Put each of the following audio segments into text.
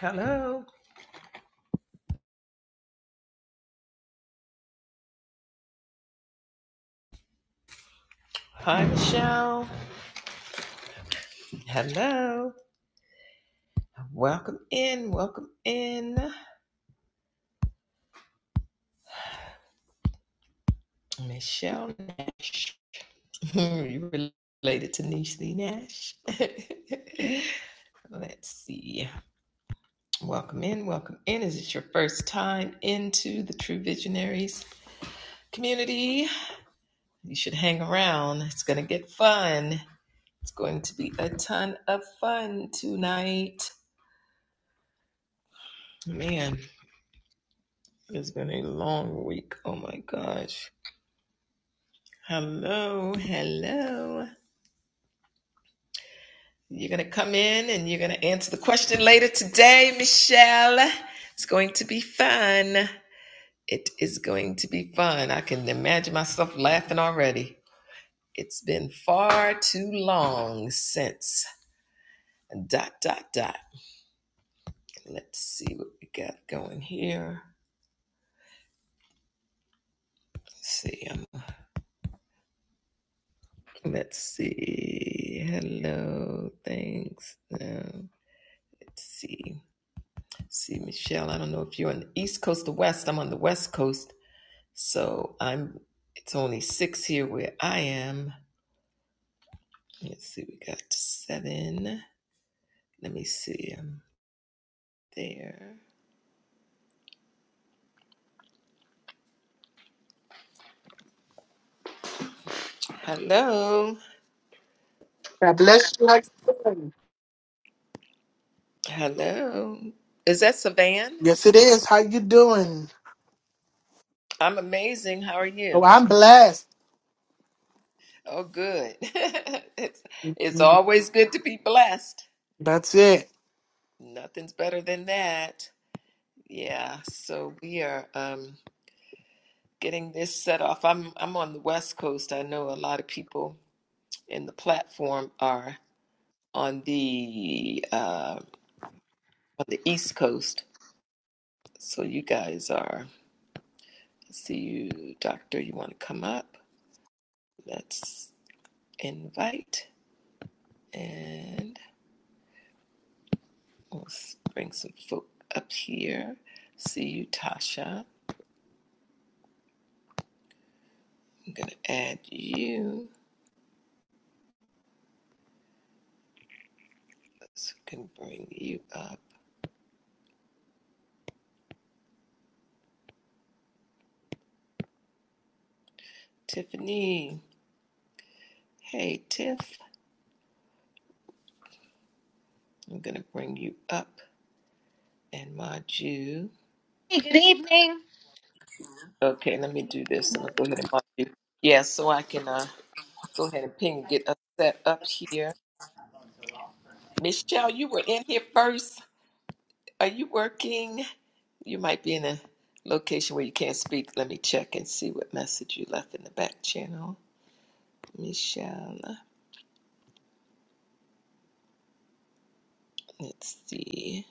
Hello. Hi, Michelle. Hello. Welcome in. Welcome in. Michelle Nash. you related to Niecy Nash? Let's see. Welcome in. Welcome in. Is it your first time into the True Visionaries community? You should hang around. It's going to get fun. It's going to be a ton of fun tonight. Man, it's been a long week. Oh my gosh. Hello, hello. You're going to come in and you're going to answer the question later today, Michelle. It's going to be fun. It is going to be fun. I can imagine myself laughing already. It's been far too long since dot dot dot. Let's see what we got going here. Let's see. Um, let's see. Hello. Thanks. Um, let's see. See, Michelle, I don't know if you're on the East Coast or West. I'm on the West Coast, so I'm. It's only six here where I am. Let's see, we got seven. Let me see. I'm there. Hello, God bless you. How you doing? hello. Is that Savan? Yes, it is. How you doing? I'm amazing. How are Oh, you? I'm blessed. Oh, good. it's it's always good to be blessed. That's it. Nothing's better than that. Yeah. So we are. Um, getting this set off. I'm I'm on the West Coast. I know a lot of people in the platform are on the uh, on the East Coast. So you guys are. let's see you, Doctor. You want to come up? Let's invite and we'll s- bring some folk up here. See you, Tasha. I'm gonna add you. Let's we can bring you up, Tiffany. Hey, Tiff. I'm gonna bring you up. and mod you. Hey, good evening. Okay, let me do this. I'm gonna go ahead and mod you. Yeah, so I can uh, go ahead and ping get us set up here. Michelle, you were in here first. Are you working? You might be in a location where you can't speak. Let me check and see what message you left in the back channel. Michelle, let's see.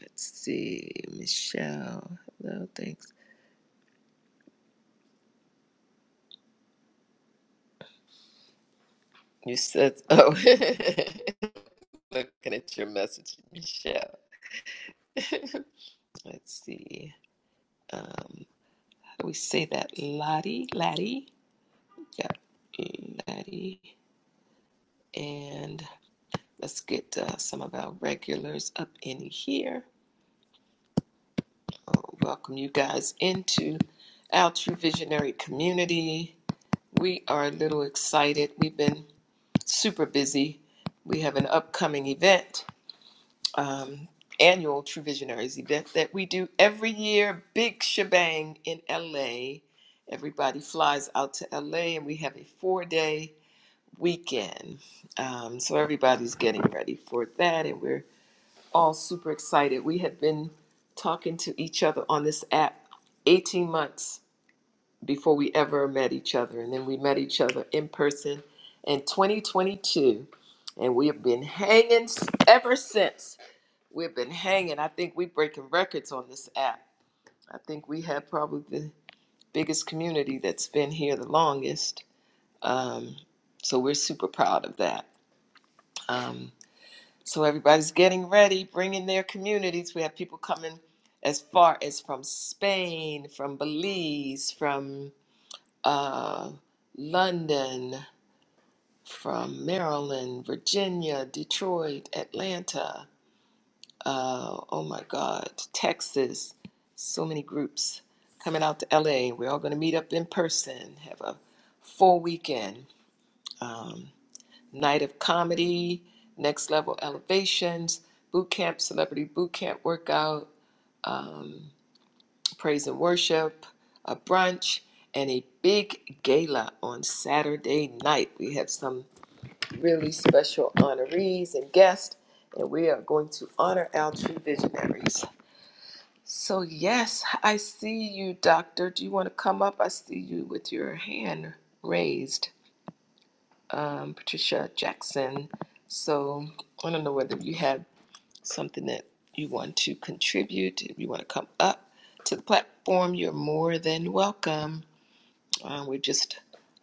Let's see. Michelle, no thanks. You said, oh, looking at your message, Michelle. Let's see. um, how do we say that? Lottie, Laddie. Yeah, Laddie. And let's get uh, some of our regulars up in here. Uh, welcome you guys into our True Visionary community. We are a little excited. We've been super busy. We have an upcoming event um, annual True Visionaries event that we do every year, big shebang in LA. Everybody flies out to LA and we have a four day weekend. Um, so everybody's getting ready for that and we're all super excited. We had been talking to each other on this app 18 months before we ever met each other. And then we met each other in person in 2022. And we have been hanging s- ever since We've been hanging. I think we're breaking records on this app. I think we have probably the biggest community that's been here the longest. Um, so we're super proud of that. Um, so everybody's getting ready, bringing their communities. We have people coming as far as from Spain, from Belize, from uh, London, from Maryland, Virginia, Detroit, Atlanta. uh, oh my God, Texas, so many groups coming out to LA. We're all going to meet up in person, have a full weekend, um, night of comedy, next level elevations, boot camp, celebrity boot camp workout, um, praise and worship, a brunch, and a big gala on Saturday night. We have some really special honorees and guests, and we are going to honor our true visionaries. So, yes, I see you, Doctor. Do you want to come up? I see you with your hand raised, um, Patricia Jackson. So, I don't know whether you have something that you want to contribute. If you want to come up to the platform, you're more than welcome. Uh, we're just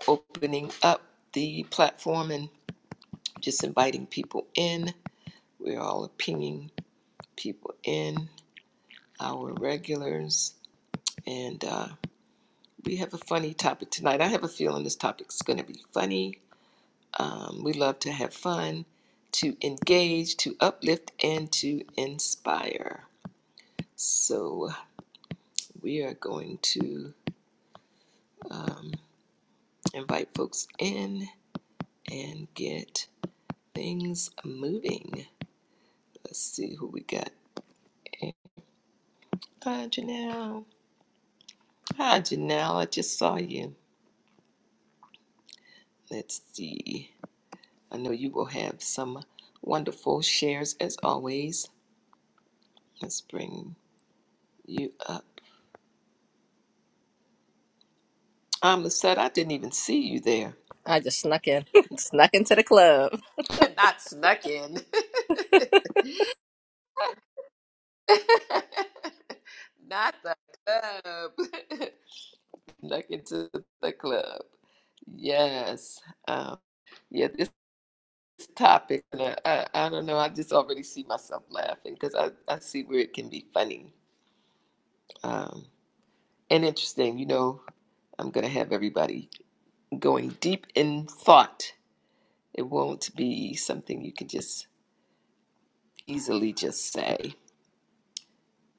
opening up the platform and just inviting people in. We're all pinging people in, our regulars. And uh, We have a funny topic tonight. I have a feeling this topic's going to be funny. Um, we love to have fun, to engage, to uplift, and to inspire. So we are going to um, invite folks in and get things moving. Let's see who we got. Hi, Janelle. Hi, Janelle. I just saw you. Let's see. I know you will have some wonderful shares as always. Let's bring you up. I'm upset I didn't even see you there. I just snuck in, snuck into the club. Not snuck in. Not the club. Snuck into the club. Yes. Um, yeah, this topic, uh, I, I don't know. I just already see myself laughing because I, I see where it can be funny um, and interesting. You know, I'm going to have everybody going deep in thought. It won't be something you can just easily just say.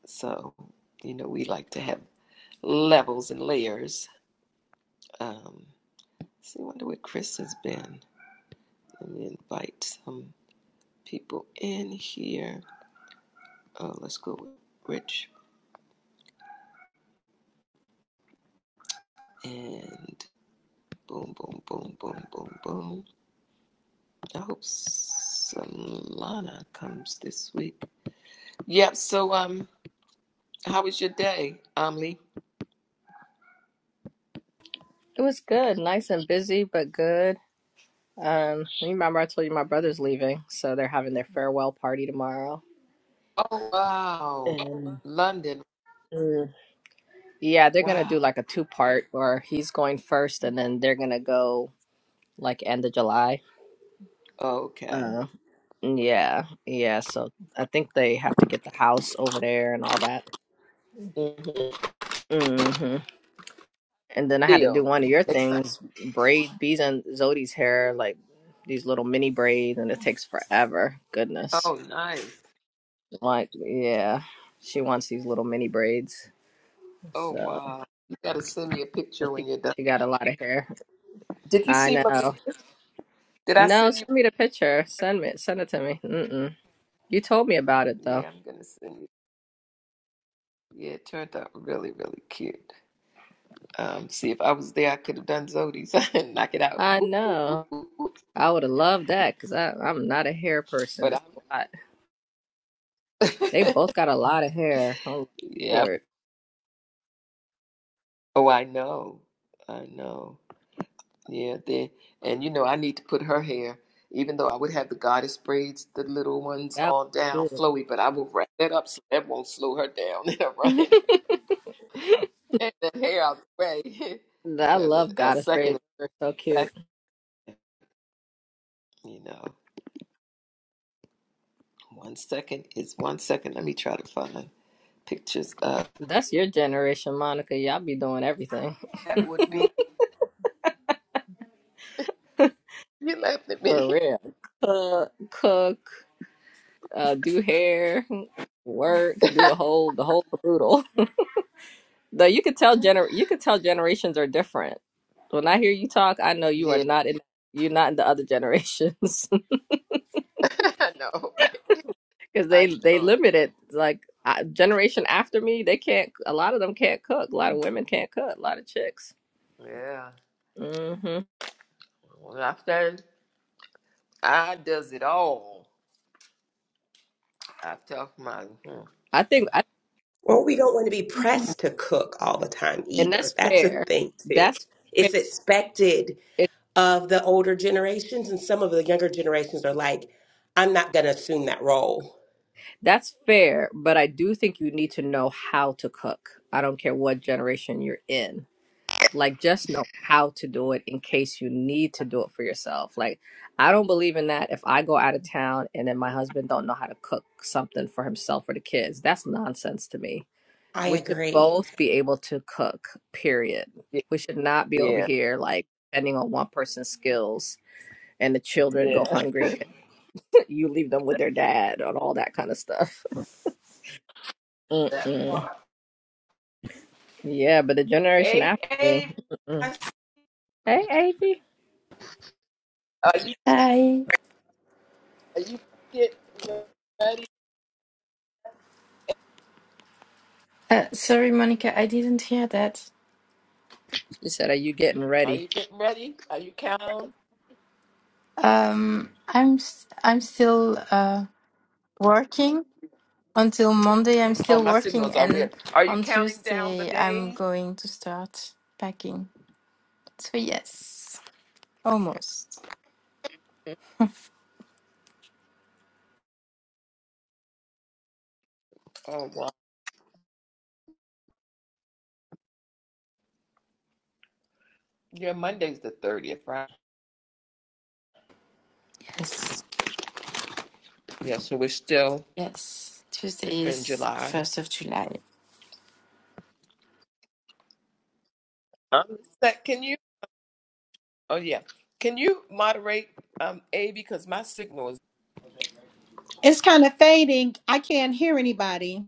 So, you know, we like to have levels and layers. Um, see, I wonder where Chris has been. Let me invite some people in here. Oh, let's go with Rich. And boom, boom, boom, boom, boom, boom. I hope Solana comes this week. Yep. So, um, how was your day, Amli? It was good, nice and busy, but good. Um, you remember I told you my brother's leaving, so they're having their farewell party tomorrow. Oh, wow. And London. mm, yeah, they're gonna do Wow. like a two part, or he's going first, and then they're gonna go like end of July. Okay. Uh, yeah, yeah. So I think they have to get the house over there and all that. Mm-hmm. hmm. And then I had to do Deal. one of your Exciting. things, braid bees and Zodi's hair, like these little mini braids, and it takes forever. Goodness. Oh, nice. Like, yeah, she wants these little mini braids. Oh So wow. You gotta send me a picture when she, you're done. she got a lot of hair. Did you I see Malia? know. Did I No, send you? send me the picture. Send me, send it to me. Mm-mm. You told me about it though. Yeah, I'm gonna send you. Yeah, it turned out really, really cute. Um, see if I was there, I could have done Zodi's and knock it out. I Whoop, whoop, whoop, know. whoop, whoop. I would have loved that because I'm not a hair person. But It's I'm, a lot. They both got a lot of hair. Oh, yeah. Lord. Oh, I know. I know. Yeah. They, and you know, I need to put her hair, even though I would have the goddess braids, the little ones That all down, was flowy, but I will wrap that up so that won't slow her down in her cute. running. Get the hair out the way. I Because love a, a Goddess second, Praise. is They're so cute. sec- you know, one second is one second. Let me try to find pictures of That's your generation, Monica. Y'all be doing everything that would be. You laughed at for me. real. Cook, cook, uh, do hair, work, do the whole the whole caboodle. Though you could tell gener you could tell generations are different. When I hear you talk, I know you are Yeah, not in you're not in the other generations I know, right? because I they they know. limit it. Like I, generation after me, they can't. A lot of them can't cook. A lot of women can't cook. A lot of chicks. Yeah. hmm When I started, I does it all. I talk my hmm. I think I Or we don't want to be pressed to cook all the time and either. that's That's a fair. thing too. That's fair. It's expected It, of the older generations, and some of the younger generations are like, I'm not going to assume that role. that's fair, but I do think you need to know how to cook. I don't care what generation you're in. Like just know how to do it in case you need to do it for yourself. Like I don't believe in that if I go out of town and then my husband don't know how to cook something for himself or the kids. That's nonsense to me. I We should agree. both be able to cook, period. yeah, We should not be over yeah, here like depending on one person's skills and the children go yeah. hungry you leave them with That, their dad and all that kind of stuff. that Mm-mm. part. Yeah, but the generation Hey, after me. hey, Mm-mm. I- Hey, Avery. are you Hi. are you getting ready? Uh, sorry, Monica, I didn't hear that. She said, "Are you getting Are ready?" you getting ready? Are you counting? Um, I'm s- I'm still uh, working until Monday. I'm Oh, still my working, signals are and weird. Are you on counting down the Tuesday I'm days? going to start packing. So yes, almost. Oh, wow. Yeah, Monday's the 30th, right? Yes, Yeah, so we're still yes. Tuesday in is July. first of July. Um, that, can you? Oh, yeah. Can you moderate um A B because my signal is. It's kind of fading. I can't hear anybody.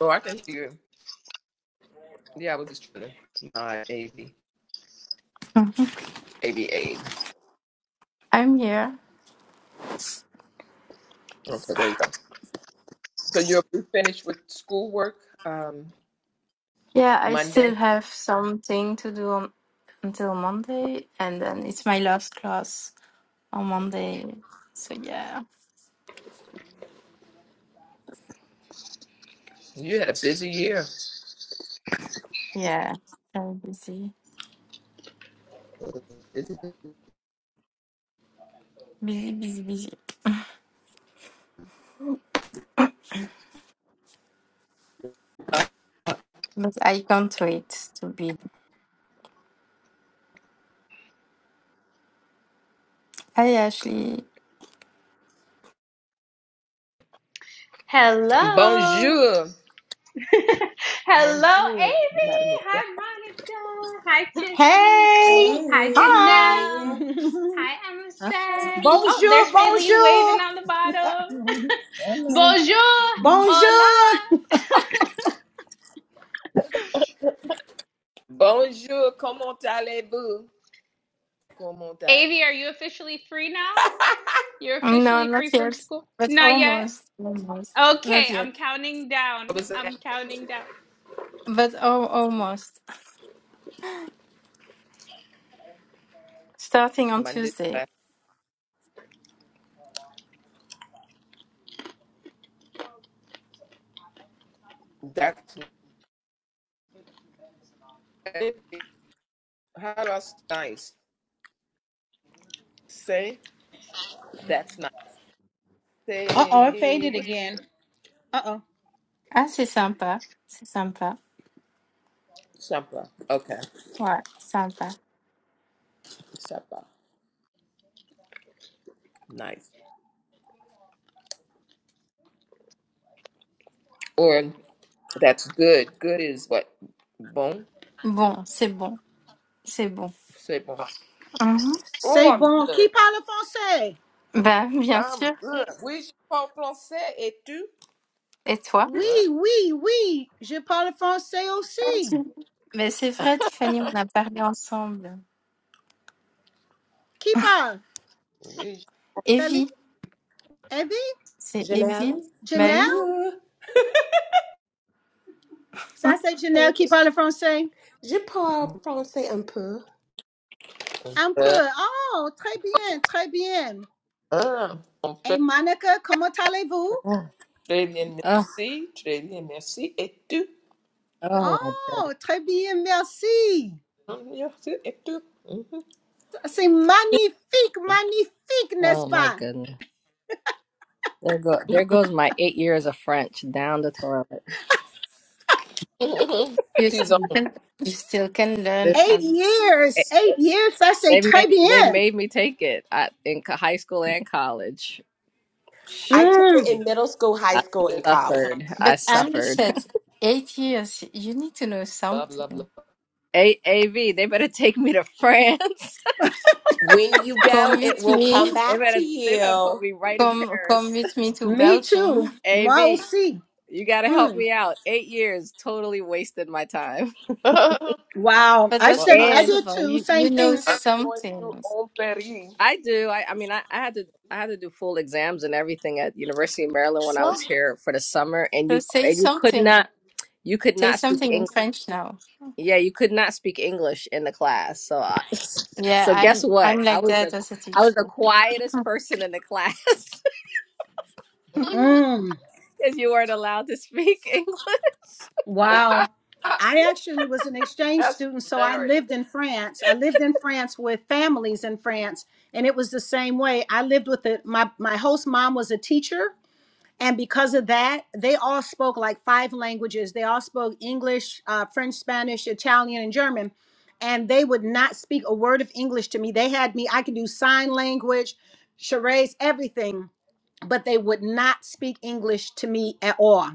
Oh, I can hear you. Yeah, I was just trying to. My AB. Mhm. I'm here. Okay, there you go. So you'll be finished with schoolwork um, Yeah, I still Monday. have something to do on, until Monday, and then it's my last class on Monday. So yeah. You had a busy year. Yeah, so busy, Busy- busy, busy, busy. Uh, But I can't wait to be. Hi, Ashley. Hello. Bonjour. Hello, Bonjour, Amy. Madame. Hi, Monica. Hi, Tiffany. Hey. Hi, Hi. Hey, Janelle. Hi, Hi. Amasette. Oh, there's Bonjour. Faylene waving Bonjour. on the bottom. Hello. Bonjour. Bonjour. Hola. Bonjour, comment allez-vous? Comment allez-vous? Avi, are you officially free now? You're No, officially not free from yet, school? but Not yet. almost, almost, Okay, not I'm yet, counting down. I'm counting down. but oh, almost. Starting on Tuesday. uh, That's nice. How do say nice? Say, that's nice. Uh oh, it Say, faded what's again. Uh oh. Ah, c'est sympa, c'est sympa. supper? Okay, Ouais, sympa. supper. Nice. Or that's good. Good is what? Bon? Bon, c'est bon, c'est bon. Say bon. Mhm. C'est Oh, I'm bon. Qui good. parle français? Bah, bien I'm sûr. good. Oui, je parle français et tu? Et toi? Hein? Oui, oui, oui. Je parle français aussi. Merci. Mais c'est vrai, Tiffany, on a parlé ensemble. Qui parle? Oui, Feli? Evie, Evie? c'est Evie? Janelle, Bah un oui. Janelle? peu. Ça, c'est je Janelle qui parle français? Je parle français un peu. parle Un français. peu. Oh, très bien, très bien. Ah, Et Monica, comment allez-vous? Très bien, Oh, merci. Très bien, merci. Et tu? oh my Oh, goodness! très bien, merci. Hum, Merci. Et tu? Mhm. C'est magnifique, magnifique, n'est-ce Oh my pas? goodness! There go, there goes my eight years of French down the toilet. Mhm. You Six ans, still can, you still can learn They Eight Arabic. years, eight years, ça c'est they très made, they bien. made me take it I, in co- high school and college. I Shit, took it Mm, in middle school, high I school, and college. suffered. I But Amish suffered. said eight years, you need to know bla bla bla. something. A- AV, they better take me to France. When you Come go, it with will me. come They back to better they better put you. me right in Come, come Paris. with me to me too. Belgium. Moi AV, aussi. you gotta help Mm. me out. Eight years totally wasted my time. Wow. But I that's Well, study, I I And did impossible. too, You, same you know thing. am going to something. on Paris. I do. I, I mean I, I had to I had to do full exams and everything at University of Maryland when I was So, here for the summer and so you say and you could something. not you could Say not speak something in English. French now. Yeah, you could not speak English in the class. So I, Yeah, so guess I'm, what? I'm I like was the that as a I was the teacher. quietest person in the class because Mm, you weren't allowed to speak English. wow. I actually was an exchange That's student, so I hilarious. lived in France. I lived in France with families in France, and it was the same way. I lived with the, my, my host mom was a teacher, and because of that they all spoke like five languages they all spoke english uh, french spanish italian and german and they would not speak a word of english to me they had me i could do sign language charades everything but they would not speak english to me at all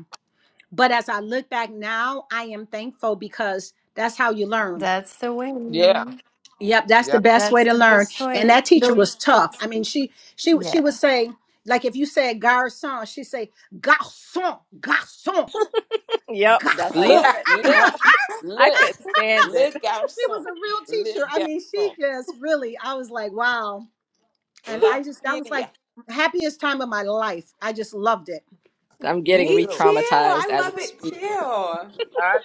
but as i look back now i am thankful because that's how you learn That's the way. Yeah, Yep, that's the yeah. best way That's to the learn. best And way. that teacher No. was tough. I mean, she she she Yeah. would say like if you said garçon, she say garçon, garçon, Yep, that's how you garçon. Le, le, said. I le, could stand it. le She was garçon, a real le teacher. I mean, she garçon, just really I was like, wow. And la I just that was like fille, happiest time of my life. I just loved it. I'm me getting Me re too. too. traumatized I as we love it speak. too. I am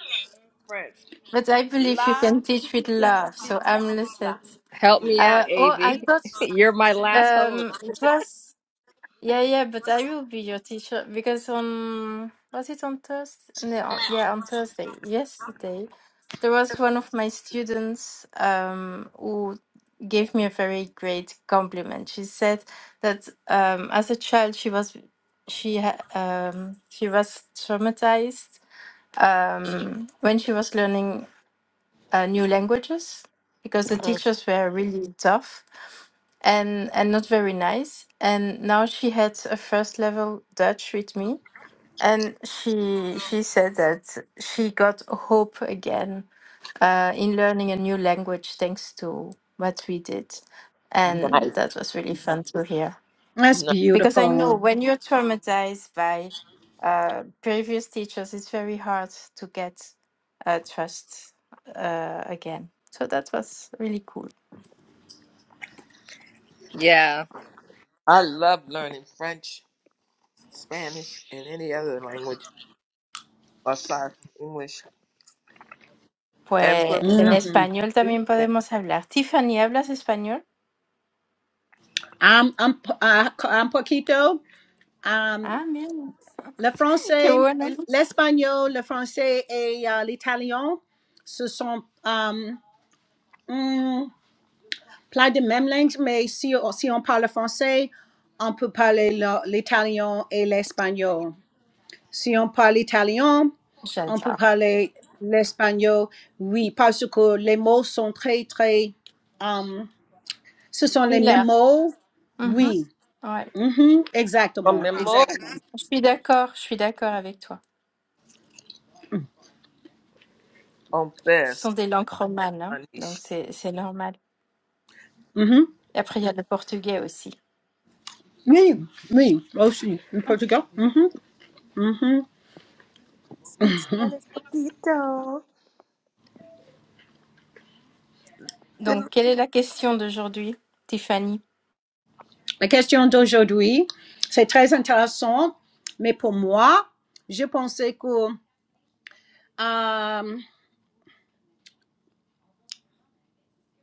French. But I believe you La can teach with fille, love, so fille, I'm listening. la Help me fille. Uh, out, oh, I AV. thought You're my last hope. um, it was yeah, yeah. But I will be your teacher because on was it on Thursday? No, on- yeah, on Thursday yesterday, there was one of my students um, who gave me a very great compliment. She said that um, as a child she was she ha- um, she was traumatized um, when she was learning uh, new languages because the teachers were really tough and and not very nice. And now she had a first level Dutch with me, and she she said that she got hope again uh, in learning a new language thanks to what we did, and Nice. that was really fun to hear That's No, because I know beautiful. when you're traumatized by uh, previous teachers, it's very hard to get uh, trust uh, again. So that was really cool. Yeah. I love learning French, Spanish, and any other language aside from English. Pues And for me en not Mhm. español speaking también it, podemos hablar. Tiffany, ¿hablas español? I'm I'm po- uh, I'm poquito. Um Ah, bien. le Qué français, bueno. l'espagnol, le français et uh, l'italien. ce sont um, Hum, plein de mêmes langues, mais si, si on parle français, on peut parler le- l'italien et l'espagnol. Si on parle italien, on peut J'adore. parler l'espagnol, oui, parce que les mots sont très, très... hum, ce sont les mêmes Miller. mots, Mhm. oui. Ouais. Mhm, como exactement, exactement. Je suis d'accord, je suis d'accord avec toi. on Ce sont best, des langues romanes, hein, donc Spanish. c'est c'est normal. Mhm. Et après, il y a le portugais aussi. Oui, oui, aussi, au Mhm. Portugal. Mhm, mhm. speak Spanish poquito. Then Donc, quelle est la question d'aujourd'hui, Tiffany? La question d'aujourd'hui, c'est très intéressant, mais pour moi, je pensais que, euh,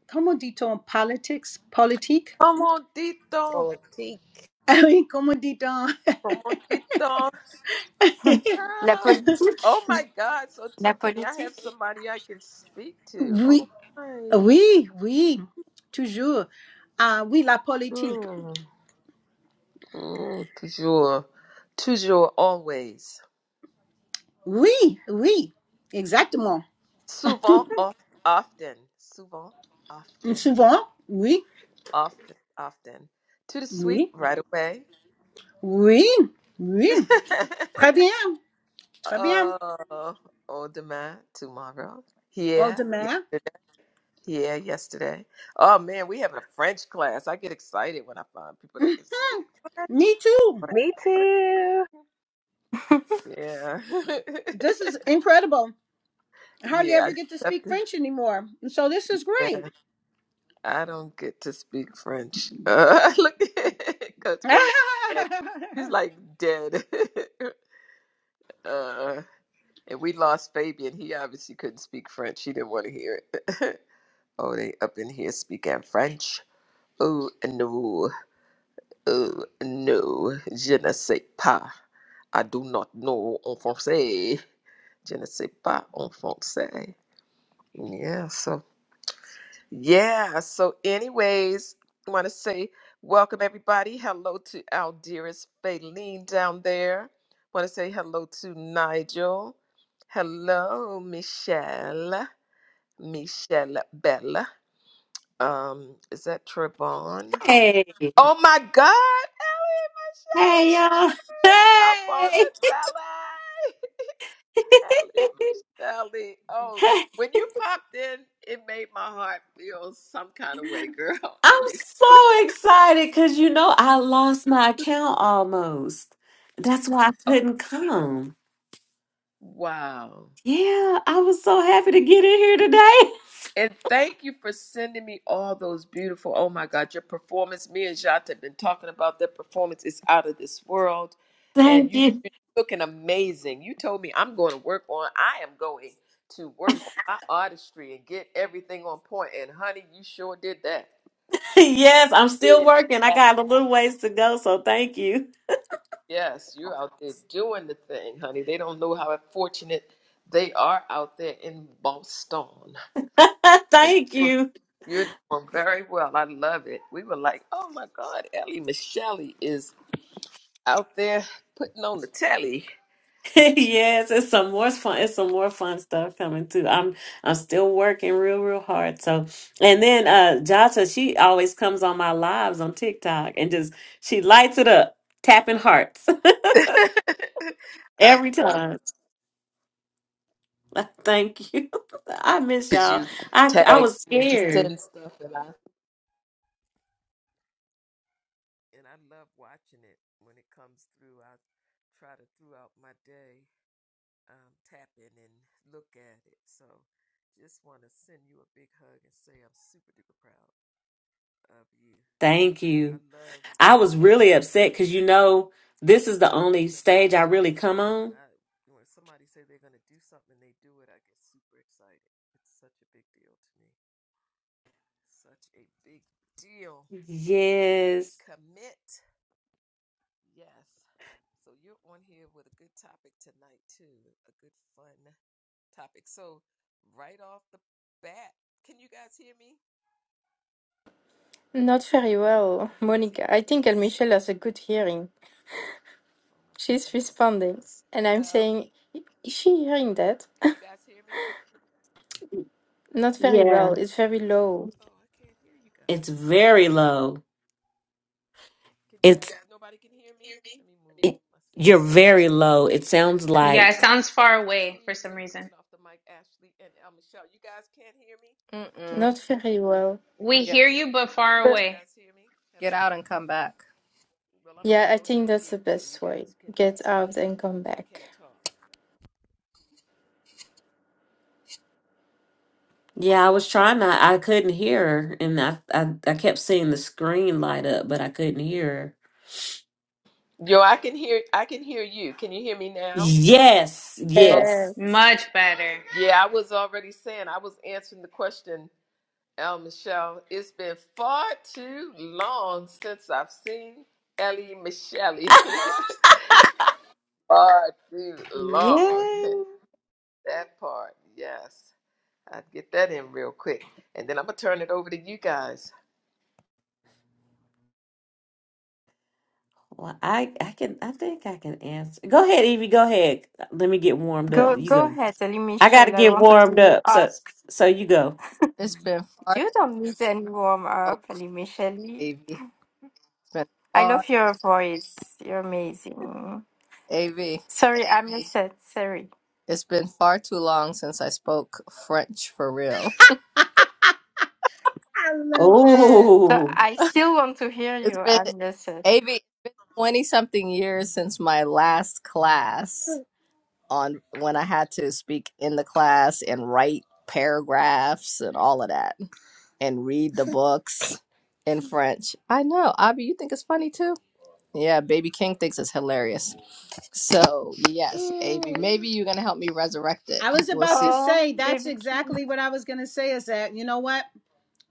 comment dit-on, politics, politique? comodito, Politique. Ah oui, comment dit-on? comodito. La Ah, Oh politique my God! So La Tiffany, I have politique somebody I can speak to. Oh Oui, my, oui, oui, toujours. Ah oui, la politique. mm, mm, toujours, toujours, always. Oui, oui, exactement. Souvent, of, often, souvent, often, Souvent, oui, often, often. To the suite, oui, right away. oui, oui. Très bien, très bien. oh, oh, demain, tomorrow. All Here, demain. yesterday. Here, yesterday. Oh man, we having a French class. I get excited when I find people that can speak French. Me too. French, Me French. too. Yeah, This is incredible. I hardly yeah. I ever just get to have speak to. French anymore. And so this is yeah. great. I don't get to speak French. Uh, look at Coach I K. dead. He's like dead. uh, and we lost Fabian. He obviously couldn't speak French. He didn't want to hear it. oh, they up in here speaking French. Oh no, oh no, je ne sais pas. I do not know en français. Je ne sais pas en français. Yeah, so. Yeah. So, anyways, I want to say welcome everybody. Hello to our dearest Faylene down there. Want to say hello to Nigel. Hello, Michelle. Michelle Bella. Um, is that Trevon? Hey, Oh my God, Ellie Michelle hey, y'all. up on Hey. the telly. Ellie Michelle. Oh, Hey, when you popped in, it made my heart feel some kind of way, girl. I I'm mean. so excited because you know I lost my account almost. That's why I Oh, couldn't come. wow. Yeah, I was so happy to get in here today. And thank you for sending me all those beautiful. Oh my God, your performance. Me and Jata have been talking about their performance. It's out of this world. And Thank you you. looking amazing. You told me I'm going to work on, I am going to work on my artistry and get everything on point. And honey, you sure did that. Yes, I'm still Did working. I that. got a little ways to go, so thank you. Yes, you're out there doing the thing, honey. They don't know how fortunate they are out there in Boston. 'Cause you- Thank were you. You're doing very well. I love it. We were like, oh my God, Ellie Michelle is out there putting on the telly. yes, it's some more fun. It's some more fun stuff coming too. I'm I'm still working real, real hard. So, and then uh Jata, she always comes on my lives on TikTok and just she lights it up, tapping hearts I every love it. time. Thank you. I miss Because y'all. you I I tag was me and you scared. send stuff and I and I love watching it when it comes through. I try to throughout my day um, tap in and look at it. So just want to send you a big hug and say I'm super duper proud of you. Thank I you. love. I was I really know upset um, because you know this is the I'm a only said stage no. I really come on. When I when somebody say they're gonna do something and they do it, I get super excited. It's such a big deal to me. Such a big deal when you Yes. commit. Yes. So you're on here with a good topic tonight too. A good fun topic. So right off the bat, can you guys hear me? Not very well, Can you guys hear Monica. me? I think El Michel has a good hearing. Oh, my She's signal must be responding, gone. and I'm Hello? saying, is she hearing that? Can you guys hear me? Not very Yeah. well. It's very low. Oh, I can't hear you It's guys. very low. Can you It's guys? Nobody can hear me. Let me move. It, My you're signal's very probably gone. low. It sounds Yeah, like it sounds far I away for see some you reason. coming off the mic, Ashley and El Michelle. You guys can't hear me. Mm-mm. Not very well. We Yeah. hear you, but far Can But you away. guys hear me? Get Hello. out and come back. Well, I'm yeah, gonna I go ahead think and that's the mute so you best way. guys can Get um out and come can back. talk. yeah. I was trying to. I couldn't hear her, and I, I I kept seeing the screen light up, but I couldn't hear her. Yo, I can hear I can hear you. Can you hear me now? Yes, Oh, yes. Yes. Much better. yeah, I was already saying I was answering the question, El Michelle. It's been far too long since I've seen Ellie Michelle. far too Yeah. long. That part, yes. I'd get that in real quick. And then I'm going to turn it over to you guys. Well, I I can I think I can answer. Go ahead, Evie. Go ahead. Let me get warmed up. Go You go go. ahead, Ali I got to Michel. I get wanted warmed to up. So ask. so you go. It's been far You don't need any warm too long, up, Ali Michel. AV. It's been I far, love your voice. You're amazing. AV. Sorry, I'm Lucette. Sorry. It's been far too long since I spoke French for real. love that. So Oh, I still want to hear It's you. been, I'm Lucette. AV, 20 something years since my last class on when I had to speak in the class and write paragraphs and all of that. and read the books in French. I know. Abby, you think it's funny too? Yeah, Baby King thinks it's hilarious. So, yes, Abby, maybe you're going to help me resurrect it. I was We'll about see. to Oh, say that's baby Kim. exactly what I was going to say is that, you know what?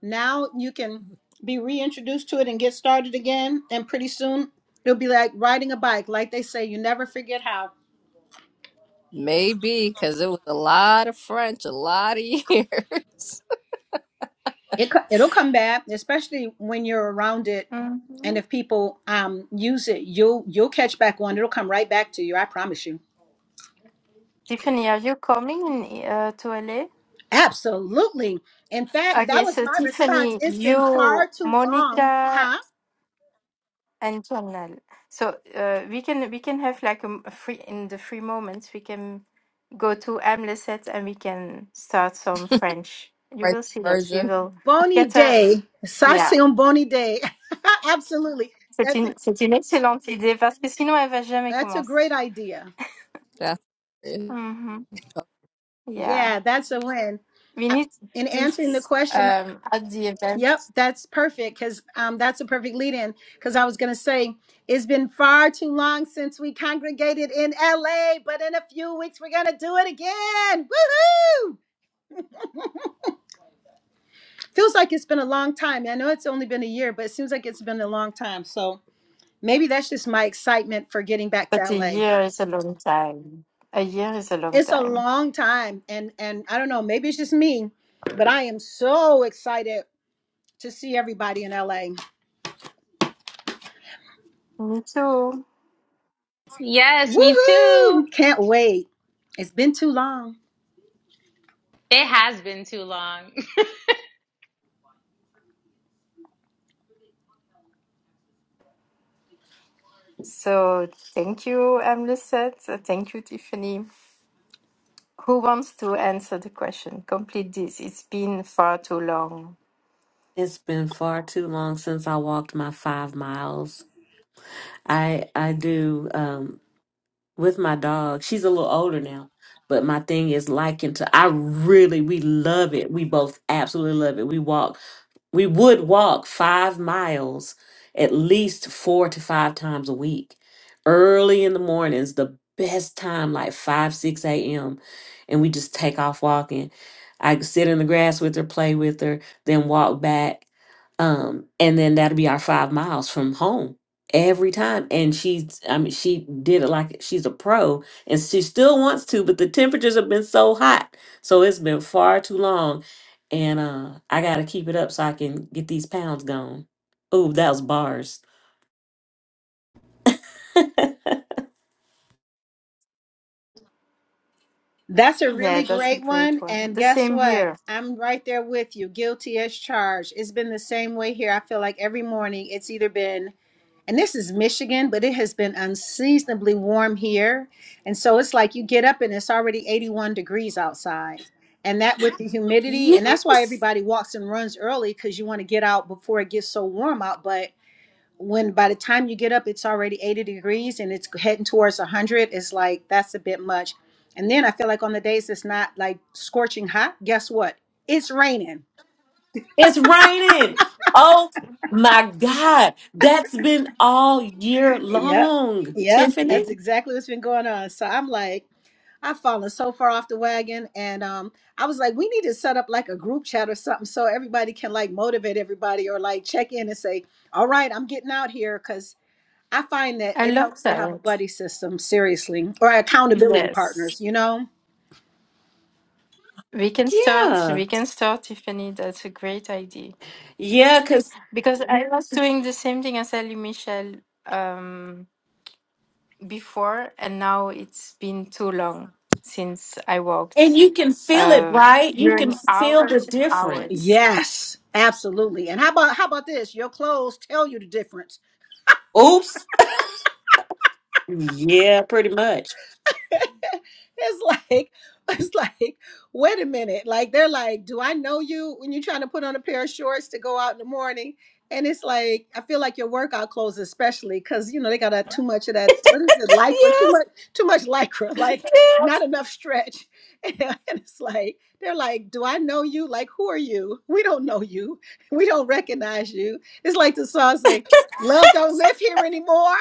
Now you can be reintroduced to it and get started again. And pretty soon it'll be like riding a bike. Like they say, you never forget how. Maybe, because it was a lot of French, a lot of years. It, co- it'll come back, especially when you're around it. And hmm if people um, use it, you'll you'll catch back on. It'll come right back to you. I promise you. Tiffany, are you coming in, uh, to LA? Absolutely. In fact, Okay, that was so my response. Tiffany, It's been far you, too long, Monica, huh? and Janelle. So uh, we can we can have like a, m- a free in the free moments we can go to Amleset and we can start some French. You French will see that we version. will Bony get a day. yeah. Sassy on bony day. Absolutely. C'est That's a une c'est une excellente idée parce que sinon elle va jamais that's a commencer. great idea. That's it. Mm-hmm. Yeah, Yeah, that's a win. we I- need to In do answering the this question, um, at the event, yep, that's perfect because um, that's a perfect lead in. Because I was going to say, it's been far too long since we congregated in LA, but in a few weeks, we're going to do it again. Woohoo! feels like it's been a long time. I know it's only been a year, but it seems like it's been a long time. So maybe that's just my excitement for getting back but to a LA. year is a long time. A year is a long It's a time. long time and and I don't know, maybe it's just me, but I am so excited to see everybody in LA. Me too. Yes, me Woohoo! too. Can't wait. It's been too long. It has been too long. So thank you, um, Lucette. Uh, Thank you, Tiffany. Who wants to answer the question? Complete this. It's been far too long. it's been far too long since I walked my five miles. I I do. Um, with my dog. She's a little older now, but my thing is liking to. I really we love it. We both absolutely love it. We walk. We would walk five miles at least four to five times a week. Early in the mornings, the best time, like five six a.m., and we just take off walking. I sit in the grass with her, play with her, then walk back um and then that'll be our five miles from home every time and she's i mean she did it like she's a pro and she still wants to but the temperatures have been so hot so it's been far too long and uh i gotta keep it up so i can get these pounds gone oh that was bars That's a Yeah, really that's a great great one one. and The guess same what? here. I'm right there with you, guilty as charged. It's been the same way here. I feel like every morning it's either been and this is Michigan, but it has been unseasonably warm here. And so it's like you get up and it's already 81 degrees outside. And that with the humidity, and that's why yes everybody walks and runs early because you want to get out before it gets so warm out. But when by the time you get up, it's already 80 degrees and it's heading towards 100, it's like that's a bit much. And then I feel like on the days it's not like scorching hot, guess what? It's raining. it's raining oh my god that's been all year Yep. long Yep. That's tiffany exactly what's been going on. So I'm like, I've fallen so far off the wagon, and um, I was like, we need to set up like a group chat or something so everybody can like motivate everybody or like check in and say, all right, I'm getting out here because I find that I it love helps to have a that. buddy system, seriously, or accountability Yes. partners. You know? We can start. yeah We can start, Tiffany. That's a great idea. yeah because Because I was doing the same thing as Elie Michel um, before, and now it's been too long since I And walked you can feel it, uh, right? You can during feel the hours and hours. difference. Yes, absolutely. And how about how about this? Your clothes tell you the difference. Oops. Yeah, pretty much. It's like, it's like, wait a minute. Like they're like, do I know you when you're trying to put on a pair of shorts to go out in the morning? And it's like, I feel like your workout clothes, especially because you know they got a, too much of that. What is it, lycra? Too Yes. much, too much lycra. Like yes. not enough stretch. And it's like they're like, do I know you? Like who are you? We don't know you. We don't recognize you. It's like the song say, "Love don't live here anymore."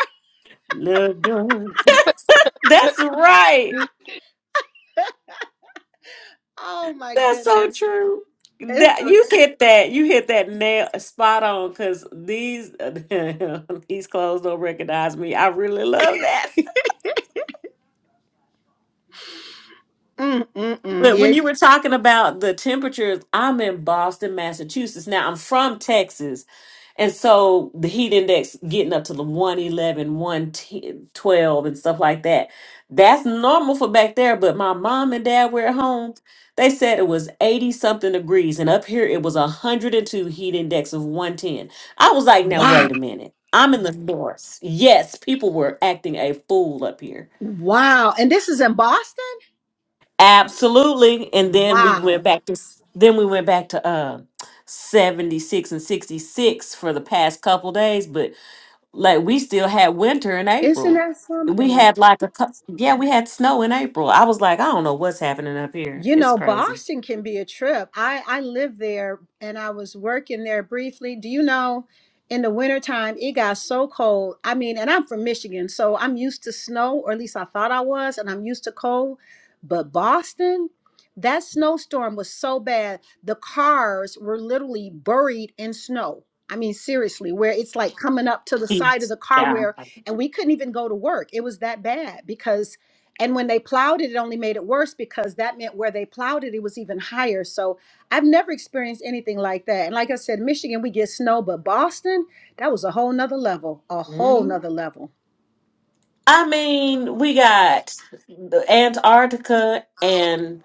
Love done. That's right. Oh my That's so goodness. true. It's That you a, hit that you hit that nail uh, spot on because these these clothes don't recognize me. I really love that. mm, mm, mm. But when Yeah. you were talking about the temperatures, I'm in Boston, Massachusetts. Now I'm from Texas. And so the heat index getting up to the 111, and stuff like that. That's normal for back there. But my mom and dad were at home. They said it was 80 something degrees. And up here it was 102 heat index of 110. I was like, now Wow. wait a minute. I'm in the north. Yes, people were acting a fool up here. Wow. And this is in Boston? Absolutely. And then we Wow. went back to s- then we went back to uh 76 and 66 for the past couple days, but like we still had winter in Isn't April. that We something? had like a cou- yeah, we had snow in April. I was like, I don't know what's happening up here. You It's know, crazy. Boston can be a trip. I I lived there and I was working there briefly. Do you know, in the wintertime, it got so cold. I mean, and I'm from Michigan, so I'm used to snow, or at least I thought I was, and I'm used to cold. But Boston, that snowstorm was so bad, the cars were literally buried in snow. I mean, seriously, where it's like coming up to the side of It's- the car Yeah. where, and we couldn't even go to work. It was that bad because and when they plowed it, it only made it worse because that meant where they plowed it, it was even higher. So I've never experienced anything like that. And like I said, Michigan, we get snow, but Boston, that was a whole nother level, a whole hmm nother level. I mean, we got the Antarctica and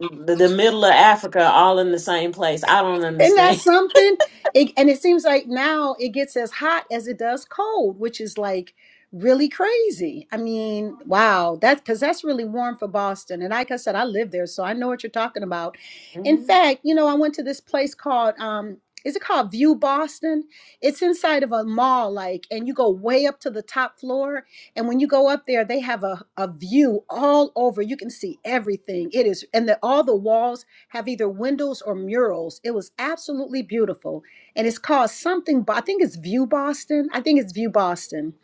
the, the middle of Africa all in the same place. I don't Isn't that understand. something? It, and it seems like now it gets as hot as it does cold, which is like really crazy. I mean, wow, that's because that's really warm for Boston. And like I said, I live there, so I know what you're talking about. In fact, you know, I went to this place called, um, is it called View Boston? It's inside of a mall, like, and you go way up to the top floor. And when you go up there, they have a, a view all over. You can see everything. It is, and the, all the walls have either windows or murals. It was absolutely beautiful. And it's called something, I think it's View Boston. I think it's View Boston.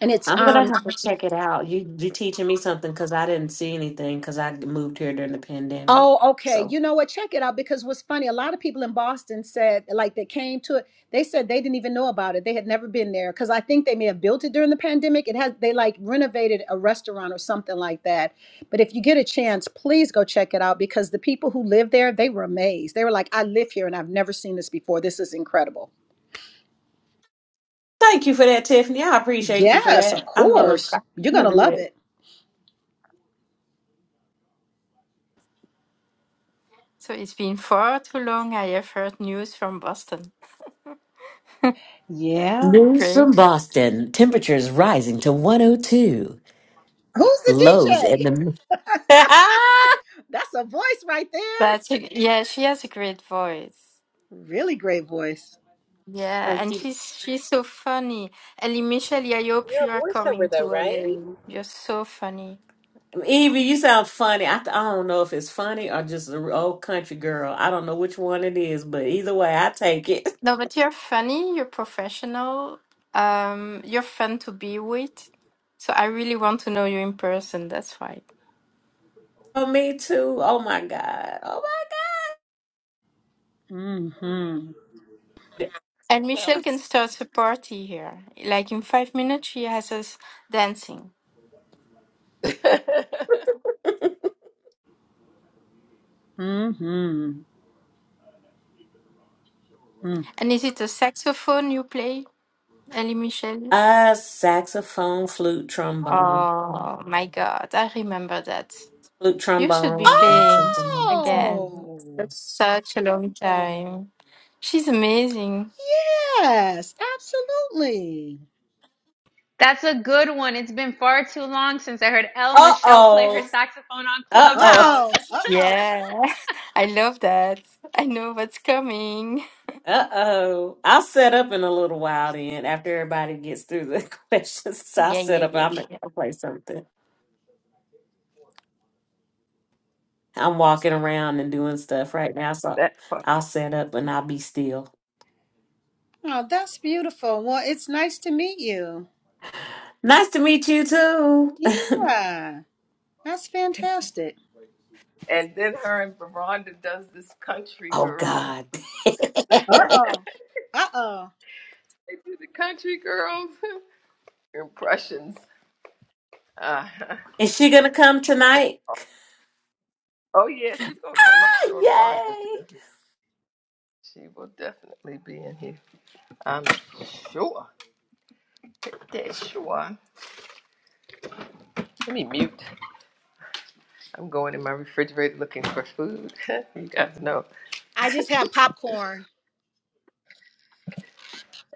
And it's I'm gonna um have to check it out. You you teaching me something because I didn't see anything because I moved here during the pandemic. oh okay. So You know what? Check it out because what's funny, a lot of people in Boston said like they came to it, they said they didn't even know about it. They had never been there. Cause I think they may have built it during the pandemic. It has they like renovated a restaurant or something like that. But if you get a chance, please go check it out because the people who live there, they were amazed. They were like, I live here and I've never seen this before. This is incredible. thank you for that, Tiffany. I appreciate you for Yes, of that. I'm gonna course. I'm You're going gonna to do love that. it. So it's been far too long. I have heard news from Boston. Yeah. News from Great, Boston. Temperatures rising to 102. Who's the Lows in DJ? the. That's a voice right there. but she- yeah, she has a great voice. Really great voice. Yeah, Thank and you. she's she's so funny. Elie Michel, I hope You're a you are voiceover coming to though, right? LA. You're so funny. Evie, you sound funny. I, th- I don't know if it's funny or just an old country girl. I don't know which one it is, but either way, I take it. No, but you're funny, you're professional, um, you're fun to be with. So I really want to know you in person, that's why. Oh, me too. Oh my God. Oh Mm-hmm. And Michelle my can start a party here. Like in five minutes, she has us dancing. that God. Mm-hmm. Mm. And is it a saxophone you play, Ellie Michelle? Uh, saxophone, flute, trombone, Oh my God, I remember that. flute, You should be trombone, and playing something else. again. Oh, That's such a long time. She's amazing. yes, absolutely. That's a good one. It's been far too long since I heard El Uh Michelle play her oh, saxophone on uh oh, Clubhouse. Uh-oh. Uh-oh. Yeah, I love that. I know what's coming. uh oh. I'll set up in a little while then after everybody gets through the questions. So I'll Yeah, set yeah, up. yeah, I'm gonna yeah. play something. I'm walking around and doing stuff right now, so part. I'll set up and I'll be still. Oh, that's beautiful. Well, it's nice to meet you. Nice to meet you too. Yeah, that's fantastic. And then her and Veronda does this country oh girl. God, Uh-oh. Uh-oh. They do the country girls impressions. Uh, is she gonna come that- tonight? oh, yeah, she's going to come. I'm sure Veronda will be Yay! here. She will definitely be in here. I'm sure. Yeah, sure. Let me mute. I'm going in my refrigerator looking for food. you guys know. I just have popcorn.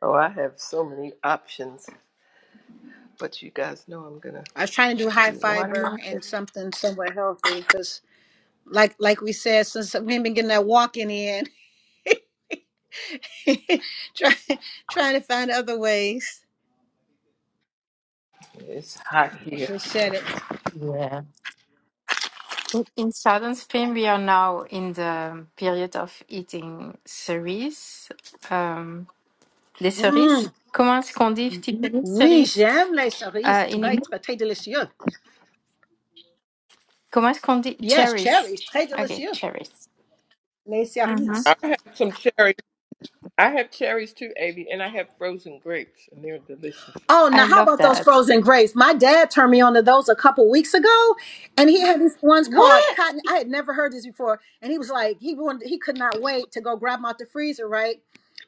Oh, I have so many options, but you guys know I'm gonna I was trying to do high do fiber watermelon. and something somewhat healthy because, like like we said, since we ain't been getting that walking in, trying trying to find other ways It's hot here. to shed it. Yeah. In in southern Spain, we are now in the period of eating cerise, um, des cerises. Mm. Comment est-ce qu'on dit typiquement Oui, cerise? j'aime les cerises. Uh, in Très, English, très, très délicieux. comment est-ce qu'on dit Yes, cherries? cherries. Très Okay, délicieux. cherries. Les hmm I cerises. have some cherries. I have cherries too, Avi, and I have frozen grapes, and they're delicious. Oh, now I how love about those that. frozen grapes? My dad turned me on to those a couple weeks ago, and he had these ones What? called cotton. I had never heard this before, and he was like, he wanted, he could not wait to go grab them out the freezer, right?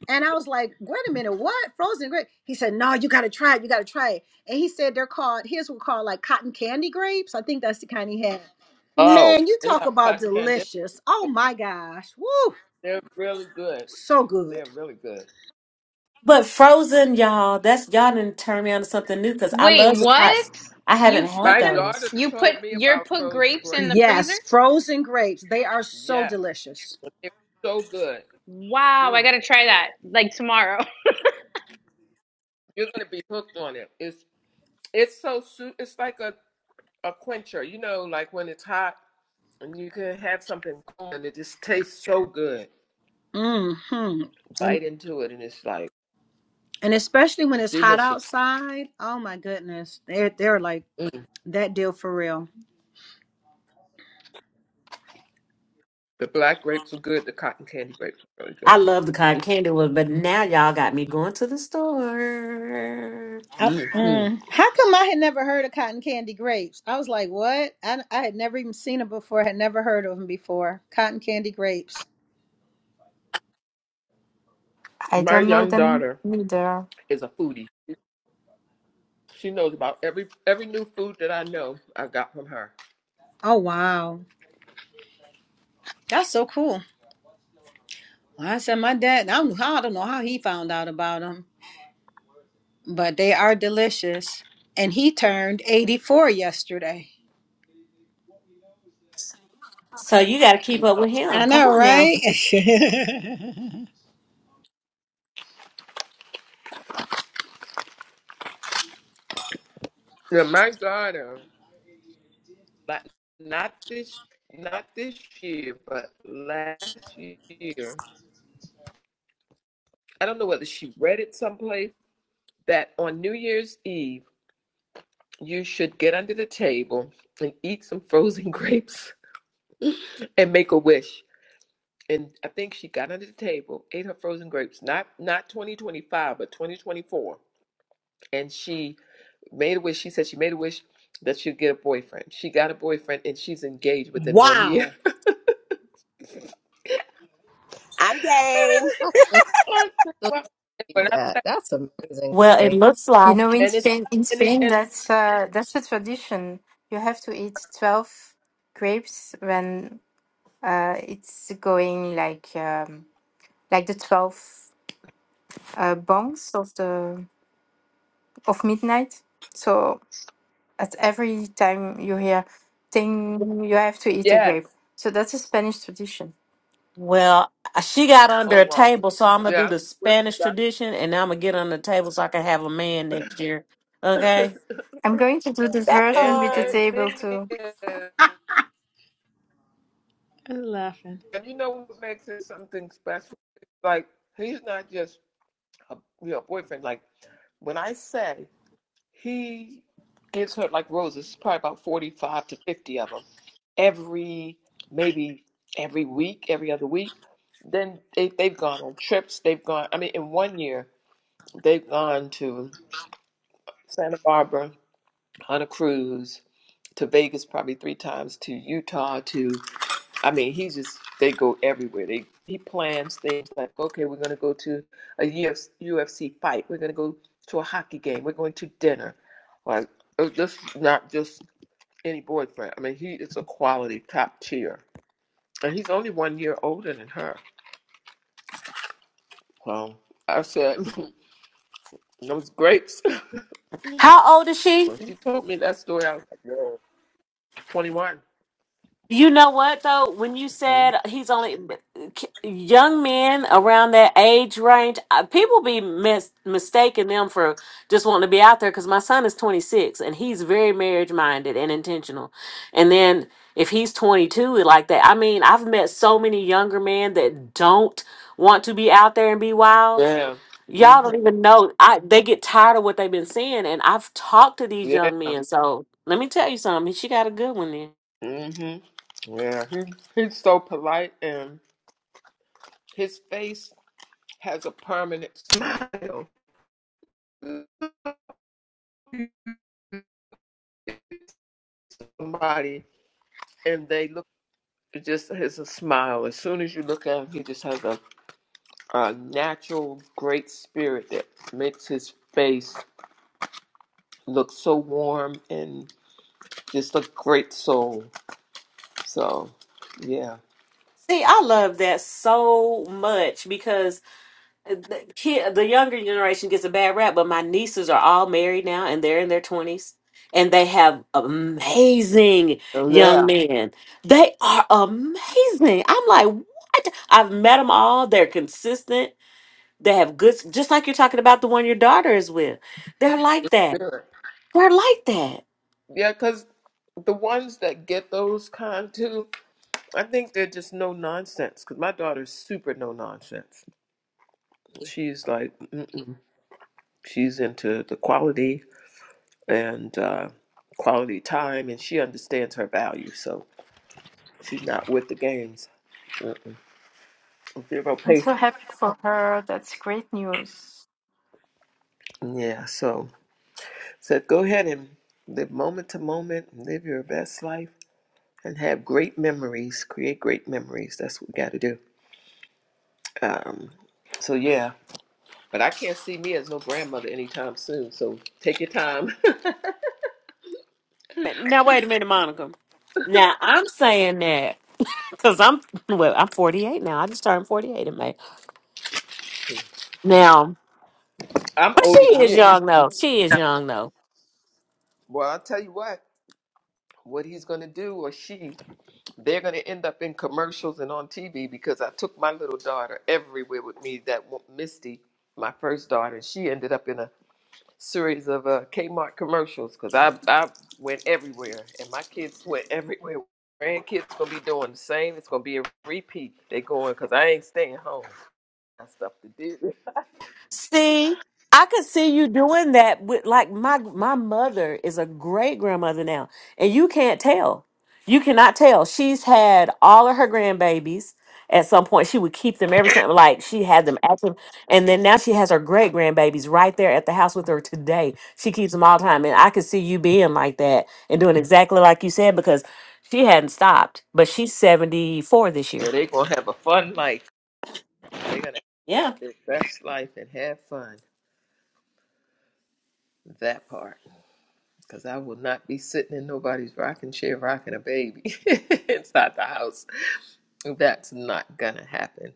And I was like, wait a minute, what? Frozen grape? He said, no, you got to try it. You got to try it. And he said they're called, his were called like cotton candy grapes. I think that's the kind he had. Oh, Man, you they're talk not about cotton candy. delicious. Oh They're, good. my gosh. Woo. they're really good. So They're good. really good. But Frozen, y'all, that's y'all didn't turn me on to something new because I love Wait, the cotton. what? I haven't You had My put them daughter those. you put told me your about put frozen grapes in grapes. the freezer? Yes, frozen grapes. They are so Yes, delicious. they're so good. Wow, I Mm, gotta try that. Like tomorrow. you're gonna be hooked on it. It's it's so su- It's like a a quencher. You know, like when it's hot and you can have something cold and it just tastes so good. Mm-hmm. And Bite into it and it's like and especially when it's hot delicious. outside. Oh my goodness. They're they're like Mm. that deal for real. The black grapes are good. The cotton candy grapes are really I love the cotton candy one, but now y'all got me going to the store. I, good. Mhm. mm, how come I had never heard of cotton candy grapes? I was like, what? I, I had never even seen them before. Had never heard of them before. Cotton candy grapes. I My don't know young them daughter either. is a foodie. She knows about every every new food that I know. I got from her. Oh wow, that's so cool. Well, I said my dad. I don't know how. I don't know how he found out about them, but they are delicious. And he turned eighty-four yesterday. So you got to keep up Yeah, with I him. Come know, on now. right? Yeah, my daughter, like not this not this year, but last year. I don't know whether she read it someplace that on New Year's Eve You should get under the table and eat some frozen grapes and make a wish. And I think she got under the table, ate her frozen grapes, not not 2025, but 2024. And she made a wish. She said she made a wish that she'd get a boyfriend. She got a boyfriend and she's engaged within one year. wow. I'm game. I still, still believe that. That's amazing to Well, it me. looks You like know, in and it's Spain, in and, it, Spain, and that's uh, that's a tradition. You have to eat twelve grapes when Uh, it's going like um, like the twelve uh, bongs of the of midnight. So at every time you hear "ting," you have to eat a yes. grape. So that's a Spanish tradition. well uh, she got Oh under a wow. table, so I'm gonna Yeah, I do don't the know where she Spanish got tradition, and I'm gonna get under the table so I can have a man next year. Okay. it. I'm going to do the That version and with the part. and the table thing too. is I'm laughing. And you know what makes it something special? Like he's not just a you know boyfriend. Like when I say he gets hurt like roses, probably about forty-five to fifty of them every maybe every week, every other week. Then they they've gone on trips. They've gone. I mean, in one year they've gone to Santa Barbara on a cruise, to Vegas probably three times, to Utah, to I mean, he just they go everywhere. They he plans things like, okay, we're gonna go to a UFC, fight. We're gonna go to a hockey game. We're going to dinner. Like uh, this, is not just any boyfriend. I mean, he is a quality top tier, and he's only one year older than her. So I said, those grapes. How old is she? When she told me that story, I was like, yo, 21. You know what though? When you 21. said he's only young men around that age range, uh, people be mis- mistaking them for just wanting to be out there. Because my son is 26 and he's very marriage minded and intentional. And then if he's 22 like that, I mean, I've met so many younger men that don't want to be out there and be wild. Yeah. hmm Y'all don't even know. I they get tired of what they've been seeing, and I've talked to these Yeah. young men. So let me tell you something. She got a good one then. hmm Yeah. He, he's so polite and his face has a permanent smile. Somebody and they look it just has a smile. As soon as you look at him, he just has a, a natural great spirit that makes his face look so warm and just a great soul. So yeah. See, I love that so much because the kid, the younger generation gets a bad rap, but my nieces are all married now and they're in their 20s and they have amazing So young yeah. men. They are amazing. I'm like, what? I've met them all. They're consistent. They have good, just like you're talking about the one your daughter is with. They're like that. Spirit. They're like that. Yeah, because the ones that get those kind too, I think they're just no nonsense. Because my daughter's super no nonsense. She's like, Mm-mm. She's into the quality and uh, quality time, and she understands her value. So she's not with the games. Mm-mm. Zero I'm so patience. happy for her. That's great news. Yeah. So said, go ahead and live moment to moment, live your best life, and have great memories. Create great memories. That's what we got to do. Um, so yeah. But I can't see me as no grandmother anytime soon. So take your time. Now, wait a minute, Monica. Now, I'm saying that. Cause I'm well, I'm 48 now. I just turned 48 in May. Now, I'm but she older than is you. young though. She is young though. Well, I'll tell you what. What he's gonna do or she they're going to end up in commercials and on TV because I took my little daughter everywhere with me. That wa- Misty, my first daughter, she ended up in a series of uh, Kmart commercials because I I went everywhere and my kids went everywhere. Grandkids gonna be doing the same. It's gonna be a repeat. They going because I ain't staying home. Got stuff to do. See, I could see you doing that with like my my mother is a great grandmother now, and you can't tell. You cannot tell. She's had all of her grandbabies. At some point, she would keep them every time, like she had them active, and then now she has her great grandbabies right there at the house with her today. She keeps them all the time, and I could see you being like that and doing exactly like you said because she hadn't stopped. But she's seventy four this Yeah, year. they gonna have a fun life. They're gonna have their best life and have fun. That part. Because I will not be sitting in nobody's rocking chair rocking a baby inside the house. That's not going to happen.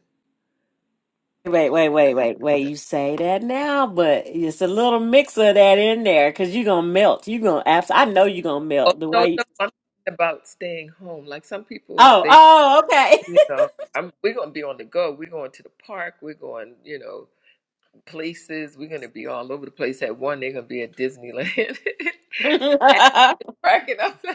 Wait, wait, wait, wait, wait. You say that now, but it's a little mix of that in there because you're gonna melt. You're gonna abs- I know you're gonna Oh, melt the no, no. way. You- I'm talking about staying home. Like some people, oh, they, oh, okay. you know, I'm, we're going to be on the go. We're going to the park. We're going, you know, places. We're going to be all over the place. At one, they're going to be at Disneyland. And cracking up.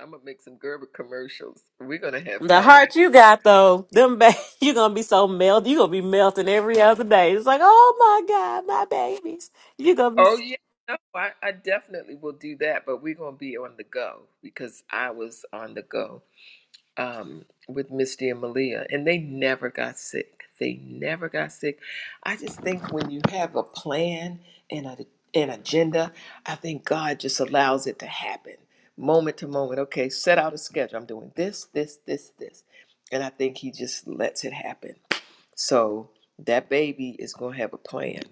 I'm gonna make some Gerber commercials. We're gonna have the fun. heart you got though, them ba- you gonna be so melt. you gonna be melting every other day. It's like, oh my god, my babies. You're gonna be. Oh yeah, no, I, I definitely will do that, but we're gonna be on the go because I was on the go um, with Misty and Malia, and they never got sick. They never got sick. I just think when you have a plan and a, an agenda, I think God just allows it to happen moment to moment. Okay, set out a schedule. I'm doing this, this, this, this, and I think He just lets it happen. So that baby is gonna have a plan.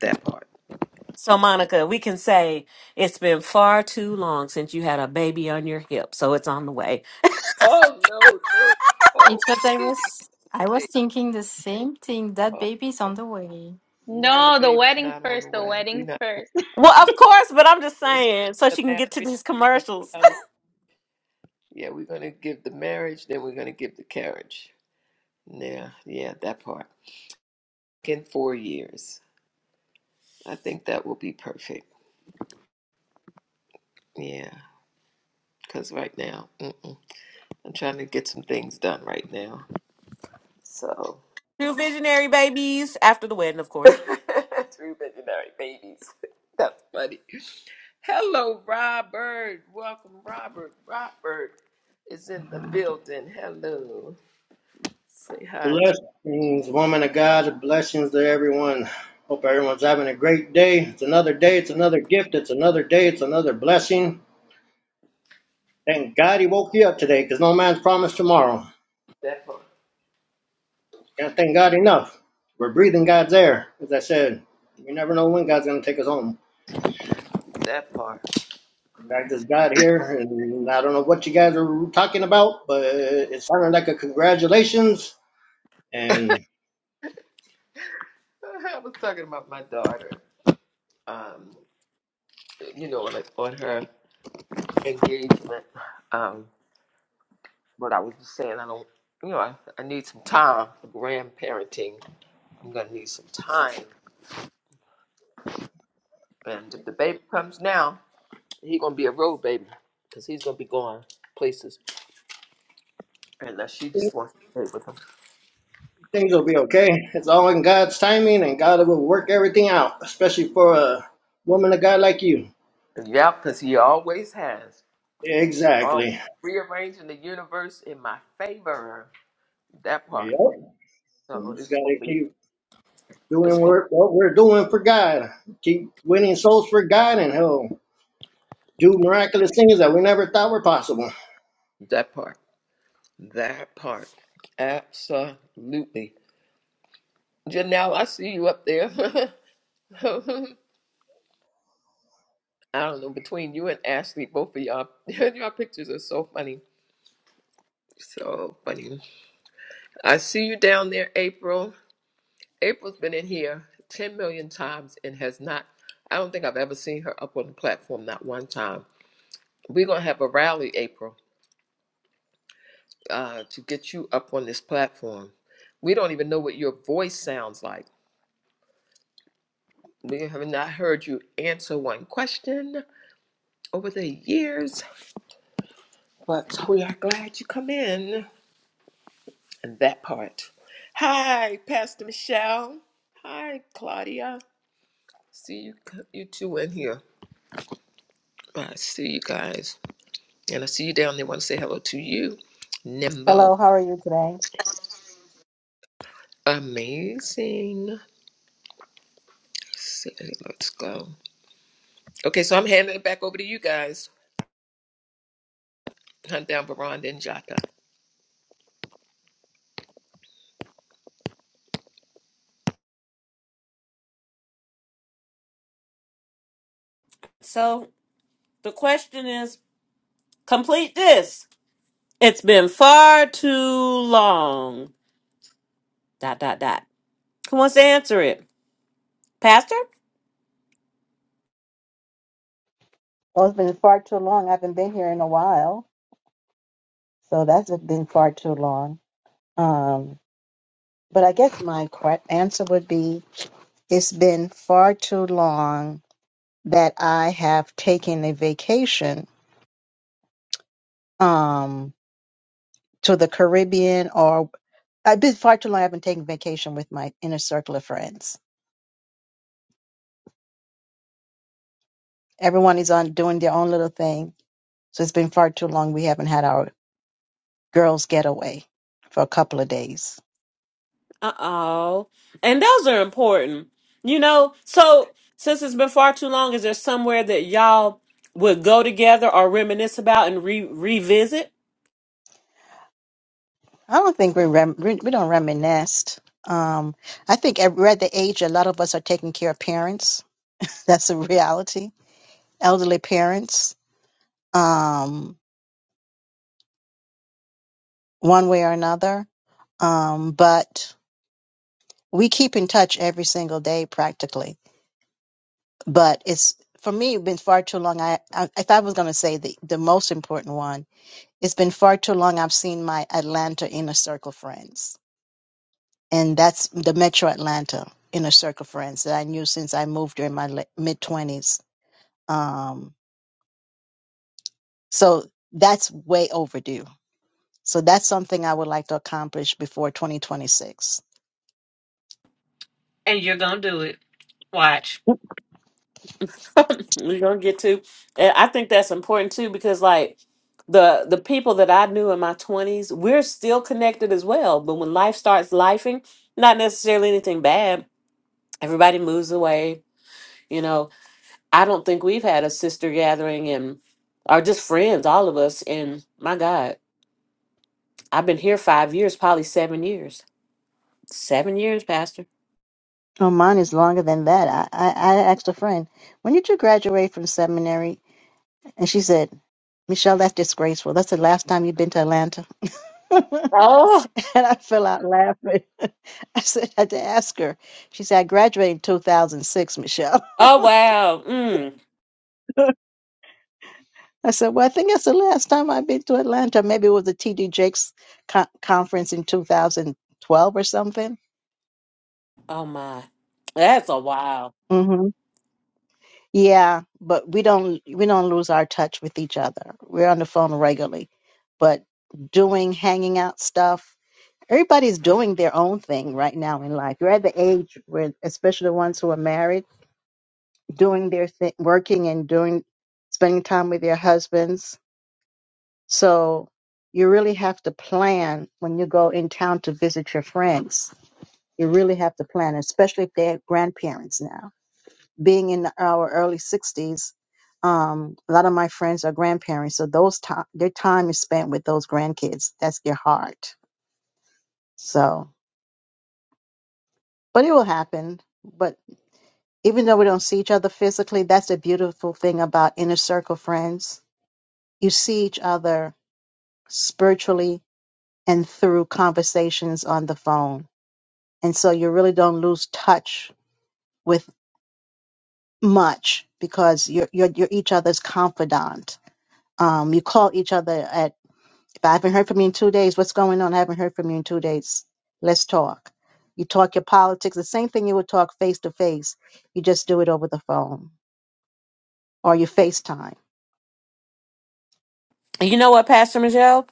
That part. So, Monica, we can say it's been far too long since you had a baby on your hip, so it's on the way. Oh no, no, no! It's what I Please was. I don't was say, thinking the same thing. That baby's oh on the way. no, the No, the baby's wedding not on first, the the way. We wedding not first. Well, of course, but I'm just first saying, so the she can marriage. get to these And, commercials. um, yeah, we're gonna give the marriage, then we're gonna give the carriage. Yeah, yeah, that part. In four years, I think that will be perfect. Yeah, because right now, mm-mm. I'm trying to get some things done right now. So. Two visionary babies after the wedding, of course. Three veterinary babies. That's funny. Hello, Robert. Welcome, Robert. Robert is in the building. Hello. Say hi to Blessings, woman of God. Blessings to everyone. Hope everyone's having a great day. It's another day. It's another gift. It's another day. It's another blessing. Thank God he woke you up today because no man's promised tomorrow. that part. Can't thank God enough. We're breathing God's air. As I said, you never know when God's going to take us home. That part. I just got here and I don't know what you guys are talking about, but it sounded like a congratulations. And I was talking about my daughter. Um, you know, like on her engagement. Um, but I was just saying, I don't. You know, I, I need some time for grandparenting. I'm gonna need some time. And if the baby comes now, He gonna be a road baby, cause he's gonna be going places, unless she just wants to stay with him. Things will be okay. It's all in God's timing, and God will work everything out, especially for a woman of God like you. Yeah, cause he always has. Always Exactly. rearranging the universe in my favor. That part. Yep. We So just it's gotta gonna be. keep It's doing gonna work, what we're doing for God. Keep winning souls for God, and He'll do miraculous things that we never thought were possible. be that part. That part. Absolutely. Janelle, I see you up there. I don't know between you and Ashley, both of y'all, your pictures are so funny. So funny. I see you down there, April. April's been in here 10 million times and has not, I don't think I've ever seen her up on the platform, not one time. We're going to have a rally, April, uh, to get you up on this platform. We don't even know what your voice sounds like. We have not heard you answer one question over the years, but we are glad you come in. And that part. Hi, Pastor Michelle. Hi, Claudia. See you, you two in here. I see you guys. And I see you down there. Want to say hello to you, Nimbo. Hello, how are you today? Amazing. So, Let's go. Okay, so I'm handing it back over to you guys. Hunt down Veranda and Jata. So the question is complete this. It's been far too long. Dot, dot, dot. Who wants to answer it? Pastor? Oh, it's been far too long. I haven't been here in a while, so that's been far too long. Um, but I guess my correct answer would be it's been far too long that I have taken a vacation um, to the Caribbean or I've been far too long. I've been taking vacation with my inner circle of friends. Everyone is on doing their own little thing, so it's been far too long. We haven't had our girls' getaway for a couple of days. Uh oh. And those are important. You know, so since it's been far too long, is there somewhere that y'all would go together or reminisce about and re- revisit? I don't think we rem- we we don't reminisce. Um, I think at we're at the age a lot of us are taking care of parents. That's a reality. Elderly parents, um, one way or another. Um, but we keep in touch every single day practically. But it's for me it's been far too long. I, I if I was going to say the the most important one, it's been far too long. I've seen my Atlanta inner circle friends and that's the Metro Atlanta inner circle friends that I knew since I moved during my mid twenties. Um, so that's way overdue. So that's something I would like to accomplish before 2026. And you're gonna do it. Watch. we're gonna get to and i think that's important too because like the the people that i knew in my 20s we're still connected as well but when life starts lifing not necessarily anything bad everybody moves away you know i don't think we've had a sister gathering and are just friends all of us and my god i've been here five years probably seven years seven years pastor Oh, mine is longer than that. I, I, I asked a friend, when did you graduate from seminary? And she said, Michelle, that's disgraceful. That's the last time you've been to Atlanta. oh And I fell out laughing. I said, I had to ask her. She said, I graduated in 2006, Michelle. oh wow mm. I said, Well, I think that's the last time I've been to Atlanta. Maybe it was the TD Jakes co- conference in 2012 or something. oh my that's a while. hmm Yeah, but we don't we don't lose our touch with each other. We're on the phone regularly, but doing hanging out stuff. Everybody's doing their own thing right now in life. You're at the age where, especially the ones who are married. doing their thing, working and doing, spending time with their husbands. So you really have to plan when you go in town to visit your friends. You really have to plan, especially if they're grandparents now. Being in our early 60s, um, a lot of my friends are grandparents, so those time their time is spent with those grandkids. That's their heart. So, but it will happen. But even though we don't see each other physically, that's the beautiful thing about inner circle friends. You see each other spiritually and through conversations on the phone. And so you really don't lose touch with much because you're you're, you're each other's confidant. Um, you call each other at if I haven't heard from you in two days, what's going on? I haven't heard from you in two days. Let's talk. You talk your politics, the same thing you would talk face to face. You just do it over the phone or you FaceTime. you know what pastor michelle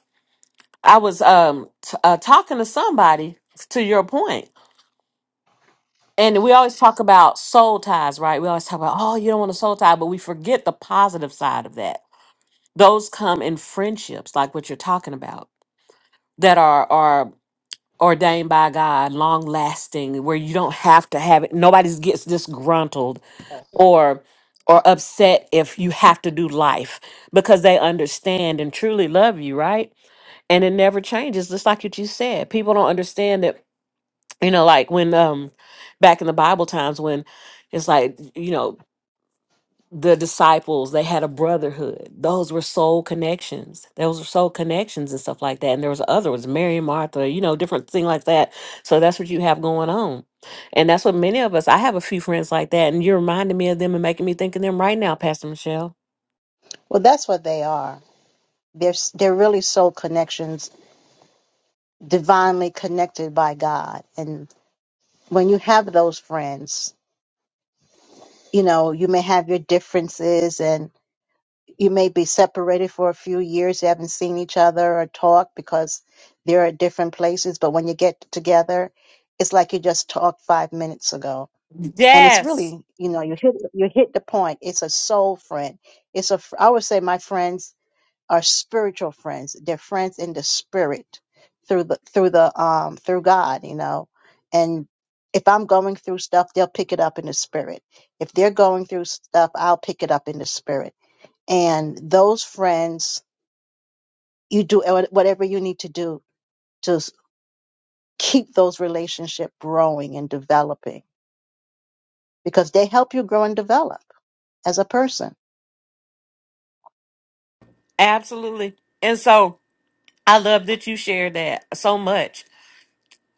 I was um t- uh, talking to somebody to your point, and we always talk about soul ties, right? We always talk about oh, you don't want a soul tie, but we forget the positive side of that. Those come in friendships, like what you're talking about, that are are ordained by God, long lasting, where you don't have to have it. Nobody gets disgruntled or or upset if you have to do life because they understand and truly love you, right? And it never changes. Just like you just said, people don't understand that you know like when um back in the bible times when it's like you know the disciples they had a brotherhood those were soul connections those were soul connections and stuff like that and there was other ones mary and martha you know different thing like that so that's what you have going on and that's what many of us i have a few friends like that and you're reminding me of them and making me think of them right now pastor michelle Well, that's what they are. They're s- they're really soul connections, divinely connected by God, and when you have those friends, you know, you may have your differences and you may be separated for a few years. You haven't seen each other or talked because they're at different places. But when you get together, it's like you just talked five minutes ago. And it's yes really, you know, you hit you hit the point. It's a soul friend. It's a I would say my friends are spiritual friends. They're friends in the spirit through the through the um through God, you know. And if I'm going through stuff, they'll pick it up in the spirit. If they're going through stuff, I'll pick it up in the spirit. And those friends, you do whatever you need to do to s- keep those relationship growing and developing because they help you grow and develop as a person. absolutely and so i love that you shared that so much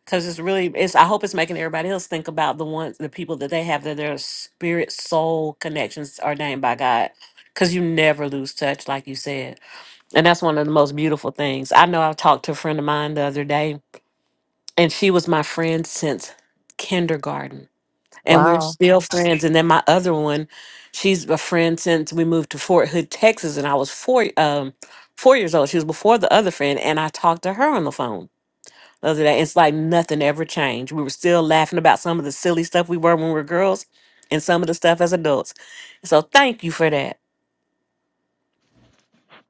because it's really it's i hope it's making everybody else think about the ones the people that they have that their spirit soul connections are named by god because you never lose touch like you said and that's one of the most beautiful things i know i talked to a friend of mine the other day and she was my friend since kindergarten and we're Wow. still friends and then my other one she's a friend since we moved to fort hood texas and i was four um four years old she was before the other friend and i talked to her on the phone other than that, it's like nothing ever changed. We were still laughing about some of the silly stuff we were when we were girls and some of the stuff as adults. So thank you for that.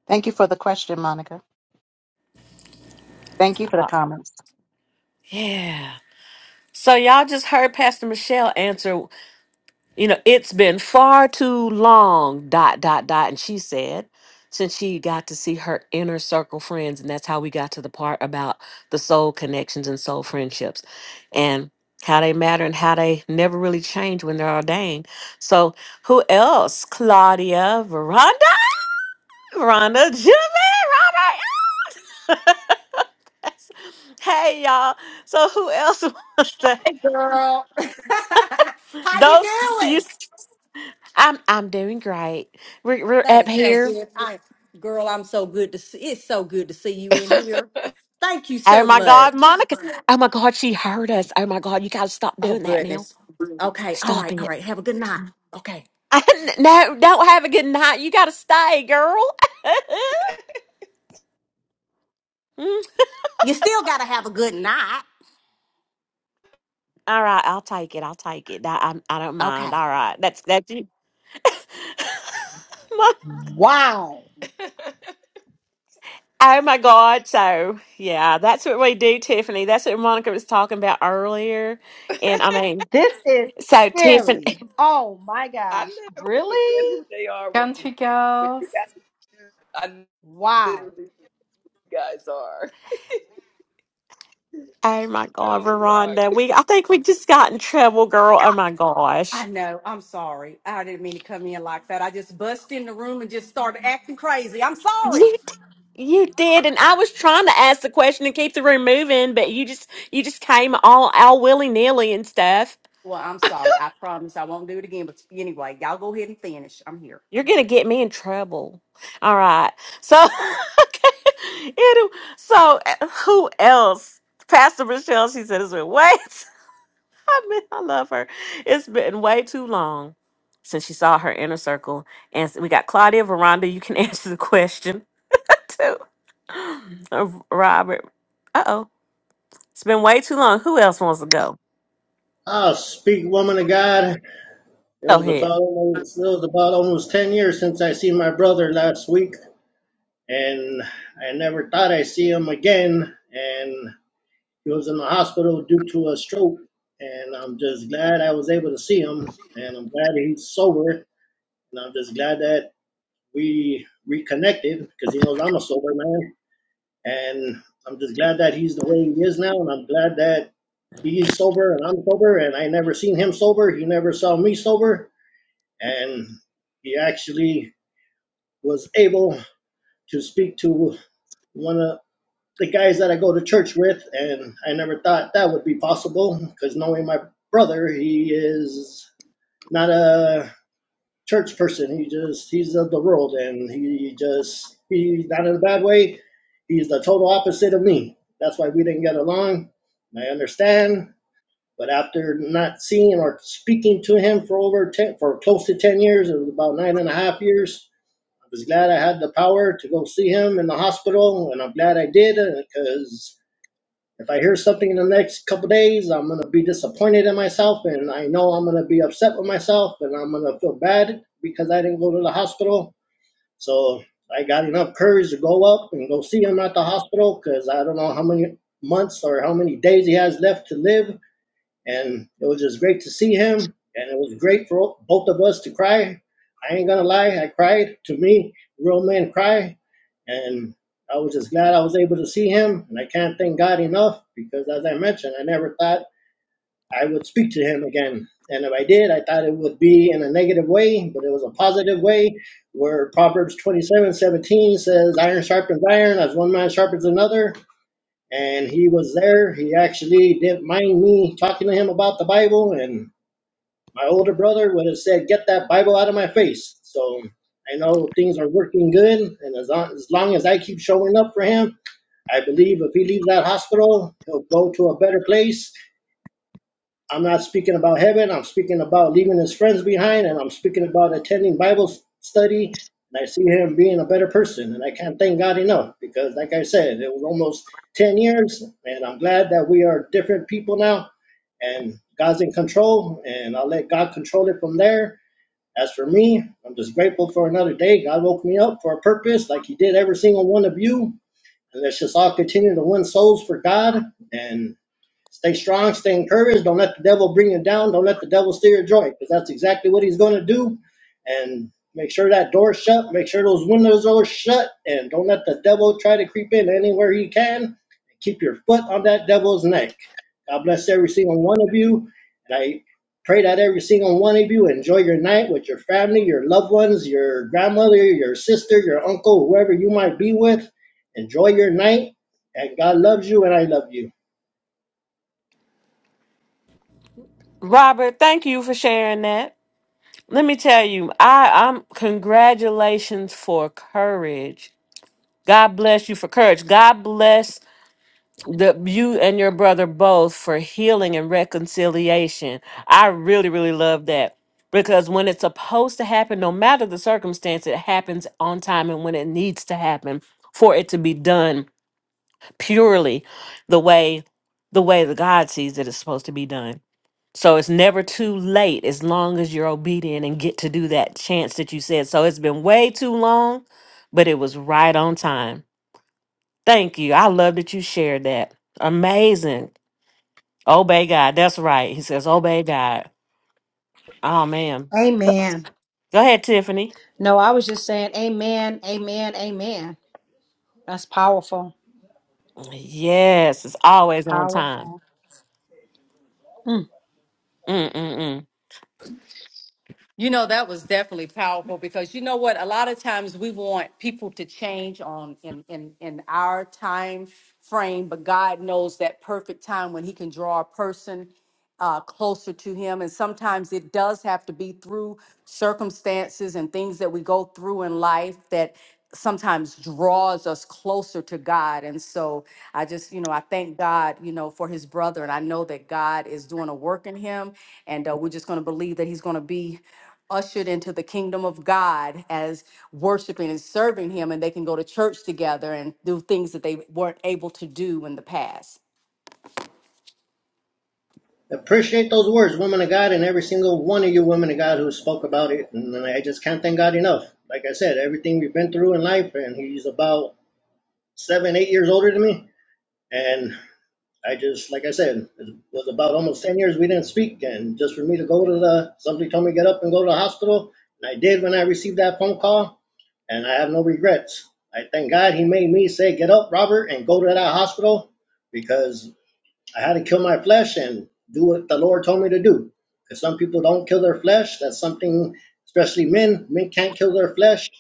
Thank you for the question, Monica. Thank you for the Uh, comments. yeah. So y'all just heard Pastor Michelle answer You know, it's been far too long, dot, dot, dot. And she said, since she got to see her inner circle friends. And that's how we got to the part about the soul connections and soul friendships and how they matter and how they never really change when they're ordained. So, who else? Claudia, Veranda, Veranda, Jimmy, Robert. hey, y'all. So, who else wants to? girl. How you Those, you, doing? s- I'm, I'm doing great. We're, we're That up is so here. good. I, girl, I'm so good to see. It's so good to see you in here. Thank you Oh so my God, much. Monica. Oh my God, she heard us. Oh my God, you got to stop Oh doing that now. goodness. Okay. All right. Stopping All it. right. Have a good night. Okay. no, don't have a good night. You got to stay, girl. Mm, You still gotta have a good night. All right, I'll take it. I'll take it. I, I, I don't Okay. mind. All right, that's that's it. My- Wow. oh my God. So, yeah, that's what we do, Tiffany. That's what Monica was talking about earlier. And I mean, This is so Tiffany, scary. Oh my I gosh. never forget Really? who they are when you Country when girls. you guys. I literally Wow. who you guys are. oh my God, Oh Lord. Veronda, we, I think we just got in trouble, girl. Oh my gosh. I know. I'm sorry. I didn't mean to come in like that. I just busted in the room and just started acting crazy. I'm sorry. You d- you did, and I was trying to ask the question and keep the room moving, but you just you just came all all willy nilly and stuff. Well, I'm sorry. I promise I won't do it again. But anyway, y'all go ahead and finish. I'm here. You're gonna get me in trouble. All right, so okay, Anyway, so uh, who else? Pastor Michelle, she said it's been way. I mean, I love her. It's been way too long since she saw her inner circle, and so we got Claudia Veranda. You can answer the question too, Uh, Robert. Uh oh. It's been way too long. Who else wants to go? I'll speak, woman of God. It Go was ahead. about almost, it was about almost ten years since I seen my brother last week, and I never thought I'd see him again. And He was in the hospital due to a stroke, and I'm just glad I was able to see him, and I'm glad he's sober, and I'm just glad that we reconnected because he knows I'm a sober man, and I'm just glad that he's the way he is now, and I'm glad that he's sober and I'm sober, and I never seen him sober. He never saw me sober, and he actually was able to speak to one of the guys that I go to church with, and I never thought that would be possible because knowing my brother, he is not a church person. He just he's of the world, and he just he's not in a bad way. He's the total opposite of me. That's why we didn't get along. I understand, but after not seeing or speaking to him for over ten, for close to ten years, it was about nine and a half years. I was glad I had the power to go see him in the hospital, and I'm glad I did because if I hear something in the next couple days, I'm gonna be disappointed in myself, and I know I'm gonna be upset with myself, and I'm gonna feel bad because I didn't go to the hospital. So I got enough courage to go up and go see him at the hospital because I don't know how many months or how many days he has left to live and it was just great to see him. And it was great for both of us to cry. I ain't gonna lie, I cried. To me, real men cry, and I was just glad I was able to see him. And I can't thank God enough because, as I mentioned, I never thought I would speak to him again. And if I did, I thought it would be in a negative way, but it was a positive way. Where Proverbs twenty-seven seventeen says, "Iron sharpens iron, as one man sharpens another." and he was there. He actually didn't mind me talking to him about the Bible, and my older brother would have said, "Get that Bible out of my face." So I know things are working good, and as long as, long as I keep showing up for him, I believe if he leaves that hospital, he'll go to a better place I'm not speaking about heaven. I'm speaking about leaving his friends behind, and I'm speaking about attending Bible study. And I see him being a better person, and I can't thank God enough because, like I said, it was almost 10 years, and I'm glad that we are different people now, and God's in control, and I'll let God control it from there. As for me, I'm just grateful for another day. God woke me up for a purpose, like He did every single one of you. And let's just all continue to win souls for God. And Stay strong, stay encouraged. Don't let the devil bring you down. Don't let the devil steer your joy because that's exactly what he's going to do. And make sure that door's shut. Make sure those windows are shut. And don't let the devil try to creep in anywhere he can. Keep your foot on that devil's neck. God bless every single one of you. And I pray that every single one of you enjoy your night with your family, your loved ones, your grandmother, your sister, your uncle, whoever you might be with. Enjoy your night. And God loves you, and I love you. Robert, thank you for sharing that. Let me tell you, I, I'm congratulations for courage. God bless you for courage. God bless the you and your brother both for healing and reconciliation. I really, really love that. Because when it's supposed to happen, no matter the circumstance, it happens on time and when it needs to happen for it to be done purely the way the way that God sees it is supposed to be done. So it's never too late as long as you're obedient and get to do that chance that you said. So it's been way too long, but it was right on time. Thank you. I love that you shared that. Amazing. Obey God. That's right. He says, Obey God. Oh, man. Amen. Go ahead, Tiffany. No, I was just saying, Amen, Amen, Amen. That's powerful. Yes, it's always on time. Powerful. Mm. Mm-mm-mm. You know, that was definitely powerful because you know what? A lot of times we want people to change on in in in our time frame, but God knows that perfect time when He can draw a person uh, closer to Him. And sometimes it does have to be through circumstances and things that we go through in life that sometimes draws us closer to God. And so I just, you know, I thank God, you know, for his brother. And I know that God is doing a work in him. And uh, we're just going to believe that he's going to be ushered into the kingdom of God as worshiping and serving him. And they can go to church together and do things that they weren't able to do in the past. Appreciate those words, women of God, and every single one of you women of God who spoke about it. And I just can't thank God enough. Like I said, everything we've been through in life, and he's about seven, eight years older than me. And I just, like I said, it was about almost 10 years we didn't speak. And just for me to go to the, somebody told me to get up and go to the hospital. And I did when I received that phone call. And I have no regrets. I thank God he made me say, get up, Robert, and go to that hospital because I had to kill my flesh and do what the Lord told me to do. Because some people don't kill their flesh. That's something, especially men, men can't kill their flesh.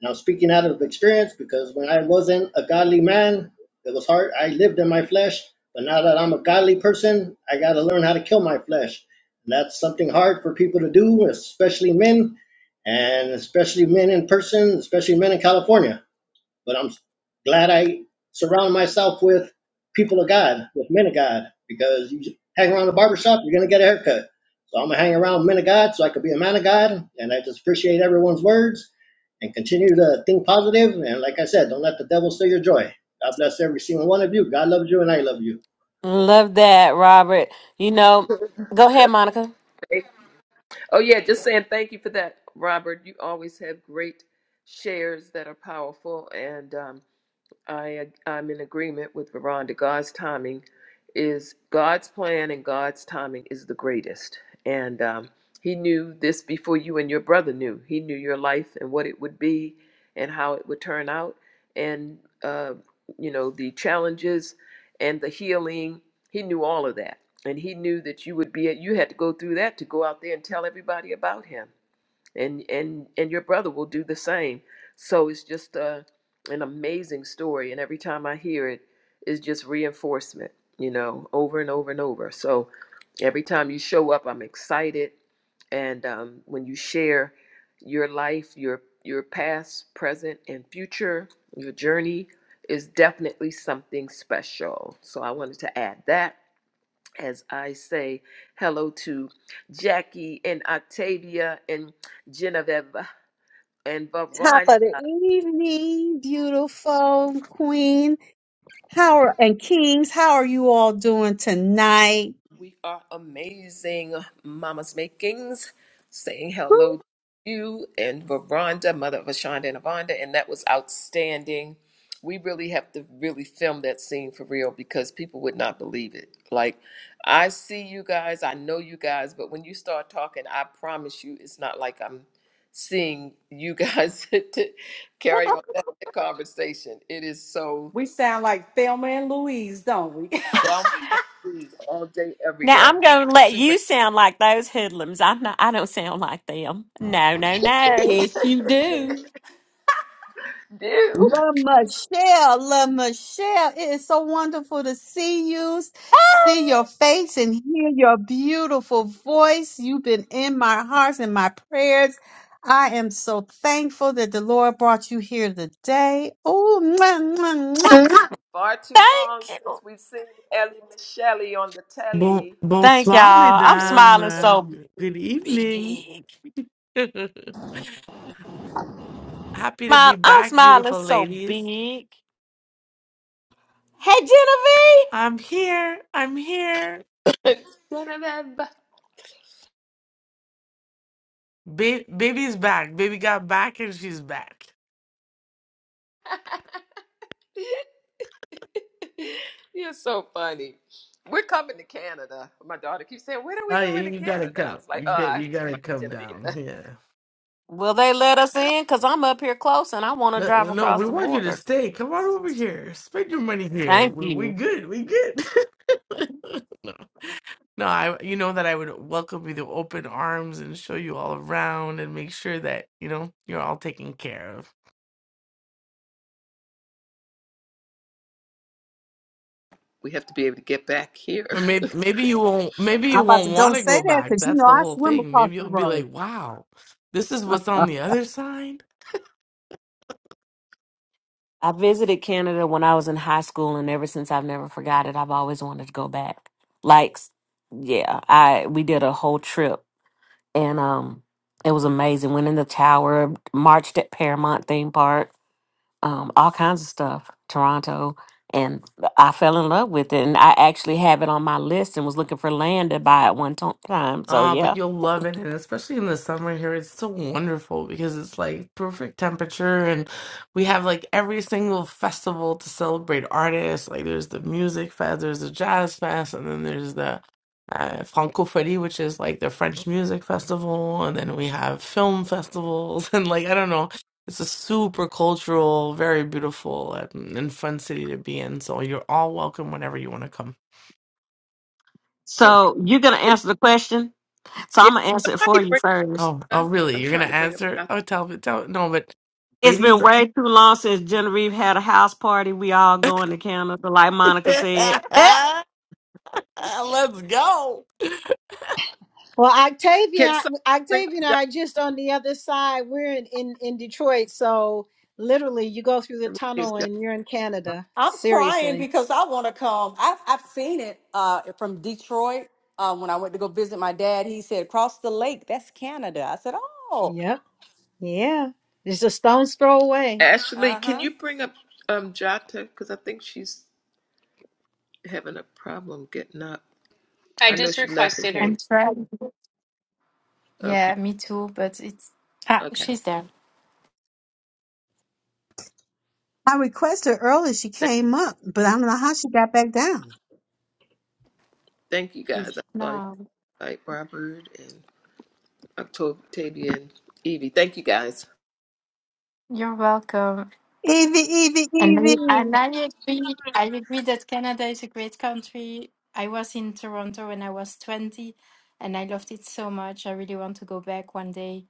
And I'm speaking out of experience because when I wasn't a godly man, it was hard. I lived in my flesh. But now that I'm a godly person, I got to learn how to kill my flesh. And that's something hard for people to do, especially men, and especially men in person, especially men in California but I'm glad I surround myself with people of God, with men of God, because you hang around the barbershop, you're going to get a haircut. So I'm going to hang around men of God so I could be a man of God. And I just appreciate everyone's words and continue to think positive. And like I said, don't let the devil steal your joy. God bless every single one of you. God loves you and I love you. Love that, Robert. You know, go ahead, Monica. Okay. Oh yeah, just saying thank you for that, Robert. You always have great shares that are powerful, and um, I I'm in agreement with Veronda. God's timing is God's plan, and God's timing is the greatest. And um, He knew this before you and your brother knew. He knew your life and what it would be, and how it would turn out, and uh, you know the challenges and the healing. He knew all of that, and He knew that you would be. You had to go through that to go out there and tell everybody about Him and and and your brother will do the same so it's just uh an amazing story and every time i hear it it's just reinforcement you know over and over and over so every time you show up i'm excited and um, when you share your life your your past present and future your journey is definitely something special so i wanted to add that as I say hello to Jackie and Octavia and Genevieve and Top Varon. of the evening, beautiful queen. How are, and kings, how are you all doing tonight? We are amazing Mama's Makings saying Woo! hello to you and Veranda, mother of Ashonda and Avonda, and that was outstanding. We really have to really film that scene for real because people would not believe it. Like, I see you guys, I know you guys, but when you start talking, I promise you it's not like I'm seeing you guys to carry on that conversation. It is so We sound like Thelma and Louise, don't we? down my sleeves all day, every Now day. I'm gonna let Super you sound like those hoodlums. I'm not. I don't sound like them. No, no, no. Yes, you do. do. La Michelle, La Michelle, it is so wonderful to see you, see your face and hear your beautiful voice. You've been in my hearts and my prayers. I am so thankful that the Lord brought you here today. Oh, mwah, mwah, mwah. Far too Thank long since you. we've seen Ellie Michelle on the Bon, telly Thank bonsoir, y'all. I'm for mesdames. smiling sure. Uh, so Good evening. big. Happy to Smile, be I'm back, smiling beautiful so ladies. big. Hey, Genevieve. I'm here. I'm here. One of them. Ba- baby's back. Baby got back and she's back. You're so funny. We're coming to Canada. My daughter keeps saying, When are Oh, we yeah, going to you gotta Canada? I come. was like, You Oh, got, I you have to gotta talk to come Genevieve. down. Yeah. Will they let us in? Because I'm up here close and I want to No, drive no, across we the want you to border. stay. Come on over here. Spend your money here. Thank We, we you. good. We good. No, I you know that I would welcome you with open arms and show you all around and make sure that, you know, you're all taken care of. We have to be able to get back here. Or maybe maybe you won't maybe I'm you about to won't want don't to say go that back. because you That's know the I whole swim thing. across Maybe the you'll be road. like, "Wow, this is what's on the other side." I visited Canada when I was in high school, and ever since I've never forgot it. I've always wanted to go back. Like, yeah, I we did a whole trip, and um, it was amazing. Went in the tower, marched at Paramount theme park. um, all kinds of stuff, Toronto. And I fell in love with it. And I actually have it on my list and was looking for land to buy at one to- time. So, Ah, but yeah. you'll love it, and especially in the summer here, it's so wonderful because it's like perfect temperature, and we have like every single festival to celebrate artists. Like there's the music fest, there's the jazz fest, and then there's the uh, Francophonie, which is like the French music festival, and then we have film festivals, and like I don't know, it's a super cultural, very beautiful and, and fun city to be in. So you're all welcome whenever you want to come. Okay. So, you're going to And- answer the question. So, Yeah, I'm going to answer it for somebody you bring first. Oh, up- oh, huh? really? I'm You're gonna trying to bring up. answer? Jota. Oh, tell me, tell no, but It's been ladies, way too long since Genevieve had a house party. We all going to Canada, like Monica let's said. go. Well, Can Octavia, somebody bring Octavia and up I are just on the other side. We're in, in, in Detroit. So literally, you go through the tunnel Jota? and you're in Canada. I'm crying Seriously. because I want to come. I've, I've seen it uh, from Detroit. Uh, when I went to go visit my dad, he said, Across the lake, that's Canada. I said, Oh, Yep. Yeah. It's a stone's throw away. Ashley, uh can huh. you bring up um, Jata? Because I think she's. having a problem getting up. I I know just she left and requested her. came. I'm trying. Okay, Yeah, me too. But it's ah, okay. she's there. I requested earlier. She Thank, came up, but I don't know how she got back down. thank you She's guys. I saw you no, like Robert and Octavia and Evie. Thank you guys. you're welcome. Evie, Evie, And I, and Evie. I agree. I agree that Canada is a great country. I was in Toronto when I was twenty, and I loved it so much. I really want to go back one day.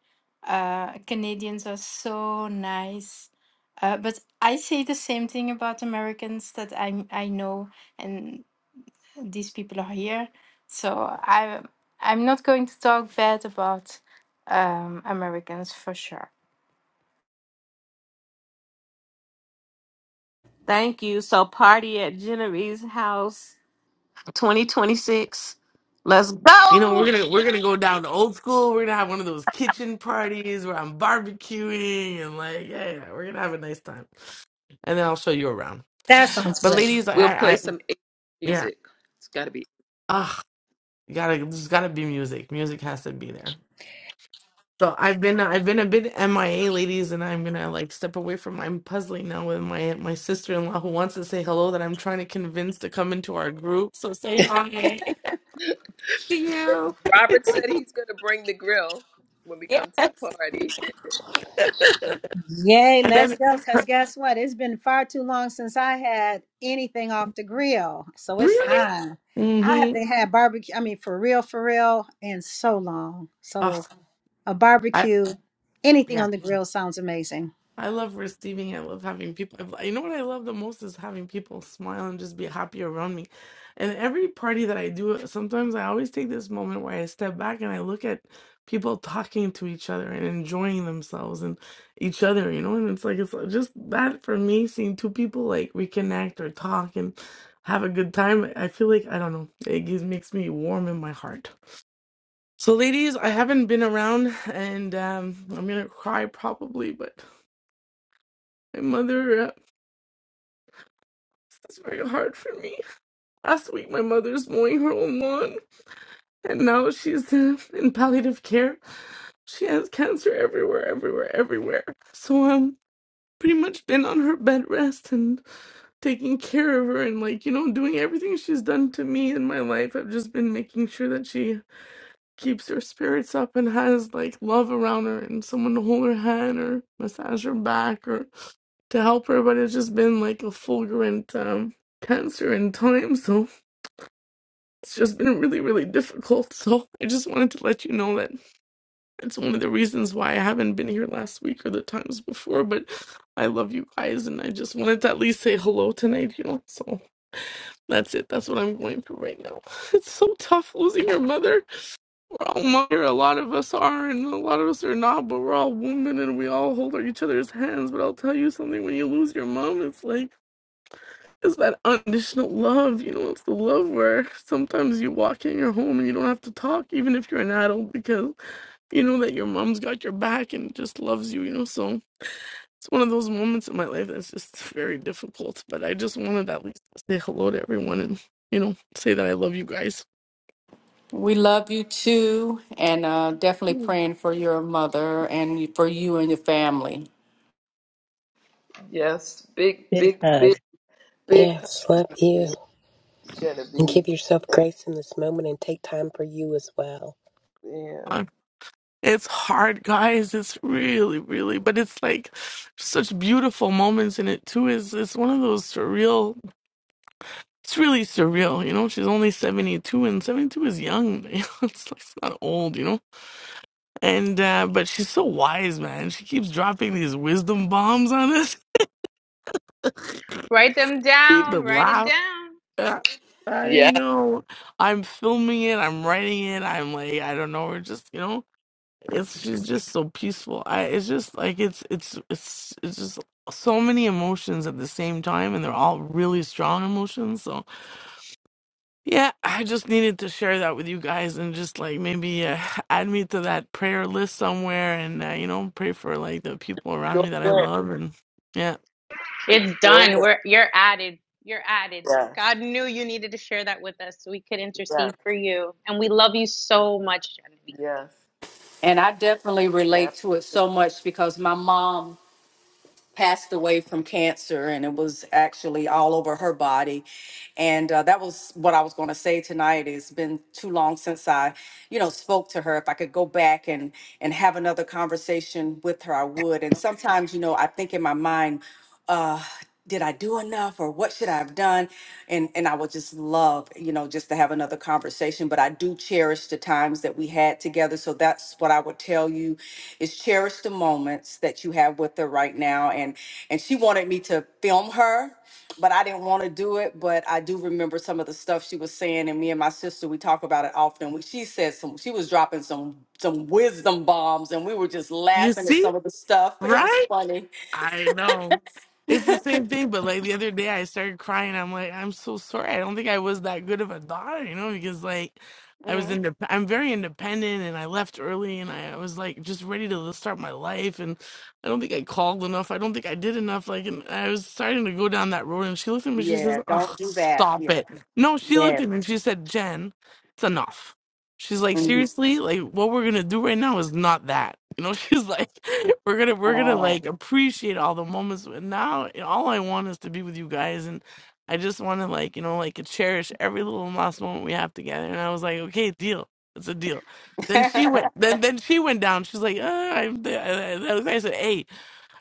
Uh, Canadians are so nice. Uh, but I say the same thing about Americans that I I know, and these people are here. So I I'm not going to talk bad about um, Americans for sure. Thank you. So, party at Genevieve's house 2026. Let's You know, go. we're gonna we're gonna go down to old school. We're gonna have one of those kitchen parties where I'm barbecuing and like, yeah, yeah, we're gonna have a nice time. And then I'll show you around. That sounds But great. ladies, We'll I, play I some 80s yeah, music. It's got to be. ugh, you gotta there's gotta be music. Music has to be there. So I've been I've been a bit MIA, ladies, and I'm gonna like step away from I'm puzzling now with my my sister in law who wants to say hello that I'm trying to convince to come into our group. So say hi to you. Robert said he's going to bring the grill when we come to Yes. the party. Yay, and let's then go. Because guess what? It's been far too long since I had anything off the grill. So it's really, time. I mm-hmm. haven't had barbecue, I mean, for real, for real, in so long. Oh, So a I barbecue, yeah. anything on the grill sounds amazing. I love receiving. I love having people. I- You know what I love the most is having people smile and just be happy around me. And every party that I do, sometimes I always take this moment where I step back and I look at people talking to each other and enjoying themselves and each other, you know? And it's like, it's just that for me, seeing two people like reconnect or talk and have a good time. I feel like, I don't know, it gives, makes me warm in my heart. So, ladies, I haven't been around and um, I'm gonna cry probably, but. My mother. uh, It's very hard for me. Last week, my mother's mowing her own lawn, and now she's in, in palliative care. She has cancer everywhere, everywhere, everywhere. So I'm pretty much been on her bed rest and taking care of her, and like you know, doing everything she's done to me in my life. I've just been making sure that she keeps her spirits up and has like love around her and someone to hold her hand or massage her back or to help her. But it's just been like a fulgurant um, cancer in time, so. It's just been really, really difficult. So I just wanted to let you know that it's one of the reasons why I haven't been here last week or the times before. But I love you guys, and I just wanted to at least say hello tonight, you know? So that's it. That's what I'm going through right now. It's so tough losing your mother. We're all mother. A lot of us are, and a lot of us are not, but we're all women and we all hold each other's hands. But I'll tell you something when you lose your mom, it's like. It's that unconditional love, you know, it's the love where sometimes you walk in your home and you don't have to talk, even if you're an adult, because you know that your mom's got your back and just loves you, you know. So it's one of those moments in my life that's just very difficult. But I just wanted at least to say hello to everyone and, you know, say that I love you guys. We love you too, and uh, definitely praying for your mother and for you and your family. yes, big, Big big, big, hug. big Yes, love hug, you. And give Genevieve. yourself Oh, grace in this moment and take time for you as well. Yeah. Uh, it's hard, guys. It's really, really, but it's like such beautiful moments in it too. Is it's it's one of those surreal It's really surreal, you know. She's only 72, and 72 is young. You know? It's, like, it's not old, you know. And uh, but she's so wise, man. She keeps dropping these wisdom bombs on us. Write them We've down, been write it laughing. down. I Yeah. know. I'm filming it. I'm writing it. I'm like, I don't know. We're just, you know, it's she's just so peaceful. I. It's just like it's it's it's it's just so many emotions at the same time, and they're all really strong emotions. So. Yeah, I just needed to share that with you guys and just like maybe uh, add me to that prayer list somewhere and, uh, you know, pray for like the people around Sure me that I will. love. And yeah, It's Sure done. will. We're you're added. You're added. Yes. God knew you needed to share that with us so we could Yes. intercede for you. And we love you so much, Genevieve. And I definitely Yes. relate to it so much because my mom passed away from cancer and it was actually all over her body and uh, that was what i was going to say tonight it's been too long since i you know spoke to her if i could go back and and have another conversation with her i would and sometimes you know i think in my mind uh did I do enough or what should I have done? And and I would just love, you know, just to have another conversation. But I do cherish the times that we had together. So that's what I would tell you is cherish the moments that you have with her right now. And and she wanted me to film her, but I didn't want to do it. But I do remember some of the stuff she was saying, and me and my sister, we talk about it often. We, she said some she was dropping some some wisdom bombs and we were just you laughing at see, some of the stuff. It was right? funny. I know. It's the same thing, but like the other day I started crying. I'm like, I'm so sorry. I don't think I was that good of a daughter, you know, because like I was Mm-hmm. indep I'm very independent and I left early and I was like just ready to start my life and I don't think I called enough. I don't think I did enough. Like and I was starting to go down that road and she looked at me, and she says, Yeah, Oh, don't do that. stop Yeah. it. No, she looked Yeah. at me and she said, Jen, it's enough. She's like, hmm seriously, like what we're gonna do right now is not that. You know, she's like, we're gonna we're gonna like Oh. appreciate all the moments. And now you know, all I want is to be with you guys, and I just want to like you know like cherish every little last moment we have together. And I was like, okay, deal, it's a deal. Then she went. Then then she went down. She's like, uh, I'm. th- uh, uh," I I said, hey,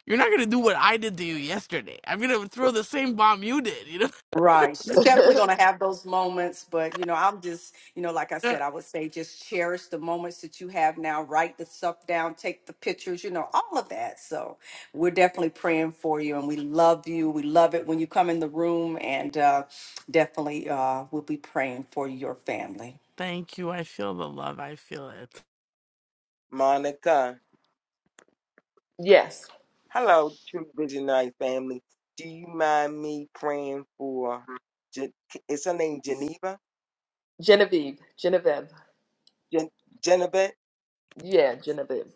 you're not gonna do what I did to you yesterday. I'm gonna throw the same bomb you did. You right. She's Ab- definitely going to have those moments. But, you know, I'm just, you know, like I know. said, I would say just cherish the moments that you have now. Write the stuff down, take the pictures, you know, all of that. So we're definitely praying for you and we love you. We love it when you come in the room and uh, definitely uh, we'll be praying for your family. Thank you. I feel the love. I feel it. Monica. yes. Hello, True Visionary family. Do you mind me praying for? Je- Is her name Geneva? Genevieve, Genevieve. Gen- Genevieve? Yeah, Genevieve.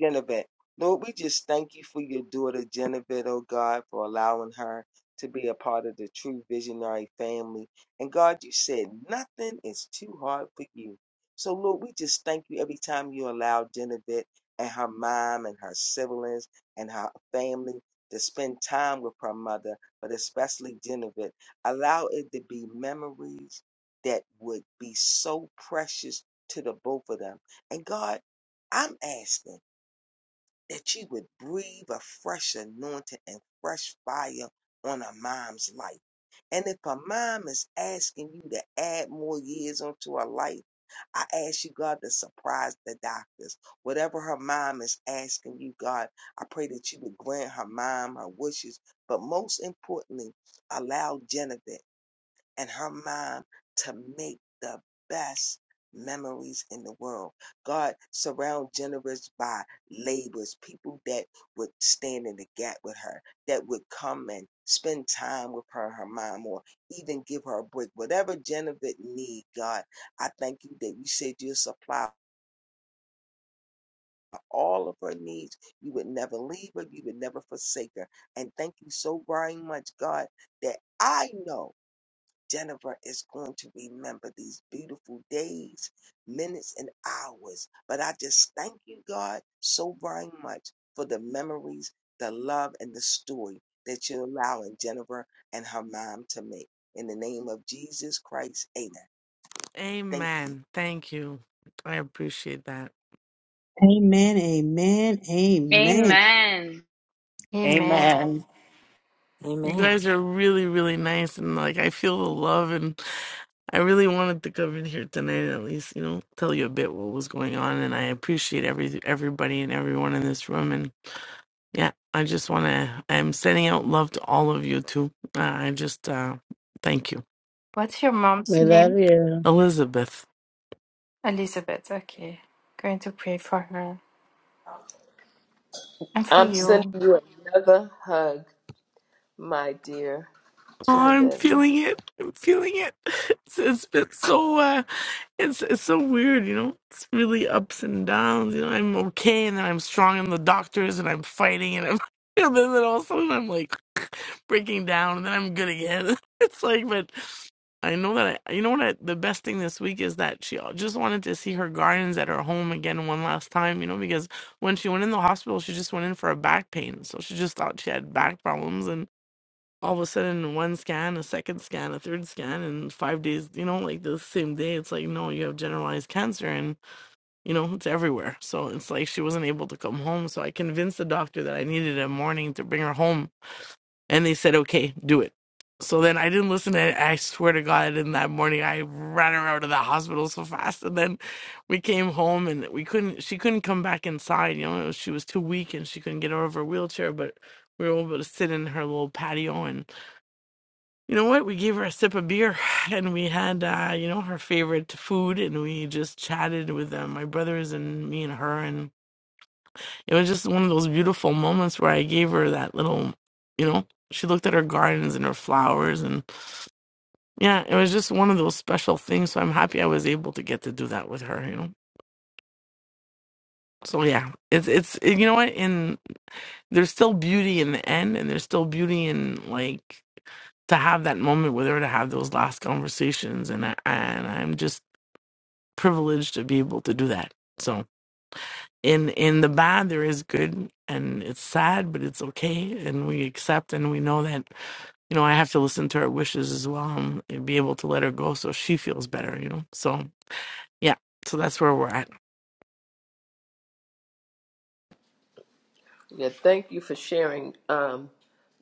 Genevieve. Lord, we just thank you for your daughter, Genevieve, oh God, for allowing her to be a part of the true visionary family. And God, you said nothing is too hard for you. So, Lord, we just thank you every time you allow Genevieve and her mom and her siblings and her family to spend time with her mother, but especially Genevieve. Allow it to be memories that would be so precious to the both of them. And God, I'm asking that you would breathe a fresh anointing and fresh fire on a mom's life. And if a mom is asking you to add more years onto her life, I ask you, God, to surprise the doctors. Whatever her mom is asking you, God, I pray that you would grant her mom her wishes. But most importantly, allow Jennifer and her mom to make the best memories in the world. God, surround generous by laborers, people that would stand in the gap with her, that would come and spend time with her, her mom, or even give her a break. Whatever Genevieve need, God, I thank you that you said you'll supply all of her needs. You would never leave her. You would never forsake her. And thank you so very much, God, that I know. Jennifer is going to remember these beautiful days, minutes, and hours. But I just thank you, God, so very much for the memories, the love, and the story that you're allowing Jennifer and her mom to make. In the name of Jesus Christ, amen. Thank you. Amen. Thank you. I appreciate that. Amen, amen, amen. Amen. Amen. Amen. You Amen. guys are really, really nice, and like I feel the love, and I really wanted to come in here tonight, and at least you know, tell you a bit what was going on, and I appreciate every everybody and everyone in this room, and yeah, I just want to. I'm sending out love to all of you too. Uh, I just uh, thank you, What's your mom's We love name? you. Elizabeth. Elizabeth. Okay. Going to pray for her and for I'm sending you. you another hug, my dear Oh, I'm Genevieve. feeling it. I'm feeling it. It's, it's been so uh, it's it's so weird, you know. It's really ups and downs. You know, I'm okay, and then I'm strong in the doctors, and I'm fighting, and I'm and then, then all of a sudden I'm like breaking down, and then I'm good again. It's like, but I know that I, you know what? I, the best thing this week is that she just wanted to see her gardens at her home again one last time, you know, because when she went in the hospital, she just went in for a back pain, so she just thought she had back problems, all of a sudden one scan, a second scan, a third scan, and five days, you know, like the same day, it's like, no, you have generalized cancer and, you know, it's everywhere. So it's like she wasn't able to come home. So I convinced the doctor that I needed a morning to bring her home. And they said, okay, do it. So then I didn't listen to it. I swear to God, in that morning, I ran her out of the hospital so fast. And then we came home and we couldn't, she couldn't come back inside. You know, she was too weak and she couldn't get out of her wheelchair, but we were able to sit in her little patio and you know what? We gave her a sip of beer and we had, uh, you know, her favorite food and we just chatted with uh, my brothers and me and her. And it was just one of those beautiful moments where I gave her that little, you know, she looked at her gardens and her flowers. And yeah, it was just one of those special things. So I'm happy I was able to get to do that with her, you know. So yeah, it's, it's, you know what? And there's still beauty in the end and there's still beauty in like, to have that moment with her to have those last conversations and I, and I'm just privileged to be able to do that. So in in the bad there is good and it's sad but it's okay and we accept and we know that you know I have to listen to her wishes as well um, and be able to let her go so she feels better, you know. So yeah, so that's where we're at. Yeah, thank you for sharing, um,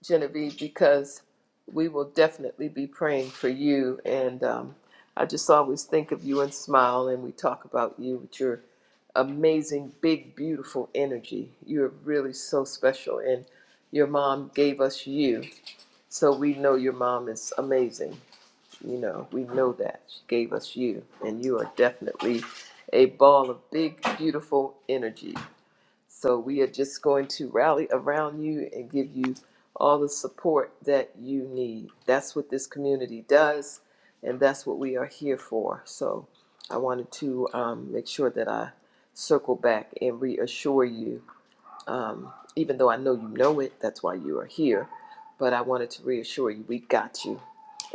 Genevieve, because we will definitely be praying for you. And um, I just always think of you and smile, and we talk about you with your amazing, big, beautiful energy. You're really so special, and your mom gave us you, so we know your mom is amazing. You know, we know that. She gave us you, and you are definitely a ball of big, beautiful energy. So we are just going to rally around you and give you all the support that you need. That's what this community does, and that's what we are here for. So I wanted to um, make sure that I circle back and reassure you um, even though I know you know it, that's why you are here. But I wanted to reassure you, we got you.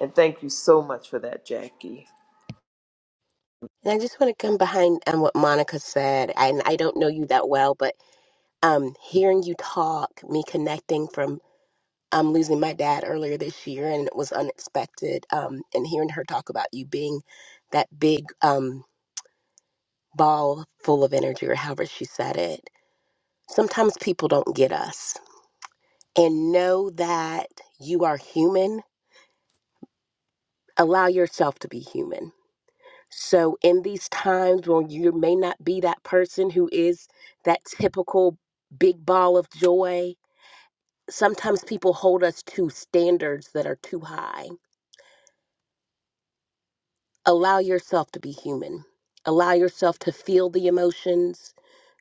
And thank you so much for that, Jackie. And I just want to come behind on what Monica said. And I don't know you that well, but um hearing you talk, me connecting from um losing my dad earlier this year and it was unexpected. Um and hearing her talk about you being that big um ball full of energy or however she said it. Sometimes people don't get us and know that you are human. Allow yourself to be human. So, in these times when you may not be that person who is that typical big ball of joy, sometimes people hold us to standards that are too high. Allow yourself to be human. Allow yourself to feel the emotions.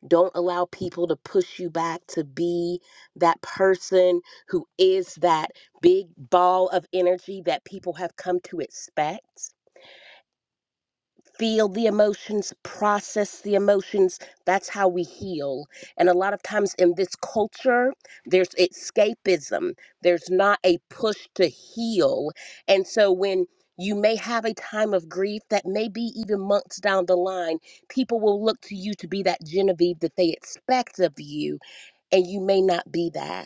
Don't allow people to push you back to be that person who is that big ball of energy that people have come to expect feel the emotions, process the emotions. That's how we heal. And a lot of times in this culture, there's escapism, there's not a push to heal. And so when you may have a time of grief that may be even months down the line. People will look to you to be that Genevieve that they expect of you, and you may not be that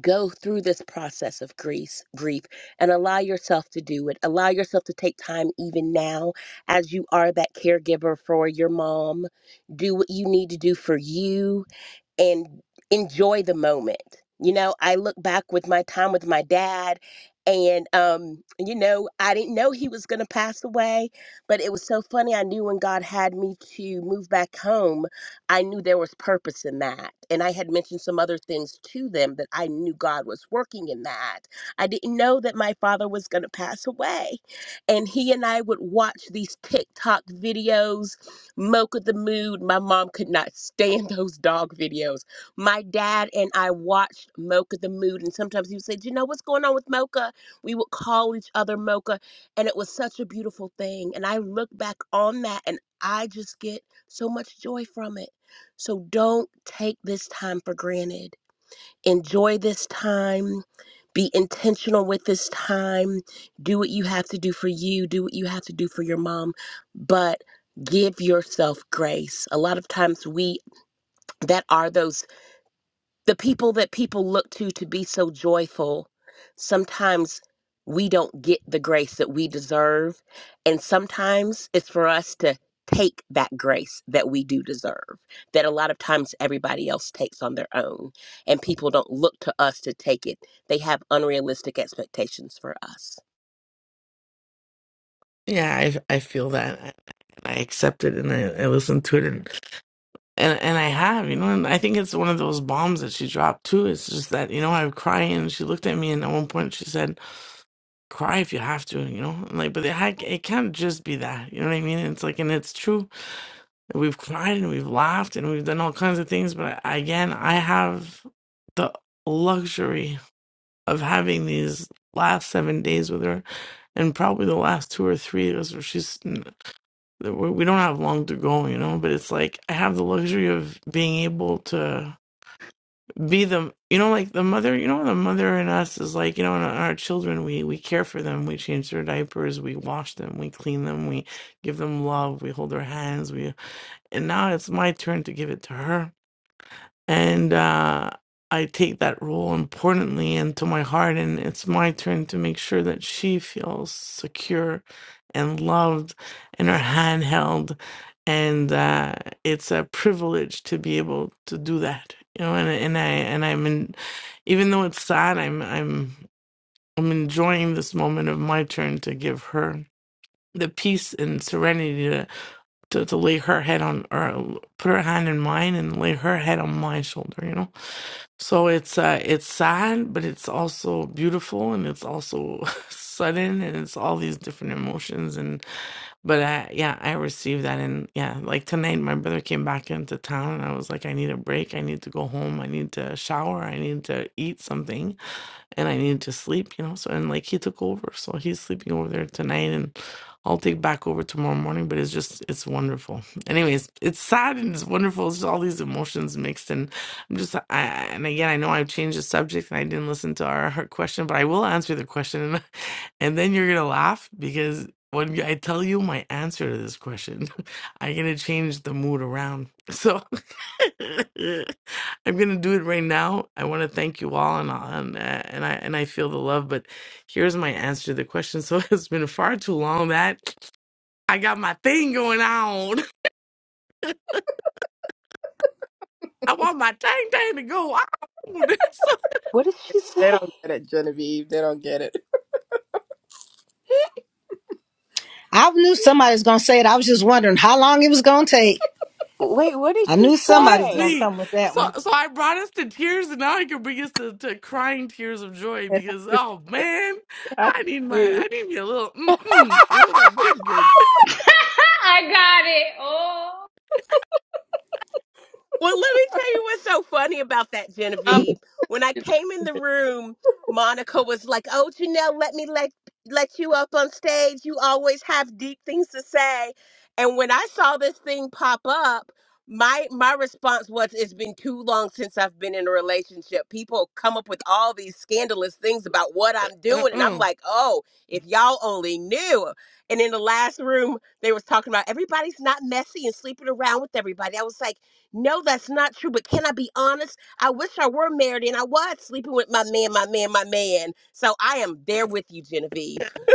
go through this process of grief grief and allow yourself to do it allow yourself to take time even now as you are that caregiver for your mom do what you need to do for you and enjoy the moment. You know, I look back with my time with my dad and um you know, I didn't know he was going to pass away, but it was so funny I knew when God had me to move back home, I knew there was purpose in that. And I had mentioned some other things to them that I knew God was working in that. I didn't know that my father was going to pass away. And he and I would watch these TikTok videos Mocha the Mood. My mom could not stand those dog videos. My dad and I watched Mocha the Mood, and sometimes he would say, Do you know what's going on with Mocha? We would call each other Mocha, and it was such a beautiful thing. And I look back on that, and I just get so much joy from it. So don't take this time for granted enjoy this time be intentional with this time do what you have to do for you do what you have to do for your mom but give yourself grace a lot of times we that are those the people that people look to to be so joyful, sometimes we don't get the grace that we deserve. And sometimes it's for us to take that grace that we do deserve, that a lot of times everybody else takes on their own. And people don't look to us to take it, they have unrealistic expectations for us. Yeah, I I feel that. I, I accept it and I, I listen to it and, and and I have, you know, and I think it's one of those bombs that she dropped too. It's just that, you know, I was crying and she looked at me and at one point she said, cry if you have to, you know? And like, but it, had, it can't just be that, you know what I mean? It's like, and it's true. We've cried and we've laughed and we've done all kinds of things, but I- again, I have the luxury of having these last seven days with her, and probably the last two or three. That's where she's. We we don't have long to go, you know. But it's like I have the luxury of being able to be the you know like the mother you know the mother in us is like you know in our children we we care for them we change their diapers we wash them we clean them we give them love we hold their hands we and now it's my turn to give it to her and uh, I take that role importantly into my heart. And it's my turn to make sure that she feels secure and loved, and her hand held. And uh, it's a privilege to be able to do that, you know. And and I and I'm in, even though it's sad, I'm I'm I'm enjoying this moment of my turn to give her the peace and serenity to to, to lay her head on or put her hand in mine and lay her head on my shoulder, you know so it's uh it's sad, but it's also beautiful and it's also sudden and it's all these different emotions and but I yeah, I received that and yeah, like tonight my brother came back into town and I was like I need a break, I need to go home, I need to shower, I need to eat something and I needed to sleep, you know. So and like he took over, so he's sleeping over there tonight, and I'll take back over tomorrow morning. But it's just it's wonderful. Anyways, it's sad and it's wonderful. It's just all these emotions mixed, and I'm just I I- and again I know I've changed the subject and I didn't listen to our her question, but I will answer the question, and, and then you're gonna laugh because. When I tell you my answer to this question, I'm gonna change the mood around. So. I'm gonna do it right now. I want to thank you all, and uh, and uh, and I and I feel the love. But here's my answer to the question. So it's been far too long that I got my thing going on. I want my tang tang to go on. So What did she say? They don't get it, Genevieve. They don't get it. I knew somebody was going to say it. I was just wondering how long it was going to take. Wait, what did I she knew well, somebody it's was going to say? me. come with that So one. so I brought us to tears, and now I can bring us to, to crying tears of joy It because oh man, has to I need my I do- need me a little mm mm. You know that good good. I got it. Oh, Well, let me tell you what's so funny about that, Um, Genevieve. When I came in the room, Monica was like, "Oh, Janelle, let me let let you up on stage. You always have deep things to say." And when I saw this thing pop up, my my response was, "It's been too long since I've been in a relationship. People come up with all these scandalous things about what I'm doing, and I'm Uh like, oh, if y'all only knew." And in the last room, they was talking about everybody's not messy and sleeping around with everybody. I was like. No, that's not true. But can I be honest? I wish I were married and I was sleeping with my man, my man, my man. So I am there with you, Genevieve.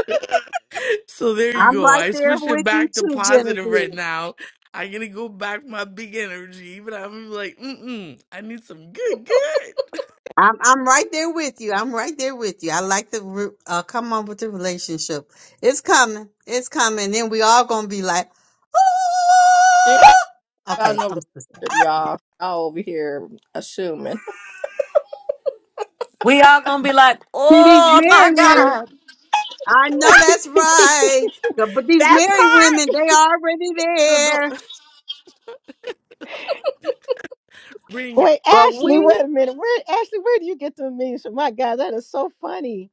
So there you I'm go. right I there switched it with you back to too, positive right Genevieve. now. I'm gonna go back my big energy, but I'm gonna be like, mm-mm, I need some good, good. I'm I'm right there with you. I'm right there with you. I like the re- uh, come on with the relationship. It's coming. It's coming. Then we all gonna be like, She ain't "Ah!" about okay. no I'm just relationship, y'all. Y'all over here assuming. We all going to be like, see these oh my married women. God. I know that's right, but these That married part. women, they already No, no, there. bring it. Wait, But Ashley, we, wait a minute. Where Ashley, where do you get the memes from? My God, that is so funny.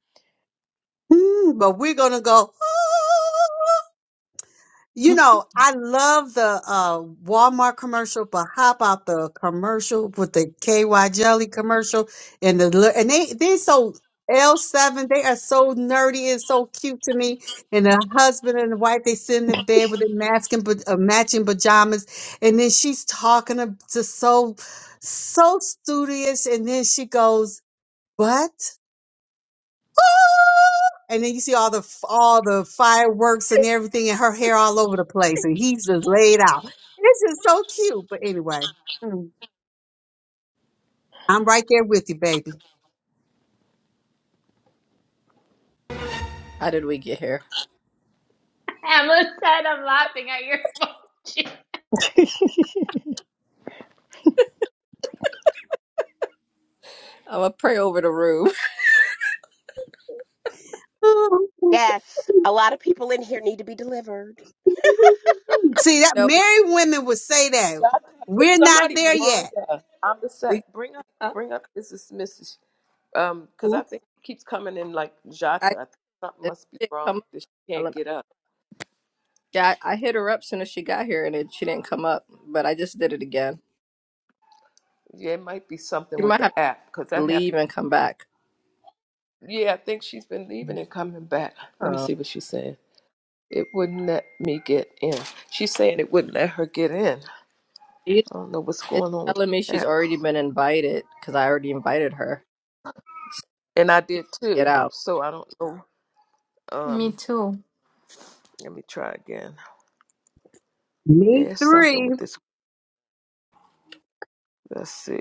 mm, but we're gonna go. "Ah." You know, I love the uh, Walmart commercial, but how about the commercial with the KY jelly commercial and the li- and they they so L seven they are so nerdy and so cute to me. And the husband and the wife they sit in the bed with their mask and pa- uh, matching pajamas, and then she's talking to, to so so studious, and then she goes, "What?" And then you see all the f- all the fireworks and everything, and her hair all over the place, and he's just laid out. It's just so cute. But anyway, mm, I'm right there with you, baby. How did we get here? Emma said I'm laughing at your emoji. I'm gonna pray over the room. Yes, a lot of people in here need to be delivered. See that no, we married women would say that y'all can- get we're not somebody, there yet. Veranda, I'm the we set. Bring up, uh, bring up. This is Mrs. Um, because ooh, I think it keeps coming in like I Jata. I think something it must be didn't wrong. come up. That she I can't lem- get up. Yeah, I I hit her up soon as she got here, and it, she didn't come up. But I just did it again. Yeah, it might be something She with might the have. app because that happened. leave and come back. Yeah, I think she's been leaving and coming back. Let me Oh. see what she's saying. It wouldn't let me get in. She's saying it wouldn't let her get in. You- I don't know what's It's going on with telling me the she's app. already been invited because I already invited her. And I did Get too, out. so I don't know. Me Um, too. let me try again. Yeah, Me it's something three. with this. Let's see.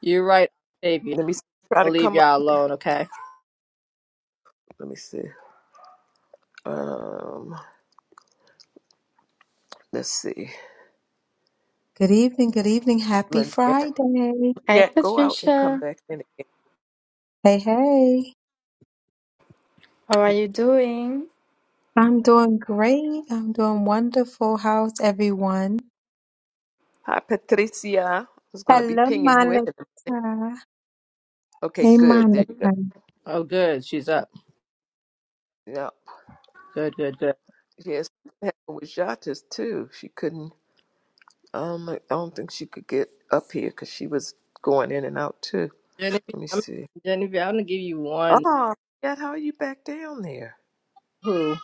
You're right, baby. Let me s- try I'll to leave come up. y'all alone, okay? Let me see. Um, let's see. Good evening, good evening. Happy Manette, Friday. Hi, Manette, go out and come Patricia. back in again. Hey, hey. How are you doing? I'm doing great. I'm doing wonderful. How's everyone? Hi, Patricia. I was going to be Hello, pinging you in. Monica. Okay, Hey, good. There you go. Monica. Oh, good. She's up. Yeah. Good, good, good. Yes, happened with Jatis too. She couldn't. Um, I don't think she could get up here because she was going in and out too. Genevieve, Let me I'm, see. Genevieve, I'm gonna give you one. Oh, yet how are you back down there? Who?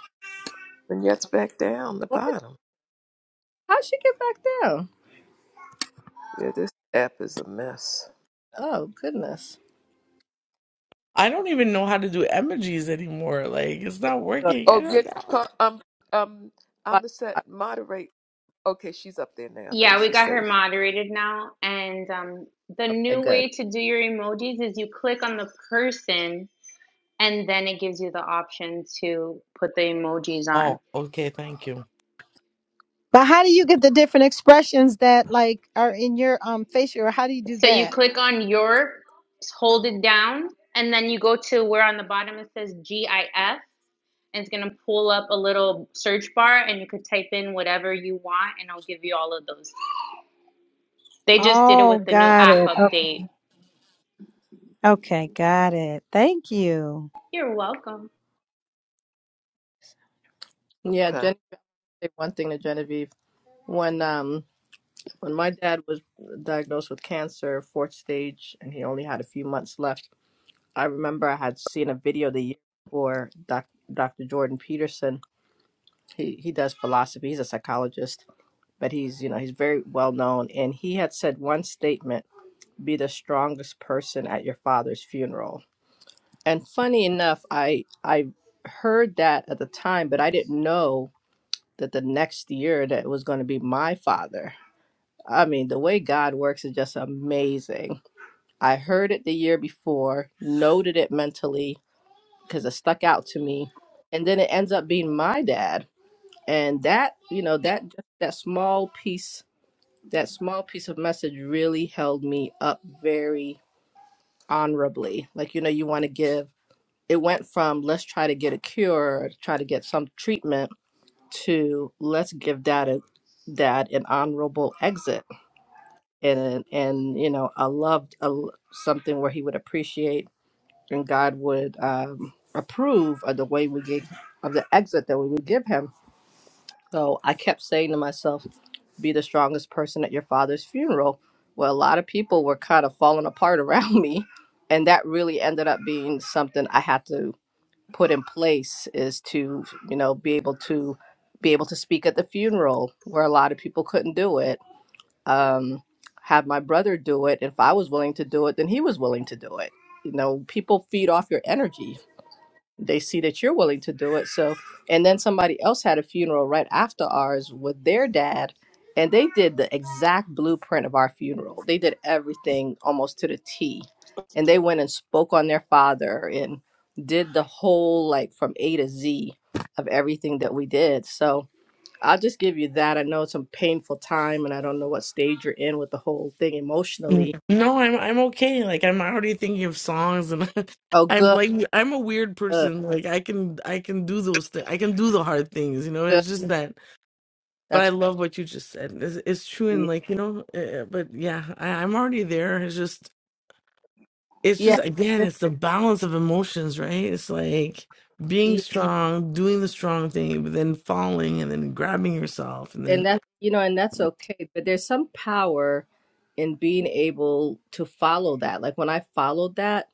And yet's back down the What is, bottom. how'd she get back down? Yeah, this app is a mess. Oh, goodness. I don't even know how to do emojis anymore. Like it's not Good. working. I Oh, don't yet know. Car- um um I'm the set Okay, moderate. Okay, she's up there now. I think Yeah, we she's got her safe. moderated now. And um, the new good. way to do your emojis is you click on the person and then it gives you the option to put the emojis on. Oh, okay, thank you. But how do you get the different expressions that like are in your um facial? Or how do you do So you that? click on your, hold it down, and then you go to where on the bottom it says GIF, and it's gonna pull up a little search bar, and you could type in whatever you want, and i will give you all of those. They just did it Oh, with the new got app it. Okay, update. okay got it. Thank you. You're welcome. Yeah, Okay. Genevieve, I'll say one thing to Genevieve. When, um, when my dad was diagnosed with cancer, fourth stage, and he only had a few months left, I remember I had seen a video the year before Doc, Dr. Jordan Peterson. He he does philosophy. He's a psychologist, but he's you know he's very well known. And he had said one statement: "Be the strongest person at your father's funeral." And funny enough, I I heard that at the time, but I didn't know that the next year that it was going to be my father. I mean, the way God works is just amazing. I heard it the year before, noted it mentally, because it stuck out to me. And then it ends up being my dad. And that, you know, that that small piece, that small piece of message really held me up very honorably. Like, you know, you want to give it went from let's try to get a cure, or try to get some treatment to let's give dad a dad an honorable exit and and you know, a loved a, something where he would appreciate and God would um, approve of the way we get of the exit that we would give him. So I kept saying to myself, "Be the strongest person at your father's funeral." Well, a lot of people were kind of falling apart around me, and that really ended up being something I had to put in place is to you know be able to be able to speak at the funeral where a lot of people couldn't do it. Um, have my brother do it. If I was willing to do it, then he was willing to do it. You know, people feed off your energy they see that you're willing to do it. So, and then somebody else had a funeral right after ours with their dad, and they did the exact blueprint of our funeral. They did everything almost to the T. And they went and spoke on their father and did the whole like from A to Z of everything that we did. So, I'll just give you that. I know it's a painful time and I don't know what stage you're in with the whole thing N- emotionally. No, I'm I'm okay. Like I'm already thinking of songs, and Oh, I'm good, like I'm a weird good, person. Like I can I can do those things. I can do the hard things. You know, good. it's just that. But I That's, love what you just said. It's, it's true, and yeah, like you know, uh, but yeah, I, I'm already there. It's just, it's just again, it's the balance of emotions, right? It's like yeah, being strong, doing the strong thing, but then falling, and then grabbing yourself, and then. and that you know and that's okay but there's some power in being able to follow that like when i followed that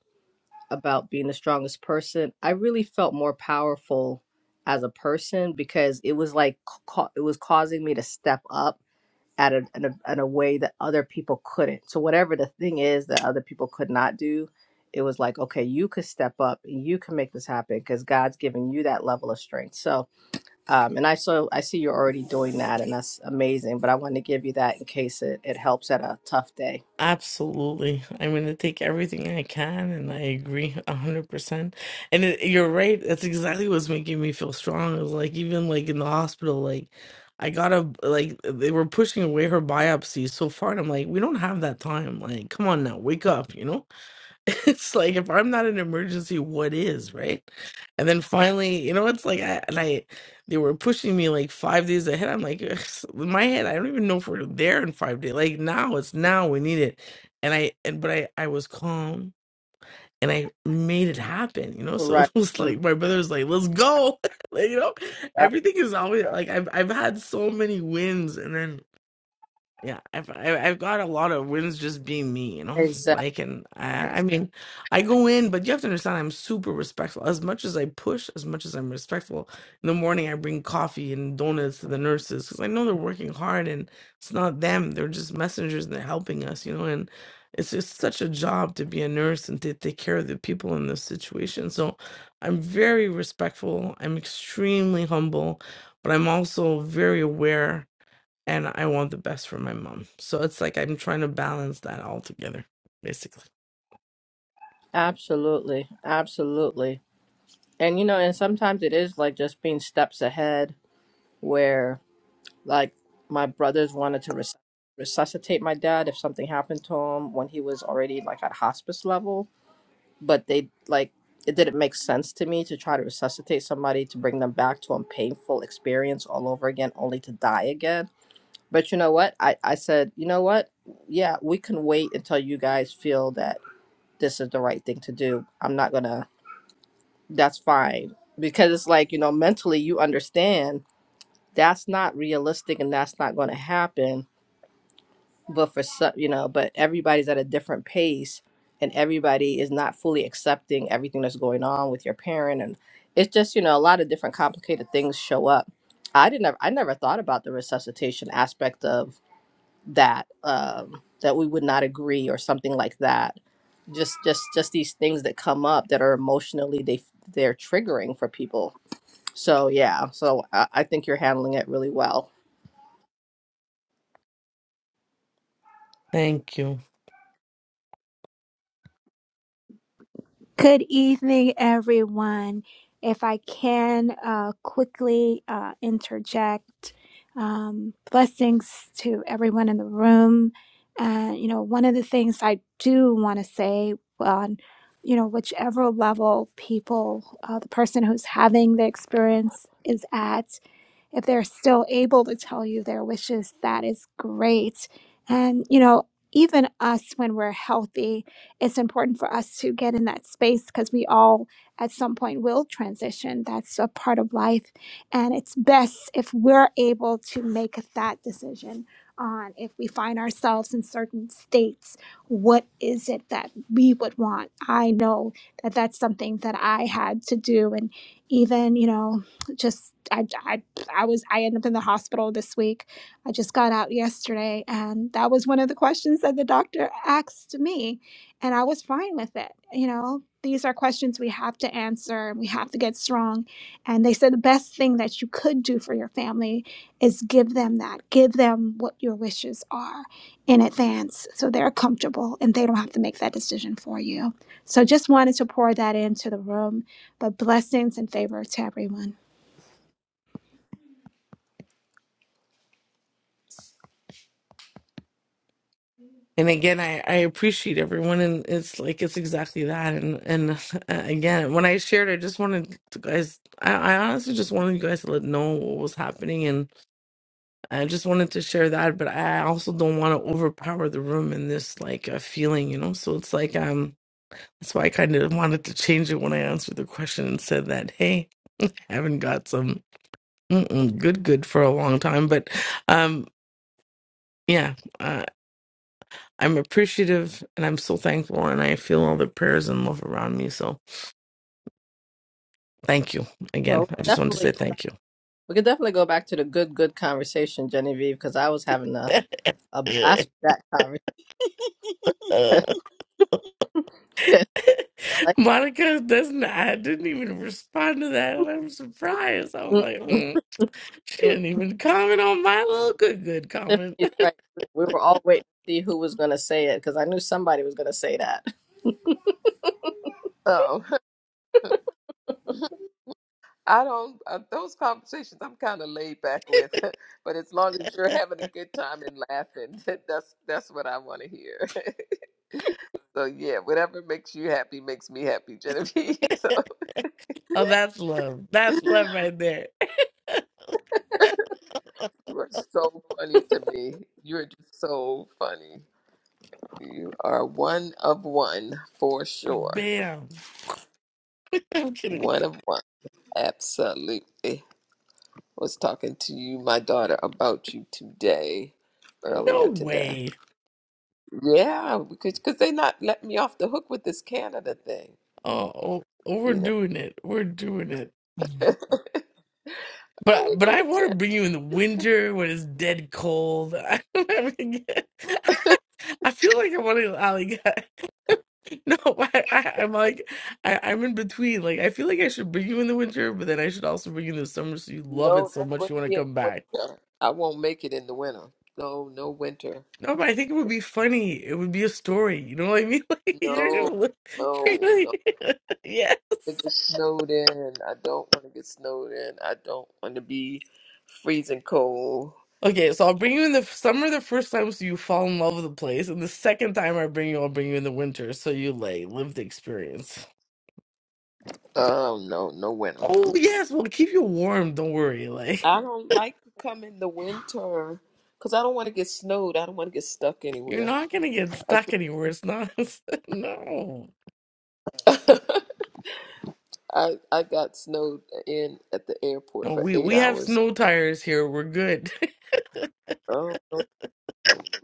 about being the strongest person i really felt more powerful as a person because it was like ca- it was causing me to step up at a, in, a, in a way that other people couldn't so whatever the thing is that other people could not do it was like okay you could step up and you can make this happen because god's given you that level of strength so um, and I so I see you're already doing that, and that's amazing. But I wanted to give you that in case it, it helps at a tough day. Absolutely. I'm going to take everything I can, and I agree 100%. And it, you're right. That's exactly what's making me feel strong. It was like, even like in the hospital, like I got to like they were pushing away her biopsy so far. And I'm like, we don't have that time. Like, come on now, wake up, you know? it's like if I'm not an emergency, what is, right? And then finally, you know, it's like I and I they were pushing me like five days ahead. I'm like, in my head, I don't even know if we're there in five days. Like now, it's now we need it. And I and but I I was calm and I made it happen, you know. So Right. it was Mm, like my brother was like, let's go. like, you know, Yep. everything is always like I've I've had so many wins and then yeah, I've I- I've got a lot of wins just being me, you know. It's Exactly. like, and I, I mean, I go in, but you have to understand, I'm super respectful. As much as I push, as much as I'm respectful, in the morning I bring coffee and donuts to the nurses because I know they're working hard, and it's not them; they're just messengers and they're helping us, you know. And it's just such a job to be a nurse and to take care of the people in this situation. So, I'm very respectful. I'm extremely humble, but I'm also very aware and I want the best for my mom. So it's like I'm trying to balance that all together, basically. Absolutely. Absolutely. And you know, and sometimes it is like just being steps ahead, where like my brothers wanted to res- resuscitate my dad if something happened to him when he was already like at hospice level but they like it didn't make sense to me to try to resuscitate somebody to bring them back to a painful experience all over again only to die again but you know what i, I said you know what yeah we can wait until you guys feel that this is the right thing to do i'm not gonna that's fine because it's like you know mentally you understand that's not realistic and that's not gonna happen but for some you know but everybody's at a different pace and everybody is not fully accepting everything that's going on with your parent and it's just you know a lot of different complicated things show up i didn't ever, i never thought about the resuscitation aspect of that um that we would not agree or something like that just just just these things that come up that are emotionally they they're triggering for people so yeah so i, I think you're handling it really well Thank you. Good evening, everyone. If I can uh, quickly uh, interject, um, blessings to everyone in the room. And, you know, one of the things I do want to say on, you know, whichever level people, uh, the person who's having the experience is at, if they're still able to tell you their wishes, that is great. And, you know, even us when we're healthy, it's important for us to get in that space because we all at some point will transition. That's a part of life. And it's best if we're able to make that decision on if we find ourselves in certain states, what is it that we would want? I know that that's something that I had to do. And even, you know, just I, I. I was I ended up in the hospital this week. I just got out yesterday and that was one of the questions that the doctor asked me and I was fine with it. You know, these are questions we have to answer and we have to get strong. And they said the best thing that you could do for your family is give them that. Give them what your wishes are in advance so they're comfortable and they don't have to make that decision for you. So just wanted to pour that into the room, but blessings and favor to everyone. And again, I, I appreciate everyone, and it's like it's exactly that. And and uh, again, when I shared, I just wanted to guys. I, I honestly just wanted you guys to let know what was happening, and I just wanted to share that. But I also don't want to overpower the room in this like uh, feeling, you know. So it's like um, that's why I kind of wanted to change it when I answered the question and said that, hey, I haven't got some. Mm-mm, good, good for a long time. But um, yeah, uh, I'm appreciative and I'm so thankful. And I feel all the prayers and love around me. So thank you again. well I just wanted to definitely say thank you. We could definitely go back to the good, good conversation, Genevieve, because I was having a, a blast with that conversation. like, Monica doesn't, I didn't even respond to that. And I'm surprised. I was mm, like, mm. she mm, didn't even comment on my little good, good comment. Tiffany's right. We we were all waiting to see who was going to say it because I knew somebody was going to say that. Oh, I don't. Uh, those conversations I'm kind of laid back with, but as long as you're having a good time and laughing, that's that's what I want to hear. so yeah, whatever makes you happy makes me happy, Genevieve. So Oh, that's love. That's love right there. You are so funny to me. You are just so funny. You are one of one for sure. Bam. I'm kidding. One of one. Absolutely. Was talking to you, my daughter, about you today, No earlier today. way. Yeah, because cause they not letting me off the hook with this Canada thing. Oh, oh, oh, we're You doing it. We're doing it. know, are we But but going I to want to Canada? bring you in the winter when it's dead cold. I, mean, I feel like I want to. I like no. I, I I'm like I, I'm in between. Like I feel like I should bring you in the winter, but then I should also bring you in the summer so you love it No, so don't much bring you want me to in the come back. winter. I won't make it in the winter. No, no winter. No, but I think it would be funny. It would be a story. You know what I mean? Like you're No, gonna look. You're no, no. gonna, to yes. get snowed in. I don't want to get snowed in. I don't want to be freezing cold. Okay, so I'll bring you in the summer the first time so you fall in love with the place, and the second time I bring you, I'll bring you in the winter so you like live the experience. Um, no, no winter. Oh yes, we'll keep you warm, don't worry. Like I don't like to come in the winter because I don't want to get snowed. I don't want to get stuck you're anywhere. not gonna get I stuck anywhere. It's not no. think I I got snowed in at the airport No, for we eight we have hours. snow tires here. We're good. Oh no,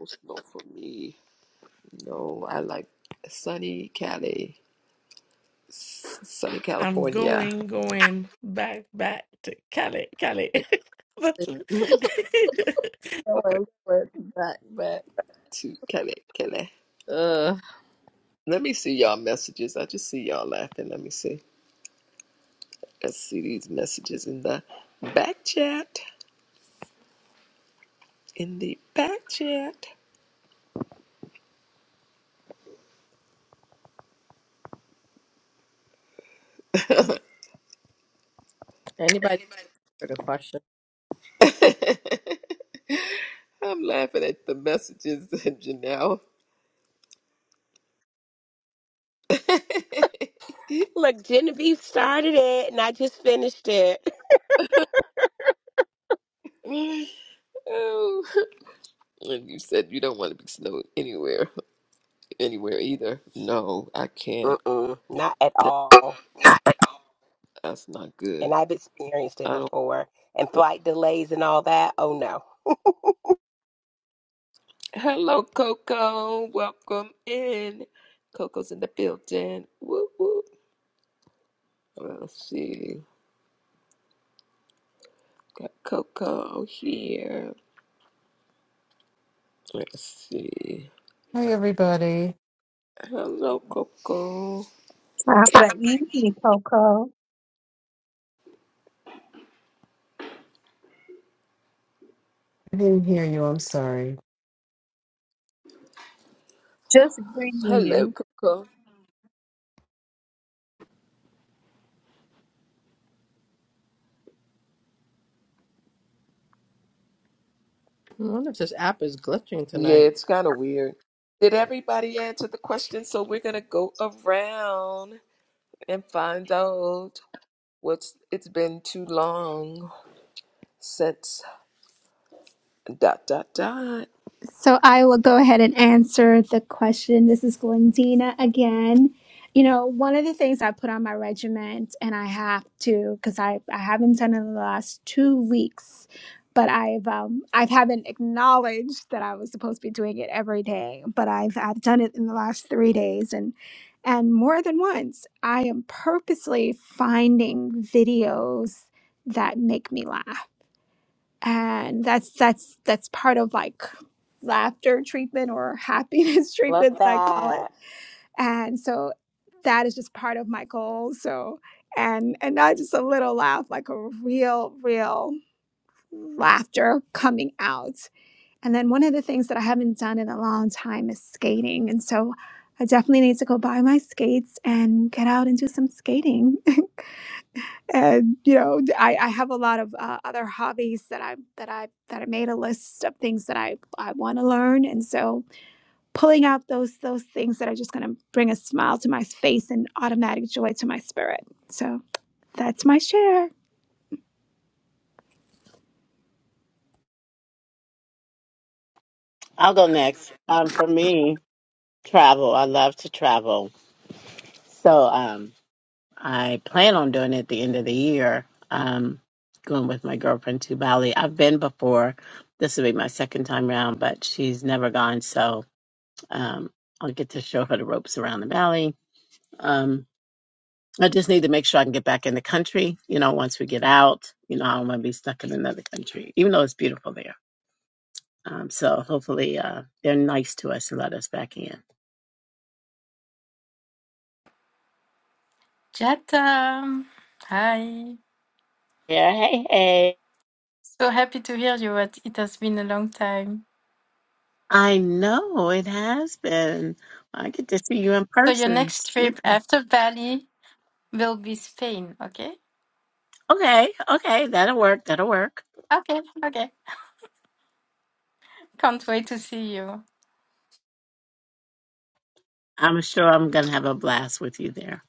no snow for me. No, I like sunny Cali, s- sunny I'm California. going, going back, back to Cali, Cali. That's it. back, back. to Cali, Cali. Uh, Let me see y'all messages. I just see y'all laughing. Let me see. Let's see these messages in the back chat. In the back chat. anybody Anybody? heard a question? I'm laughing at the messages, Janelle. Look, Genevieve started it and I just finished it. oh, and you said you don't want to be snowed anywhere, anywhere either. No, I can't. Mm-mm, not at all. That's not and good. I've experienced it I don't. before. And flight delays and all that. Oh no. Hello, Coco. Welcome in. Coco's in the building. Woo woo. Let's see. Got Coco here. Let's see. Hi, everybody. Hello, Coco. After evening, Coco. I didn't hear you. I'm sorry. Just greeting you. Hello, Coco. I wonder if this app is glitching Yeah, tonight. it's kind of weird. Did everybody answer the question? So we're gonna go around and find out what's. It's been too long since dot dot dot. So I will go ahead and answer the question. This is Glendina again. You know, one of the things I put on my regiment, and I have to because I, I haven't done it in the last two weeks, but I've um, I haven't acknowledged that I was supposed to be doing it every day, but I've I've done it in the last three days, and and more than once, I am purposely finding videos that make me laugh and that's that's that's part of like laughter treatment or happiness Love treatment that I call it. that. And so that is just part of my goal. So and and not just a little laugh, like a real, real laughter coming out. And then one of the things that I haven't done in a long time is skating. And so I definitely need to go buy my skates and get out and do some skating. and you know i, I have a lot of uh, other hobbies that i that i that i made a list of things that i i want to learn and so pulling out those those things that are just going to bring a smile to my face and automatic joy to my spirit so that's my share I'll go next. Um, for me, travel. I love to travel. So um, I plan on doing it at the end of the year, um, going with my girlfriend to Bali. I've been before. This will be my second time around, but she's never gone. So um, I'll get to show her the ropes around the Bali. Um, I just need to make sure I can get back in the country, you know, once we get out. You know, I don't want to be stuck in another country, even though it's beautiful there. Um, so hopefully uh, they're nice to us and let us back in. Jetta. Hi. Yeah, hey, hey. So happy to hear you. It it has been a long time. I know it has been. I get to see you in So your person next trip soon. after Bali will be Spain, okay? Okay, okay, that'll work. That'll work. Okay, okay. Can't wait to see you. I'm sure I'm gonna have a blast with you there.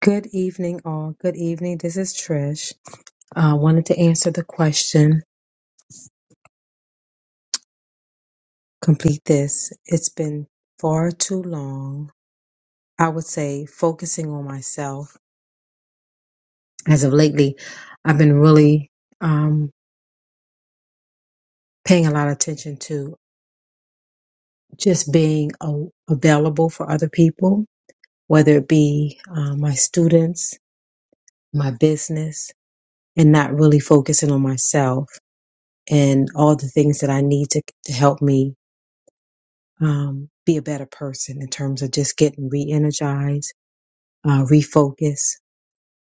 Good evening, all. Good evening. This is Trish. I wanted to answer the question, complete this. It's been far too long. I would say focusing on myself. As of lately, I've been really um, paying a lot of attention to just being a- available for other people, whether it be uh, my students, my business, and not really focusing on myself and all the things that I need to, to help me um, be a better person in terms of just getting re energized, uh, refocus,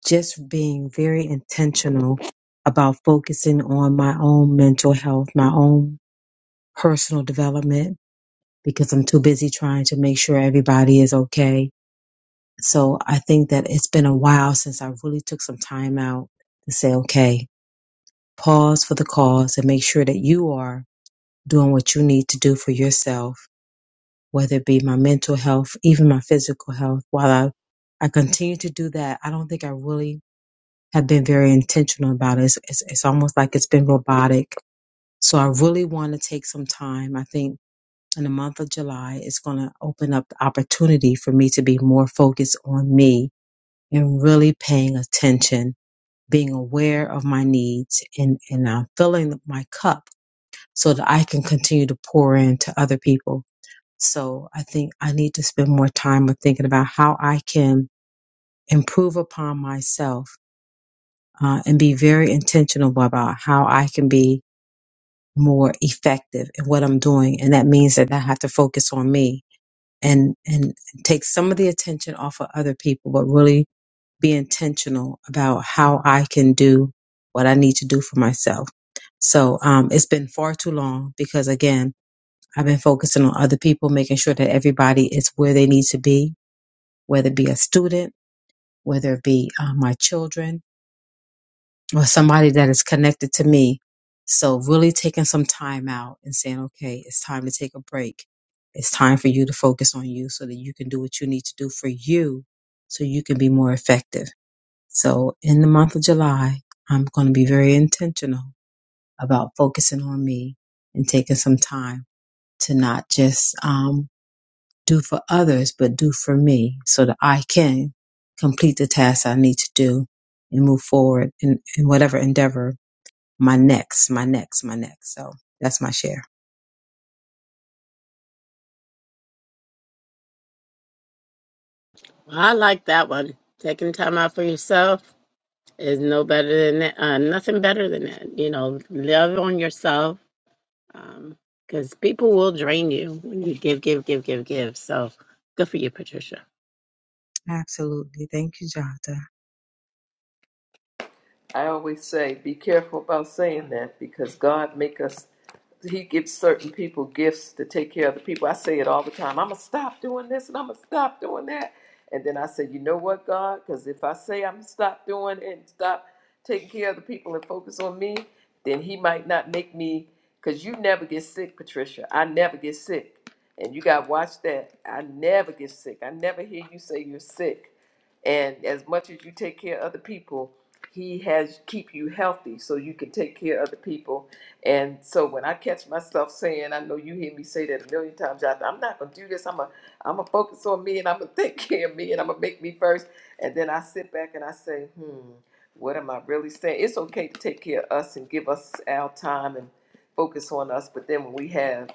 just being very intentional about focusing on my own mental health, my own personal development, because I'm too busy trying to make sure everybody is okay So I think that it's been a while since I really took some time out to say, okay, pause for the cause and make sure that you are doing what you need to do for yourself, whether it be my mental health, even my physical health. While I, I continue to do that, I don't think I really have been very intentional about it. It's, it's, it's almost like it's been robotic. So I really want to take some time. I think in the month of July, it's going to open up the opportunity for me to be more focused on me and really paying attention, being aware of my needs and, and I'm filling my cup so that I can continue to pour in to other people. So I think I need to spend more time with thinking about how I can improve upon myself uh, and be very intentional about how I can be more effective in what I'm doing. And that means that I have to focus on me and, and take some of the attention off of other people, but really be intentional about how I can do what I need to do for myself. So um, it's been far too long because, again, I've been focusing on other people, making sure that everybody is where they need to be, whether it be a student, whether it be uh, my children, or somebody that is connected to me. So, really taking some time out and saying, okay, it's time to take a break. It's time for you to focus on you so that you can do what you need to do for you so you can be more effective so in the month of July, I'm going to be very intentional about focusing on me and taking some time to not just um, do for others, but do for me so that I can complete the tasks I need to do and move forward in, in whatever endeavor my next, my next, my next. So that's my share. Well, I like that one. Taking time out for yourself is no better than that. Uh, nothing better than that. You know, love on yourself because people will drain you when you give, give, give, give, give. So good for you, Patricia. Absolutely. Thank you, Jada. I always say, be careful about saying that because God make us. He gives certain people gifts to take care of the people. I say it all the time. I'm gonna stop doing this and I'm gonna stop doing that. And then I say, you know what, God? Because if I say I'm gonna stop doing and stop taking care of the people and focus on me, then He might not make me. Because you never get sick, Patricia. I never get sick, and you got to watch that. I never get sick. I never hear you say you're sick. And as much as you take care of other people he has keep you healthy so you can take care of other people and so when i catch myself saying i know you hear me say that a million times Jonathan, i'm not going to do this i'm a, I'm to focus on me and i'm going to take care of me and i'm going to make me first and then i sit back and i say hmm what am i really saying it's okay to take care of us and give us our time and focus on us but then when we have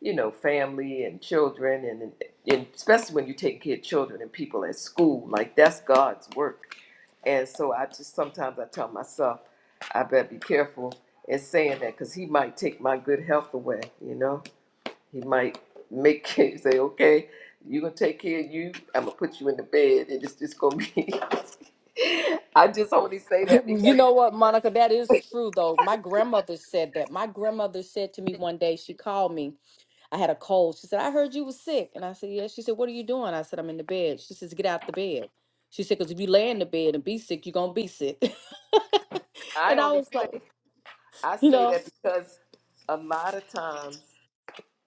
you know family and children and, and especially when you take care of children and people at school like that's god's work and so I just sometimes I tell myself, I better be careful in saying that because he might take my good health away. You know, he might make it say, okay, you're gonna take care of you. I'm gonna put you in the bed, and it's just gonna be. I just only say that You because know what, Monica? That is true, though. My grandmother said that. My grandmother said to me one day, she called me. I had a cold. She said, I heard you was sick. And I said, Yeah. She said, What are you doing? I said, I'm in the bed. She says, Get out the bed. She said, Because if you lay in the bed and be sick, you're going to be sick. I and I only was like, say I You say know, that because a lot of times.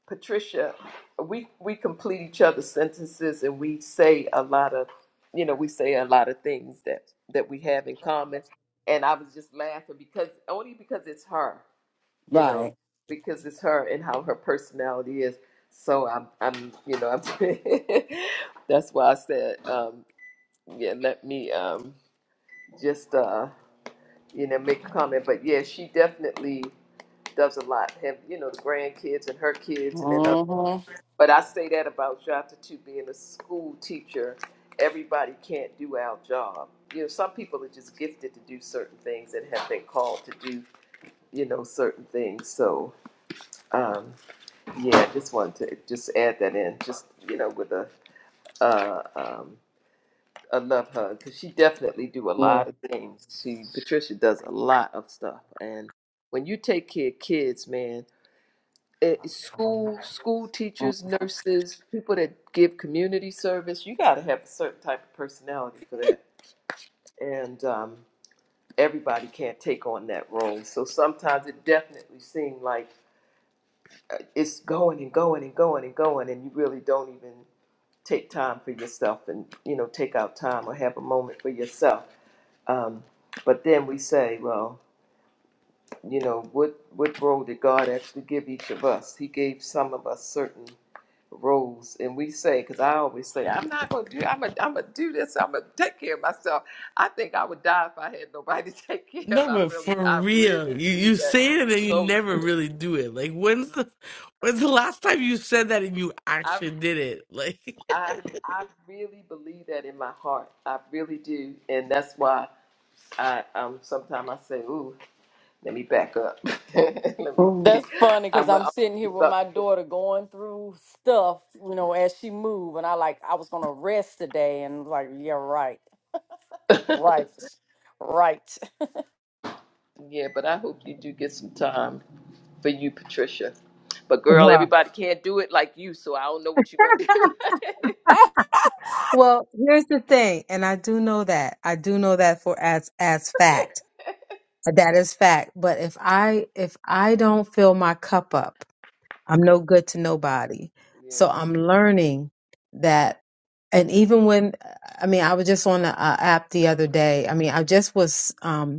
Patricia, we we complete each other's sentences and we say a lot of, you know, we say a lot of things that that we have in common. And I was just laughing because only because it's her, you know, Right. because it's her and how her personality is. So I'm I'm you know I'm that's why I said um, yeah let me um, just uh, you know make a comment. But yeah, she definitely does a lot. Have you know the grandkids and her kids and then hmm but I say that about Jota too, being a school teacher. Everybody can't do our job. You know, some people are just gifted to do certain things and have been called to do, you know, certain things. So, um, yeah, I just wanted to just add that in, just you know, with a uh, um, a love hug because she definitely do a Yeah. lot of things. She Patricia does a lot of stuff, and when you take care of kids, man. eh, school school teachers, nurses, people that give community service, you got to have a certain type of personality for that. And um, everybody can't take on that role. So sometimes it definitely seems like it's going and going and going and going, and you really don't even take time for yourself and you know take out time or have a moment for yourself. Um, but then we say, well, you know, what what role did God actually give each of us? He gave some of us certain rules and we say because i always say i'm not going to do i'm going to I'm gonna do this i'm going to take care of myself i think i would die if i had nobody to take care of No, i but really for i really real, you believe you that say it and then it's you so never true really do it. Like when's the when's the last time you said that and you I, actually did it? Like, I i really believe that in my heart i really do and that's why i um sometimes i say ooh let me back up let me see that's funny because i'm, I'm I'm gonna sitting do here with my something daughter going through stuff, you know, as she move. And I like, I was going to rest today. And like, Yeah, right. Right. Right. Yeah, but I hope you do get some time for you, Patricia. But girl, Wow. everybody can't do it like you, so I don't know what you're gonna do. Well, here's the thing, and I do know that. I do know that for as as fact That is fact. But if I if I don't fill my cup up, I'm no good to nobody. So yeah. I'm learning that, and even when I mean, I was just on a, a app the other day. I mean, I just was. um,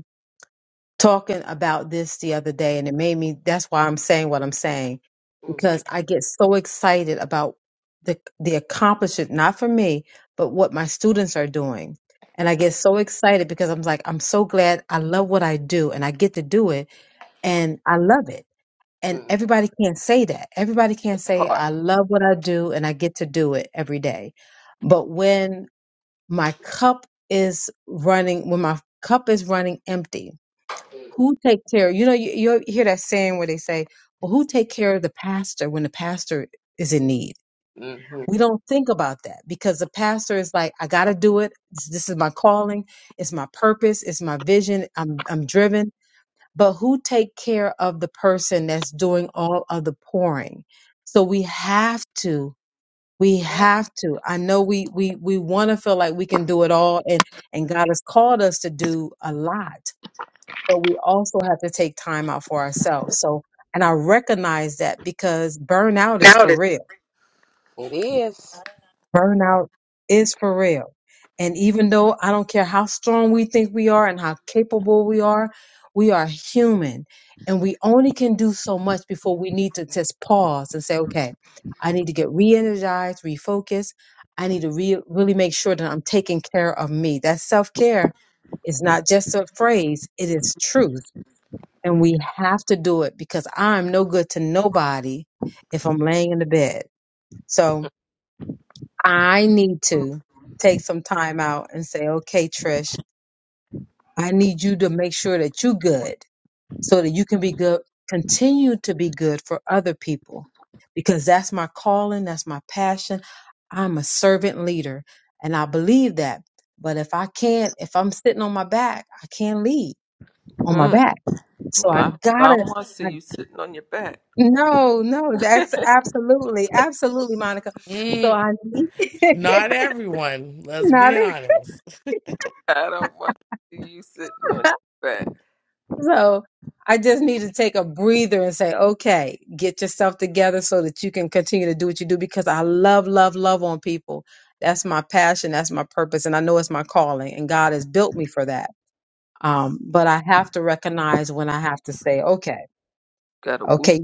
talking about this the other day and it made me that's why I'm saying what I'm saying because Mm-hmm. I get so excited about the the accomplishment not for me but what my students are doing and I get so excited because I'm like I'm so glad I love what I do and I get to do it and I love it and mm everybody can't say that everybody can't That say Part. I love what I do and I get to do it every day but when my cup is running when my cup is running empty who take care? You know, you, you hear that saying where they say, "Well, who take care of the pastor when the pastor is in need?" Mm-hmm. We don't think about that because the pastor is like, "I got to do it. This, this is my calling. It's my purpose. It's my vision. I'm I'm driven." But who take care of the person that's doing all of the pouring? So we have to. We have to. I know we we we want to feel like we can do it all, and and God has called us to do a lot but we also have to take time out for ourselves. So, and I recognize that because burnout is Now for this real. It is. Burnout is for real. And even though I don't care how strong we think we are and how capable we are, we are human and we only can do so much before we need to just pause and say, okay, I need to get re energized, refocused. I need to re- really make sure that I'm taking care of me. That self care is not just a phrase, it is truth and we have to do it because I'm no good to nobody if I'm laying in the bed. So I need to take some time out and say, okay, Trish, I need you to make sure that you're good so that you can be good, continue to be good for other people because that's my calling, that's my passion. I'm a servant leader and I believe that. But if I can't, if I'm sitting on my back, I can't lead on my Mm. back. So Well, I I, I gotta. don't want to see you sitting on your back. No, no, that's absolutely, absolutely, Monica. So mm, I need not everyone. Let's not be it. honest. I don't want to see you sitting on your back. So I just need to take a breather and say, okay, get yourself together so that you can continue to do what you do because I love, love, love on people. That's my passion. That's my purpose. And I know it's my calling and God has built me for that. Um, but I have to recognize when I have to say, okay, Got a woosah. okay,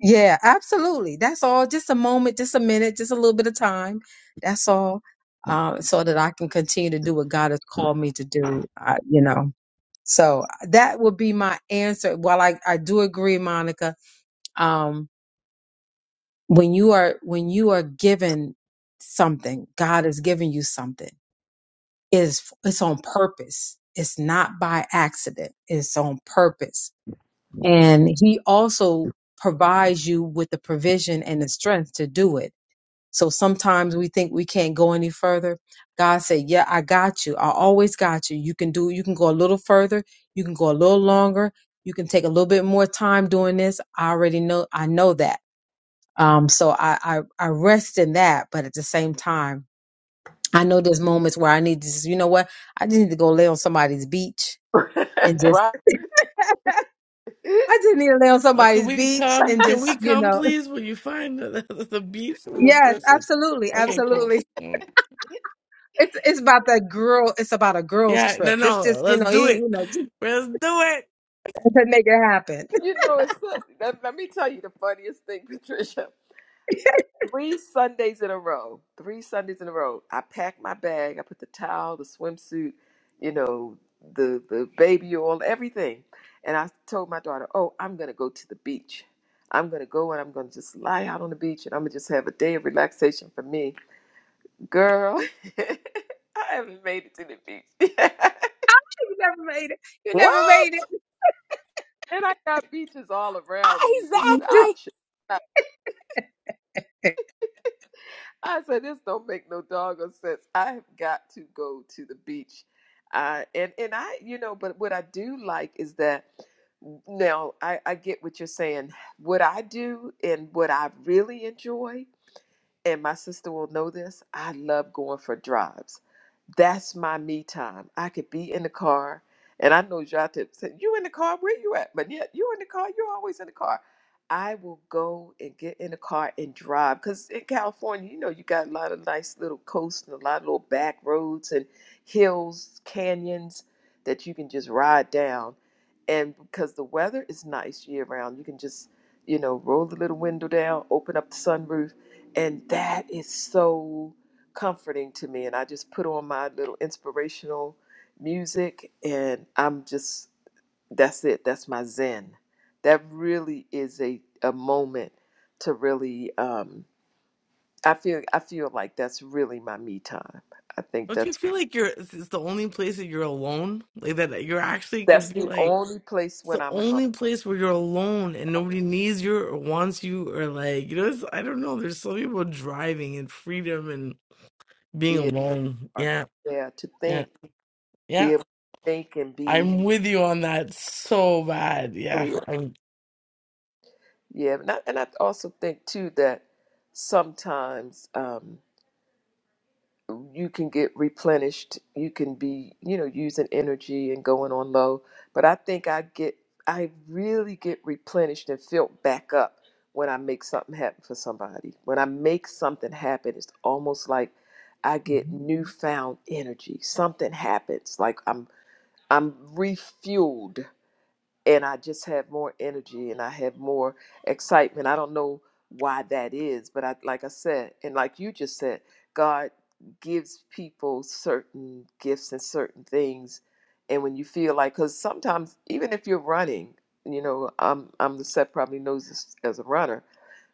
Yeah, absolutely. That's all. Just a moment, just a minute, just a little bit of time. That's all. Um, so that I can continue to do what God has called me to do. I, you know, so that would be my answer. While I, I do agree, Monica, um, when you are, when you are given something, God has given you something is it's on purpose. It's not by accident. It's on purpose. And he also provides you with the provision and the strength to do it So sometimes we think we can't go any further. God said, Yeah, I got you. I always got you. You can do, you can go a little further. You can go a little longer. You can take a little bit more time doing this. I already know, I know that. Um, so I, I, I rest in that. But at the same time, I know there's moments where I need to, just, you know what? I just need to go lay on somebody's beach and just, Right. I just need to lay on Oh, can somebody's we beach come? and Can we just, you come, know, please? When you find the, the, the beef with the yes, person. absolutely. Okay, cool. Absolutely. Mm. It's it's about that girl. It's about a girls Yeah, no, trip. This no. just you Let's know you, do you it. know just Let's do it. to make it happen. you know, it's so- let, let me tell you the funniest thing, Patricia. three Sundays in a row. Three Sundays in a row. I packed my bag. I put the towel, the swimsuit, you know, the the baby oil, everything. And I told my daughter, "Oh, I'm gonna go to the beach. I'm gonna go and I'm gonna just lie out on the beach and I'm gonna just have a day of relaxation for me, girl." I haven't made it to the beach, you never made it. You never What? made it. and I got beaches all around me. It's You the Exactly. option. just- I said, this don't make no doggone sense. I have got to go to the beach. Uh, and, and I, you know, but what I do like is that now I, I get what you're saying. What I do and what I really enjoy and my sister will know this, I love going for drives. That's my me time. I could be in the car, and I know y'all to say, You in the car? Where you at? But yet, you in the car? You're always in the car. I will go and get in the car and drive. Because in California, you know, you got a lot of nice little coasts and a lot of little back roads and hills, canyons that you can just ride down. And because the weather is nice year round, you can just, you know, roll the little window down, open up the sunroof and that is so comforting to me. And I just put on my little inspirational music and I'm just, that's it. That's my zen. That really is a, a moment to really, um, I feel, I feel like that's really my me time. I think Don't you that's, feel like you're? It's it's the only place that you're alone. Like that that you're actually can that's be the like. only place It's when the I'm alone. only place where you're alone and yeah, nobody needs you or wants you or like you know. It's, I don't know. There's so people driving and freedom and being Be it, alone. or, Yeah, yeah, to yeah, think, be yeah. able to think and be I'm with you on that so bad. Yeah, clear. I'm Yeah. And I, and I also think too that sometimes, um, you can get replenished you can be you know using energy and going on low but i think i get i really get replenished and filled back up when i make something happen for somebody when i make something happen it's almost like i get newfound energy something happens like i'm i'm refueled and I just have more energy and I have more excitement. I don't know why that is, but I, like I said, and like you just said, God gives people certain gifts and certain things. And when you feel like, because sometimes even if you're running, you know, I'm I'm the set probably knows this as a runner.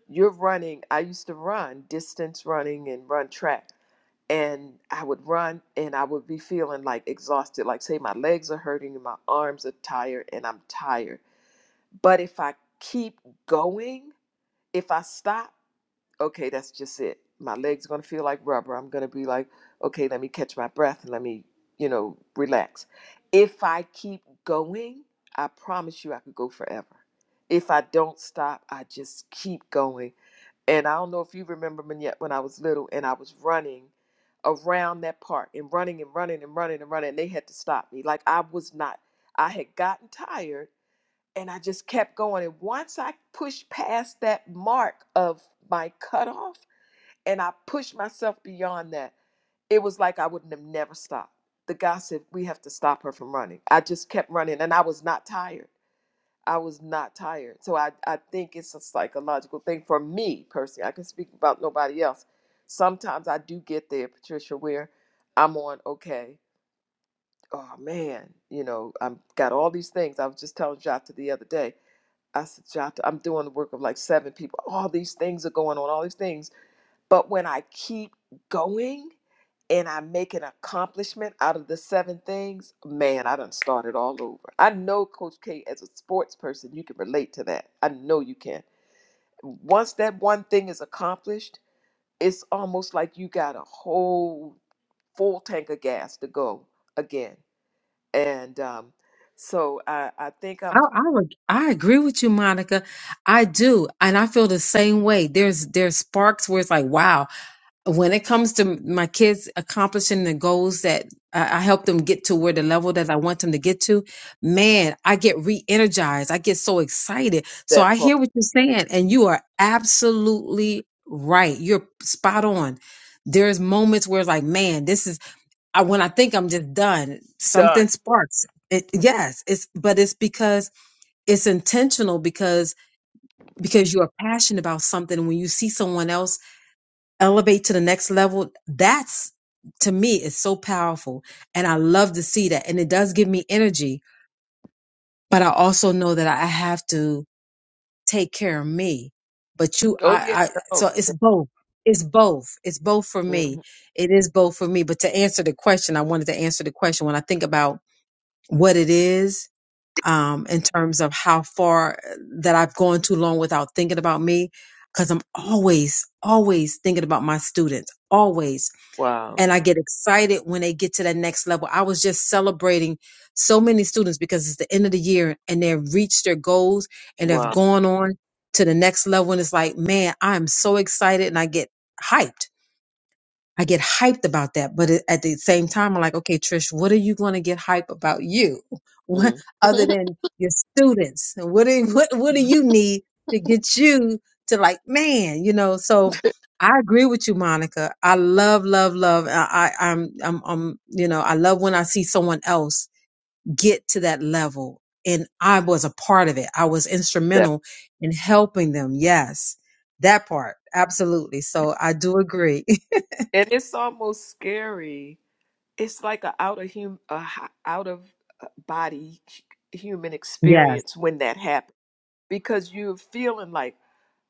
You're running. I used to run distance running and run track, and I would run and I would be feeling like exhausted, like say my legs are hurting and my arms are tired and I'm tired but if I keep going, if I stop, okay, that's just it. My legs are going to feel like rubber. I'm going to be like, okay, let me catch my breath and let me, you know, relax. If I keep going, I promise you I could go forever. If I don't stop, I just keep going. And I don't know if you remember me yet when I was little and I was running around that park and running and running and running and running. And they had to stop me. Like I was not, I had gotten tired and I just kept going. And once I pushed past that mark of my cutoff and I pushed myself beyond that, it was like I wouldn't have never stopped. The guy said, We have to stop her from running. I just kept running and I was not tired. I was not tired. So I, I think it's a psychological thing for me personally. I can speak about nobody else. Sometimes I do get there, Patricia, where I'm on, okay, oh man, you know, I've got all these things. I was just telling Jota the other day. I said, "Jata, I'm doing the work of like seven people. All these things are going on, all these things. But when I keep going and I make an accomplishment out of the seven things, man, I done started all over. I know Coach K, as a sports person, you can relate to that. I know you can. Once that one thing is accomplished, it's almost like you got a whole full tank of gas to go again. And um, so I, I think I I'm I would I agree with you, Monica. I do, and I feel the same way. There's there's sparks where it's like, wow. when it comes to my kids accomplishing the goals that I I help them get to where the level that I want them to get to, man, I get re energized. I get so excited. So that I part hear what you're saying, and you are absolutely right. You're spot on. There's moments where, it's like, man, this is I, when I think I'm just done, something done. sparks. It, yes, it's but it's because it's intentional because because you are passionate about something. When you see someone else elevate to the next level that's to me is so powerful and i love to see that and it does give me energy but i also know that i have to take care of me but you Oh, yeah. i i so it's both it's both it's both for No. me it is both for me but to answer the question i wanted to answer the question when i think about what it is um in terms of how far uh, that i've gone too long without thinking about me because i'm always always thinking about my students always Wow. and I get excited when they get to that next level. I was just celebrating so many students because it's the end of the year and they've reached their goals and they've Wow. gone on to the next level. And it's like, man, I'm so excited and I get hyped I get hyped about that. But it- at the same time, I'm like, okay, Trish, what are you going to get hype about you? What Mm. other than your students? What do what what do you need to get you to like, man, you know? So I agree with you, Monica. I love, love, love. I, I I'm I'm I'm you know, I love when I see someone else get to that level. And I was a part of it. I was That instrumental in helping them. Yes. That part. Absolutely. So I do agree. and it's almost scary. It's like a out of hum a h- out of uh, body hu- human Yes. experience when that happens because you're feeling like,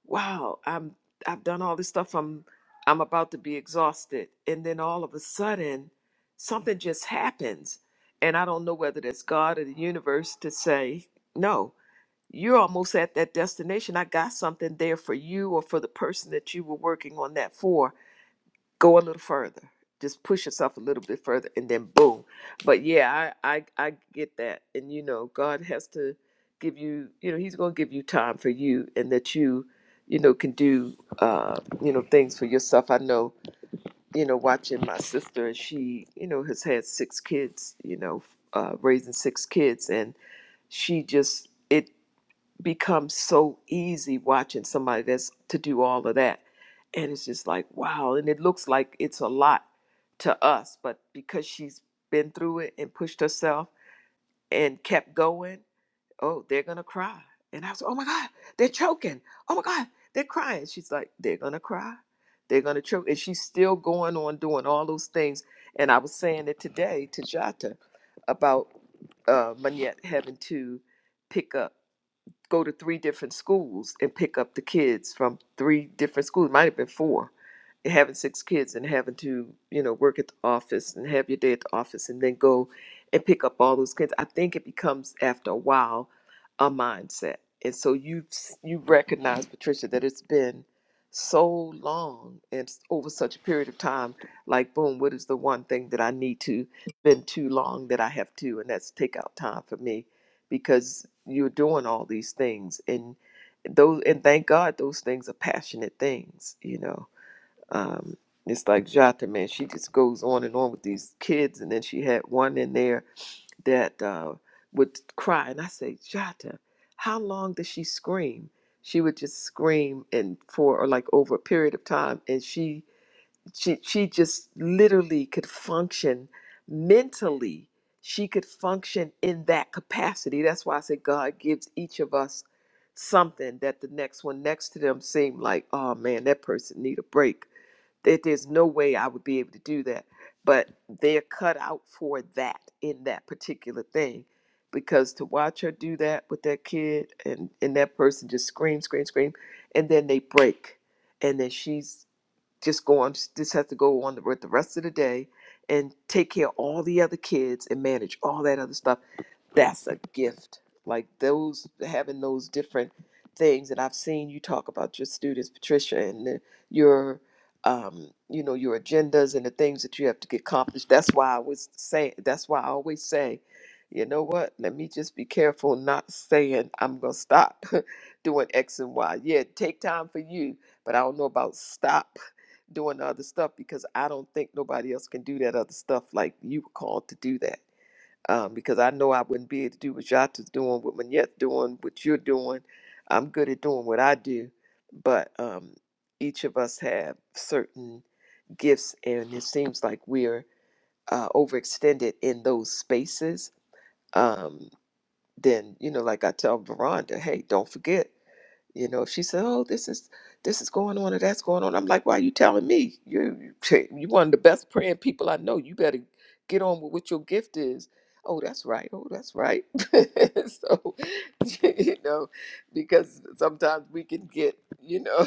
wow, I'm I've done all this stuff. I'm I'm about to be exhausted, and then all of a sudden, something just happens, and I don't know whether that's God or the universe to say no. you're almost at that destination. I got something there for you or for the person that you were working on that for. Go a little further. Just push yourself a little bit further and then boom. But yeah, I I, I get that. And you know, God has to give you, you know, He's gonna give you time for you and that you, you know, can do uh, you know, things for yourself. I know, you know, watching my sister and she, you know, has had six kids, you know, uh, raising six kids and she just it becomes so easy watching somebody that's to do all of that. And it's just like, wow. And it looks like it's a lot to us, but because she's been through it and pushed herself and kept going, oh, they're going to cry. And I was, oh my God, they're choking. Oh my God, they're crying. She's like, they're going to cry. They're going to choke. And she's still going on doing all those things. And I was saying it today to Jata about uh, Manette having to pick up go to three different schools and pick up the kids from three different schools. Might have been four. And having six kids and having to, you know, work at the office and have your day at the office and then go and pick up all those kids. I think it becomes after a while a mindset. And so you've you recognize, Patricia, that it's been so long and s- over such a period of time, like boom, what is the one thing that I need to been too long that I have to, and that's take out time for me because you're doing all these things and those and thank god those things are passionate things you know um it's like jata man she just goes on and on with these kids and then she had one in there that uh would cry and i say jata how long does she scream she would just scream and for or like over a period of time and she she she just literally could function mentally she could function in that capacity that's why i said god gives each of us something that the next one next to them seemed like oh man that person need a break that there's no way i would be able to do that but they're cut out for that in that particular thing because to watch her do that with that kid and and that person just scream scream scream and then they break and then she's just go on just has to go on with the rest of the day and take care of all the other kids and manage all that other stuff that's a gift like those having those different things that i've seen you talk about your students patricia and the, your um, you know your agendas and the things that you have to get accomplished that's why i was saying that's why i always say you know what let me just be careful not saying i'm gonna stop doing x and y yeah take time for you but i don't know about stop doing the other stuff because I don't think nobody else can do that other stuff like you were called to do that. Um, because I know I wouldn't be able to do what Jata's doing, what Manette's doing, what you're doing. I'm good at doing what I do, but um, each of us have certain gifts, and it seems like we're uh, overextended in those spaces. Um, then, you know, like I tell Veranda, hey, don't forget. You know, if she said, "Oh, this is this is going on or that's going on," I'm like, "Why are you telling me? You you you one of the best praying people I know. You better get on with what your gift is." Oh, that's right. Oh, that's right. so, you know, because sometimes we can get, you know,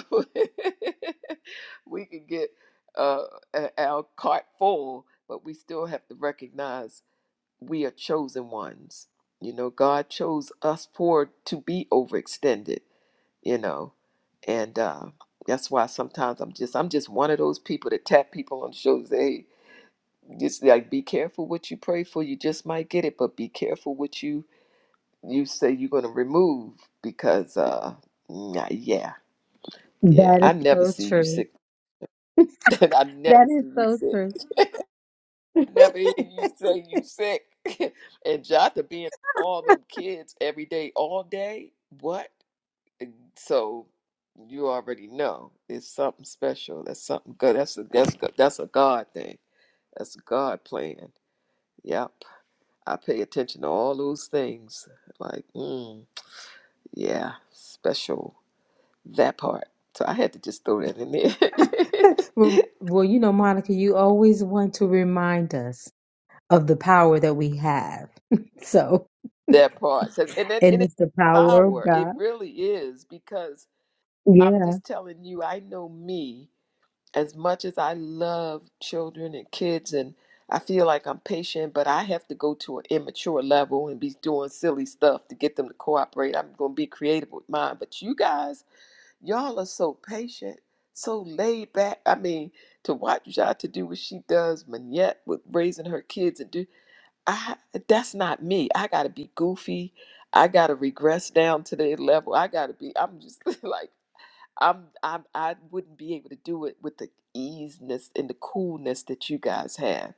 we can get uh, a- our cart full, but we still have to recognize we are chosen ones. You know, God chose us for to be overextended you know and uh, that's why sometimes i'm just i'm just one of those people that tap people on the shoulder and say hey just like be careful what you pray for you just might get it but be careful what you you say you're going to remove because uh nah, yeah yeah That i is never see so you true. sick i That never is see you so true. sick never hear you say you sick and jota being all them kids every day all day what So you already know it's something special. That's something good. That's a that's good. That's a God thing. That's a God plan. Yep. I pay attention to all those things. Like, mm, yeah, special that part. So I had to just throw that in there. well, well, you know, Monica, you always want to remind us of the power that we have. so, that part. 'Cause- And then and and it's it's the power of power. It God. really is because I'm Yeah. just telling you. I know me. as much as I love children and kids and I feel like I'm patient, but I have to go to an immature level and be doing silly stuff to get them to cooperate. I'm going to be creative with mine. But you guys, y'all are so patient, so laid back. I mean, to watch Jha to do what she does, Manette, with raising her kids and do, I that's not me. I got to be goofy. I got to regress down to their level. I got to be, I'm just like, I'm, I'm I wouldn't be able to do it with the easiness and the coolness that you guys have.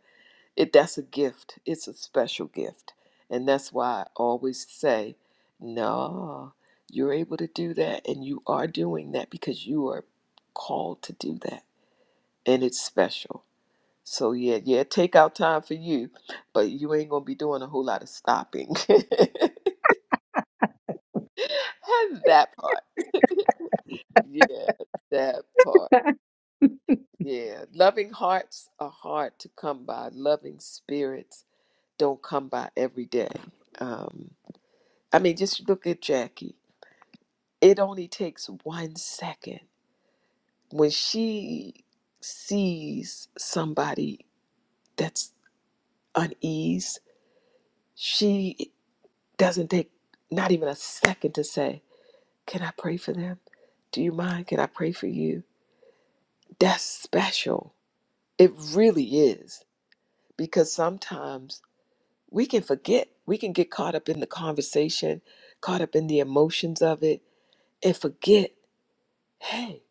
It that's a gift. It's a special gift, and that's why I always say, no, you're able to do that, and you are doing that because you are called to do that, and it's special. So yeah, yeah, take out time for you, but you ain't gonna be doing a whole lot of stopping. that part, yeah, that part. Yeah, loving hearts are hard to come by. Loving spirits don't come by every day. Um, I mean, just look at Jackie. It only takes one second when she sees somebody that's uneased. She doesn't take not even a second to say, "Can I pray for them? Do you mind? Can I pray for you?" That's special. It really is because sometimes we can forget. We can get caught up in the conversation, caught up in the emotions of it, and forget, hey,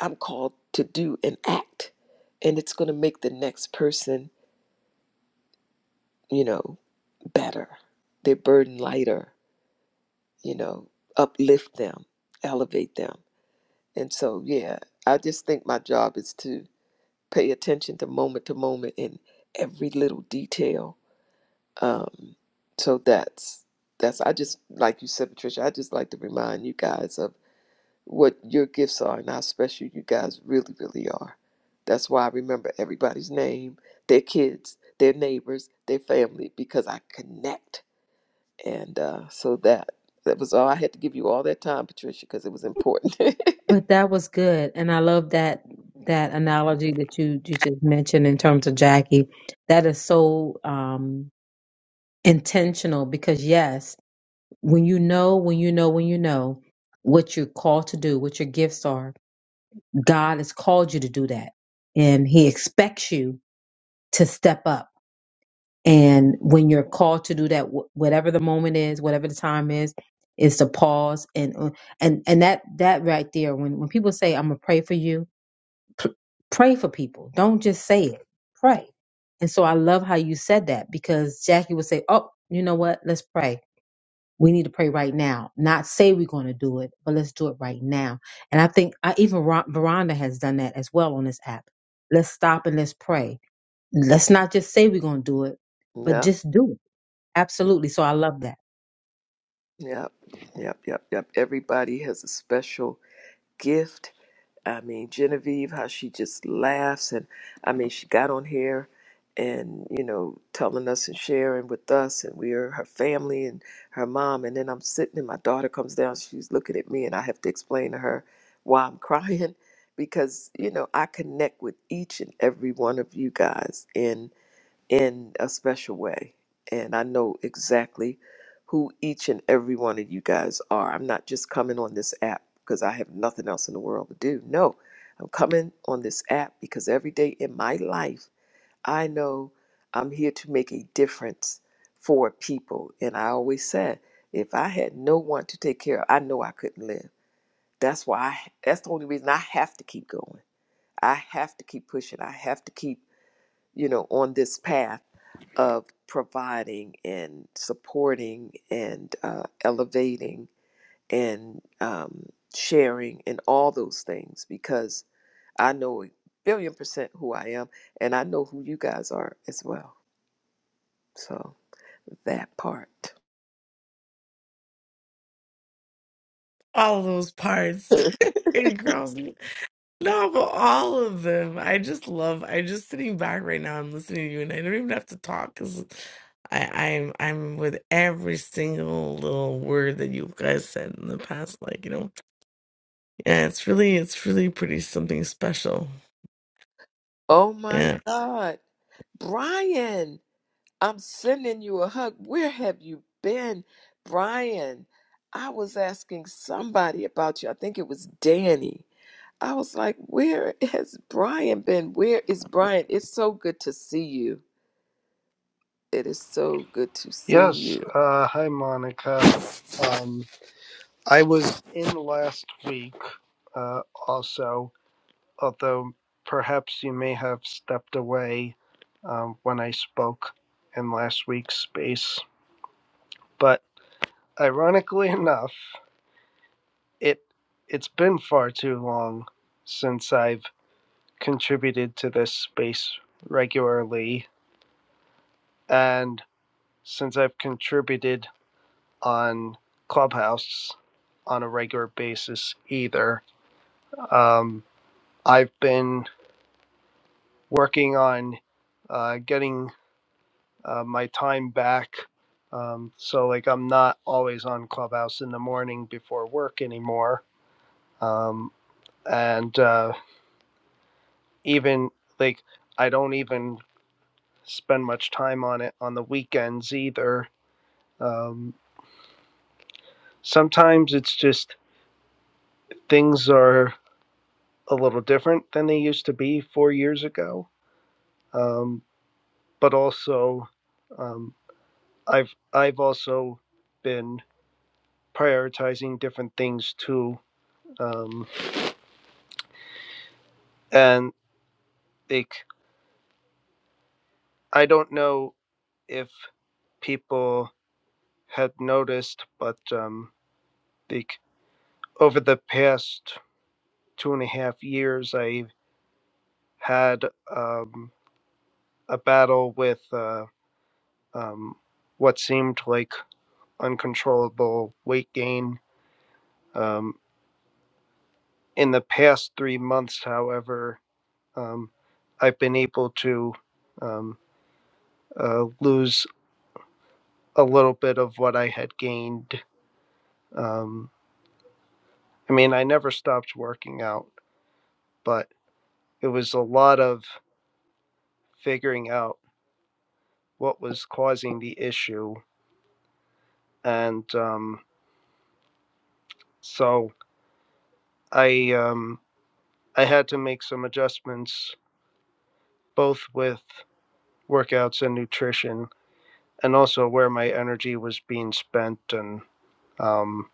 I'm called to do and act. And it's going to make the next person, you know, better, their burden lighter, you know, uplift them, elevate them. And so, yeah, I just think my job is to pay attention to moment to moment in every little detail Um, so that's that's I just like you said, Patricia. I just like to remind you guys of what your gifts are and how special you guys really, really are. That's why I remember everybody's name, their kids, their neighbors, their family, because I connect. And uh, so that that was all I had to give you all that time, Patricia, because it was important. But that was good. And I love that that analogy that you you just mentioned in terms of Jackie. That is so um intentional because yes, when you know, when you know, when you know what you're called to do, what your gifts are, God has called you to do that. And He expects you to step up. And when you're called to do that, wh- whatever the moment is, whatever the time is, is to pause and uh, and and that that right there. When when people say, "I'm gonna pray for you," p- pray for people. Don't just say it. Pray. And so I love how you said that because Jackie would say, "Oh, you know what? Let's pray." we need to pray right now not say we're going to do it but let's do it right now and i think I, even Ron- veronda has done that as well on this app let's stop and let's pray let's not just say we're going to do it but Yep, just do it absolutely so i love that yep, yep, yep, yep. Everybody has a special gift. I mean, Genevieve, how she just laughs. And I mean, she got on here and, you know, telling us and sharing with us, and we're her family and her mom. And then I'm sitting, and my daughter comes down. She's looking at me, and I have to explain to her why I'm crying because, you know, I connect with each and every one of you guys. And in a special way. And I know exactly who each and every one of you guys are. I'm not just coming on this app because I have nothing else in the world to do. No, I'm coming on this app because every day in my life, I know I'm here to make a difference for people. And I always said, if I had no one to take care of, I know I couldn't live. That's why I, that's the only reason I have to keep going. I have to keep pushing. I have to keep you know, on this path of providing and supporting and uh, elevating and um, sharing and all those things because I know a billion percent who I am and I know who you guys are as well. So that part. all those parts. And girls, no, but all of them. I just love. I just sitting back right now. I'm listening to you, and I don't even have to talk because I, I'm I'm with every single little word that you guys said in the past. Like you know. Yeah, it's really, it's really pretty something special. Oh my Yeah. God. Brian, I'm sending you a hug. Where have you been? Brian, I was asking somebody about you. I think it was Danny I was like, where has Brian been? Where is Brian? It's so good to see you. It is so good to see Yes. you. Uh, hi, Monica. Um, I was in last week uh, also, although perhaps you may have stepped away um, when I spoke in last week's space. But ironically enough, it it's been far too long since I've contributed to this space regularly, and since I've contributed on Clubhouse on a regular basis either. Um, I've been working on uh, getting uh, my time back. Um, so, like, I'm not always on Clubhouse in the morning before work anymore. Um, and uh, even, like, I don't even spend much time on it on the weekends either. Um, sometimes it's just things are a little different than they used to be four years ago um, but also um, I've I've also been prioritizing different things too, um, and like I don't know if people had noticed, but um, like over the past two and a half years, I had um, a battle with uh, um, what seemed like uncontrollable weight gain. Um, in the past three months, however, um, I've been able to um, uh, lose a little bit of what I had gained. Um, I mean, I never stopped working out, but it was a lot of figuring out what was causing the issue, and um, so I um, I had to make some adjustments both with workouts and nutrition, and also where my energy was being spent and um,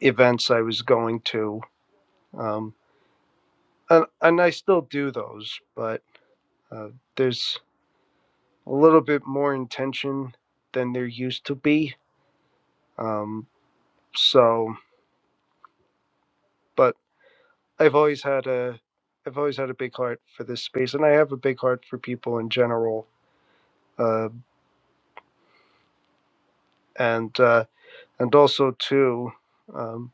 events I was going to. Um, and and I still do those, but uh, there's a little bit more intention than there used to be. Um, so, but I've always had a I've always had a big heart for this space, and I have a big heart for people in general, uh, and uh, and also too, um,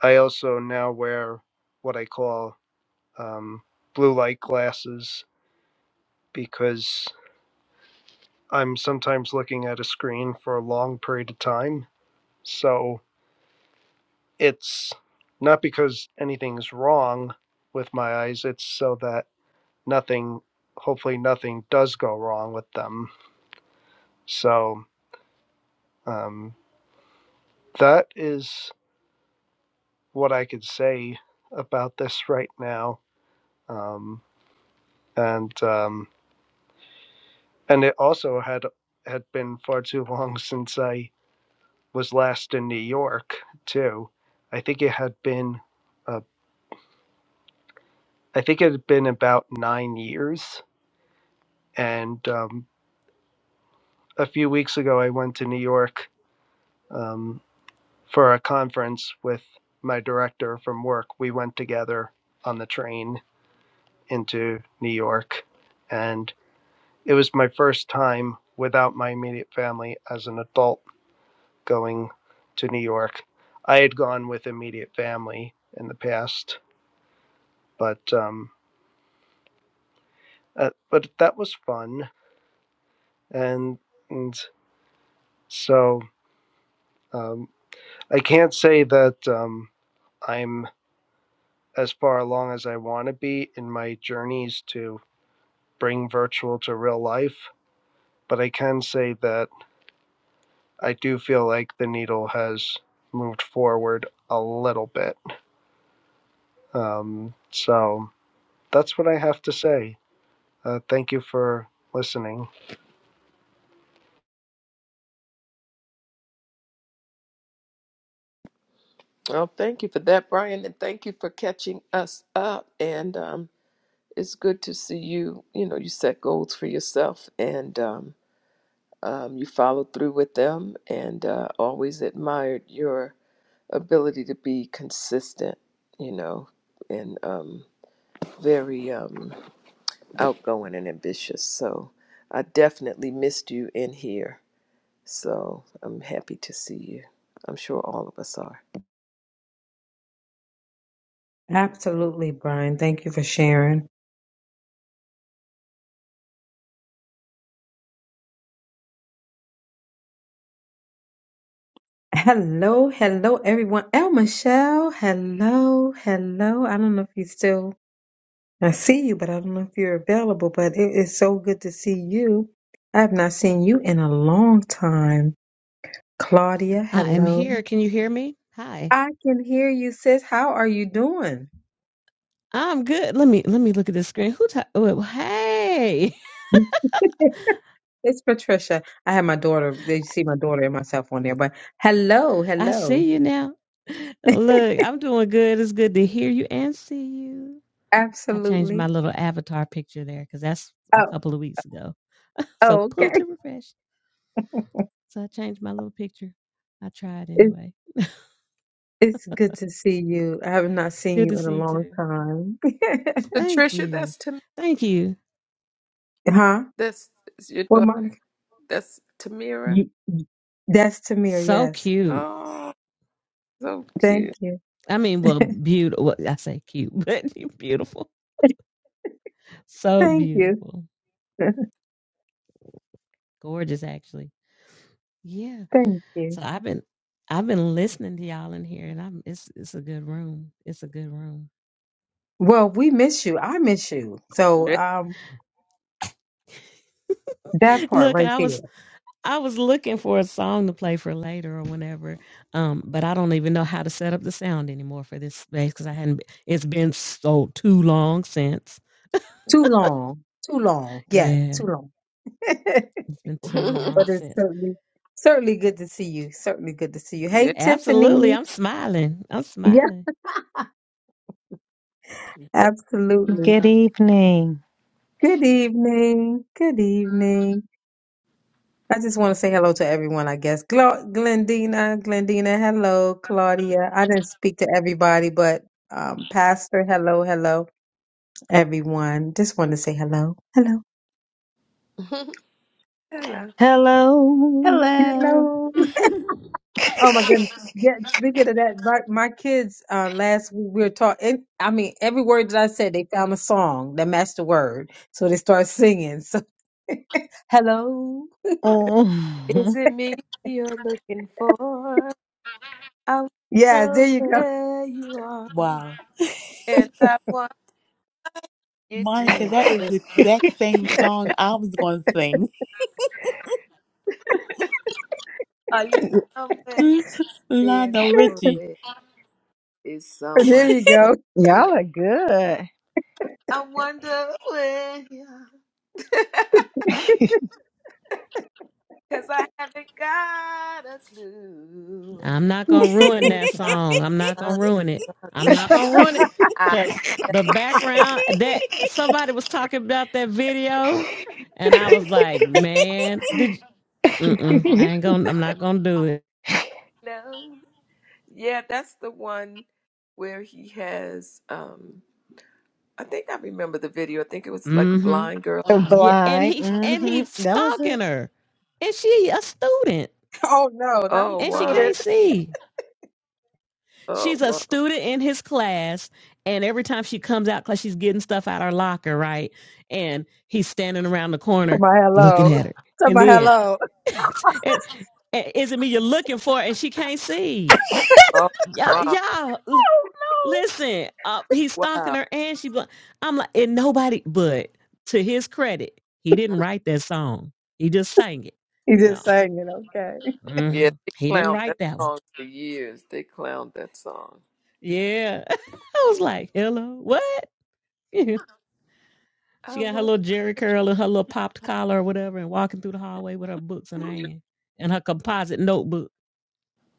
I also now wear what I call um, blue light glasses because I'm sometimes looking at a screen for a long period of time, so it's not because anything's wrong with my eyes it's so that nothing hopefully nothing does go wrong with them so um, that is what i could say about this right now um, and um, and it also had had been far too long since i was last in new york too i think it had been uh, i think it had been about nine years and um, a few weeks ago, I went to New York um, for a conference with my director from work. We went together on the train into New York, and it was my first time without my immediate family as an adult going to New York. I had gone with immediate family in the past, but um, uh, but that was fun, and, and so um, I can't say that um, I'm as far along as I want to be in my journeys to bring virtual to real life. But I can say that I do feel like the needle has moved forward a little bit. Um, so that's what I have to say. Uh, thank you for listening. Well, thank you for that, Brian, and thank you for catching us up. And um, it's good to see you. You know, you set goals for yourself and um, um, you followed through with them, and uh, always admired your ability to be consistent, you know, and um, very. Um, outgoing and ambitious. So I definitely missed you in here. So I'm happy to see you. I'm sure all of us are. Absolutely, Brian. Thank you for sharing. Hello, hello, everyone. El Michelle, hello, hello. I don't know if you still, I see you, but I don't know if you're available, but it is so good to see you. I have not seen you in a long time. Claudia, I am hello. here. Can you hear me? Hi. I can hear you, sis. How are you doing? I'm good. Let me let me look at the screen. Who ta- oh, hey. It's Patricia. I have my daughter. You see my daughter and myself on there, but hello, I hello. see you now. Look, I'm doing good. It's good to hear you and see you. I changed my Absolutely. little avatar picture there because that's a Oh, couple of weeks ago. So oh, pull okay. to refresh. So I changed my little picture. I tried It's anyway. it's good to see you. I have not seen Good you to in a see you long too. time. Thank Patricia, you. that's Tam- Thank you. Huh? that's that's your Well, daughter. Monica, That's Tamira. you, that's Tamir. So Yes. cute. Oh, so Thank cute. you. I mean, well, beautiful. I say cute, but you're beautiful. So Thank you. beautiful. Gorgeous, actually. Yeah. Thank you. So I've been I've been listening to y'all in here, and I'm it's it's a good room. It's a good room. Well, we miss you. I miss you. So, Yeah. um, that part Look, right I there. was I was looking for a song to play for later or whenever, um, but I don't even know how to set up the sound anymore for this space because I hadn't. be- It's been so too long since. Too long. Too long. Yeah, Yeah, too long. it's been too long but it's since. certainly certainly good to see you. Certainly good to see you. yeah. Hey Absolutely, Tiffany. I'm smiling. I'm Yeah, smiling. absolutely. Good evening. Good evening. Good evening. I just want to say hello to everyone, I guess. Gla- Glendina, Glendina, hello. Claudia. I didn't speak to everybody, but um, Pastor, hello, hello. Everyone. Just want to say hello. Hello. Hello. Hello. Hello. Hello. Oh my goodness. Yeah, speaking of that, my, my kids uh, last week we were talking. I mean, every word that I said, they found a song that matched the word, so they start singing. So, hello. Is Oh, it me you're looking for? I Yeah, there know you go. where you are, Wow. and I want you Monica, that to. is the exact same song I was going to sing. Are you somewhere being Lionel Richie. lonely? Is There someone you else go. you? y'all are good. I wonder where you are. Cause I haven't got a clue. I'm not gonna ruin If that it's song. I'm not gonna something, ruin it. I'm something not gonna ruin it I because the don't background that somebody was talking about that video, and I was like, man, did you, mm-mm, I ain't gonna. I'm not gonna do it. know. Yeah, that's the one where he has um I think I remember the video. I think it was like a Mm-hmm. blind girl. The Yeah, and Blind. he and hmm he's That was it. stalking her, and she a student, Oh no, not a Oh and she wow. can't student. see. Oh She's a wow. student in his class, and every time she comes out, cause she's getting stuff out her locker, right? And he's standing around the corner my looking hello. at her, To and my then, hello. and, and is it me you're looking for? And she can't see. Oh Yeah, wow. yeah. l- Listen, uh, he's Wow. stalking her, and she. I'm like, and nobody. But to his credit, he didn't write that song. He just sang it. He No, just sang it. Okay. Yeah, hmm they he didn't clowned write that that one. song for years. They clowned that song. Yeah, I was like, hello, what? She I got her was. little jerry curl and her little popped collar or whatever, and walking through the hallway with her books in her hand and her composite notebook.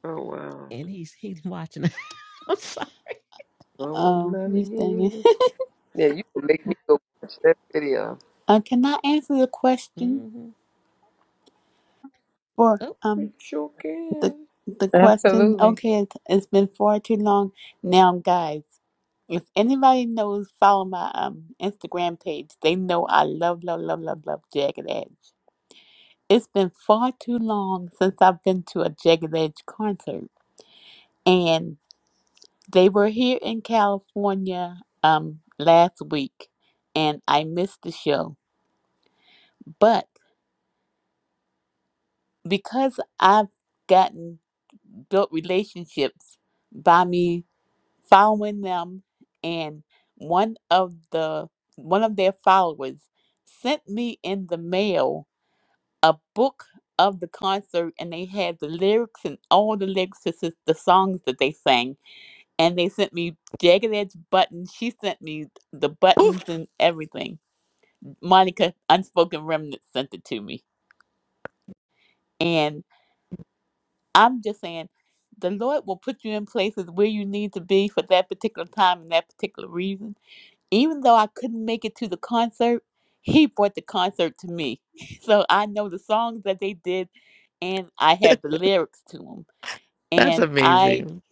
Oh wow, And he's he's watching her. I'm sorry. someone Um, you loving sang it. you. Yeah, you can make me go watch that video. Uh, can I answer the question hmm for Oh, You um sure the can. the question? Absolutely. Okay, it's, it's been far too long now, guys. If anybody knows, follow my um Instagram page. They know I love, love, love, love, love Jagged Edge. It's been far too long since I've been to a Jagged Edge concert, and They were here in California um, last week, and I missed the show. But because I've gotten built relationships by me following them, and one of the one of their followers sent me in the mail a book of the concert, and they had the lyrics and all the lyrics to s- the songs that they sang and they sent me jagged edge buttons. She sent me the Oof, buttons and everything. Monica Unspoken Remnant sent it to me. And I'm just saying the Lord will put you in places where you need to be for that particular time and that particular reason. Even though I couldn't make it to the concert, he brought the concert to me. So I know the songs that they did and I had the lyrics to them. that's And I amazing.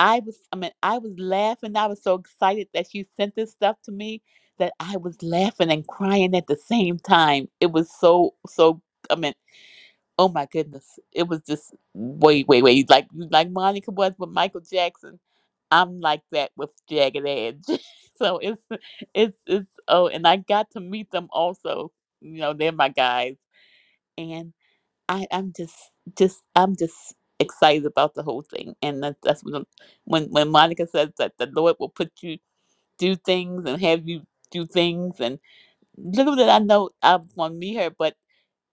I was, I mean, I was laughing. I was so excited that you sent this stuff to me that I was laughing and crying at the same time. It was so, so, I mean, oh my goodness. It was just, way, way, way Like, like Monica was with Michael Jackson. I'm like that with Jagged Edge. so it's, it's, it's, oh, and I got to meet them also. You know, they're my guys. and. I, I'm just, just, I'm just excited about the whole thing. And that, that's when, when, when Monica says that the Lord will put you do things and have you do things. And little did I know I was going to meet her, but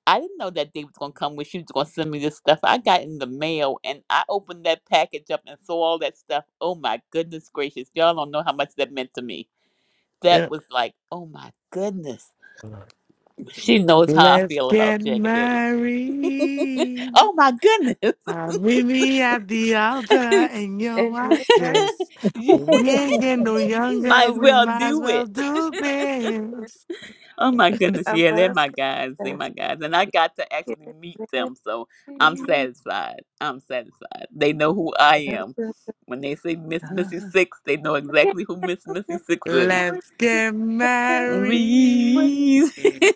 I didn't know that day was going to come when she was going to send me this stuff. I got in the mail and I opened that package up and saw all that stuff. Oh my goodness gracious. Y'all don't know how much that meant to me. That Yeah. was like, oh my goodness. She knows how I Let's feel get about Jagged Edge. married. oh my goodness. I'll meet me at the altar in your And if white I, dress. you We ain't getting no younger. might as We well might as do well it. do can, this. Oh my goodness, I yeah, they're must my guys. They're confess, my guys. And I got to it actually meet might them, so I'm be satisfied. I'm satisfied. They know who I just am. the time. When they say Miss Missy I Six, they know can't exactly who Miss help Missy it. Six I is. want Let's to get can't help what married. Reese.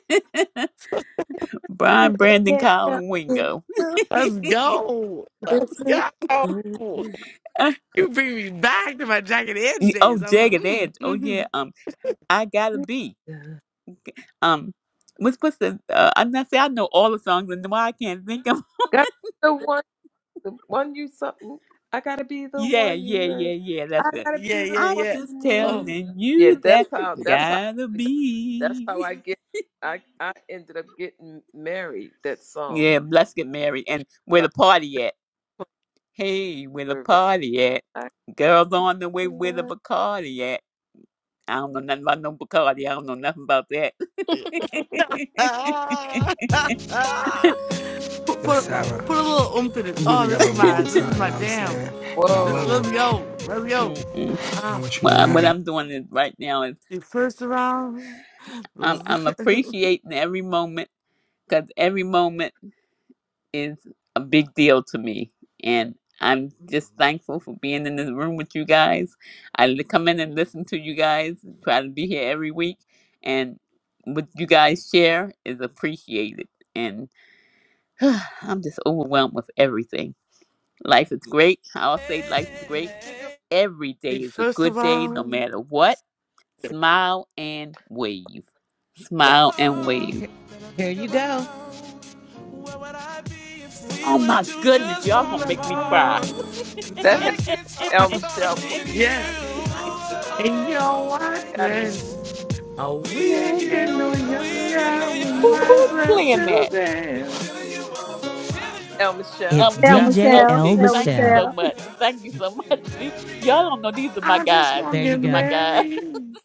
to Brian Brandon can't help Colin it. Wingo. So Let's go. good Let's go. to- Uh, You bring me back to my jacket edge oh, days. I'm like, Jagged mm, Edge. Oh mm-hmm. yeah. Um, I gotta be. Um, what's what's the? Uh, I'm not say I know all the songs and why I can't think of. Got the one. The one you something. I gotta be the Yeah, one yeah, you. yeah, yeah. Uh, I That's it. gotta be yeah, the yeah, I'm yeah. one just you Oh, need. telling Yeah, you that that's how. That's how. gotta That's how be. I get. I I ended up getting married. That song Yeah, let's get married. And where the about party at? Hey, where the service. party at? I Girls on the way can with the love. Bacardi at. I don't know nothing about no Bacardi. I don't know nothing about that. Ah, ah, ah. put Yo, put Sarah, put a little oomph in it. we've been Oh, this together a is long my this time, is you know my what I'm jam. saying? And I This, love let's Whoa, you, go. Let's go. Mm-mm. and I Ah, want you Well, what married. I'm doing is right now is the first round. I'm, Those- I'm appreciating every moment because every moment. is a big deal to me. And I'm just thankful for being in this room with you guys. I li- come in and listen to you guys, try to be here every week. And what you guys share is appreciated. And I'm just overwhelmed with everything. Life is great. I'll say life is great. Every day the is a first good day, no matter what. Smile and wave. Wait, Smile and wave. here, here you go. Oh my goodness, y'all gonna make me cry. that has round. El Michelle play. Yes, in your white Gotta be dress. Oh, we ain't getting Younger. no younger. We Who might as who's well playing do that? dance. El Michelle. It's Um, it's El your- Gotta be. DJL oh, Michelle. see, El thank you so Michelle. Michelle. much. Thank you so much. See, y'all don't know these are my I just guys. There want to you get These are my go. guys. married.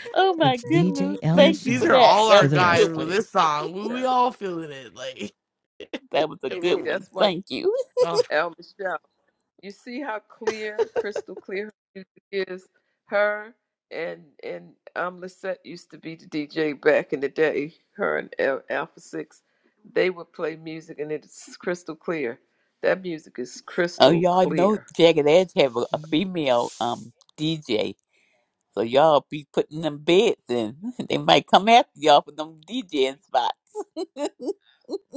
oh my It's DJL goodness! Th- Thank you These for are Michelle that. all our That to was the a guys good with rescue. one. El this song. We, we Michelle. all feeling it. Like, That was a it good See, was- one. that's why Thank you. oh, El Michelle. you see how clear, crystal clear her music is. Her and and um Lissette used to be the DJ back in the day. Her and Al- Alpha Six, they would play music and it's crystal clear. That music is Oh, crystal y'all know clear. Jagged Edge have a, a Ye- female um DJ, so y'all be putting them beds in. They might come after y'all for them DJing spots.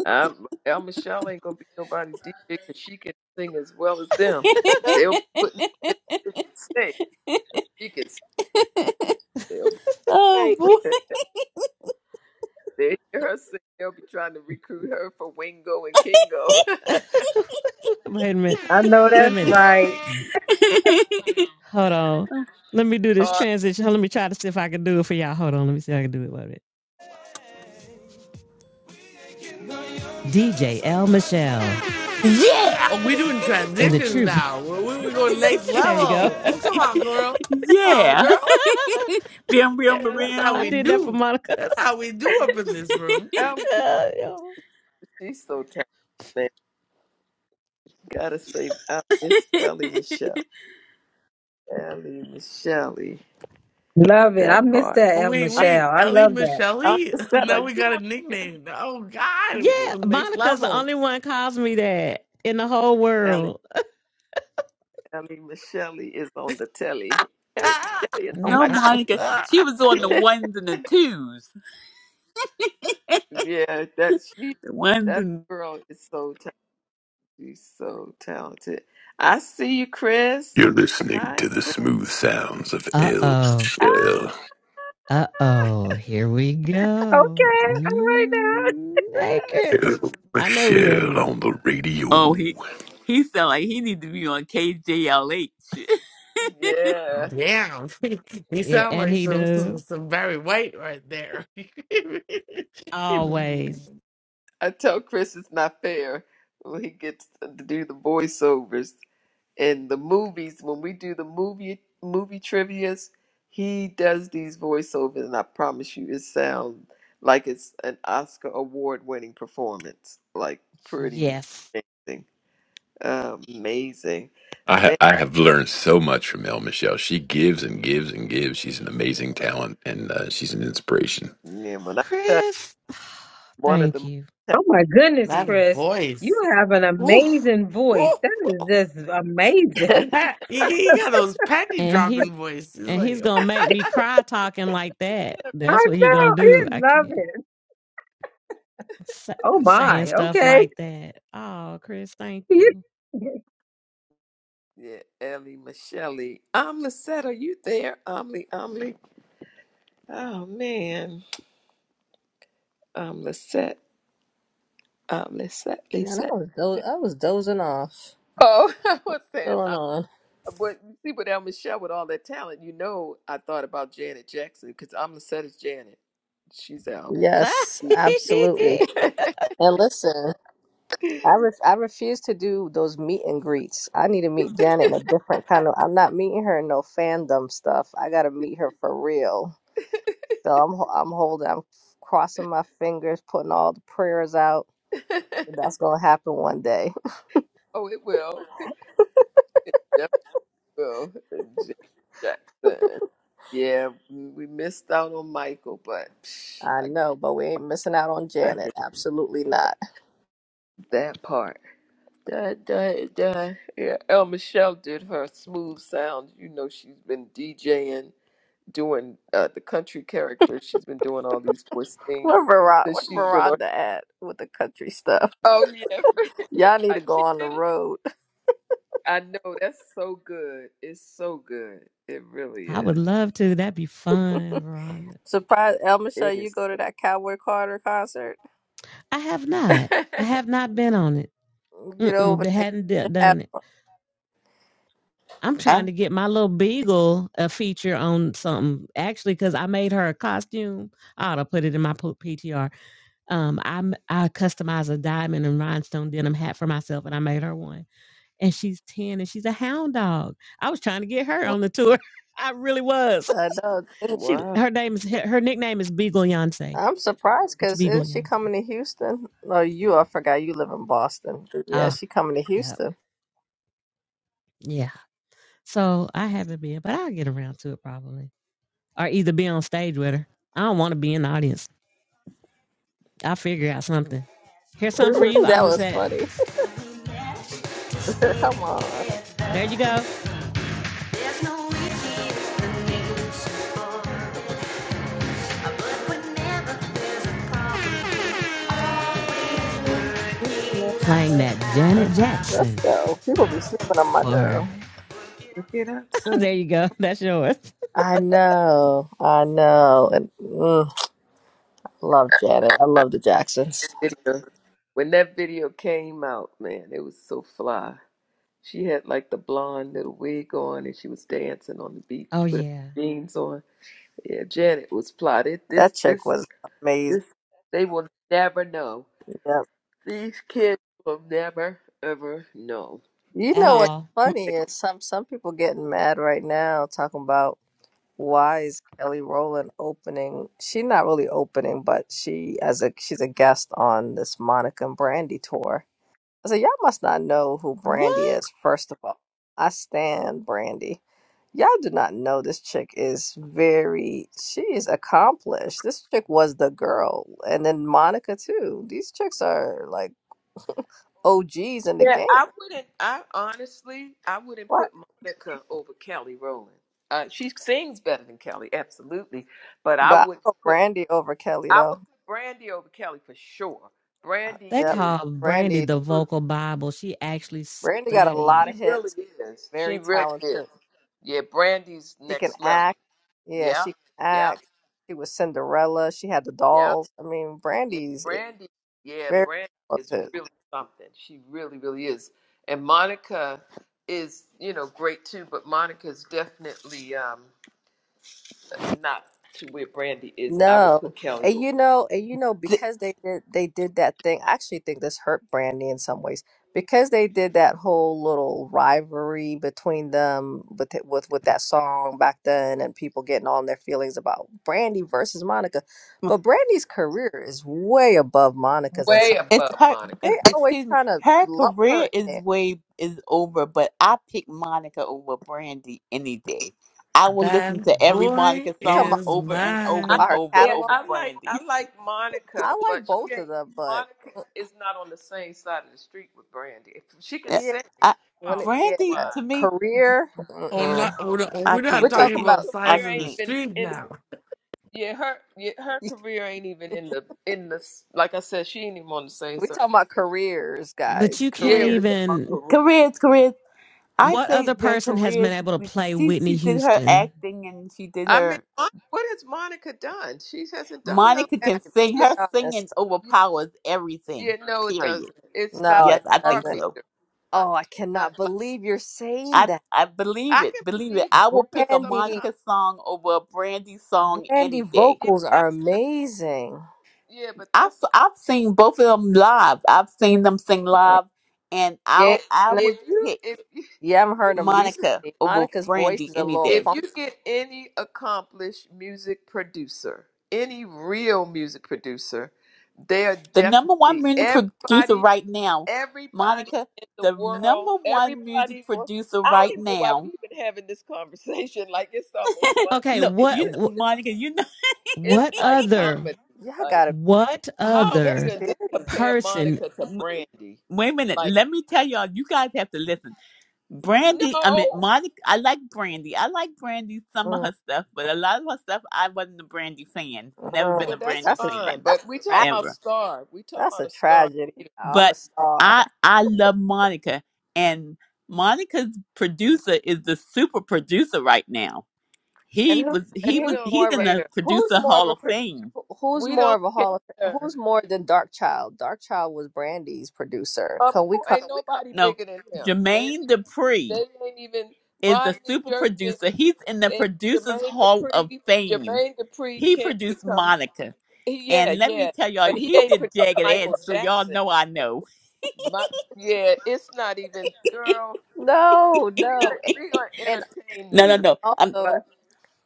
Um, El Michelle ain't gonna be nobody DJ because she can sing as well as them. They'll be putting her on stage. She can. sing. They'll be, oh Thank you. boy! they hear her sing. They'll be trying to recruit her for Wingo and Kingo. Wait a minute. I know Wait a that's minute. right. Hold on. Let me do this Or transition. Let me try to see if I can do it for y'all. Hold on. Let me see if I can do it. Wait a minute. DJ L. Michelle yeah. oh, we doing and the transitions truth. now. We we we going next there you go. level. Oh, come on, girl. Come on, yeah. girl. Bim, bim, bim, Yeah, that's how I we bim. did that for do. Monica. That's how we do up in this room. El Uh, yo. She's so talented, man. Gotta say, uh, Miss Ellie Michelle. Ellie Michelle. Love it. I That miss part. Oh that El wait, I, wait, Michelle. I Ellie love that. Michelle. I just said, are Now we you got a on here? nickname. Oh God, we go yeah, next Monica's the level. only one calls me that in the whole Ellie, world. Ellie Michelle is on the telly. Ellie Michelle is on No, my Monica. She was on the telly. ones and the twos. yeah, that she, The ones that and girl is so talented. She's so talented. I see you, Chris. You're listening to Hi, the Chris. smooth sounds of Uh El oh. Ah, Michelle. Uh-oh, here we Okay. go. All right now. Mm, hey, Chris. Chris. El I know who that Michelle is. on the radio. oh, he he sound like he need to be on KJLH. Yeah. Damn, he Yeah, sound and like he some, does. some some Barry White right there. Always. I tell Chris it's not fair when he gets to do the voiceovers. in the movies when we do the movie movie trivia's he does these voiceovers and i promise you it sounds like it's an oscar award winning performance like pretty Yes. amazing amazing I, ha- Man, I have learned so much from El Michelle. She gives and gives and gives. She's an amazing talent and uh, she's an inspiration. yeah, when i tell you Chris, one of thank the you. Oh my goodness, that people Chris, you voice. have an Oof. amazing voice. Oof. That is just amazing. Pat, he, he got those panty And he's dropping voices. He's and he's like, oh, gonna make me cry talking like that. I That's what he gonna know. I do. I love can't it. sa- Oh saying my. stuff Okay. like that. Oh, Chris, thank you. yeah ellie michelle i'm lisette are you there omni omni oh man i'm lisette i'm lisette Man, I lisette was do- I was dozing off. oh i was saying Going on. But you see, but El Michelle with all that talent, you know, I thought about Janet Jackson because I'm the set as Janet. She's out. Yes, absolutely. I And listen. I ref- I refuse to do those meet and greets. I need to meet Janet in a different kind of. I'm not meeting her in no fandom stuff. I gotta meet her for real. So I'm ho- I'm holding. I'm crossing my fingers, putting all the prayers out. That's gonna happen one day. oh, it will. It definitely will. Janet Jackson. Yeah, we missed out on Michael, but psh, I I know, but we ain't missing out on reckon Janet. Absolutely not. that part. Da, da, da. Yeah, El Michelle did her smooth sound. You know, she's been DJing. doing uh, the country character. She's been doing all these voice things Where Veron- where since she's been on. Veronda at with the country stuff? Oh yeah, Y'all need to I- go she on the did it. road. I know that's so good. It's so good. It really would is. love to. That'd be fun, Veronica. Surprise, El Michelle. It you is. go to that Cowboy Carter concert. I have not. I have not been on it. Get Mm-mm, over they there. hadn't d- Get your hat done it. I'm trying to get my little beagle a feature on something actually because I made her a costume. I ought to put it in my po- PTR. Um, I m- I customized a diamond and rhinestone denim hat for myself, and I made her one. And she's ten, and she's a hound dog. I was trying to get her wow. on the tour. I really was. on. I know. She wow. her name is her nickname is Beagle Yonsei. I'm surprised It's because Beagle isn't she Yonsei. coming to Houston? No, you. I forgot you live in Boston. Yeah, Ah, she coming to yep, Houston. yeah. So I haven't been, but I'll get around to it probably. or either be on stage with her. I don't want to be in the audience. I'll figure out something. Here's something for you that on the was set. funny. Come on, There you go. I'm Yeah. Playing that Janet Jackson let's go. People be sleeping on my for. girl. looking outside. there you go. That's yours. I know, I know, and mm, love Janet. I Uh, love the Jacksons. Video. When that video came out, man, it was so fly. She had like the blonde little wig on, and she was dancing on the Oh, beach with her yeah. jeans on. Yeah, Janet was plotted. This, That chick this, was amazing. this. They will never know. Yep. These kids will never ever know. You At know Janet. what's all. funny is some some people getting mad right now talking about. why is Kelly Rowland opening? She's not really opening, but she as a she's a guest on this Monica and Brandy tour. I said, y'all must not know who Brandy What? is. First of all, I stand Brandy. Y'all do not know this chick is very. She is accomplished. This chick was the girl, and then Monica too. These chicks are like OGs in the Yeah, game. I wouldn't. I honestly, I wouldn't What? put Monica over Kelly Rowland. Uh, she sings better than Kelly, absolutely. But I But wouldn't I put put. Brandy over Kelly I would though. put Brandy over Kelly for sure. Uh, Brandy They Yep, is call Brandy Brandy. the true. vocal Bible. She actually Brandy Yeah, got a studied. lot she of really hits. is. She very really is. talented. Yeah, Brandy's She can next level. act. Yeah, Yeah, she can yeah, act. She was Cinderella. She had the yeah. dolls. I mean, Yeah, Brandy's i- Brandy. Yeah, very Brandy is talented. really something. She really, really is. And Monica is, you know, great too, but Monica's definitely um not to where Brandy is, and I would No, put Kelly and over you Monica. know, and you know, Th- because they did they did that thing. I actually think this hurt Brandy in some ways because they did that whole little rivalry between them with it- with with that song back then, and people getting all in their feelings about Brandy versus Monica. But Brandy's career is way above Monica's in some. way it's above her. They e- Monica. always Excuse me. trying to Her lump career her in is there. way is over, but I pick Monica over Brandy any day. I will listen to that every boy Monica You talking song about is over and like, over I, and by mine. her over yeah, catalog? over I like Brandy. I like Monica, I like but she both ain't of them, but Monica uh, is not on the same side of the street with Brandy. If she can Yeah, yeah, sing I, when it quality yeah, wise. Brandy, to me, career. Oh, Yeah, not, Mm-mm. we're no. not, I we're not can't We're talking take talking it. about about Her I size career of the ain't can't. even street in now. Yeah, her yeah, her career ain't even in the in the like I said, she ain't even on the same we're side. talking about careers, But guys. you can't Yeah, we Career. talking even about career. Careers, careers. I What say other their person has been careers. able to play She Whitney she did her Houston? acting and she did I mean, her. Mon- what has Monica done? She hasn't done no Monica can acting. Let's sing. be Her She's singing honest. overpowers everything. yeah, no, it Period. doesn't. It's No, not the Yes, it I star think doesn't. so. meter. Not Oh, I not cannot like believe you're saying I that. I believe I it. can Believe it. believe I it will pick because a Brandy, sometimes Monica song over a Brandy song Brandy any day. yeah, vocals are that's that, amazing. yeah, but I've that's I've seen both of them live. I've seen them sing Mm. live, and You I it. ain't I seen 'em- If would you pick. if you You haven't if heard them you Monica recently. over Monica's voice Brandy is a any little If day. funky. you get any accomplished music producer, any real music producer, they are The number one definitely music producer everybody, right now, everybody Monica, in the the world, number one music everybody will. producer I don't right even know why now. we've been having this conversation. Like it's almost Okay, funny. Look, It's, what you, it's Monica, you know. it's what like other comedy. Yeah, I Like, gotta. What how are Get we other gonna serious. just compare person? Monica to Brandy? Wait a minute. Like, Let me tell y'all. You guys have to listen. Brandy, I mean no, Monica. I like Brandy. I like Brandy. Some of her stuff, but a lot of her stuff, I wasn't a Brandy fan. Never been yeah, Mm-mm. a that's Brandy That's a tra- fine. fan, that's But a we talking tra- about ever. star. We talking that's about a a star. tragedy. You I'm a but star. I I love Monica and Monica's know. producer is the super producer right now. And He who was and he We was who's don't he's more of in a the care. who's producer more of hall a of pro- fame. who's We more don't of a hall of Fa- care. who's more than Dark Child? Dark Child was Brandy's producer. Of Can we course, come? ain't nobody No, bigger than him. They ain't Jermaine even, Dupri they ain't even is the Rodney super Jerkins producer. He's in the and producers Jermaine hall of Dupri. fame. Jermaine Dupri He can't produced become. Monica. he- Yeah, And let me yeah, tell y'all, but he he ain't pro- did Jagged Edge, Michael so y'all Jackson. know I know. My, yeah, it's not even girl. No, We no. A- gonna we gonna And entertain No, no, you, no. I'm also but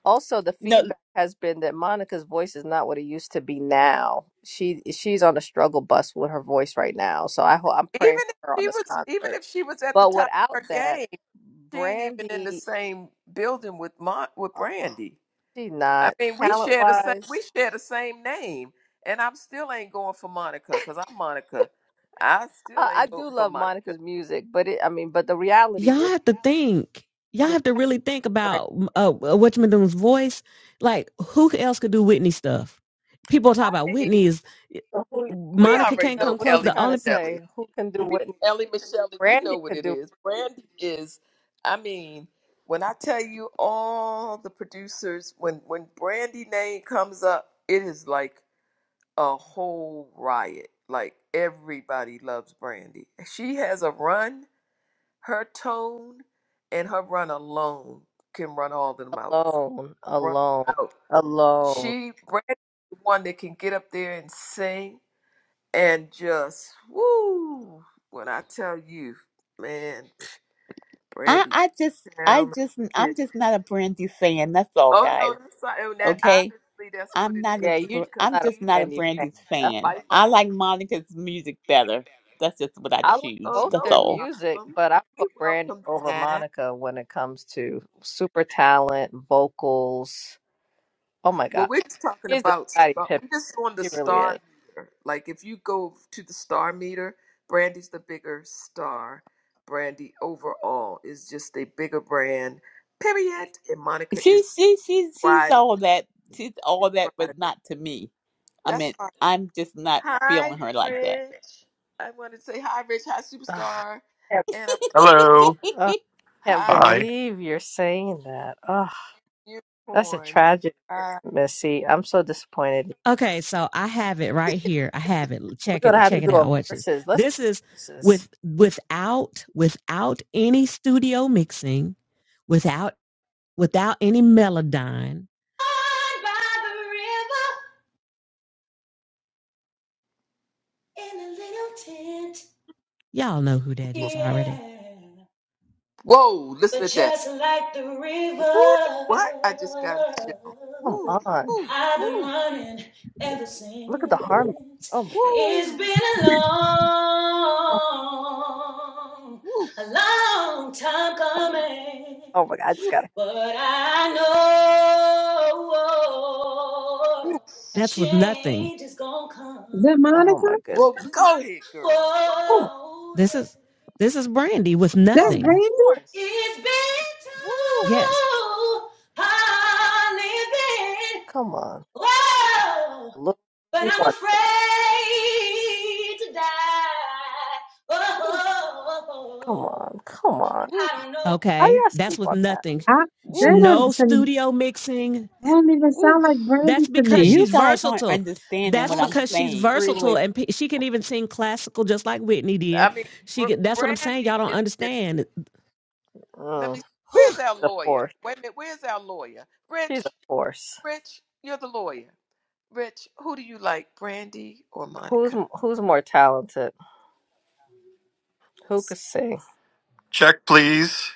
also the no feedback has been that Monica's voice is not what it used to be now. She she's on a struggle bus with her voice right now. So I hope I'm even praying for if her on she this was even concert. if she was at the But top without of her that, game, she ain't even in the Brandy, same building with Mon, with uh, Brandy. she I not mean, we talent share the same we wise. share the same name, and I'm still ain't going for Monica because I'm Monica. I still I, I ain't do voting for love Monica. Monica's music, but it, I mean, but the reality y'all is have to think. Y'all the have to talent. really think about uh, Whatchman's voice. Like, who else could do Whitney stuff? People talk I about Whitney mean, is eh, Brandy, I we don't Monica already can't know know come what close. Ellie you are The trying to only pe- Michelle. say. Who can do We Whitney? Ellie Michelle, we know Brandy what could it do is. it Brandy is. I mean, when I tell you all the producers, when when Brandy name comes up, it is like a whole riot. Like everybody loves Brandy. She has a run. her tone and her run alone can run all of them out. alone, Run alone, 'em out. alone. She Brandy the one that can get up there and sing and just woo. When I tell you, man, I Brandy I just I talented. just I'm just not a Brandy fan. That's all Oh no, guys. that's not, and that Okay? obviously that's what I'm it not a. Yeah, is you are Br- just because I'm not a just we not a Brandy fan. Brandy's That's- fan. I vital. like Monica's music better. That's just what I I like Oh choose. both That's no their all. music, problem. but I We put Brandy welcome over that. Monica when it comes to super talent, vocals. Oh my God. Well, we're just talking She's a about Scotty star- Pippen. we're just on the It really is. star meter. Like if you go to the star meter, Brandy's the bigger star. Brandy overall is just a bigger brand. Period. And Monica is She she she she's riding. all that. She's She's all that, but riding. not to me. I That's mean, fine. I'm just not Hi, feeling her like that. Rich. I want to say hi, Rich. Hi, Ah, superstar. Yep. And a Hello. ah, can't hi, Hi. believe you're saying that. Oh, that's a unicorn. tragedy, Uh, Missy. I'm so disappointed. Okay, so I have it right here. I have it. We're Check it. gonna have Check to it do out. a Watch this. verses. Let's do This is verses. with without without any studio mixing, without without any melodyne. Hide by the river in a little tent. Y'all know who that is already. Yeah. whoa! But Listen to that. just like the Woo, river, what? I just got to chill. Come Woo, on. woo, I've been woo. running ever Look at the harmony. since. Oh my god. It's Woo! been a Oh, long, Woo! a long time coming. oh my god. I just Woo! gotta. But I know woo. That's with nothing. change is gonna Is come. that Oh Monica? my goodness. Well, go ahead, girl. Come on. Oh, This is this is Brandy with Of That's nothing. Brandy? course. It's been Woo! Yes. too hard living. Come on. Whoa, Look. but You I'm won. afraid to die. Come Oh, on. Come on. I Woo! don't know. How Okay. you That's sleep with on that? nothing. I, that Woo! don't, No some, studio mixing. that don't even Woo! sound like Brandy That's to because me. You she's guys aren't versatile. understanding That's what I'm Woo! because She's she's saying. versatile extremely. and pe- she can even sing classical just like Whitney did. I mean, She Br- that's what I'm saying. Y'all Brandy don't is. Just, understand. let Mm, me. Whew. Where's our the lawyer? force. Wait a minute. Where's our lawyer? She's a Rich. force. Rich, you're the lawyer. Rich, who do you like, Brandy or Who's Monica? who's more talented? Who could sing? Check, please.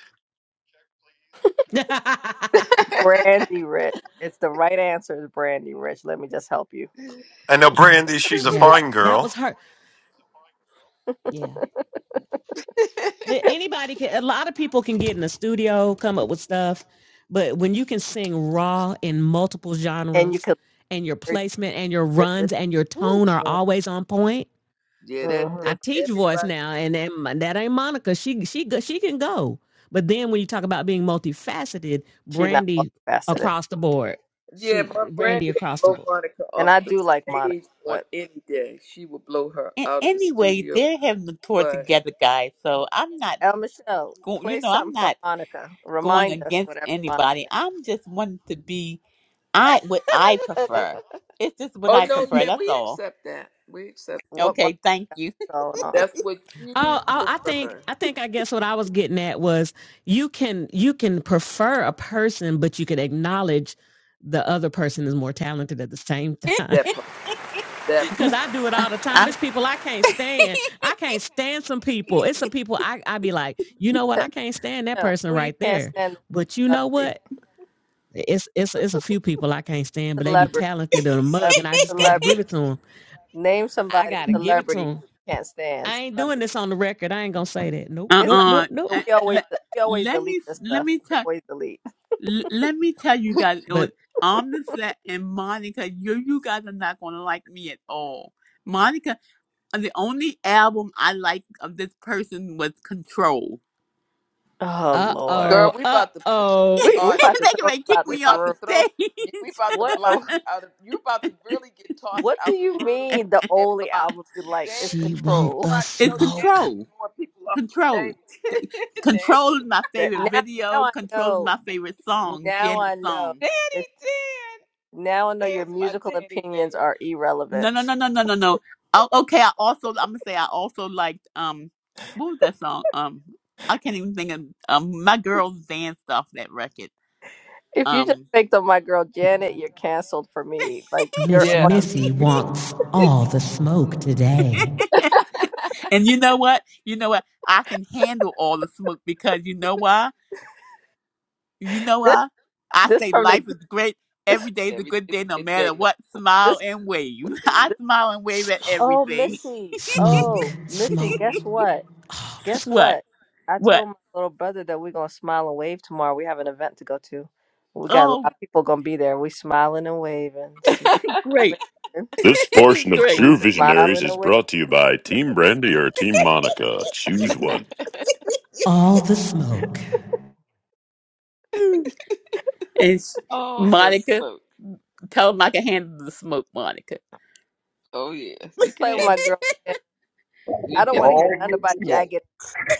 Brandy Rich. It's the right answer is Brandy Rich. Let me just help you. I know Brandy, she's a yeah, fine that was girl. hard. Yeah, but anybody can. A lot of people can get in the studio, come up with stuff, but when you can sing raw in multiple And you genres, can and your learn placement and your yours. runs and your Woo. tone are always on point. Yeah, that, Mm-hmm. I that teach voice everybody. now, and that, that ain't Monica. She she go- she can go. But then when you talk about being multifaceted, She's not Brandy multifaceted. across the board. Yeah, She my Brandy granddaddy across the blow board. Monica And off I the do like Monica, stage on but any day. She would blow her And out of the anyway, studio. they're having the tour But together, guys. So I'm not El Michelle, going. You play know, I'm something from not Monica. going Remind us against whatever Monica anybody. got. I'm just wanting to be. I what I prefer. It's just what oh I no, prefer. yeah, That's we all. accept that. We accept What Okay, Monica thank you. got going on. that's what Oh, you oh, I think prefer. I think I guess what I was getting at was you can you can prefer a person, but you can acknowledge the other person is more talented at the same time. That part. That Cause part. I do it all the time. I, It's people I can't stand. I can't stand some people. It's some people I I be like, you know what? I can't stand that No, person who you right can't there. stand is But you know celebrity. what? It's it's it's a few people I can't stand, but they be Celebrity. talented in a mug, Celebrity. and I just got to Celebrity. give it to them. Name I somebody got to give it to celebrity you them. can't stand. I ain't doing Celebrity. this on the record. I ain't gonna say that. Nope, It's nope, not nope, uh-uh. nope. I, we always let, we always let delete me this let stuff. me We tell always delete. let me tell you guys on But on the set and Monica, you you guys are not gonna like me at all. Monica, uh, the only album I like of this person was Control. Oh uh Lord, Girl, oh, we uh about to oh, we we they about party. to can throw like, you kick out We this me off about the to room. throw. stage. We about to What? block Oh, you out of. You about to really get tossed what do out the you room mean? The and only blocked. album you like is she Danny, you know want Control. the how you it's know Danny smoke. be Control, throwing people off the Control, stage. Danny, Control is my That favorite now now video. I Control is know. my favorite song, Now I Janet's know. song. that- Danny, Now I know your There's my musical daddy dad. opinions are No, no, irrelevant. no, no, no, no, no. Oh, okay, I also I'm gonna say I also liked um what was that song? Um I can't even think of um my girls danced off that record. If you just Um picked on my girl Janet, you're canceled for me. Like you're Miss on Yeah, Missy wants all it's the smoke today. and you know what? You know what? I can handle all the smoke because you know why? You know this why? I this say from life the is great. every day's a every good it's day a no good day matter what. this. Smile now. and wave. I Save smile and wave at Oh everything. Missy. Smoke, Oh Missy, smoke. guess what? Guess What? what? I What? told my little brother that we're gonna smile and wave tomorrow. We have an event to go to. We got a lot Oh of people gonna be there. We smiling and waving. Smiling and great. waving. This portion of great. We True Visionaries smiling is and waving. brought to you by Team Brandy or Team Monica. Choose one. Oh, and s- all the Monica. smoke. Tell him I can handle the smoke, Monica. Oh yes, You you can play with my handle. girl. man. I You don't can. want to hear nothing All about will jagged.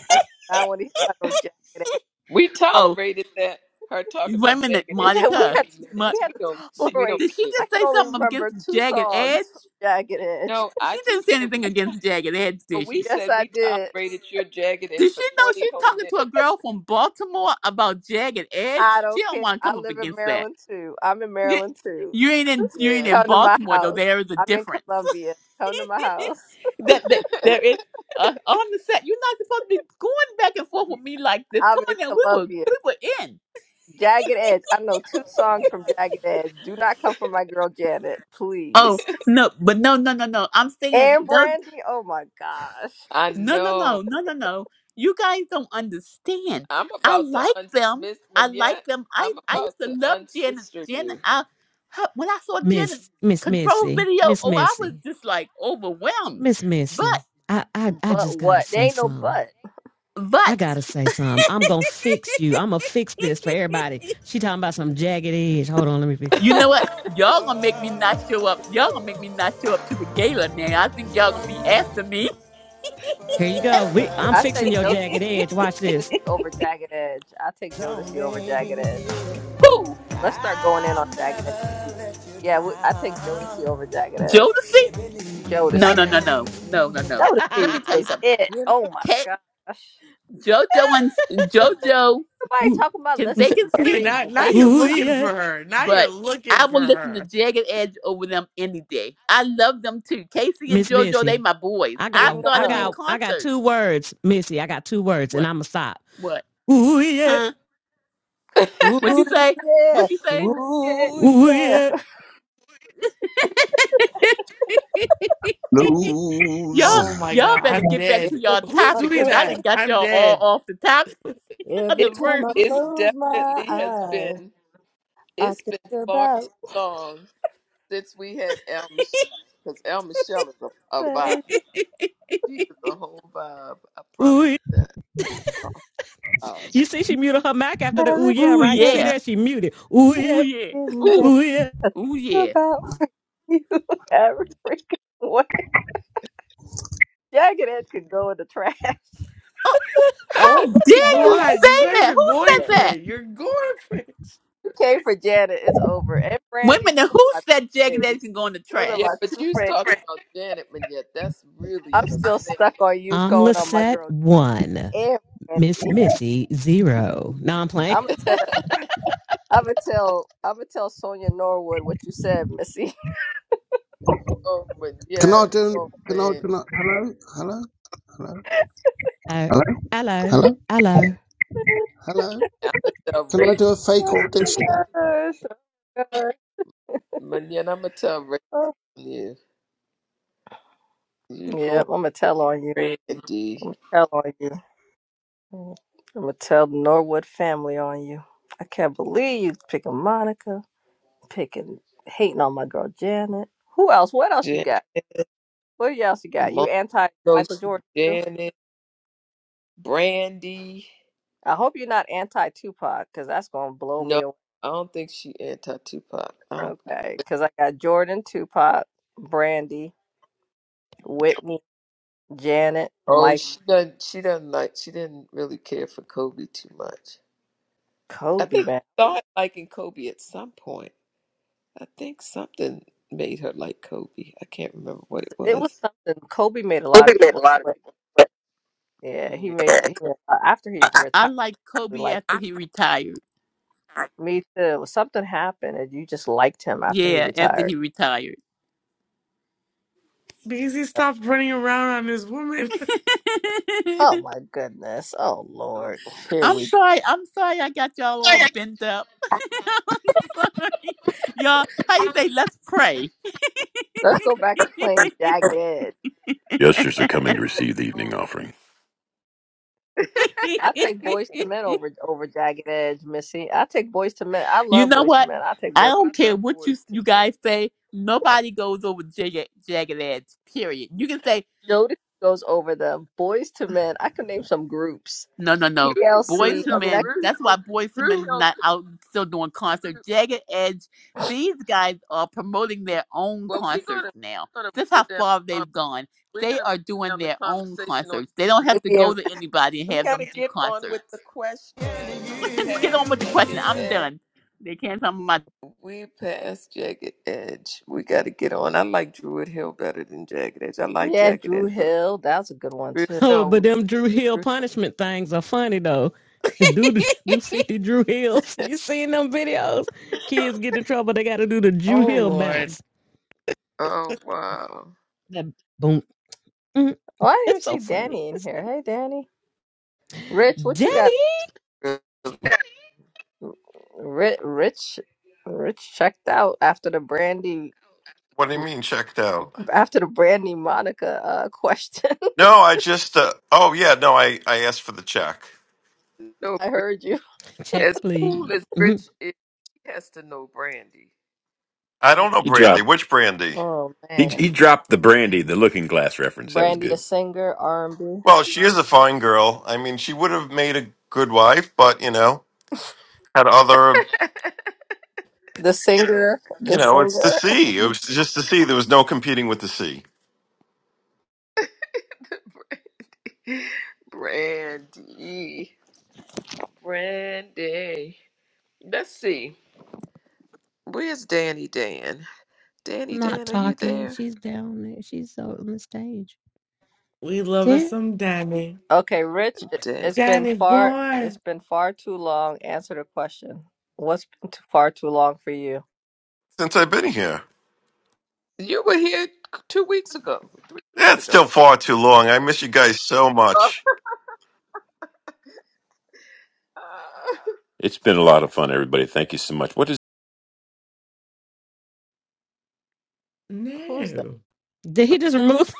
I do not want to hear about no jagged. Ass. We Oh, tolerated that her talking wait a about minute, jagged We edge had for we Monica. had twenty to, Mo- we minutes. had We to don't. she, We don't tolerate. did she I care. just could say only something remember against two Jagged Edge? songs from Jagged Edge. No, I She didn't just say said anything we. To, against Jagged Edge, did we she? Yes, said I we did. tolerated your jagged Does edge she for know twenty she's whole talking to minutes. a girl from Baltimore about Jagged Edge? I She don't don't care. want to I come up live in against that. Maryland too. I'm in You, Maryland too. you ain't in you ain't Yeah, in Come to my Baltimore though. house. There is a I'm in difference. Columbia. Come to my house. that, that there is uh, on the set. You're not supposed to be going back and forth with me like this. Come I'm in on now, we were Columbia. we were in. Jagged Edge. I know two songs from Jagged Edge. Do not come for my girl Janet, Oh please. no, but no, no, no, no. I'm saying And those. Brandy. Oh my gosh. I No, no, know. no, no, no, no. You guys don't understand. I'm I about to like un them. Miss I like Manette. them. I I'm I about used to to love Janet. unsister Janet. you. I her, when I saw Janet Miss Miss control Missy, video, Miss oh, I was Missy, just like overwhelmed. Miss Missy. But I I I But just gotta what? There say ain't no something. but. I but gotta say something. I'm gonna fix you. I'm gonna fix this for everybody. She talking about some jagged edge. Hold on, let me fix. you know what? Y'all gonna make me not show up. Y'all gonna make me not show up to the gala now. I think y'all gonna be after me. Here you go. We, I'm I say fixing your Jodeci. jagged I edge. Watch take Jodeci this. over Jagged Edge. I take Jodeci over Jagged Edge. Who? Let's start going in on Jagged Edge. Yeah, we, I take Jodeci over Jagged Edge. Jodeci? No, Jodeci. no, no, no, no, no, no. Let Jodeci me tell you was something. it. Oh my Take gosh. JoJo and JoJo Nobody talking about can let's they can get Okay, married. sing, now We're now they back in you're can Ooh looking sing, college. yeah, for her. Now you're but looking I for will listen to her. Jagged Edge over them any day. I love them too. Casey and Miss JoJo, they Missy. my boys. I We I got saw I them in know. got I got concert. two words, Missy. I got two words, and What? I'ma stop. What? Ooh yeah, Huh? What you Ooh say? yeah. What you say? Yeah. Ooh ooh yeah. yeah, lose. y'all, Oh my y'all god, better I'm get back to dead. Every y'all time Who's I topic doing because I close, that? didn't got I'm y'all all dead. off the top of every the It's room. time I it's close my definitely has eyes, been I it's think been far too about long since we had El Michelle because El Michelle is a, a vibe. birds, She is a whole vibe. I ooh. promise yeah. you that. Um, You see, she muted her mic after the ooh every yeah, Ooh right? You see freaking yeah. there, she muted. Ooh Ooh yeah. yeah. freaking Ooh. day. Ooh, yeah. I Oh think yeah. about you every freaking way. Jagged Edge could go in the trash. Oh, how Oh my always dare you god, say you going guys that? are Who to going trash. said for that? it. You're going for it. You came for Janet. It's over. And Wait a Brandy. minute. Who Those are my said Jagged two Edge faves. can go in the Those are trash? yeah, my but two you was faves. talking about Janet Manette. That's really I'm a still stuck sin. on youth I'm calling on my Lisette girl one, and Miss Randy. Missy zero. No, I'm playing. I'ma tell I'ma tell I'ma tell Sonia Norwood what you said, Missy. oh Can I Manette. do? Oh Can I? man. Can I? Hello, hello, Hello, hello, hello, hello, hello, hello. hello. I'ma tell Can I Ray do a fake oh he my audition? said. gosh. Oh my gosh. Manette, I'ma tell Ray Oh You going Yep, I'ma tell on you. Randy. I'ma tell on you. I'ma tell the Norwood family on you. I can't believe you picking Monica, picking hating on my girl Janet. Who else? What else you Jan- got? What else you got? You Mongo, anti Michael Jordan too? Janet, Brandy. I hope you're not anti Tupac, because that's gonna blow me No, away. I don't think she anti Tupac. I don't. Okay, because I got Jordan, Tupac, Brandy, Whitney, Janet, Oh, Mike, she doesn't. She doesn't like. She didn't really care for Kobe too much. I Kobe. think she Man, started liking Kobe at some point. I think something made her like Kobe. I can't remember what it it was was. something. Kobe made a lot Kobe of made a people lot of sweat. people. Yeah, he Yeah. made, he Yeah. made after he was I retired. like Kobe Like after he retired. me too. Something happened, and you just liked him after he Yeah, after retired. he retired. Because he stopped running around on this woman. Oh my goodness. Oh Oh, Lord. Here I'm we go. sorry. I'm sorry. I got y'all all bent up. I'm sorry, y'all. How you say? Let's pray. Let's go back to playing Jagged Edge. Youngsters are coming to receive the no. evening offering. I take Boys to Men over over Jagged Edge, Missy. I take Boys to Men. I you love know Boys to what? Men. I take Boys. I oh, I don't care love what you boys to you men. guys say. Nobody goes over jagged, jagged edge. Period. You can say Jodeci goes over them. Boys to Men. I could name some groups. No, no, no. Even Drew Boys TLC. to I Hill. mean, I Men. Drew That's why Hill. Boys to Men Drew is not Hill. out still doing concerts. Jagged Edge. These guys are promoting their own Well, we're concerts gonna now. we're gonna That's roll how down. far um, they've gone. We're They gonna are roll doing down the their own conversation on. concerts. They don't have could to go name. to anybody and We have gotta them do get on with the concerts. questions. We Get on passed with the jagged question. I'm edge. done. They can't tell me my. We passed jagged edge. We gotta get on. I like Druid Hill better than jagged edge. I like Yeah, jagged Drew edge, but Hill. That was a good one Druid too. Oh, but Hill was. them Drew Hill punishment things are funny though. Do the, do fifty Drew Hills? You seen them videos? Kids get in trouble. They got to do the Drew Oh Hill lord. bounce. Oh wow! That boom. Mm, Oh, I didn't even It's so see funny. Danny in here. Hey, Danny. Rich, what Jenny. you That's got? good. Rich, Rich, Rich checked out after the Brandy, What do you mean checked out? after the Brandy Monica uh, question. No, I just, uh, oh yeah, no, I, I asked for the check. No, I heard you. Check, as cool please. as Mhm. Rich is, he has to know Brandy. I He don't know He Brandy. dropped Which Brandy? Oh he, man, he dropped the brandy, the looking glass reference. That was Brandy the good. singer, R and B, Well, she is a fine girl. I mean, she would have made a good wife, but, you know, had other, the singer, you the know, it's the singer. sea. It was just the sea. There was no competing with the sea Brandy. Brandy. Let's see. Where's Danny Dan? Danny Not Dan, are you talking. there? She's down there. She's on the stage. We love us Did, some Danny. Okay, Rich, it- Dan. it's been Danny far boy. it's been far too long. Answer the question. What's been too far too long for you? since I've been here. You were here two weeks ago. Two weeks Yeah, it's ago. still far too long. I miss you guys so Uh, much. uh, It's been a lot of fun, everybody. Thank you so much. What Who's that? No. did he just remove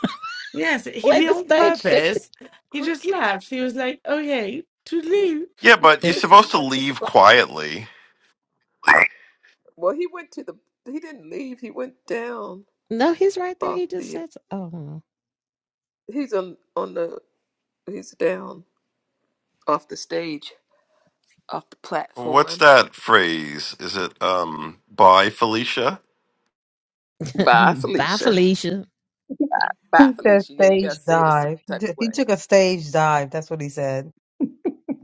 Yes, he like did the on stage shifted? purpose. He Chris, just laughed. He was like, okay, to leave. Yeah, but you're Chris supposed to went to the leave quietly. Well, he went to the. He didn't leave. He went down No, he's right there. off He just the. said, so- "Oh, He's on on the. He's down off the stage, off the What's platform. that phrase? Is it um by Felicia? Bye, bye, Felicia. Felicia, Bye, He said Felicia. Yeah, you gotta stage say it a certain dive. He type t- of he took a stage dive. That's what he said.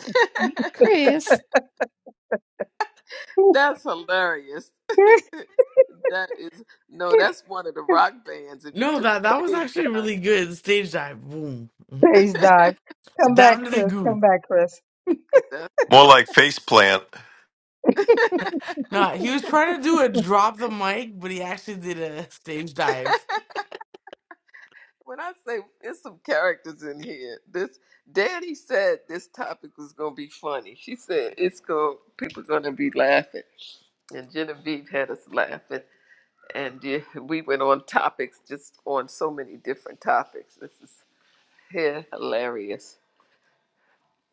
way. Chris." That's hilarious. stage That is no, that's one of the rock bands. If you No, took that that a was stage actually down, really good. Stage dive. Boom. dive. Come back, Down to the Chris. goon. Come back, Chris. that's More like funny. faceplant. Nah, he was trying to do a drop the mic, but he actually did a stage dive. when I say there's some characters in here, this Danny said this topic was gonna be funny. She said it's going people gonna be laughing, and Genevieve had us laughing, and yeah, we went on topics just on so many different topics. This is hilarious.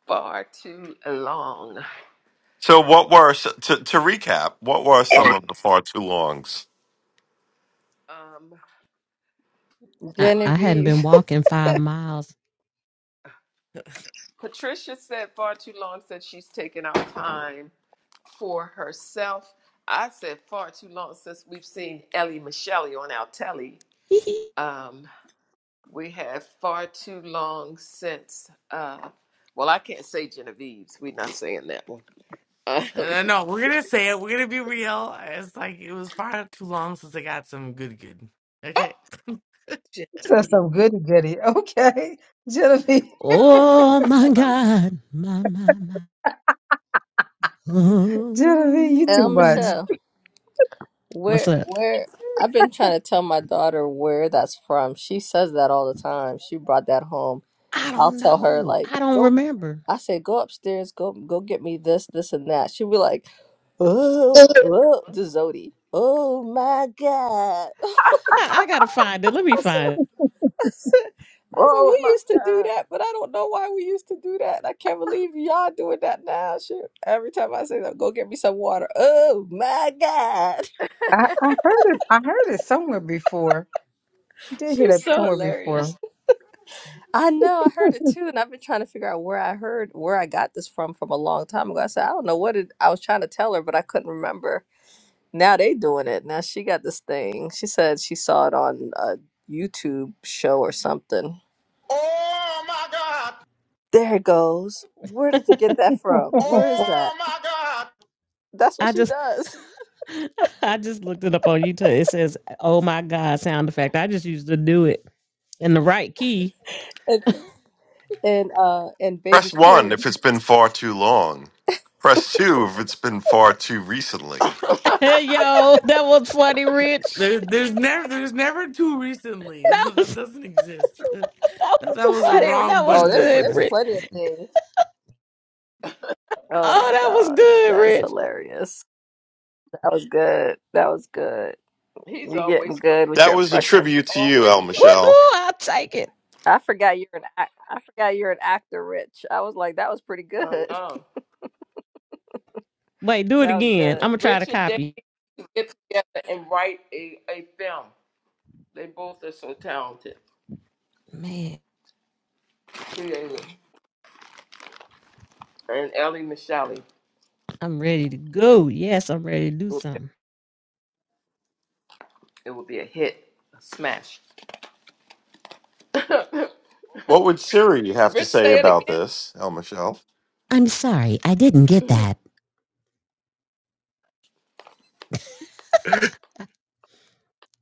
Far too long. So what were s- to to recap, what were some of the far too longs? Um, I, one. I hadn't Genevieve. been walking five miles. Patricia said far too long since she's taken out time for herself. I said far too long since we've seen Ellie Michelle on our telly. Um, we have far too long since, uh, well, I can't say Genevieve's. We're not saying that one. Um, And I know we're gonna say it. We're gonna be real. It's like it was far too long since I got some good good. Okay, So Genevieve, some goody goody. Okay. Genevieve, Oh my my- God. My, my, my. Genevieve, you El too much. Ooh. Michelle. What's Where up? where I've been trying to tell my daughter where that's from. She says that all the time. She brought that home. I I'll don't tell her know. like I don't go remember. I say go upstairs, go go get me this, this and that. She'll be like, Oh, oh, the Zodi. Oh my God. I, I gotta find it. Let me I said, find it. I said, I said, oh we my used to do God. that, but I don't know why we used to do that. And I can't believe y'all doing that now. She, every time I say that, go get me some water. Oh my God. I, I heard it I heard it somewhere before. I did hear She's that so somewhere before. hilarious. I know, I heard it too, and I've been trying to figure out where I heard where I got this from from a long time ago. I said, I don't know what it I was trying to tell her, but I couldn't remember. Now they doing it. Now she got this thing. She said she saw it on a YouTube show or something. There it goes. Where did you get that from? Where is that? That's what I she just does. I just looked it up on YouTube. It says, Oh my God, sound effect. I just used to do it in the right key. and and uh and Press Baby 1 King. if it's been far too long. Press 2 if it's been far too recently. Yo, that was funny, Rich. there, there's never there's never too recently That was that that doesn't exist. That, was that was a funny. wrong That was Oh, button to there's good, there's press. Rich. plenty of things. oh Oh, my that was gosh, good, that's Rich. hilarious. That was good. That was good. He's You're always getting so, good with That your was a Rich is impression. tribute to you, always El so Michelle. Woohoo! I'll take it. I forgot you're an ac- I forgot you're an actor, Rich. I was like, that was pretty hung good. on. Wait, do it That was again. good. I'm gonna try to Rich and Dave copy. get together and write a, a film. They both are so talented, Man, creative. And Ellie Michelle, I'm ready to go. Yes, I'm ready to do something. it will be a hit, a smash. Rich, What would Siri have to say say it about this, El Michelle? I'm sorry, I didn't get again. that.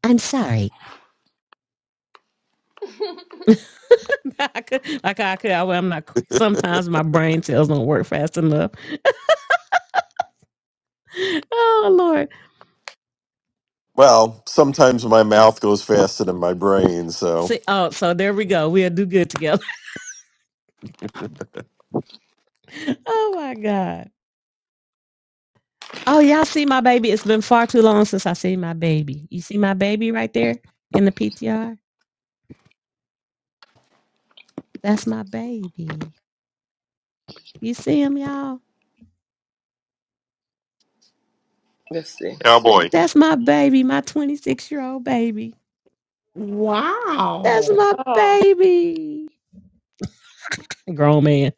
I'm sorry. I could, like I could. I, well, I'm not. Sometimes my brain cells don't work fast enough. Oh Lord. Well, sometimes my mouth goes faster than my brain, so See. Oh, so there we go. We'll do good together. oh my God. Oh, y'all see my baby? It's been far too long since I seen my baby. You see my baby right there in the PTR? That's my baby. You see him, y'all? Let's see. cowboy. That's my baby, my 26 year old baby. That's Wow. my Oh, baby. Grown man.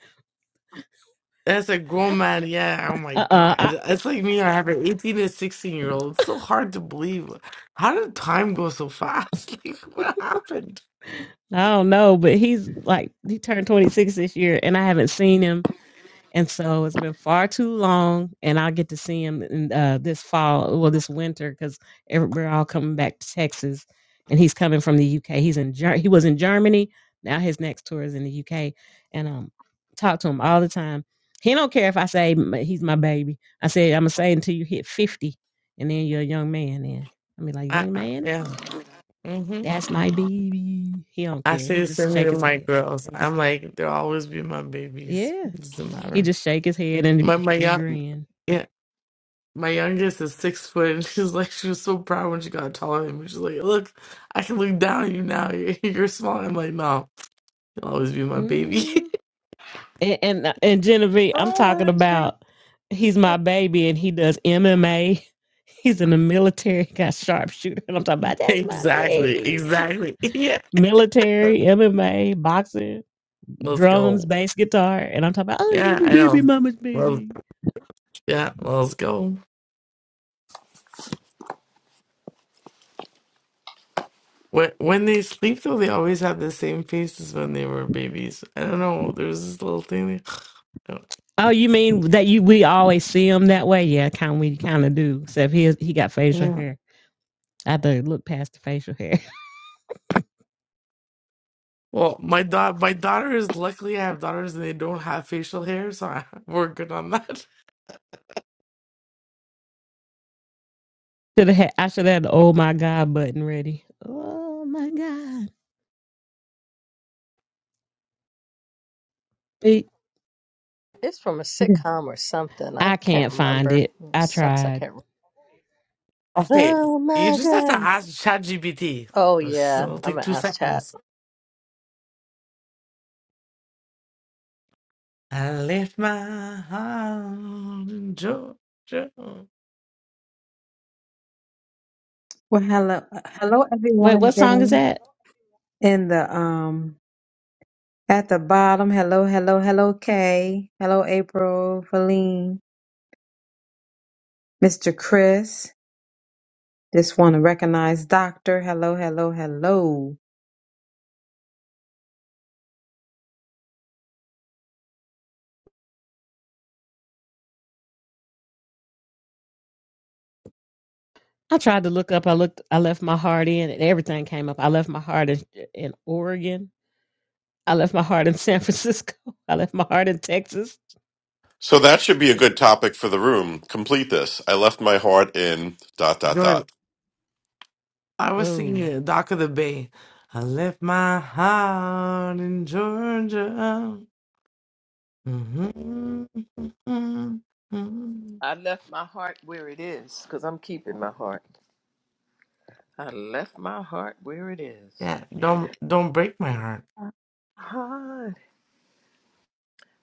That's a grown man, yeah. Oh my Uh uh God. I, It's like me, I have an 18 and 16 year old. It's so hard to believe. How did time go so fast? Like, what happened? I don't know, but he's like, he turned 26 this year, and I haven't seen him And so it's been far too long, and I'll get to see him in, uh, this fall, well, this winter, because we're all coming back to Texas, and he's coming from the UK. He's in Ger- he was in Germany. Now his next tour is in the UK, and um, talk to him all the time. He don't care if I say he's my baby. I say I'm gonna say until you hit fifty, and then you're a young man. Then I mean, like I, young I, man, yeah. hmm that's my baby. He don't I care. say He the just same thing shake to his my head. girls. I'm like, they'll always be my babies. Yeah, It doesn't he matter. just shake his head and My, my and young, grin. yeah, my youngest is six foot, and she's like, she was so proud when she got taller than me. She's like, look, I can look down at you now. You're, you're small. I'm like, no, you'll always be my baby. Mm-hmm. and and, uh, and Genevieve, I'm talking OMG. about he's my baby and he does MMA. He's in the military, got sharpshooter, and I'm talking about that's my Exactly, baby. exactly. Yeah. Military, MMA, boxing, Let's drums, go. bass, guitar, and I'm talking about oh, you Yeah, my I baby, know. mama's Well, baby. yeah, let's go. When when they sleep though, they always have the same faces when they were babies. I don't know. There's this little thing. They... Oh, you mean that you we always see him that way? Yeah, kind we kind of do. Except he is, he got facial Yeah. hair. I had to look past the facial hair. Well, my da- my daughter is luckily I have daughters and they don't have facial hair, so I, we're good on that. Should have had, I should have had the oh my god button ready. Oh my god. It- It's from a Okay. sitcom or something. I I can't can't find remember. it. It I sucks. I tried. can't. remember. Okay, Oh you my just have to god. ask ChatGPT. Oh This- yeah. It'll I'm take gonna two ask chat. seconds. I left my heart in Georgia. Well hello hello Wait, what everyone song is then that? in the um At the bottom, hello, hello, hello, Kay. Hello, April, Feline, Mr. Chris. Just want to recognize Doctor. Hello, hello, hello. I tried to look up. I looked. I left my heart in, and everything came up. I left my heart in, in Oregon. I left my heart in San Francisco. I left my heart in Texas. So that should be a Can- good topic for the room. Complete this. I left my heart in dot dot Georgia. dot. I was singing Oh, it, Dock of the Bay. I left my heart in Georgia. Mhm, mhm, mhm. I left my heart where it is, because I'm keeping my heart. I left my heart where it is. Yeah, don't don't break my heart. Heart.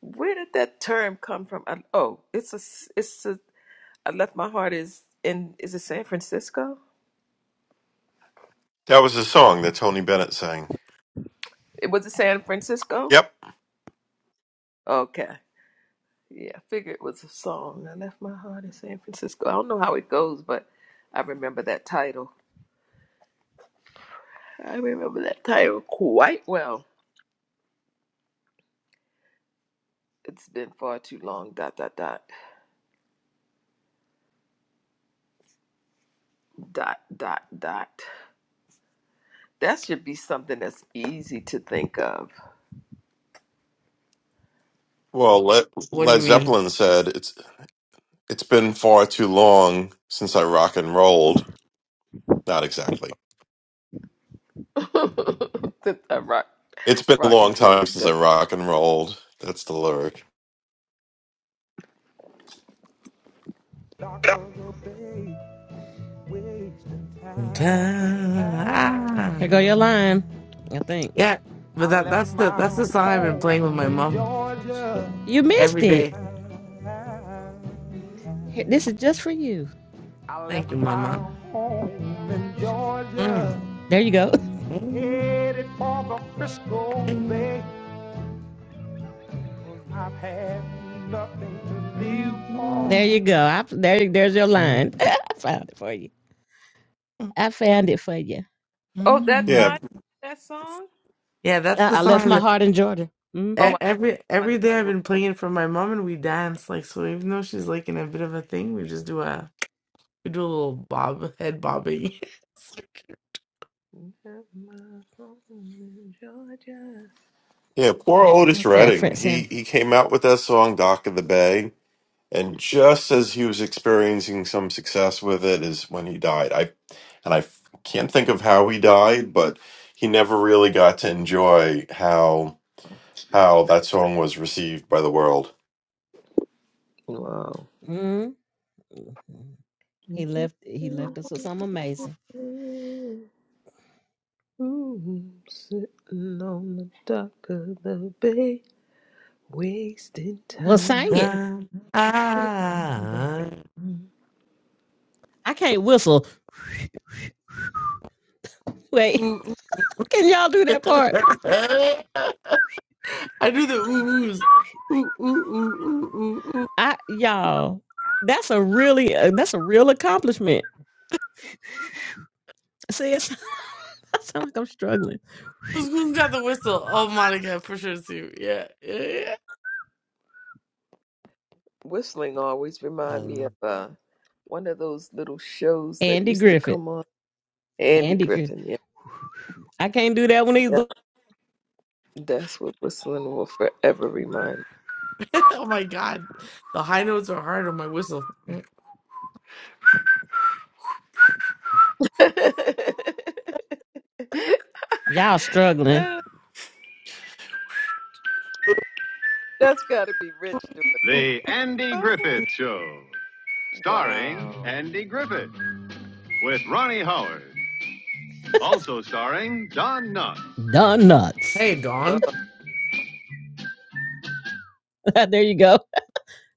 Where did that term come from? I, oh, it's a. it's a, I left my heart is in, is it San Francisco? That was a song that Tony Bennett sang. It was it San Francisco? Yep. Okay. Yeah, I figured it was a song. I left my heart in San Francisco. I don't know how it goes, but I remember that title. I remember that title quite well. It's been far too long. Dot dot dot dot dot dot. That should be something that's easy to think of. Well, Led, What do you Led mean? Zeppelin said it's it's been far too long since I rock and rolled. Not exactly. the, the rock, It's been a rock long and time roll. since I The- rock and rolled. That's the lyric. here go your Time. line. I think Yeah, but that that's the that's the song I've been playing with my mom you missed every it. day. Here- This is just for you. Thank you, Mama. Mm. There you go. There you go. I, there, there's your line. I found it for you. I found it for you. Oh, that Yeah. line, that song. Yeah, that's I, the I left my song heart in Georgia. hmm E- Oh, Every I found every day I've it. been playing it for my mom and we dance like so even though she's like in a bit of a thing we just do a we do a little bob head bobbing. It's Georgia. Yeah, poor Otis What's that? Redding. Fred He Sanford. he came out with that song Dock of the Bay and just as he was experiencing some success with it is when he died. I. and I f- can't think of how he died, but he never really got to enjoy how how that song was received by the world. Wow. hmm He Mm, left he left us with something amazing. Sitting on the dock of the bay, wasting Well, sing it. time. like, ah, ah, I can't whistle. Wait, ooh, ooh. can y'all do that part? I do the ooh oohs. Ooh ooh ooh ooh ooh ooh. I y'all, that's a really uh, that's a real accomplishment. See, it's, I sound like I'm struggling. Who's who's got the whistle? Oh Monica for sure too. Yeah yeah yeah. Whistling always remind me Um, of uh, one of those little shows that Andy used to Griffith. come on. Andy Andy can. Griffin, yeah, I can't do that one yeah. either. That's what whistling will forever remind oh my God, the high notes are hard on my whistle. Mm, me. Y'all struggling. That's got to be Rich doing that. The Andy Oh, Griffith Show, starring wow. Andy Griffith with Ronnie Howard, also starring Don Knotts. Don nuts. Hey Wow. Dawn. Oh, there you go.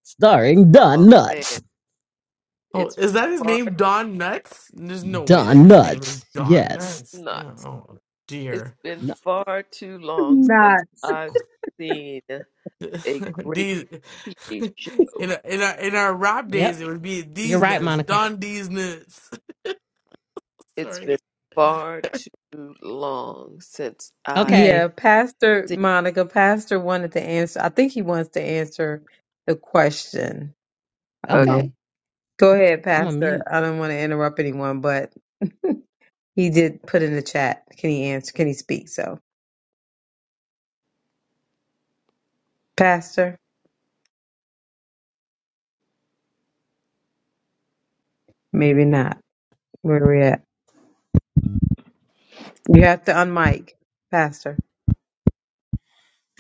Starring oh, Don man. Nuts. Oh, It's is that his far name, too Don Nuts? There's no way that Don his name is Nuts. Don Yes. Nuts. Yeah, nuts. oh It's dear. been No. far too long since Nuts. I've seen a great these TV in show. our- in our in our rap days, Yep. it would be You're these right, nuts, Monica. Don these nuts. It's been Sorry. far too long since I've Okay. Yeah, Pastor seen Monica, Pastor wanted to answer. I think he wants to answer the question. a con- Okay. Um, Go ahead, I'm on Pastor. mute. I don't want to interrupt anyone, but he did put in the chat. Can he answer? Can he speak? So, Pastor, maybe not. Where we at? You have to unmic, Pastor.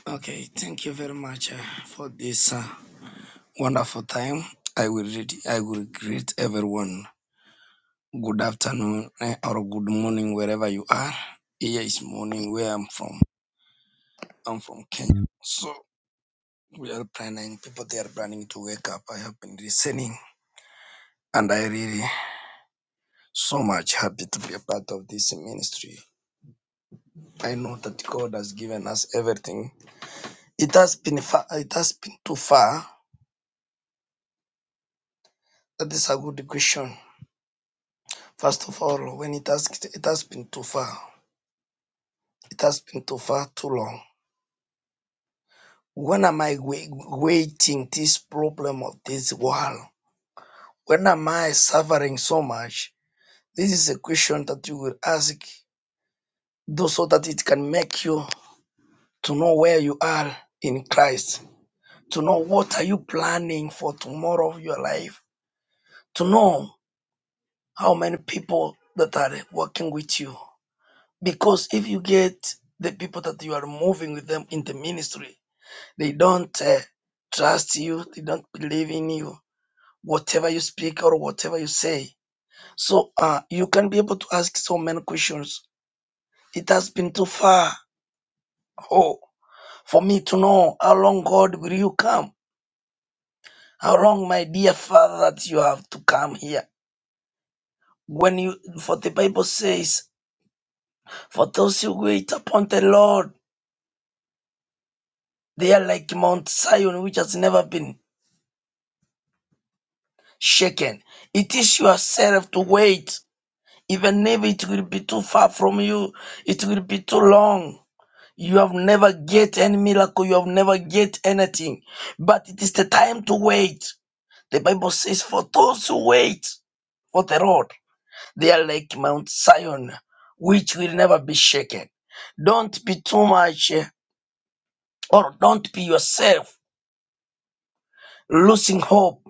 Okay, thank you very much uh, for this uh, wonderful time. I will read, I will greet everyone. Good afternoon eh, or good morning wherever you are. Here is morning where I'm from. I'm from Kenya. So we are planning people they are planning to wake up. I have been listening and I really so much happy to be a part of this ministry. I know that God has given us everything. It has been far it has been too far. That is a good question. First of all, when it has it has been too far, it has been too far too long. When am I wai- waiting this problem of this world? When am I suffering so much? This is a question that you will ask, though, so that it can make you to know where you are in Christ, to know what are you planning for tomorrow of your life, to know how many people that are working with you. Because if you get the people that you are moving with them in the ministry, They don't uh, trust you. They don't believe in you. Whatever you speak or whatever you say. So uh, you can be able to ask so many questions. It has been too far oh, for me to know how long, God, will you come? How long, my dear Father, that you have to come here? When you, for the Bible says, for those who wait upon the Lord, they are like Mount Zion, which has never been shaken. It is yourself to wait Even if it will be too far from you, it will be too long. You have never get any miracle, you have never get anything. But it is the time to wait. The Bible says, For those who wait for the Lord, they are like Mount Zion, which will never be shaken. Don't be too much eh, or don't be yourself losing hope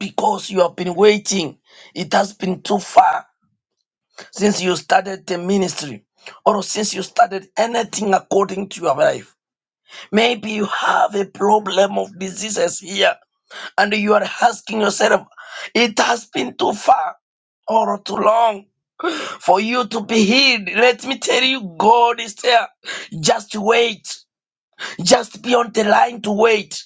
because you have been waiting. It has been too far since you started the ministry or since you started anything according to your life. Maybe you have a problem of diseases here and you are asking yourself, it has been too far or too long for you to be healed. Let me tell you, God is there. Just wait. Just be on the line to wait.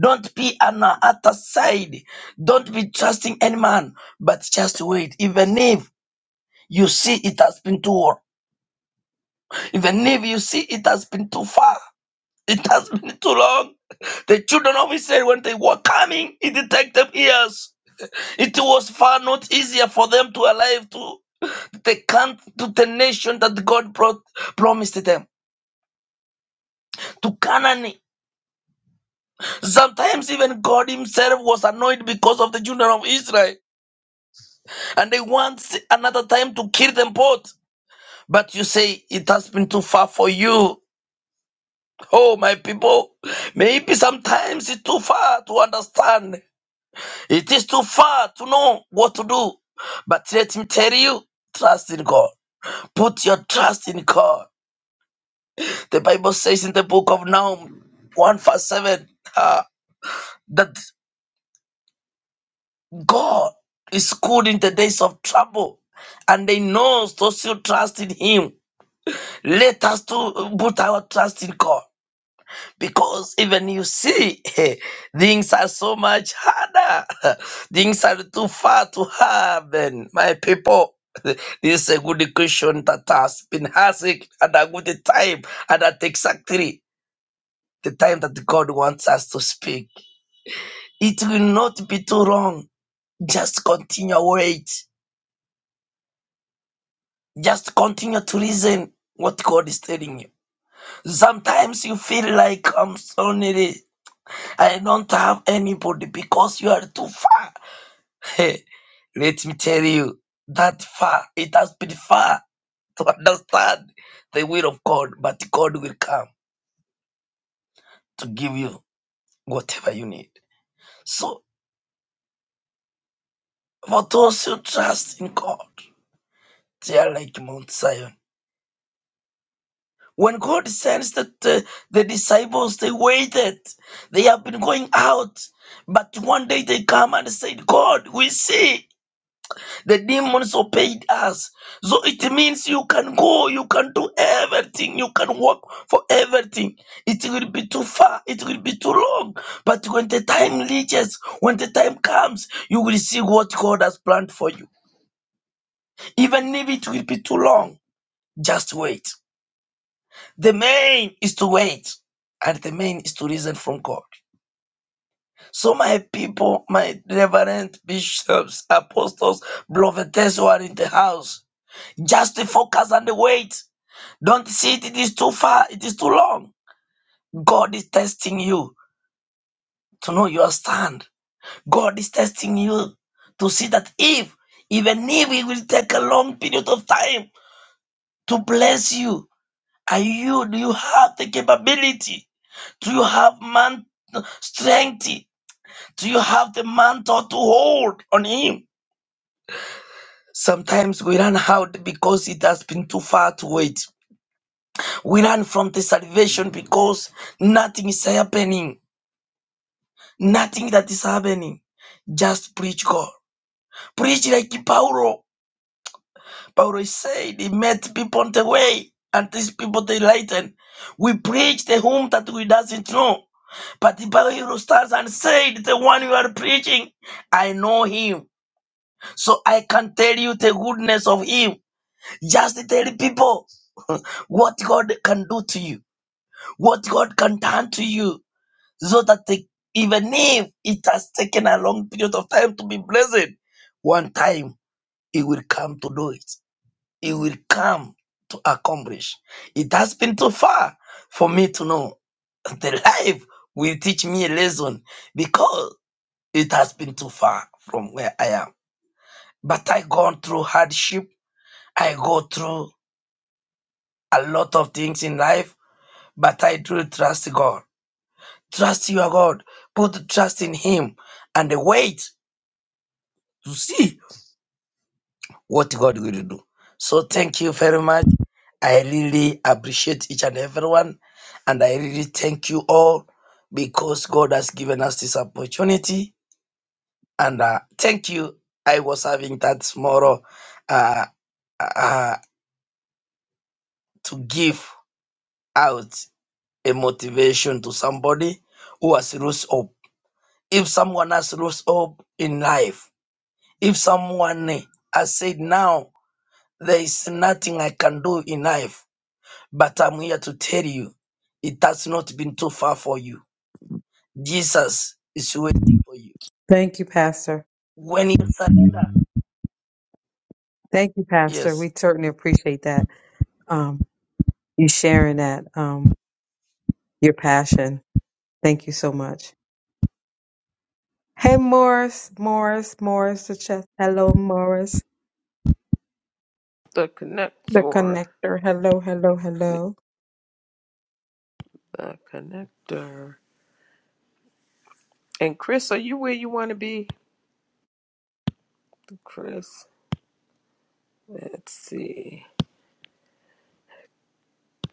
Don't be on the other side. Don't be trusting any man, but just wait. Even if you see it has been too Even if you see it has been too far, it has been too long. The children of Israel, when they were coming, it took them years. It was far not easier for them to arrive to the country, to the nation that God brought, promised them, to Canaan. Sometimes even God Himself was annoyed because of the children of Israel, and they want another time to kill them both. But you say it has been too far for you. Oh, my people, maybe sometimes it's too far to understand It is too far to know what to do. But let me tell you, trust in God. Put your trust in God. The Bible says in the book of Nahum 1 verse 7 uh, that God is good in the days of trouble. And they knows those who trust in Him. Let us to put our trust in God. because even you see things are so much harder things are too far to happen my people this is a good question that has been asked at a good time and at exactly the time that god wants us to speak it will not be too long just continue wait just continue to listen what god is telling you sometimes you feel like i'm so needy i don't have anybody because you are too far Hey, Let me tell you, that far, it has been far to understand the will of God, but God will come to give you whatever you need. So, for those who trust in God, they are like Mount Zion. When God sends the, the, the disciples, they waited. They have been going out, but one day they come and said, God, we see. The demons obeyed us. So it means you can go, you can do everything, you can work for everything. It will be too far, it will be too long. But when the time reaches, when the time comes, you will see what God has planned for you. Even if it will be too long, just wait. The main is to wait, and the main is to listen from God. So, my people, my reverend bishops, apostles, prophets who are in the house, Just focus on the wait. Don't see it, it is too far, it is too long. God is testing you to know your stand. God is testing you to see that if, even if it will take a long period of time to bless you, are you, do you have the capability? Do you have man strength? Do you have the mantle to hold on Him? Sometimes we run out because it has been too far to wait. We run from the salvation because nothing is happening. Nothing that is happening. Just preach God. Preach like Paulo. Paulo said he met people on the way and these people they lighten. We preach the whom that we doesn't know. But the Paulo stands and said, the one you are preaching, I know him. So I can tell you the goodness of him. Just tell people what God can do to you. What God can turn to you so that they, even if it has taken a long period of time to be blessed, one time it will come to do it. It will come to accomplish. It has been too far for me to know. The life will teach me a lesson because it has been too far from where I am. But I gone through hardship. I go through a lot of things in life, but I do trust God. Trust your God. Put trust in Him and wait to see what God will do. So thank you very much. I really appreciate each and everyone, and I really thank you all because God has given us this opportunity. And uh, thank you. I was having that tomorrow uh, uh, uh, to give out a motivation to somebody who has rose up. If someone has rose up in life, if someone has said, "Now there is nothing I can do in life," But I'm here to tell you, it has not been too far for you. Jesus is waiting for you. Thank you, Pastor. When you surrender, Thank you, Pastor. yes. We certainly appreciate that. Um, you sharing that, um, your passion. Thank you so much. Hey, Morris, Morris, Morris, the chest. Hello, Morris, the the connector. connector. Hello, hello, The hello. the connector. And Chris, are you where you want to be? Chris, let's see.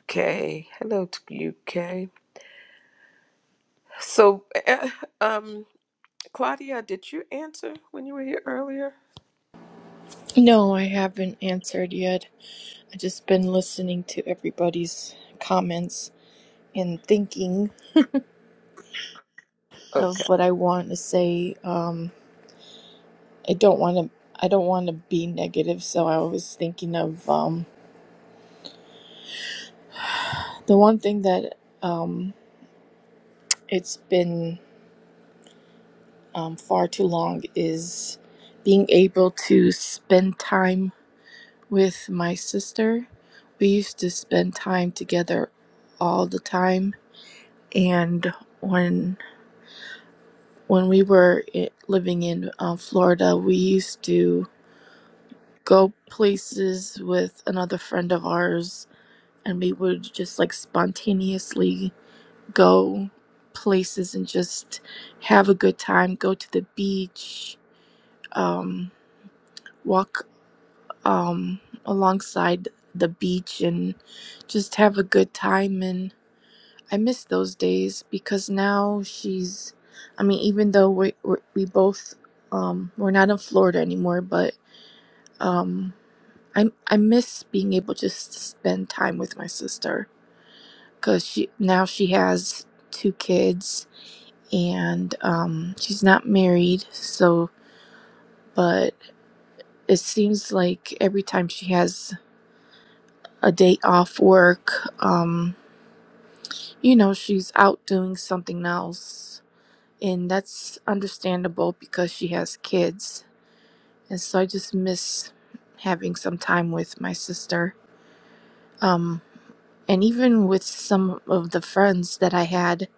Okay, hello to you, Kay. So, eh, um, Claudia, did you answer when you were here earlier? No, I haven't answered yet. I've just been listening to everybody's comments and thinking of what I want to say. Um, I don't want to. I don't want to be negative, so I was thinking of um, the one thing that um, it's been um, far too long is being able to spend time with my sister. We used to spend time together all the time, and when when we were i- living in um, Florida, we used to go places with another friend of ours, and we would just like spontaneously go places and just have a good time, go to the beach, um, walk um, alongside the beach, and just have a good time. and. I miss those days because now she's, I mean, even though we we we both um we're not in Florida anymore, but um I I miss being able just to spend time with my sister because she now she has two kids and um she's not married, so but it seems like every time she has a day off work, um you know she's out doing something else and that's understandable because she has kids and so i just miss having some time with my sister um and even with some of the friends that i had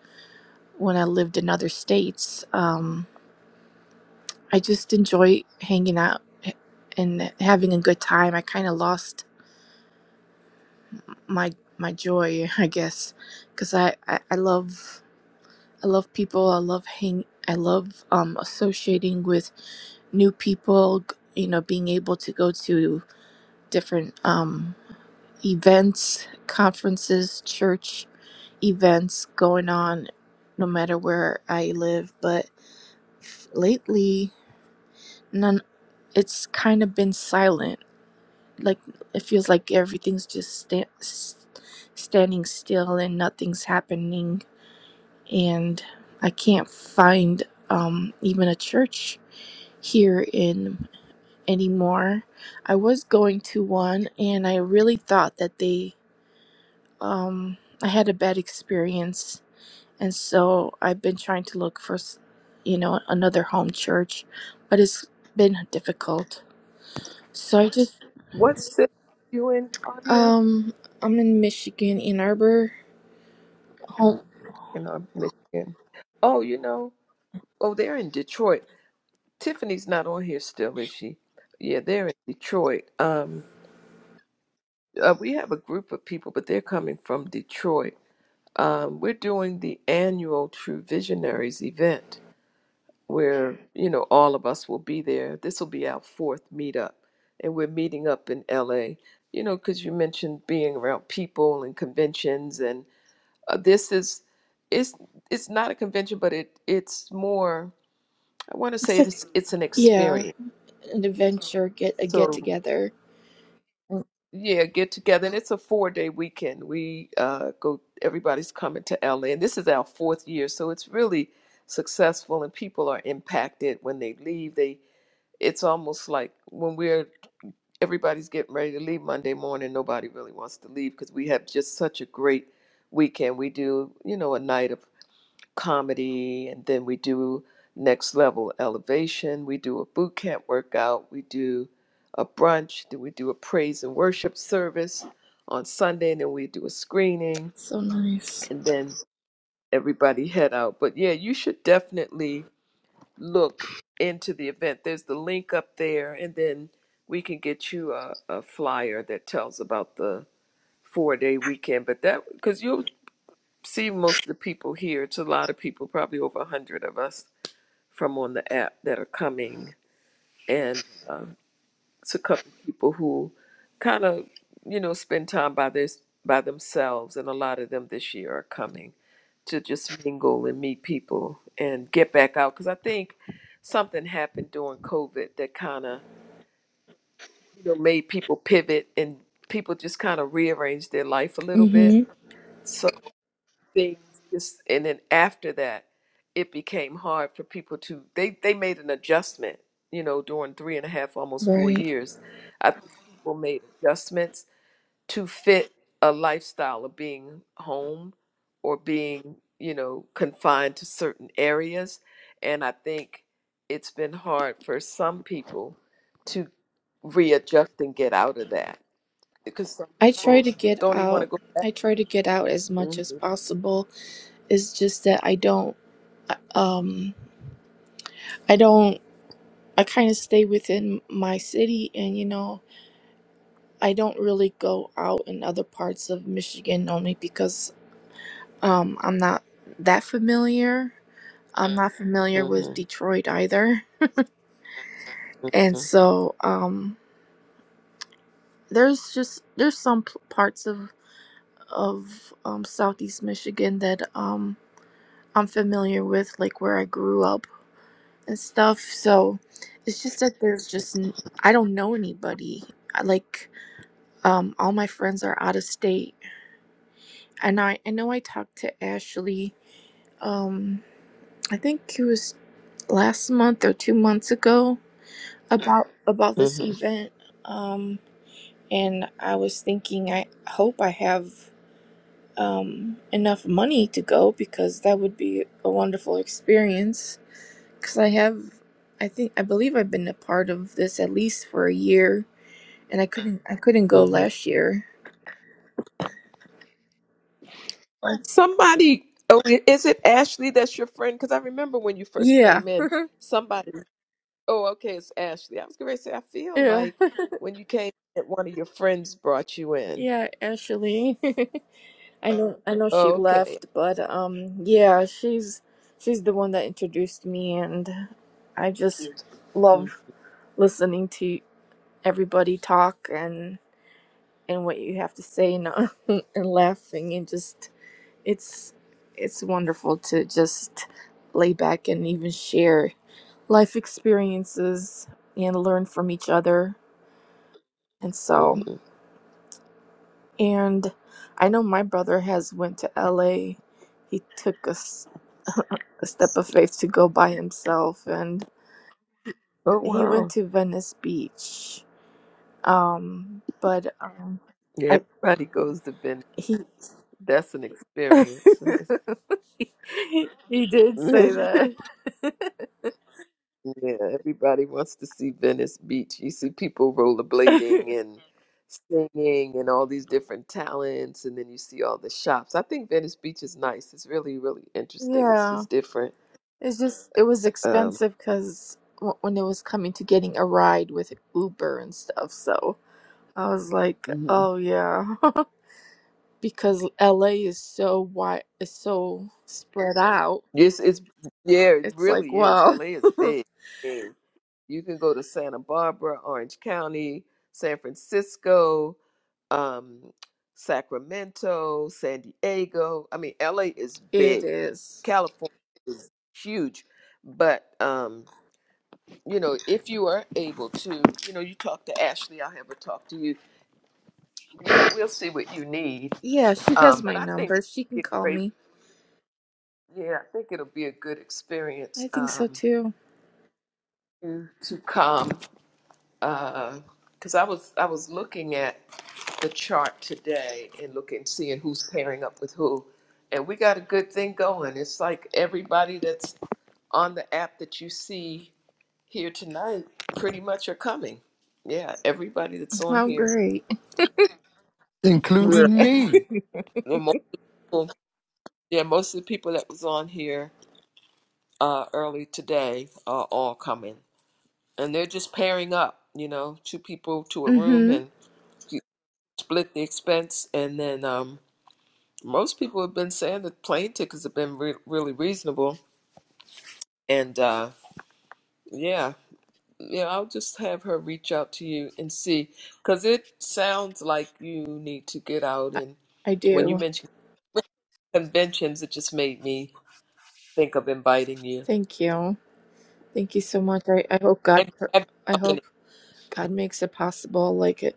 when i lived in other states um i just enjoy hanging out and having a good time i kind of lost my my joy i guess because I, I i love I love people. I love hang. I love um, associating with new people. g- You know, being able to go to different um, events, conferences, church events going on, no matter where I live. But lately, none. It's kind of been silent. Like it feels like everything's just sta- s- standing still and nothing's happening and I can't find um, even a church here in anymore. I was going to one, and I really thought that they, um, I had a bad experience, and so I've been trying to look for, s- you know, another home church, but it's been difficult. So I just, What city you in, Claudia? um, I'm in Michigan, Ann Arbor, home. In uh, Michigan. Oh, you know, oh, they're in Detroit. Tiffany's not on here still, is she? Yeah, they're in Detroit. Um, uh, we have a group of people, but they're coming from Detroit. Um, we're doing the annual True Visionaries event where, you know, all of us will be there. This will be our fourth meetup, and we're meeting up in LA, you know, because you mentioned being around people and conventions and. uh, this is it's it's not a convention but it it's more i want to It's say like it's it's an yeah, experience an adventure, get a get so together. yeah get together and it's a four day weekend we uh go everybody's coming to la and this is our fourth year so it's really successful and people are impacted when they leave they it's almost like when we're everybody's getting ready to leave monday morning nobody really wants to leave because we have just such a great weekend we do you know a night of comedy, and then we do next level elevation. We do a boot camp workout. We do a brunch. Then we do a praise and worship service on Sunday, and then we do a screening, So nice. and then everybody head out. But yeah, you should definitely look into the event. There's the link up there, and then we can get you a, a flyer that tells about the four day weekend. But that because you'll see most of the people here. It's a lot of people, probably over a hundred of us from on the app that are coming, and uh, it's a couple people who kind of you know spend time by this by themselves, and a lot of them this year are coming to just mingle and meet people and get back out because I think something happened during COVID that kind of you know made people pivot and people just kind of rearranged their life a little bit. Mm-hmm. So things just and then after that it became hard for people to they they made an adjustment you know during three and a half almost four Right. years i think people made adjustments to fit a lifestyle of being home or being you know confined to certain areas and i think it's been hard for some people to readjust and get out of that because some I try people to get don't even want to out. go I try to get out as much as Mhm, possible. It's just that I don't, uh, um, I don't, I kind of stay within my city and, you know, I don't really go out in other parts of Michigan only because, um, I'm not that familiar. I'm not familiar with Detroit either. mhm, And so, um, there's just, there's some p- parts of, of, um, Southeast Michigan that, um. I'm familiar with, like where I grew up and stuff. So it's just that there's just n- I don't know anybody. I, like um, all my friends are out of state, and I I know I talked to Ashley. Um, I think it was last month or two months ago about about this mhm. event. Um, and I was thinking I hope I have um enough money to go because that would be a wonderful experience because I have, I think I believe I've been a part of this at least for a year, and I couldn't I couldn't go hmm last year. Like, Somebody, oh, i- is it Ashley that's your friend? Because I remember when you first yeah, came in, somebody, oh, okay, it's Ashley. I was going to say, I feel yeah, like when you came in, one of your friends brought you in. yeah. Actually, I know I know she Oh, okay. left, but um, yeah, she's she's the one that introduced me, and I just mm love listening to everybody talk and and what you have to say and and laughing and just It's it's wonderful to just lay back and even share life experiences and learn from each other. And so, mhm. and I know my brother has went to LA. He took a, s- a step of faith to go by himself and Oh, he went wow. to Venice Beach. Um, but um, Yeah, I everybody goes to Ben. he That's an experience. he did say that. yeah, everybody wants to see Venice Beach. You see people rollerblading and singing and all these different talents, and then you see all the shops. I think Venice Beach is nice. It's really, really interesting. It's yeah. just different. It's just it was Um, expensive because when it was coming to getting a ride with Uber and stuff, so I was like, mhm. oh yeah, because LA is so wide, is so spread out. It's it's yeah, it It's like, really is. well, LA is big. And you can go to Santa Barbara, Orange County, San Francisco, um, Sacramento, San Diego. I mean, LA is it big. is. California is huge. But um, you know, if you are able to, you know, you talk to Ashley, I'll have her talk to you. We'll, we'll see what you need. Yeah, she Um, has but my I think number. She can it'd be a call great me. yeah, I think it'll be a good I experience. think so Um, too. to come because I was I was looking at the chart today and looking seeing who's pairing up with who, and we got a good thing going. It's like everybody that's on the app that you see here tonight pretty much are coming. Yeah, everybody that's on Oh, here. great. Yeah. including me. The most, yeah, most of the people that was on here uh, early today are all coming, and they're just pairing up. You know, two people to a room Mm-hmm. and. split the expense. And then um, most people have been saying that plane tickets have been re- really reasonable. And uh, yeah, yeah, I'll just have her reach out to you and see, because it sounds like you need to get out. I, And I when you do. mentioned conventions, it just made me think of inviting you. Thank you. Thank you so much. I, I hope God. And pr- have I company. hope. God makes it possible, like it,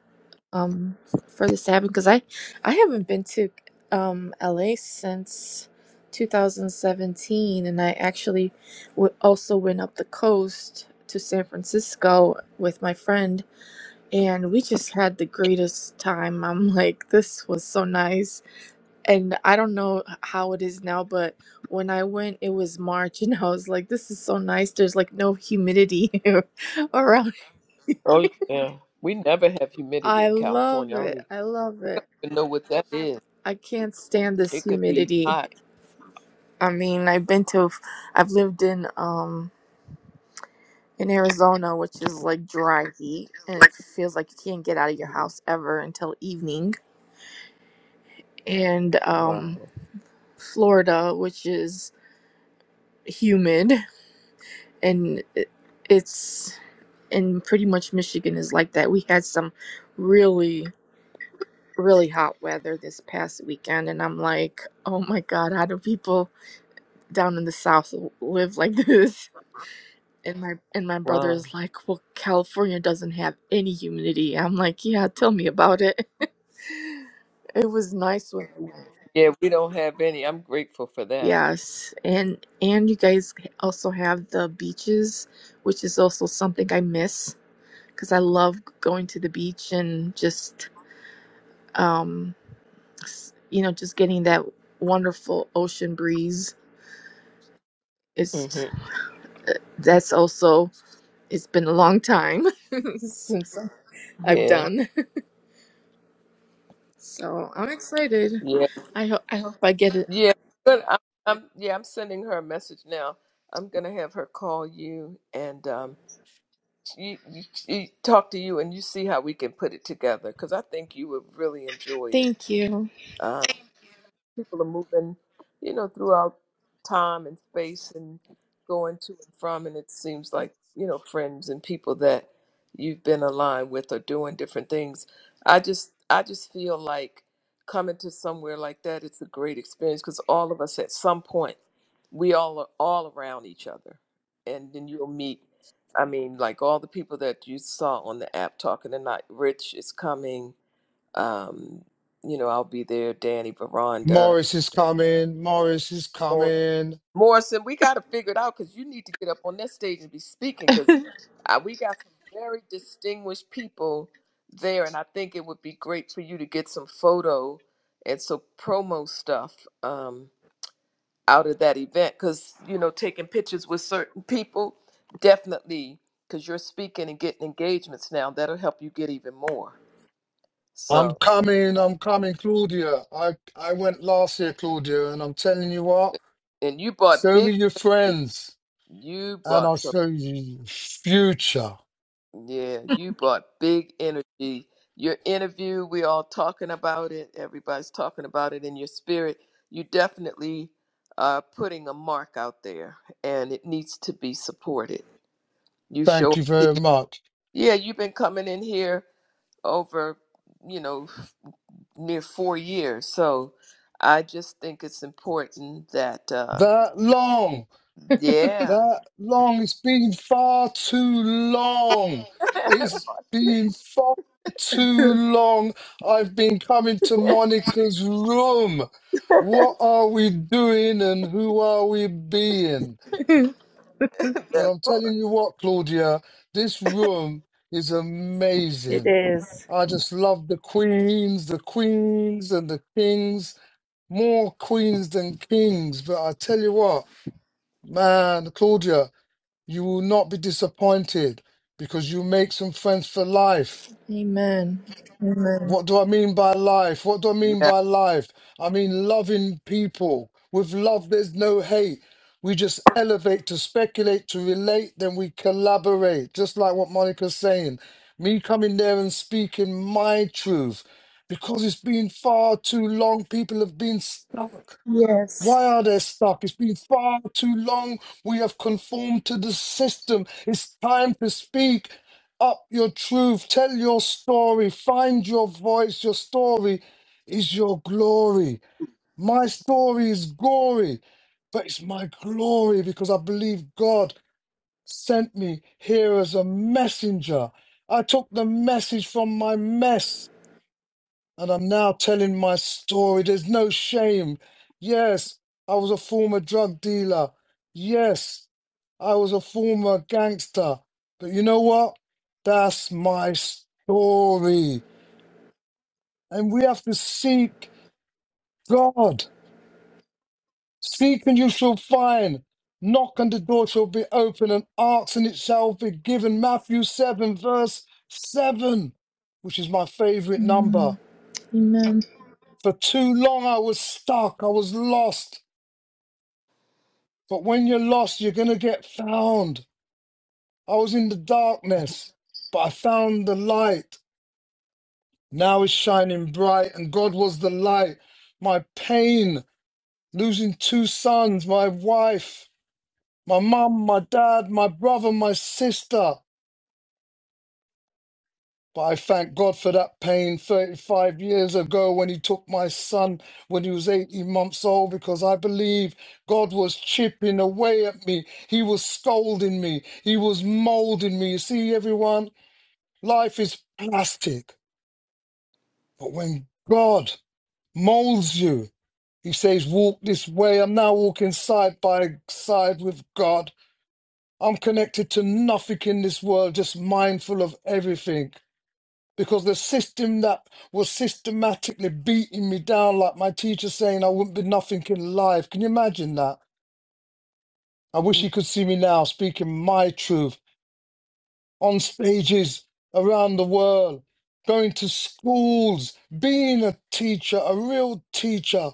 um, for this to happen. Because I, I haven't been to um, LA since 2017, and I actually w- also went up the coast to San Francisco with my friend, and we just had the greatest time. I'm like, this was so nice, and I don't know how it is now, but when I went, it was March, and I was like, this is so nice. There's like no humidity around oh yeah, we never have humidity I in love California. I it. don't I love it. even know what that is. I can't stand this It could be humidity. hot. I mean, I've been to, I've lived in um in Arizona, which is like dry heat, and it feels like you can't get out of your Mhm. house ever until evening. And um, Wow, Florida, which is humid, and it, it's and pretty much Michigan is like that. We had some really really hot weather this past weekend, and I'm like, oh my god, how do people? down in the south live like this and my and my brother wow. is like well california doesn't have any humidity i'm like yeah tell me about it it was nice when I went. Yeah, we don't have any. I'm grateful for that. yes and and you guys also have the beaches which is also something i miss because i love going to the beach and just um s- you know just getting that wonderful ocean breeze it's hmm uh, that's also it's been a long time since I've Yeah, done. So I'm excited. yeah, I hope I hope I get it. yeah. But I'm, I'm, yeah, I'm sending her a message now. I'm gonna have her call you and um, she, you, she talk to you, and you see how we can put it together. Because I think you would really enjoy it. Thank you. Um, people are moving, you know, throughout time and space and going to and from. And it seems like, you know, friends and people that you've been aligned with are doing different things. I just, I just feel like coming to somewhere like that, it's a great experience because all of us at some point, we all are all around each other. And then you'll meet, I mean, like all the people that you saw on the app talking tonight. Rich is coming. Um, you know, I'll be there. Danny, Veranda, Morris is coming. Morris is Morris. coming. Morrison, we got to figure it out because you need to get up on that stage and be speaking because uh, we got some very distinguished people there, and I think it would be great for you to get some photo and some promo stuff um, out of that event because you know taking pictures with certain people definitely because you're speaking and getting engagements now that'll help you get even more. I'm So, coming. I'm coming, Claudia. I I went last year, Claudia, and I'm telling you what. and you bought Show me big, your friends, you and I'll bought some. show you your future. Yeah, you brought big energy. Your interview, we all talking about it. Everybody's talking about it in your spirit. You definitely are putting a mark out there, and it needs to be supported. You show Thank up you very here. much. Yeah, you've been coming in here over, you know, near four years. So I just think it's important that, uh, That long. yeah. that long. It's been far too long. It's been far too long. I've been coming to That Monica's room. part. What are we doing and who are we being? Well, That I'm part. telling you what, Claudia, this room is It amazing. is. I just love the queens, the queens and the kings, more queens than kings. But I tell you what, man, Claudia, you will not be disappointed because you make some friends for life. Amen. Amen. What do I mean by life? What do I mean Yeah. by life? I mean loving people. With love, there's no hate. We just elevate to speculate, to relate, then we collaborate. Just like what Monica's saying. Me coming there and speaking my truth because it's been far too long. People have been stuck. Yes. Why are they stuck? It's been far too long. We have conformed to the system. It's time to speak up your truth. Tell your story. Find your voice. Your story is your glory. My story is gory, but it's my glory because I believe God sent me here as a messenger. I took the message from my mess and I'm now telling my story. There's no shame. Yes, I was a former drug dealer. Yes, I was a former gangster. But you know what? That's my story. And we have to seek God. Seek and you shall find. Knock and the door shall be open, and ask and it shall be given. Matthew 7, verse 7, which is my favorite number. Mm, amen. For too long I was stuck, I was lost. But when you're lost, you're going to get found. I was in the darkness, but I found the light. Now it's shining bright, and God was the light. My pain, losing two sons, my wife, my mum, my dad, my brother, my sister. But I thank God for that pain 35 years ago when he took my son when he was 18 months old because I believe God was chipping away at me. He was scolding me. He was molding me. You see, everyone, life is plastic. But when God molds you, he says, walk this way. I'm now walking side by side with God. I'm connected to nothing in this world, just mindful of everything. because the system that was systematically beating me down, like my teacher saying I wouldn't be nothing in life. Can you imagine that? I wish you could see me now speaking my truth on stages around the world, going to schools, being a teacher, a real teacher,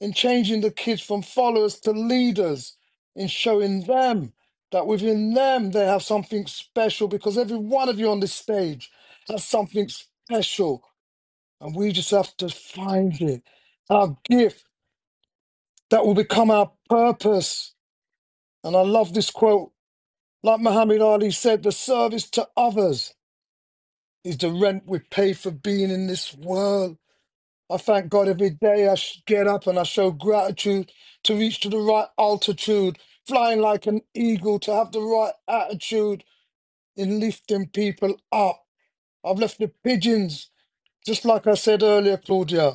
and changing the kids from followers to leaders, and showing them that within them they have something special because every one of you on this stage has something special And we just have to find it, our gift that will become our purpose. And I love this quote. Like Muhammad Ali said, the service to others is the rent we pay for being in this world. I thank God every day I sh- get up and I show gratitude to reach to the right altitude, flying like an eagle, to have the right attitude in lifting people up. I've left the pigeons, just like I said earlier, Claudia.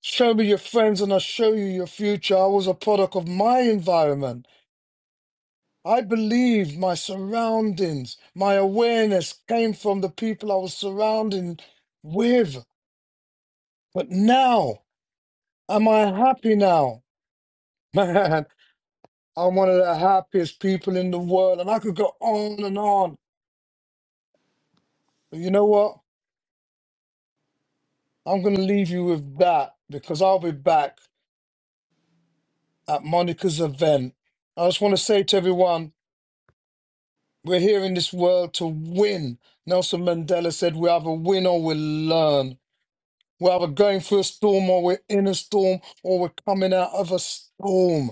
Show me your friends and I'll show you your future. I was a product of my environment. I believe my surroundings, my awareness came from the people I was surrounding with. But now, am I happy now? Man, I'm one of the happiest people in the world. And I could go on and on. But you know what? I'm going to leave you with that because I'll be back at Monica's event. I just want to say to everyone, We're here in this world to win. Nelson Mandela said, We either win or we learn. We're either going through a storm or we're in a storm or we're coming out of a storm.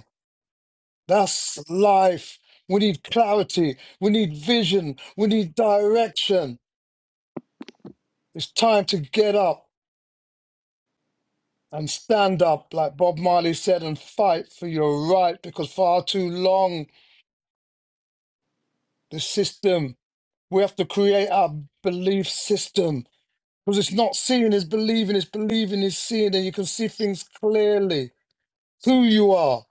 That's life. We need clarity. We need vision. We need direction. It's time to get up and stand up, like Bob Marley said, and fight for your right because far too long, the system, we have to create our belief system Because it's not seeing is believing, it's believing is seeing, and you can see things clearly. Who you are.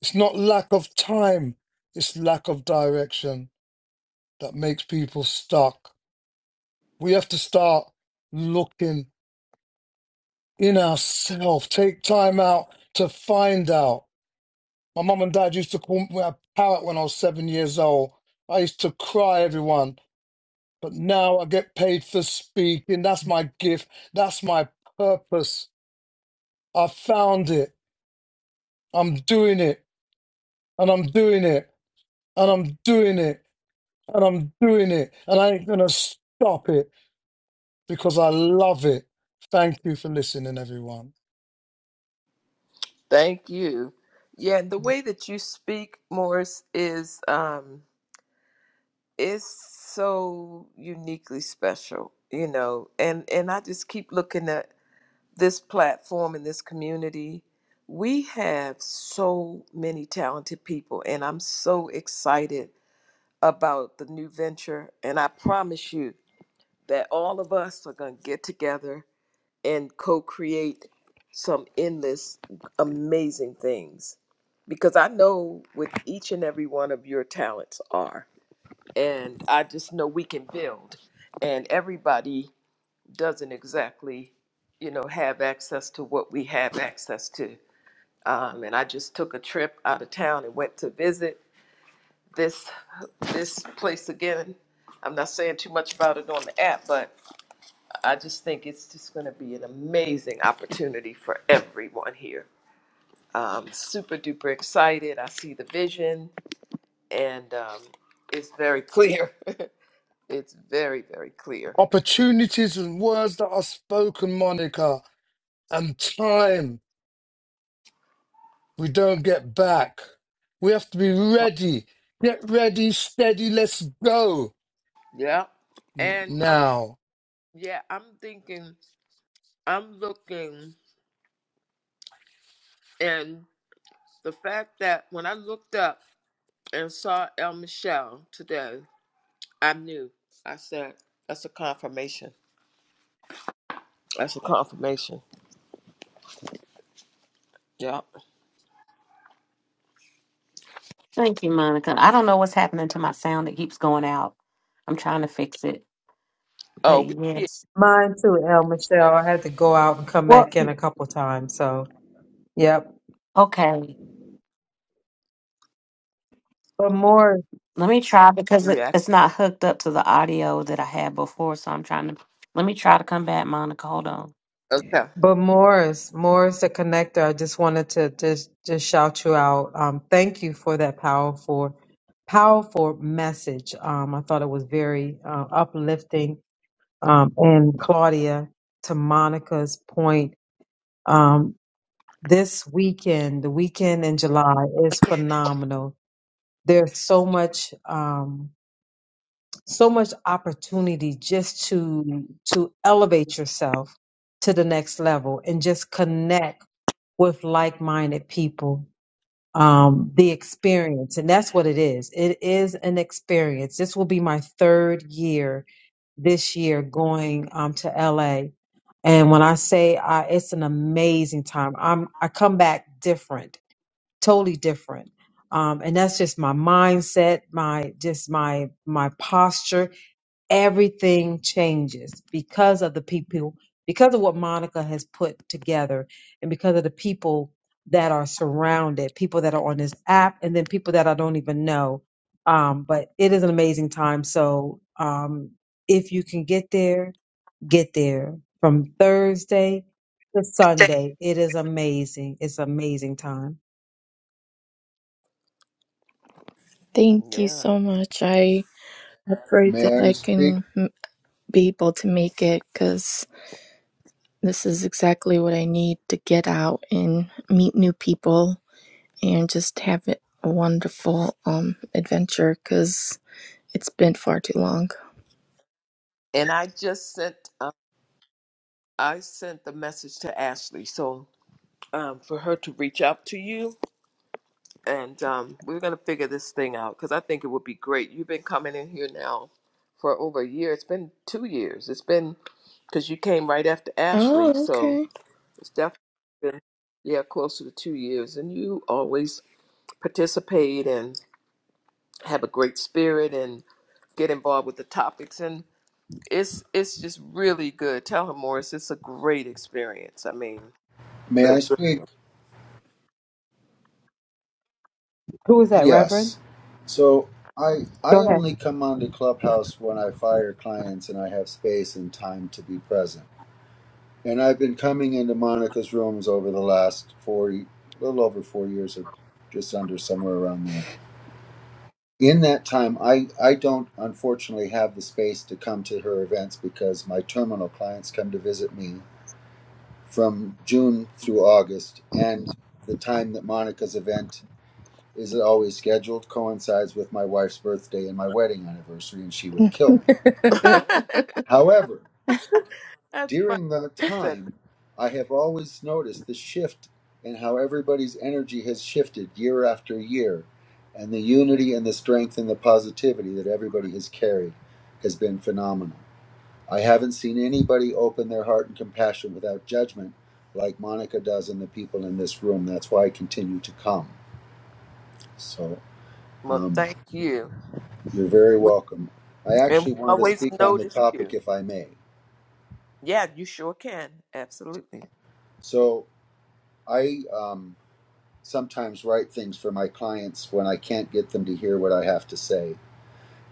It's not lack of time, it's lack of direction that makes people stuck. We have to start looking in ourselves, take time out to find out. My mum and dad used to call me a parrot when I was seven years old. I used to cry, everyone, but now I get paid for speaking. That's my gift, that's my purpose. I found it. I'm doing it, and I'm doing it, and I'm doing it, and I'm doing it, and I ain't gonna stop it because I love it. Thank you for listening, everyone. Thank you. Yeah, the way that you speak, Morris, is um is so uniquely special, you know. And and I just keep looking at this platform and this community. We have so many talented people, and I'm so excited about the new venture. And I promise you that all of us are gonna get together and co-create some endless amazing things because i know what each and every one of your talents are and i just know we can build and everybody doesn't exactly you know have access to what we have access to um, and i just took a trip out of town and went to visit this this place again i'm not saying too much about it on the app but I just think it's just going to be an amazing opportunity for everyone here. Um, super duper excited. I see the vision, and um, it's very clear. it's very very clear. Opportunities and words that are spoken, Monica. and time we don't get back. We have to be ready. Get ready, steady. Let's go Yeah, N- and um, now. yeah, I'm thinking, I'm looking, and the fact that when I looked up and saw El Michelle today, I knew. I said, "That's a confirmation. That's a confirmation." Yeah. Thank you, Monica. I don't know what's happening to my sound. It keeps going out. I'm trying to fix it. Oh, But we here. yes. Mine too, El Michelle. I had to go out and come Well, back in a couple times. So, yep. okay. But Morris. Let me try because it, Yeah. it's not hooked up to the audio that I had before. So I'm trying to. Let me try to come back, Monica. Hold on. Okay. But Morris, Morris, the connector, I just wanted to just just shout you out. Um, thank you for that powerful, powerful message. Um, I thought it was very uh, uplifting. Um, and Claudia, to Monica's point, um, this weekend, the weekend in July is phenomenal. There's so much, um, so much opportunity just to to elevate yourself to the next level and just connect with like-minded people um the experience and that's what it is it is an experience this will be my third year this year going um to la and when i say I, it's an amazing time i'm i come back different totally different um and that's just my mindset my just my my posture everything changes because of the people, because of what Monica has put together, and because of the people that are surrounded, people that are on this app, and then people that I don't even know. Um, but it is an amazing time. So um, if you can get there, get there from Thursday to Sunday. It is amazing. It's amazing time. Thank you Yeah. so much. I I pray May that I I speak? can m- be able to make it because this is exactly what I need to get out and meet new people and just have it a wonderful um adventure because it's been far too long. And I just sent uh, I sent the message to Ashley, so um, for her to reach out to you, and um, we're gonna figure this thing out because I think it would be great. You've been coming in here now for over a year. It's been two years. It's been because you came right after Ashley, Oh, okay. so it's definitely been yeah closer to two years. And you always participate and have a great spirit and get involved with the topics. and. it's it's just really good. Tell her Morris, it's a great experience. I mean, May but- I speak? Who is that, Reverend? Yes. So I Go I ahead. only come onto Clubhouse when I fire clients and I have space and time to be present. And I've been coming into Monica's rooms over the last four, a little over four years, or just under somewhere around there. In that time, I I don't unfortunately have the space to come to her events because my terminal clients come to visit me from June through August, and the time that Monica's event is always scheduled coincides with my wife's birthday and my wedding anniversary, and she would kill me. However, that's funny. during that He said that. time, I have always noticed the shift in how everybody's energy has shifted year after year, and the unity and the strength and the positivity that everybody has carried has been phenomenal. I haven't seen anybody open their heart and compassion without judgment like Monica does and the people in this room. That's why I continue to come. So, Well, um, thank you, You're very We- welcome. I and we actually wanted to always speak on the notice you. topic, if I may. Yeah, you sure can. Absolutely. So, I um, sometimes write things for my clients when I can't get them to hear what I have to say.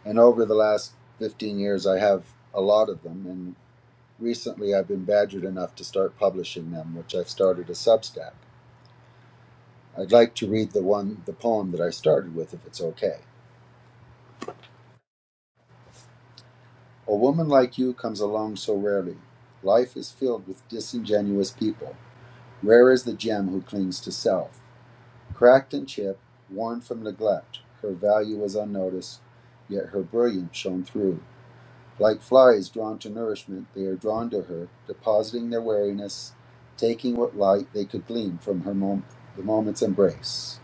And over the last 15 years, I have a lot of them. And recently, I've been badgered enough to start publishing them, which I've started a Substack. I'd like to read the one, the poem that I started with, if it's okay. A woman like you comes along so rarely. Life is filled with disingenuous people. Rare is the gem who clings to self. Cracked and chipped, worn from neglect, her value was unnoticed, yet her brilliance shone through. Like flies drawn to nourishment, they are drawn to her, depositing their wariness, taking what light they could glean from her mom- the moment's embrace.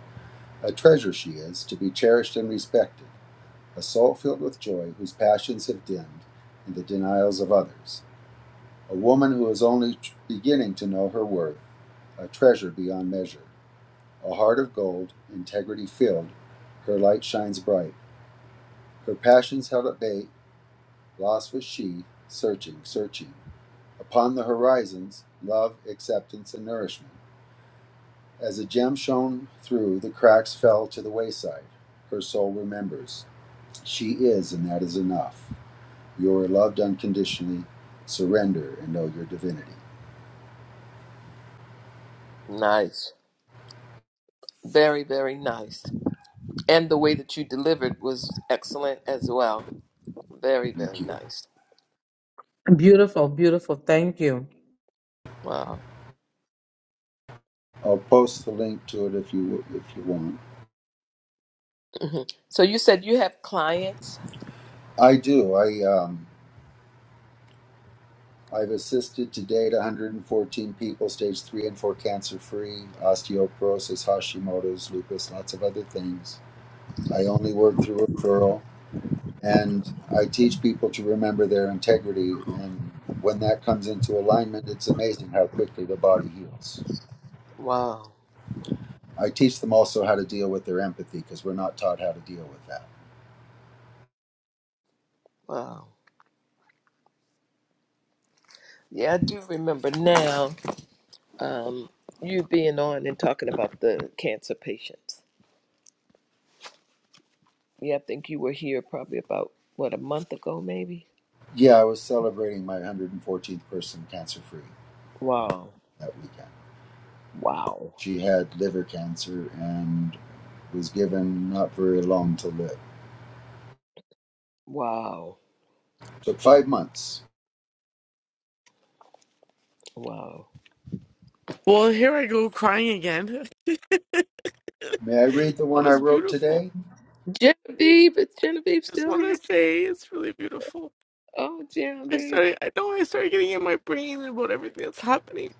A treasure she is, to be cherished and respected, a soul filled with joy whose passions have dimmed in the denials of others, a woman who is only t- beginning to know her worth, a treasure beyond measure. A heart of gold, integrity filled, her light shines bright. Her passions held at bay, lost was she, searching, searching. Upon the horizons, love, acceptance, and nourishment. As a gem shone through, the cracks fell to the wayside. Her soul remembers. She is, and that is enough. You are loved unconditionally. Surrender and know your divinity. Nice. Very, very nice. And the way that you delivered was excellent as well. Very, very Thank you. nice. Beautiful, beautiful. Thank you. Wow. I'll post the link to it if you if you want. hmm So you said you have clients. I do. I um, I've assisted to date 114 people, stage three and four cancer free, osteoporosis, Hashimoto's, lupus, lots of other things. I only work through referral and I teach people to remember their integrity. And when that comes into alignment, it's amazing how quickly the body heals. Wow. I teach them also how to deal with their empathy because we're not taught how to deal with that. Wow. Yeah, I do remember now. um, you being on and talking about the cancer patients. Yeah, I think you were here probably about what a month ago, maybe. Yeah, I was celebrating my 114th person cancer free Wow, that weekend. wow, She had liver cancer and was given not very long to live. wow, Took five months. wow. Well, here I go crying again. that May I read the one I was wrote beautiful. today? Genevieve, is Genevieve I just still want here? to say it's really beautiful. Oh, I Genevieve, started. I know I started getting in my brain about everything that's happening.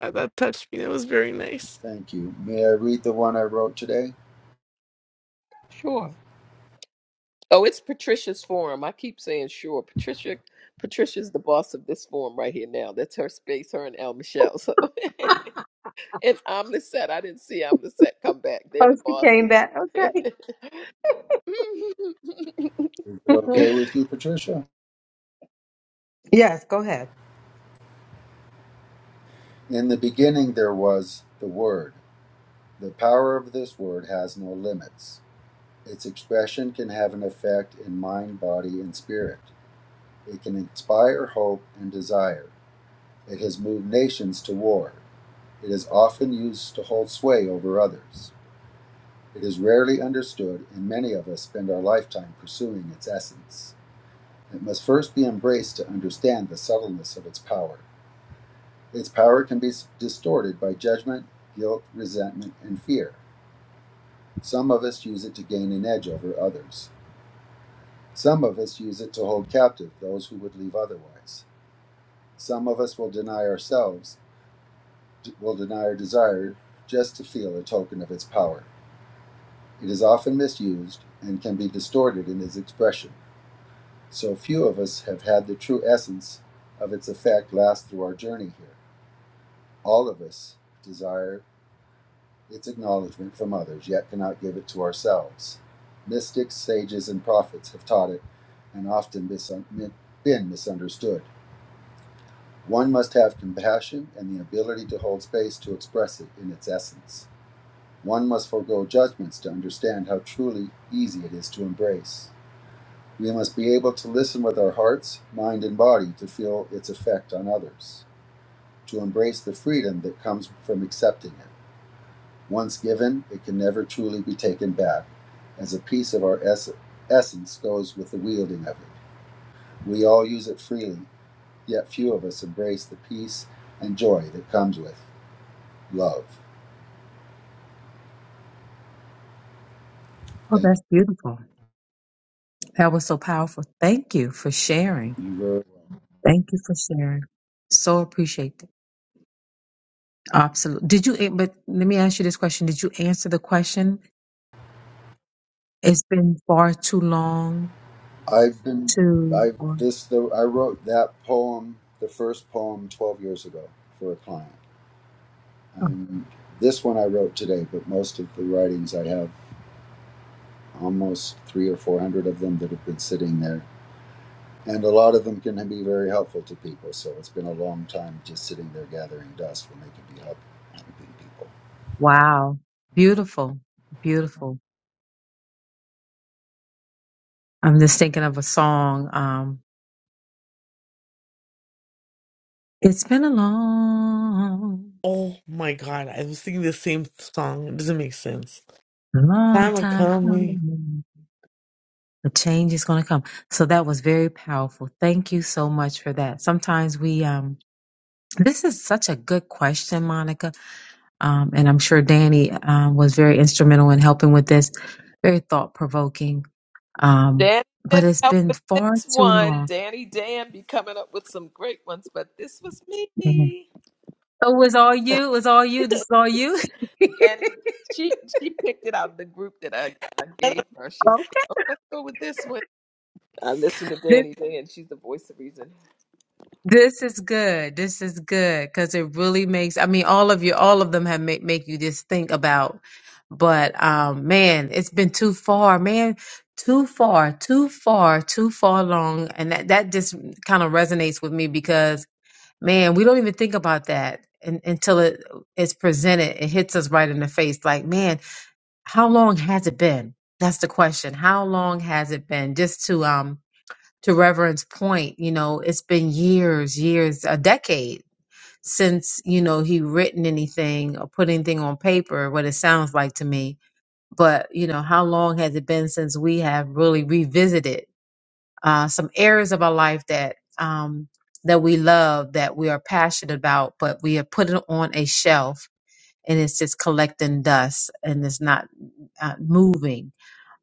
Uh, That touched me. That was very nice. Thank you. May I read the one I wrote today? sure. Oh, it's Patricia's forum. I keep saying sure. Patricia, Patricia's the boss of this forum right here now. That's her space. Her and El Michelle. So, and I'm the set. I didn't see I'm the set come back. They're the Oh, she came bosses. back. Okay. Is it okay with you, Patricia? Yes, go ahead. In the beginning, there was the Word. The power of this Word has no limits. Its expression can have an effect in mind, body, and spirit. It can inspire hope and desire. It has moved nations to war. It is often used to hold sway over others. It is rarely understood, and many of us spend our lifetime pursuing its essence. It must first be embraced to understand the subtleness of its power. Its power can be distorted by judgment, guilt, resentment, and fear. Some of us use it to gain an edge over others. Some of us use it to hold captive those who would leave otherwise. Some of us will deny ourselves, will deny our desire just to feel a token of its power. It is often misused and can be distorted in its expression. So few of us have had the true essence of its effect last through our journey here. All of us desire its acknowledgement from others, yet cannot give it to ourselves. Mystics, sages, and prophets have taught it and often misun- been misunderstood. One must have compassion and the ability to hold space to express it in its essence. One must forego judgments to understand how truly easy it is to embrace. We must be able to listen with our hearts, mind, and body to feel its effect on others, to embrace the freedom that comes from accepting it. Once given, it can never truly be taken back, as a piece of our ess- essence goes with the wielding of it. We all use it freely, yet few of us embrace the peace and joy that comes with love. Oh, Thank that's beautiful. That was so powerful. Thank you for sharing. you. You were- Thank you for sharing. So appreciate it. Absolutely. Did you, eh, but let me ask you this question. Did you answer the question? It's been far too long I've been, to, I or, this the I wrote that poem, the first poem, twelve years ago for a client. oh, And this one I wrote today, but most of the writings I have almost three or four hundred of them that have been sitting there. And a lot of them can be very helpful to people. So it's been a long time just sitting there gathering dust when they could be help, helping people. wow. Beautiful. Beautiful. I'm just thinking of a song. Um, it's been a long, Oh my God, I was singing the same song. It doesn't make sense. long Time of time coming. coming. The change is going to come. So that was very powerful. Thank you so much for that. Sometimes we, um, this is such a good question, Monica. Um, and I'm sure Danny um, was very instrumental in helping with this. Very thought provoking. Um, Danny but didn't it's help been with far this too one. long. Danny Dan be coming up with some great ones, but this was Mhm. me. Oh, it was all you. It was all you. This is all you. okay. Danny, she she picked it out of the group that I, I gave her. She's like, oh, let's go with this one. I listen to Danny Dan. She's the voice of reason, This is good. This is good because it really makes. I mean, all of you, all of them have make make you just think about. But um, man, it's been too far, man, too far, too far, too far long, and that that just kind of resonates with me because man, we don't even think about that un until it it's presented. It hits us right in the face. Like, man, how long has it been? That's the question. How long has it been? Just to um to Reverend's point, you know, it's been years, years, a decade since, you know, he written anything or put anything on paper, what it sounds like to me. But, you know, how long has it been since we have really revisited uh, some areas of our life that um, that we love, that we are passionate about, but we have put it on a shelf and it's just collecting dust and it's not uh, moving.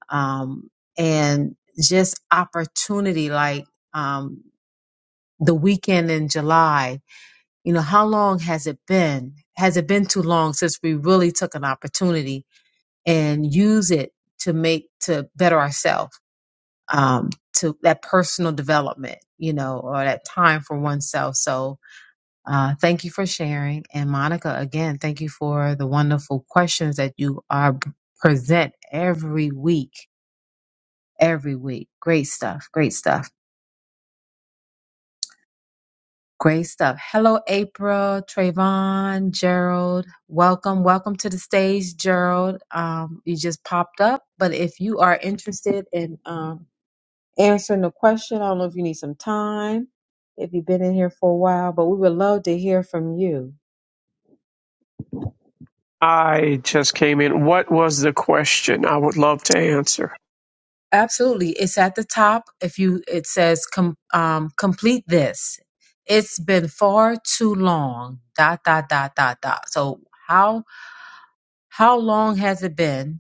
Um, and just opportunity, like, um, the weekend in July, you know, how long has it been? Has it been too long since we really took an opportunity and use it to make to better ourselves, um, to that personal development, you know, or that time for oneself? So, uh, thank you for sharing, and Monica, again, thank you for the wonderful questions that you are present every week, every week. Great stuff, great stuff. Great stuff. Hello, April, Trayvon, Gerald. Welcome. Welcome to the stage, Gerald. Um, you just popped up. But if you are interested in um, answering the question, I don't know if you need some time, if you've been in here for a while, but we would love to hear from you. I just came in. What was the question? I would love to answer. Absolutely. It's at the top. If you, it says com- um, complete this. It's been far too long. Dot, dot, dot, dot, dot. So how, how long has it been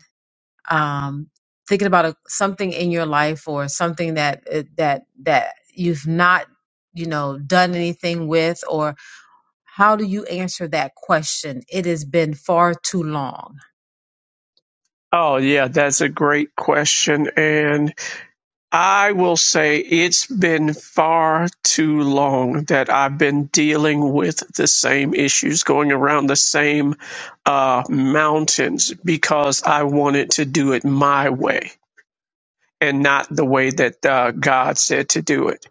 um, thinking about a, something in your life or something that uh, that that you've not you know done anything with or how do you answer that question it has been far too long Oh, yeah, that's a great question. And I will say it's been far too long that I've been dealing with the same issues, going around the same uh, mountains because I wanted to do it my way. and not the way that uh, God said to do it.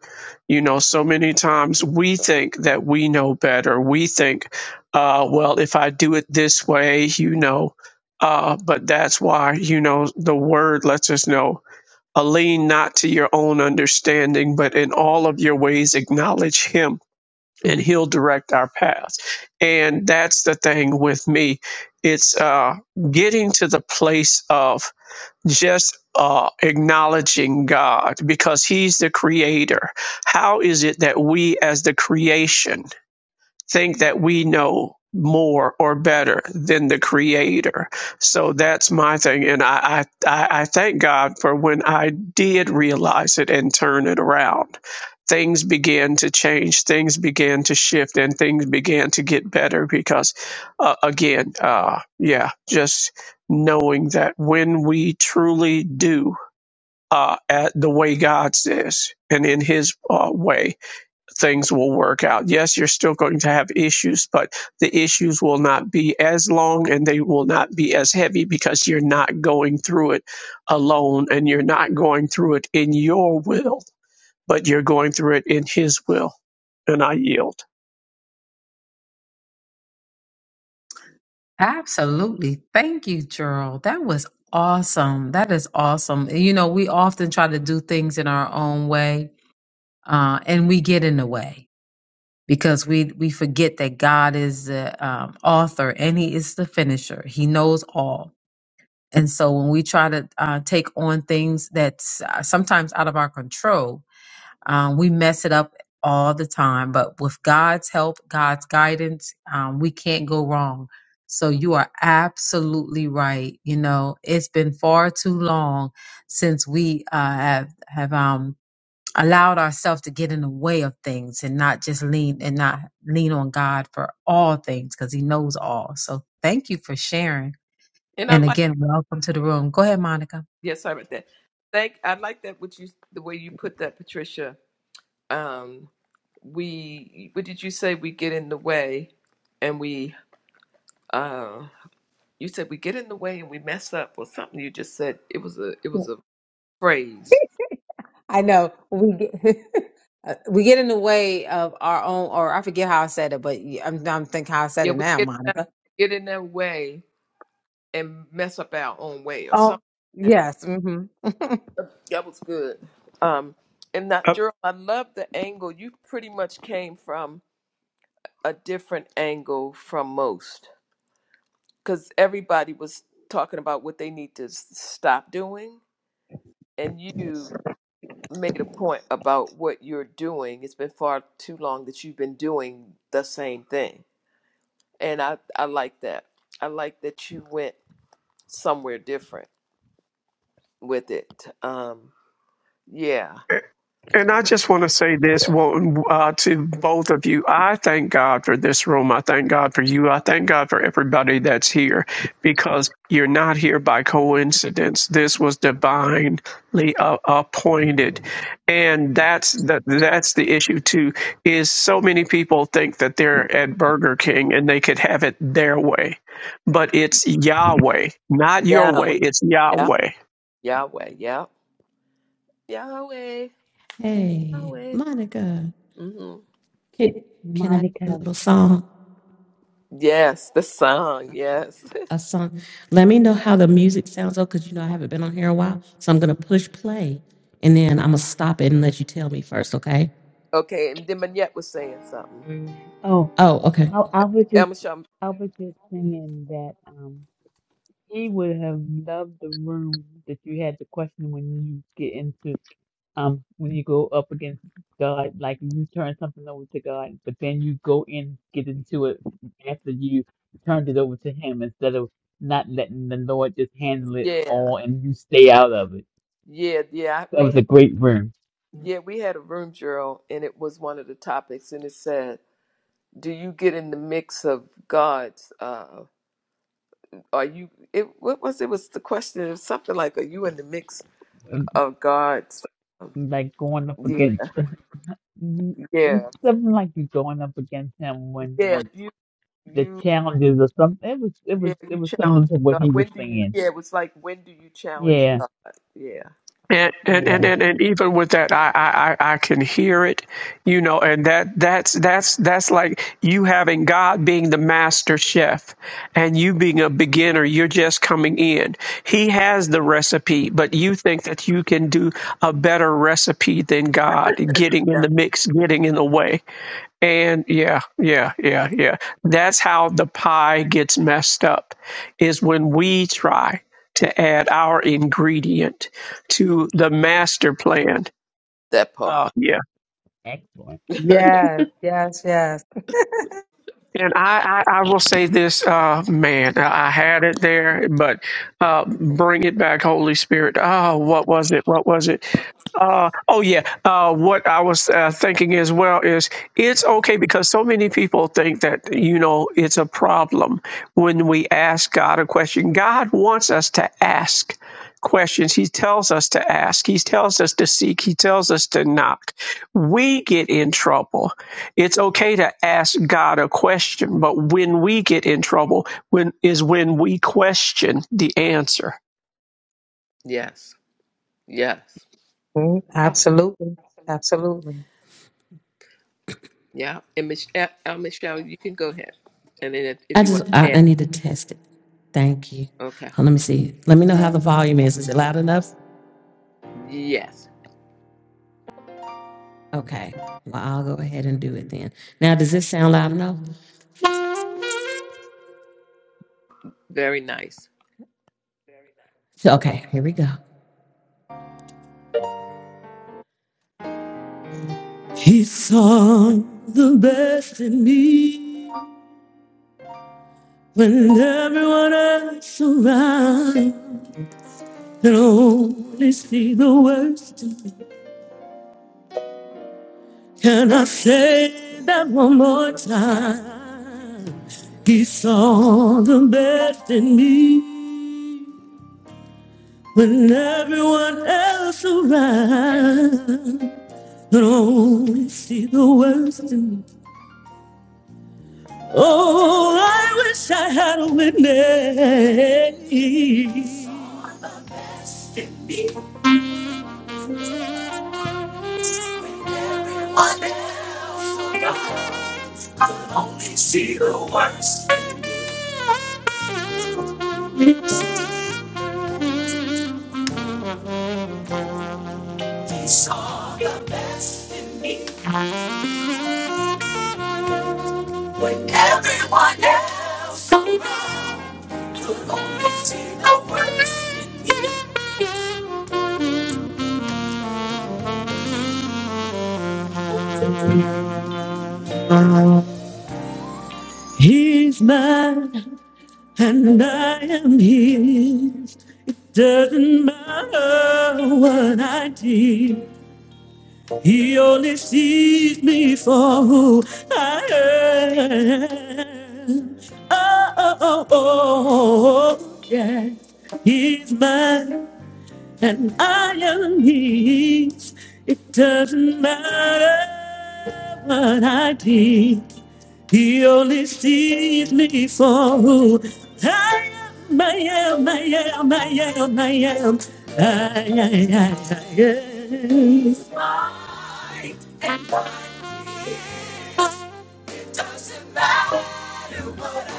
You know, so many times we think that we know better. We think, uh, well, if I do it this way, you know, uh, but that's why, you know, the word lets us know. Uh, lean not to your own understanding, but in all of your ways acknowledge him and he'll direct our paths. And that's the thing with me. It's uh, getting to the place of just uh, acknowledging God because He's the creator. How is it that we, as the creation, think that we know more or better than the creator. So that's my thing. And I, I, I thank God for when I did realize it and turn it around. Things began to change, things began to shift, and things began to get better because, uh, again, uh, yeah, just knowing that when we truly do uh, at the way God says and in His uh, way, things will work out. Yes, you're still going to have issues, but the issues will not be as long and they will not be as heavy because you're not going through it alone and you're not going through it in your will, but you're going through it in His will. And I yield. absolutely thank you gerald that was awesome that is awesome you know we often try to do things in our own way uh, and we get in the way because we we forget that God is the um, author and He is the finisher. He knows all, and so when we try to uh, take on things that's uh, sometimes out of our control, um, we mess it up all the time. But with God's help, God's guidance, um, we can't go wrong. So you are absolutely right. You know, it's been far too long since we uh, have have um, allowed ourselves to get in the way of things and not just lean and not lean on God for all things because he knows all. So thank you for sharing. and I And like. again, welcome to the room. Go ahead, Monica. Yes, sorry about that. Thank. I like that. What you the way you put that, Patricia. Um, we what did you say? We get in the way, and we uh you said we get in the way and we mess up or something you just said it was a it was a phrase. I know we get uh, we get in the way of our own, or I forget how I said it, but y- I'm I'm thinking how I said Yeah, it we now, get in Monica. get in their way and mess up our own way or Oh, something. yes, hmm That was good. Um, and that, Up. Gerald, I love the angle. You pretty much came from a different angle from most because everybody was talking about what they need to s- stop doing, and you made a point about what you're doing. It's been far too long that you've been doing the same thing, and I I like that. I like that you went somewhere different with it. Um, yeah, And I just want to say this yeah, well, uh, to both of you. I thank God for this room. I thank God for you. I thank God for everybody that's here because you're not here by coincidence. This was divinely uh, appointed, and that's the that's the issue too. Is so many people think that they're at Burger King and they could have it their way, but it's Yahweh, not your Yahweh, way. It's yeah, Yahweh. Yahweh, yeah, Yahweh, Hey, Yahweh. Monica, hmm can can I do a Monica. little song? Yes, the song. Okay. Yes. A song. Let me know how the music sounds though, because you know I haven't been on here a while. So I'm gonna push play, and then I'm gonna stop it and let you tell me first. Okay. okay, and then Manette was saying something. Oh, Oh, okay. I, I was just Elma Shum, I was just thinking that um he would have loved the room that you had the question when you get into. um, when you go up against God, like you turn something over to God, but then you go in, get into it after you turned it over to Him instead of not letting the Lord just handle it yeah, all and you stay out of it. yeah, yeah. That We was a had, great room. yeah, we had a room drill, and it was one of the topics, and it said. Do you get in the mix of God's? Uh, are you? It, what was it? Was the question? It was something like, "Are you in the mix Um, of God's?" um, Like going up Yeah, against, you- it's yeah, something like you going up against Him when yeah, when you the you challenges or something. It was it was yeah, it you was similar challenge to what he God. was When do you saying. yeah, it was like when do you challenge Yeah, God? Yeah. And and, and, yeah, and and even with that, I, I I I can hear it, you know, and that that's that's that's like you having God being the master chef, and you being a beginner. You're just coming in. He has the recipe, but you think that you can do a better recipe than God. Getting in That the mix, getting in the way. And yeah, yeah, yeah, yeah. That's how the pie gets messed up is when we try to add our ingredient to the master plan. that part. Uh, yeah. excellent. yes, yes, yes, And I, I, I will say this, uh, man, I I had it there, but uh, bring it back, Holy Spirit. Oh, what was it? What was it? Uh, oh yeah. Uh, what I was uh, thinking as well is it's okay because so many people think that you know it's a problem when we ask God a question. God wants us to ask questions. He tells us to ask. He tells us to seek. He tells us to knock. We get in trouble. It's okay to ask God a question, but when we get in trouble, when is when we question the answer yes. Yes. Mm, Yeah. absolutely, absolutely, Yeah. And Michelle, uh, uh, Michelle, you can go ahead. And then if, if I you just want to I, add I need to test it. Thank you. okay. Oh, let me see. Let me know how the volume is. Is it loud enough? Yes. Okay. Well, I'll go ahead and do it then. Now, does this sound loud enough? Very nice. So, okay. Here we go. He saw the best in me. When everyone else around can only see the worst, when else around can only see the worst. And oh, I wish I had a witness. When everyone else will only see the worst. Oh, oh, that's my, and I am his. It doesn't matter. It doesn't matter. what I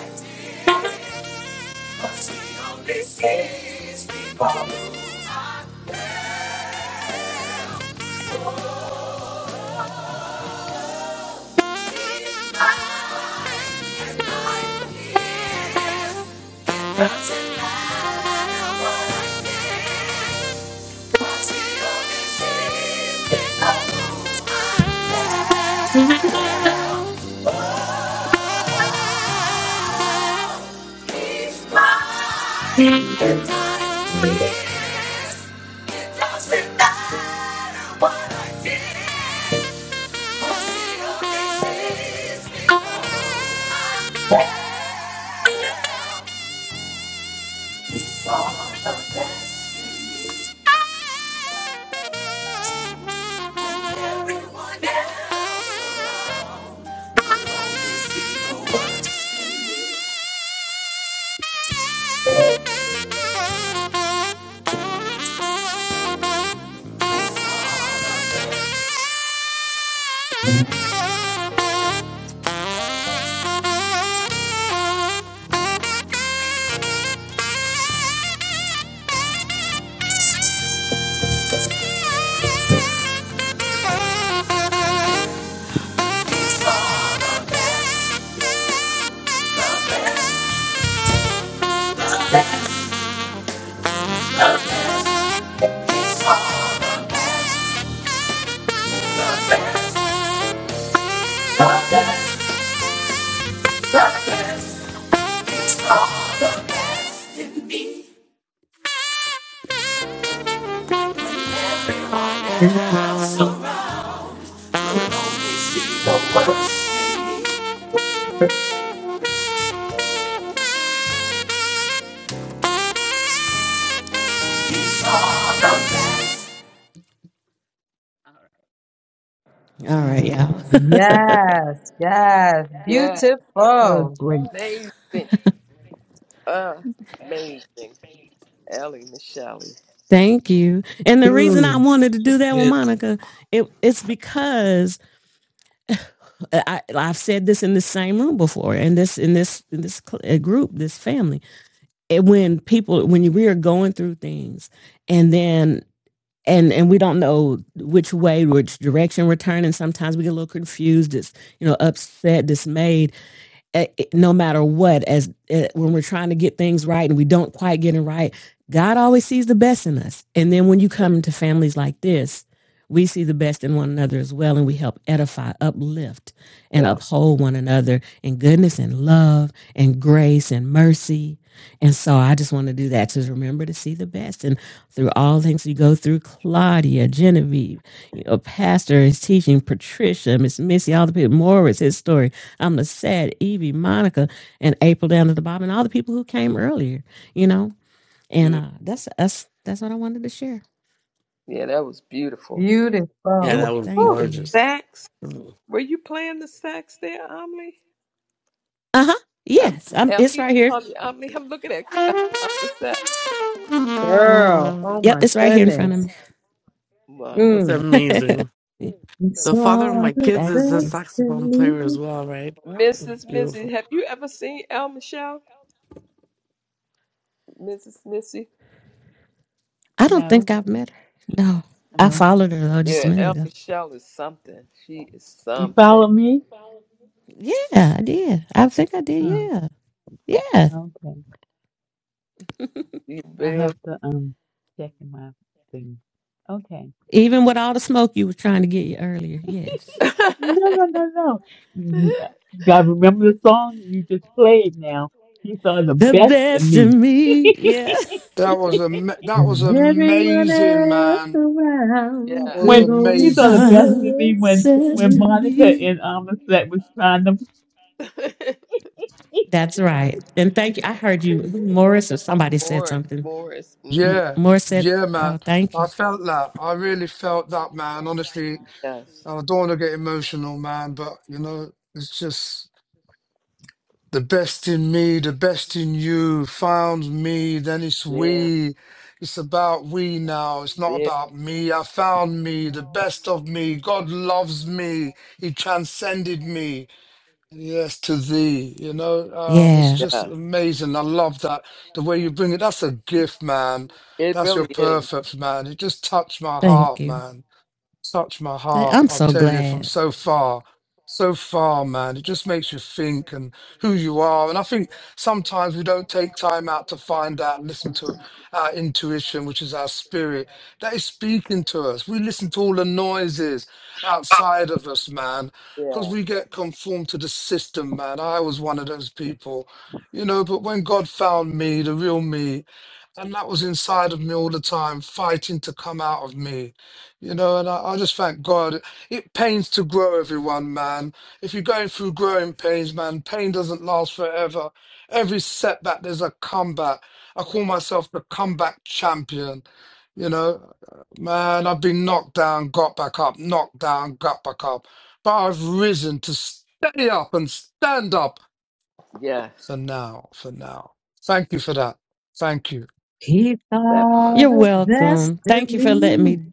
do. All right, y'all. yes, yes, Yeah. That was beautiful, great. Amazing. Uh amazing. Ellie Michelle. Thank you. And the reason I mm, wanted to do that with Great. Monica, it, it's because I, I've said this in the same room before, in this in this in this cl- uh, group, this family. it, when people when we are going through things and then and and we don't know which way which direction we're turning sometimes we get a little confused it's you know upset dismayed eh, eh, no matter what, as eh, when we're trying to get things right and we don't quite get it right, God always sees the best in us. And then when you come to families like this, we see the best in one another as well, and we help edify, uplift, and Yeah. uphold one another in goodness and love and grace and mercy. And so I just want to do that to remember to see the best. And through all things we go through, Claudia, Genevieve, you know, Pastor is teaching, Patricia, Miss Missy, all the people, Morris, his story. I'm the sad Evie, Monica, and April down at the bottom, and all the people who came earlier, you know. And Mm. uh, that's us. That's what I wanted to share. Yeah, that was beautiful. Yeah, You were beautiful, that was at Thank Whew, the you. gorgeous. sax? Mm, Were you playing the sax there, Amelie? Uh huh. Um, Yes, I'm. It's Ellie, right here. um, um, I'm looking at um, the set. girl. Oh my Yep, it's right here in front of goodness, me. That's Wow. mm. amazing. Thank It's The father of all my the kids is a you. saxophone player destiny. as well, right? Mm, Mrs. Beautiful. Missy, have you ever seen El Michelle? Mrs. Missy? I don't No, think I've met her. No, I no. followed her though just a Yeah, minute El ago. Michelle is something. She is You something. follow me? Yeah, I did. I think I did. Oh, Yeah, yeah. okay. She I have builds. to um check in my thing. Okay. Even with all the smoke you were trying to get you earlier. Yes. No, no, no, no. You gotta remember the song you just played now. You saw the The best in best me. in me. Yeah. That was a that was When everyone amazing, else man. That around yes. was when could He's you only saw the amazing. see the best in me when worst of selfless when to me. Monica me. and Amoset was trying to That's right. And thank you. I heard you, Morris, or somebody said Morris. something. Morris. M- hmm Yeah, Morris said, yeah, "Oh, man. thank I you." felt that. I really felt that, man. Honestly, Yes. and I don't want to get emotional, man. But you know, it's just. The best in me, the best in you found me, then it's Yeah. we. It's about we now. It's not Yeah. about me. I found me, the best of me. God loves me. He transcended me. Yes, to thee. You know, um, it's Yeah, just Yes. amazing. I love that. The way you bring it, that's a gift, man. It That's your really is. perfect, man. It just touched my thank heart, you. man touch my Th- heart. I'm I'll so tell you from glad. so far, so far, man. It just makes you think and who you are. And I think sometimes we don't take time out to find out, listen to our intuition, which is our spirit that is speaking to us. We listen to all the noises outside of us, man, because Yeah. we get conformed to the system, man. I was one of those people. You know, but when God found me, the real me, and that was inside of me all the time, fighting to come out of me. You know, and I, I just thank God. It pains to grow everyone, man. If you're going through growing pains, man, pain doesn't last forever. Every setback, there's a comeback. I call myself the comeback champion. You know, man, I've been knocked down, got back up, knocked down, got back up. But I've risen to stay up and stand up Yes. for now, for now. Thank you for that. Thank you. He That part. thought You're of welcome. Thank you for letting destiny me.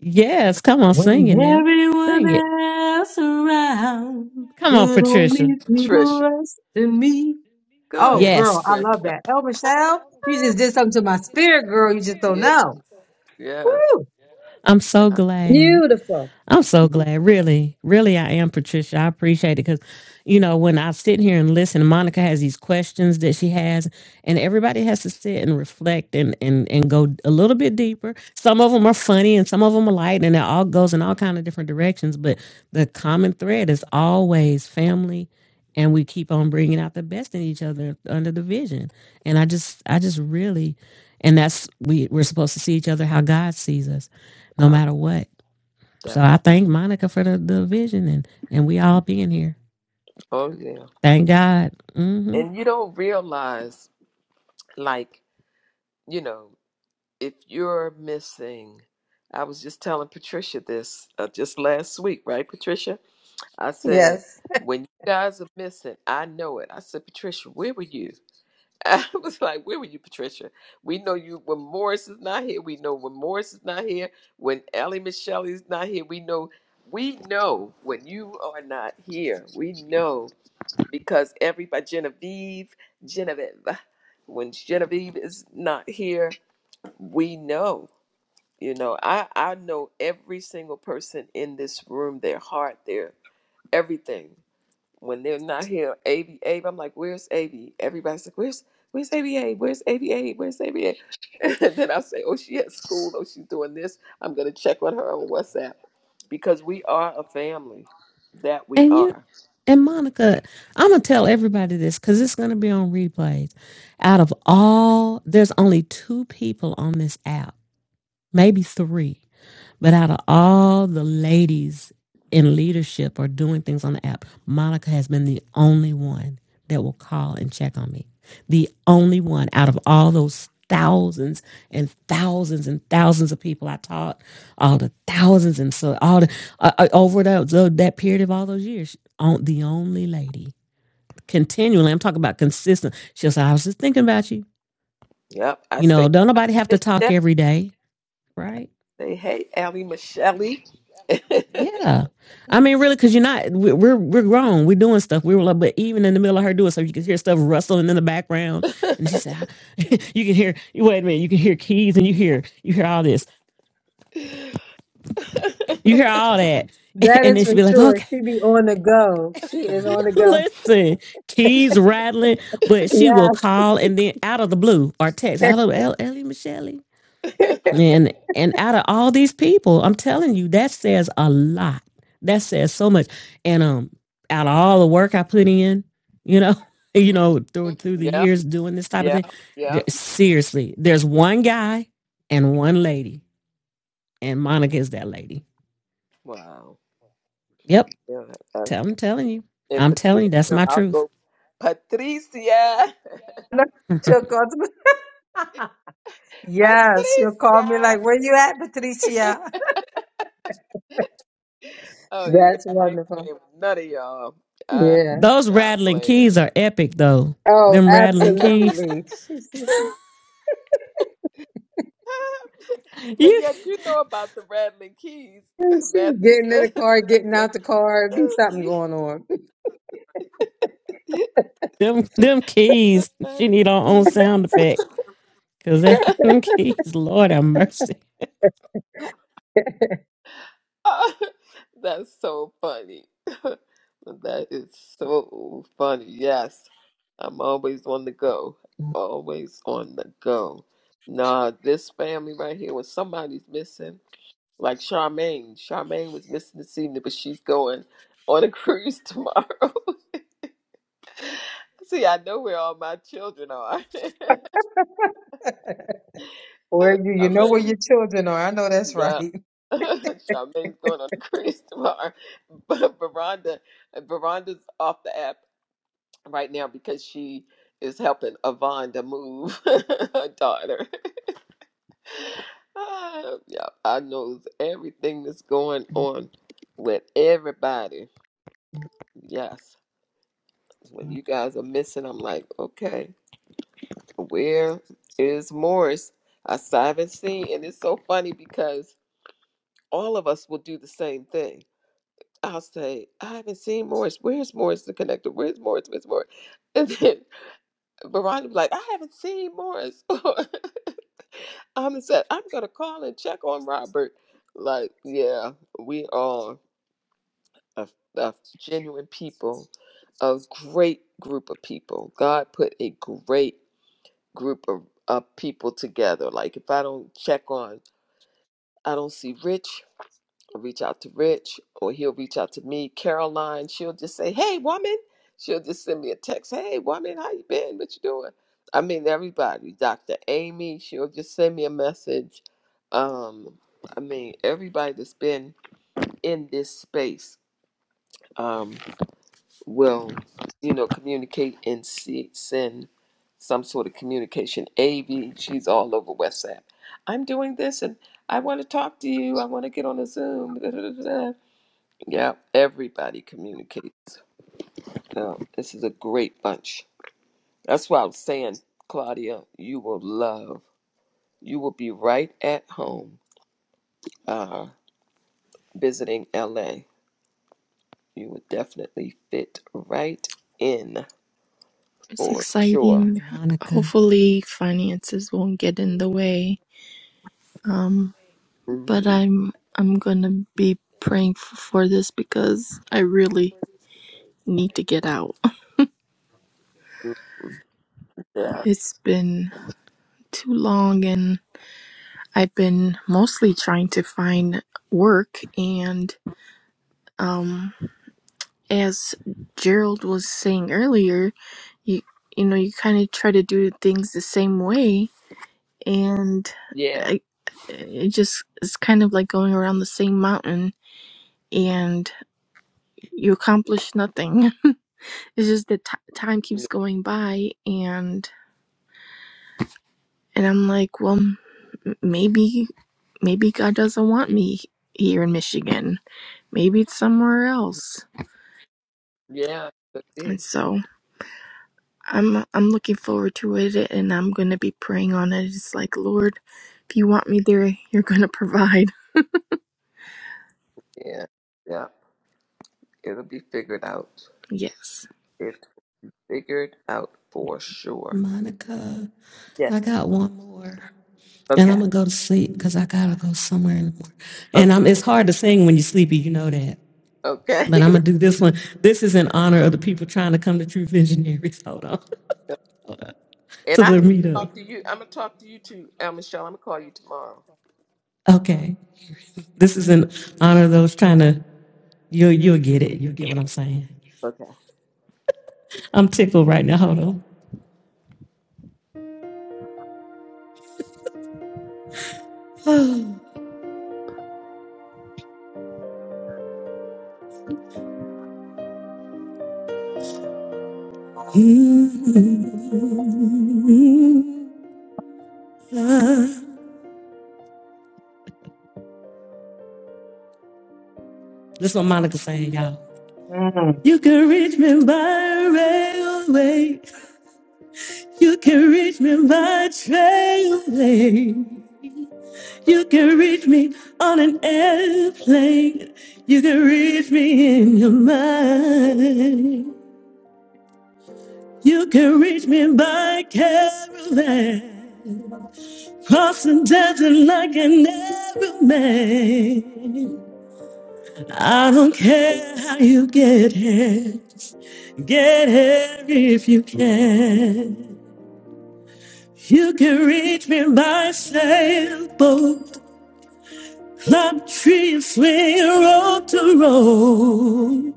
Yes, come on, sing it when now. everyone Sing it. else around Come on, could Patricia. only see the Trisha. worst of me. Go Oh, ahead, girl, I Trisha. Yes, love that. El Michelle, you just did something to my spirit, girl. You just don't Yeah. know. Yes. Woo! I'm so Yeah. glad. Beautiful. I'm so glad. Really, really, I am, Patricia. I appreciate it because, you know, when I sit here and listen, Monica has these questions that she has, and everybody has to sit and reflect and and and go a little bit deeper. Some of them are funny, and some of them are light, and it all goes in all kind of different directions. But the common thread is always family, and we keep on bringing out the best in each other under the vision. And I just, I just really, and that's we we're supposed to see each other how God sees us, no yeah, matter what so That I part. thank Monica for the, the vision and, and we all being here. Oh, yeah. Thank God. hmm and you don't realize like you know if you're missing i was just telling patricia this uh, just last week right patricia i said Yes. when you guys are missing i know it i said patricia where were you i was like where were you patricia we know you when morris is not here we know when morris is not here when ellie michelle is not here we know we know when you are not here we know because everybody Genevieve, Genevieve, when Genevieve is not here, we know. You know, I I know every single person in this room, their heart, their everything. When they're not here, Abe, Abe, I'm like, where's Abe? Everybody's like, where's where's Abe, Abe? Where's Abe, Abe? Where's ABA? And then I'll say, oh, she at school. Oh, she's doing this. I'm gonna check on her on WhatsApp because we are a family. That we And you are. and Monica, I'm gonna tell everybody this because it's gonna be on replays. Out of all, there's only two people on this app, maybe three But out of all the ladies in leadership or doing things on the app, Monica has been the only one that will call and check on me. The only one out of all those thousands and thousands and thousands of people I taught, all the thousands and so all the uh, uh, over that the- that period of all those years, on, the only lady continually. I'm talking about consistent. She'll say, "I was just thinking about you." Yep. I You say know, don't nobody have to talk every day, right? Say, hey, Allie Michelle. yeah, Yeah, I mean, really, because you're not. we- We're we're grown. We're doing stuff. We were like, but even in the middle of her doing stuff, you can hear stuff rustling in the background, and she said, "You can hear. Wait a minute. You can hear keys, and you hear you hear all this. You hear all that." That And is then she'd for be like, sure. "Okay, She be on the go. She is on the go. listen, keys rattling," but she will Yes. call, and then out of the blue or text, "Hello, Ellie Michelle." And and out of all these people, I'm telling you, that says a lot. That says so much. And um, out of all the work I put in, you know, you know, through through the years doing this type of yeah, thing, yeah. there, seriously, there's one guy and one lady, and Monica is that lady. Wow. Yep, Yeah, uh, tell, I'm telling you, and I'm telling Patricia, you, that's no, my I'll truth. go. Patricia! Look, She'll call yes, she'll call me Patricia! like, where you at, Patricia? Oh, yeah, That's I ain't wonderful. playing with none of y'all. I'm Yeah. Those not rattling playing. keys are epic, though. Oh, Them but rattling keys, absolutely. She's, just, she's you yes, you know about the rattling keys, Matthew getting in the says. car, And getting I out the car. be something say, going on. them them keys. She need her own Susie. sound effect. Cause them, them keys, Lord have mercy. That's so funny. That is so funny. Yes. I'm always on the go. Always on the go. Nah, this family right here, when somebody's missing, like Charmaine. Charmaine was missing this evening, but she's going on a cruise tomorrow. See, I know where all my children are. Where you? You know where Charmaine, your children are. I know that's yeah. right. Charmaine's going on a cruise tomorrow. But Veranda, Veranda's off the app right now because she is helping Yvonne move her daughter. Ah, yeah, I knows everything that's going on with everybody. Yes. When you guys are missing, I'm like, okay, where is Morris? I still haven't seen, and it's so funny because all of us will do the same thing. I'll say, I haven't seen Morris. Where's Morris the connector? Where's Morris? Where's Morris? And then Veronica be like, I haven't seen Morris. I'm said I'm gonna call and check on Robert. Like, yeah, we are a, a genuine people, a great group of people. God put a great group of, of people together. Like, if I don't check on, I don't see Rich reach out to Rich or he'll reach out to me. Caroline, she'll just say, Hey woman. She'll just send me a text. Hey woman, how you been? What you doing? I mean everybody. Dr. Amy, she'll just send me a message. Um, I mean, everybody that's been in this space um will, you know, communicate and see send some sort of communication. Amy, she's all over WhatsApp. I'm doing this and I want to talk to you. I want to get on a Zoom. Yeah, everybody communicates. No, this is a great bunch. That's why I was saying, Claudia, you will love. You will be right at home uh, visiting LA. You would definitely fit right in It's for sure. exciting. Monica, Hopefully finances won't get in the way. Um, but hmm I'm I'm gonna be praying f- for this because I really need to get out. Yeah. It's been too long and I've been mostly trying to find work and um as Gerald was saying earlier, you you know, you kind of try to do things the same way and Yeah. I, it just it's kind of like going around the same mountain and you accomplish nothing it's just that t- time keeps Mhm. going by and and i'm like well m- maybe maybe god doesn't want me here in michigan maybe it's somewhere else Yeah. Could and be. so i'm i'm looking forward to it and i'm gonna be praying on it it's like lord if you want me there you're gonna provide Yeah. Yeah. It'll be figured out. yes It's figured out for sure. Monica, Yeah. I got one more, and I'm Okay. gonna go to sleep because I gotta go somewhere in the morning. And Okay. I'm it's hard to sing when you're sleepy, you know that. Okay. But I'm gonna do this one. This is in honor of the people trying to come to True Visionaries. Hold on And to I have the to meetup. talk to you. I'm gonna talk to you too, uh, Michelle. I'm gonna call you tomorrow. Okay, this is in honor of those trying to. You'll you'll get it. You'll get Yeah. what I'm saying. Okay. I'm tickled right now. Hold on. This is what Monica saying, y'all. Mm, You can reach me by railway. You can reach me by trailway. You can reach me on an airplane. You can reach me in your mind. You can reach me by caravan. Crossing desert like an Arab man. I don't care how you get here. Get here if you can. You can reach me by sailboat, climb trees, swing road to road.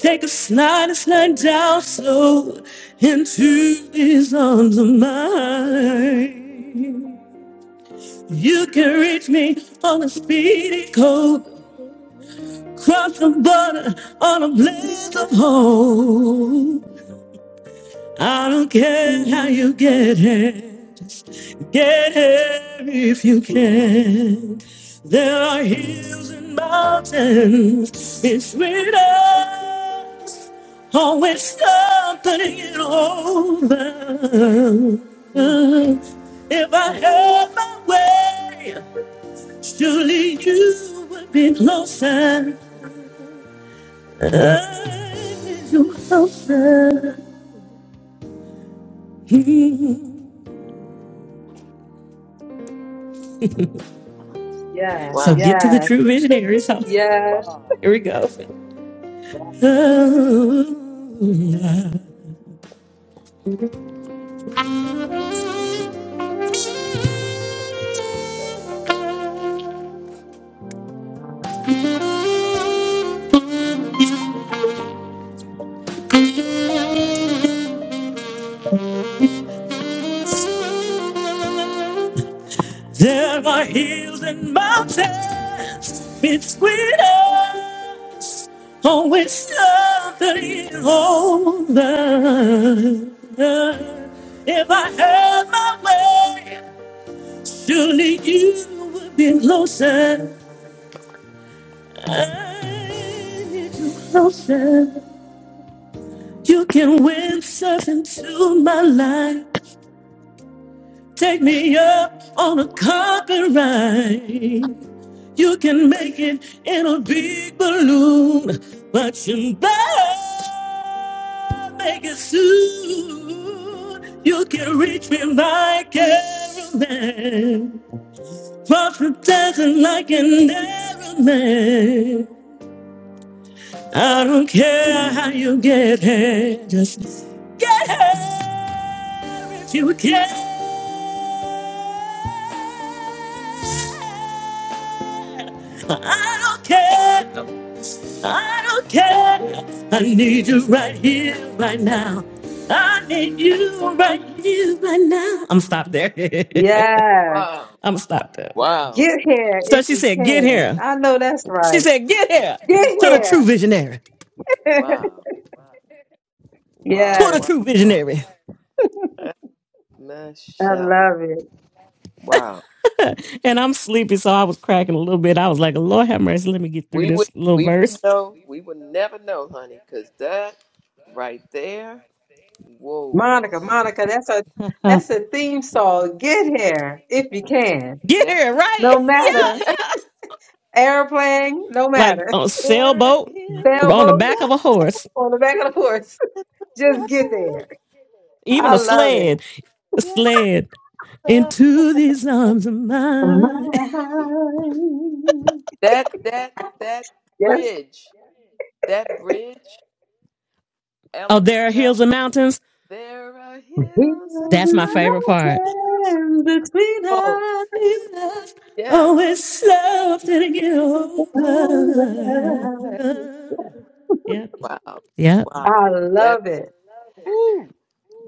Take a slide and slide down slow into these arms of mine. You can reach me on a speedy coat, cross the border on a blaze of hope. I don't care how you get here, just get here if you can. There are hills and mountains between us, always something it over. Mm. If I had my way, surely you would be closer. I'd be closer. yes, So Wow. get to the yes, true visionaries. huh? yes, Wow. Here we go. Wow. Oh, There are hills and mountains between us, on which nothing holds us. If I had my way, surely you would be closer. You can whiff into my me up. I can make it in a good Nothing like an Arab man. I don't care how you get here, just get here if you can. I don't care, I don't care. I need you right here, right now. I need you right here, right now. I'm stopped there. yes. Wow. I'm stopped there. Wow. Get here So if she you said, get can. here. I know that's She right. said, get here Get to the Wow. true here. visionary, Wow. to Wow. Wow. yes, the Wow. true Wow. visionary. That's Miss I Shelley. love it. Wow. and I'm sleepy, so I was cracking a little bit. I was like, Lord have mercy, let me get through We would this little we would verse. know. We would never know, honey, because that right there. Whoa. Monica, Monica, that's a Uh, that's a theme song. Get here if you can. get Yeah. here, right? No there matter yeah, yeah. airplane, no Like matter on a it sailboat, on the sailboat. is. back of a horse, on the back of the horse. Just get there. Oh, even I a love it. sled, a yes, sled into these arms of mine. Mine. That that that Yes. bridge, that bridge, oh, Ellie there are Michelle. hills and mountains. There are hills and Heal That's the my favorite part. mountains. mountains between Oh us. Jesus yes. always loved to get Oh, yes. over. Yep, Wow, yep. wow. I That love it. woo,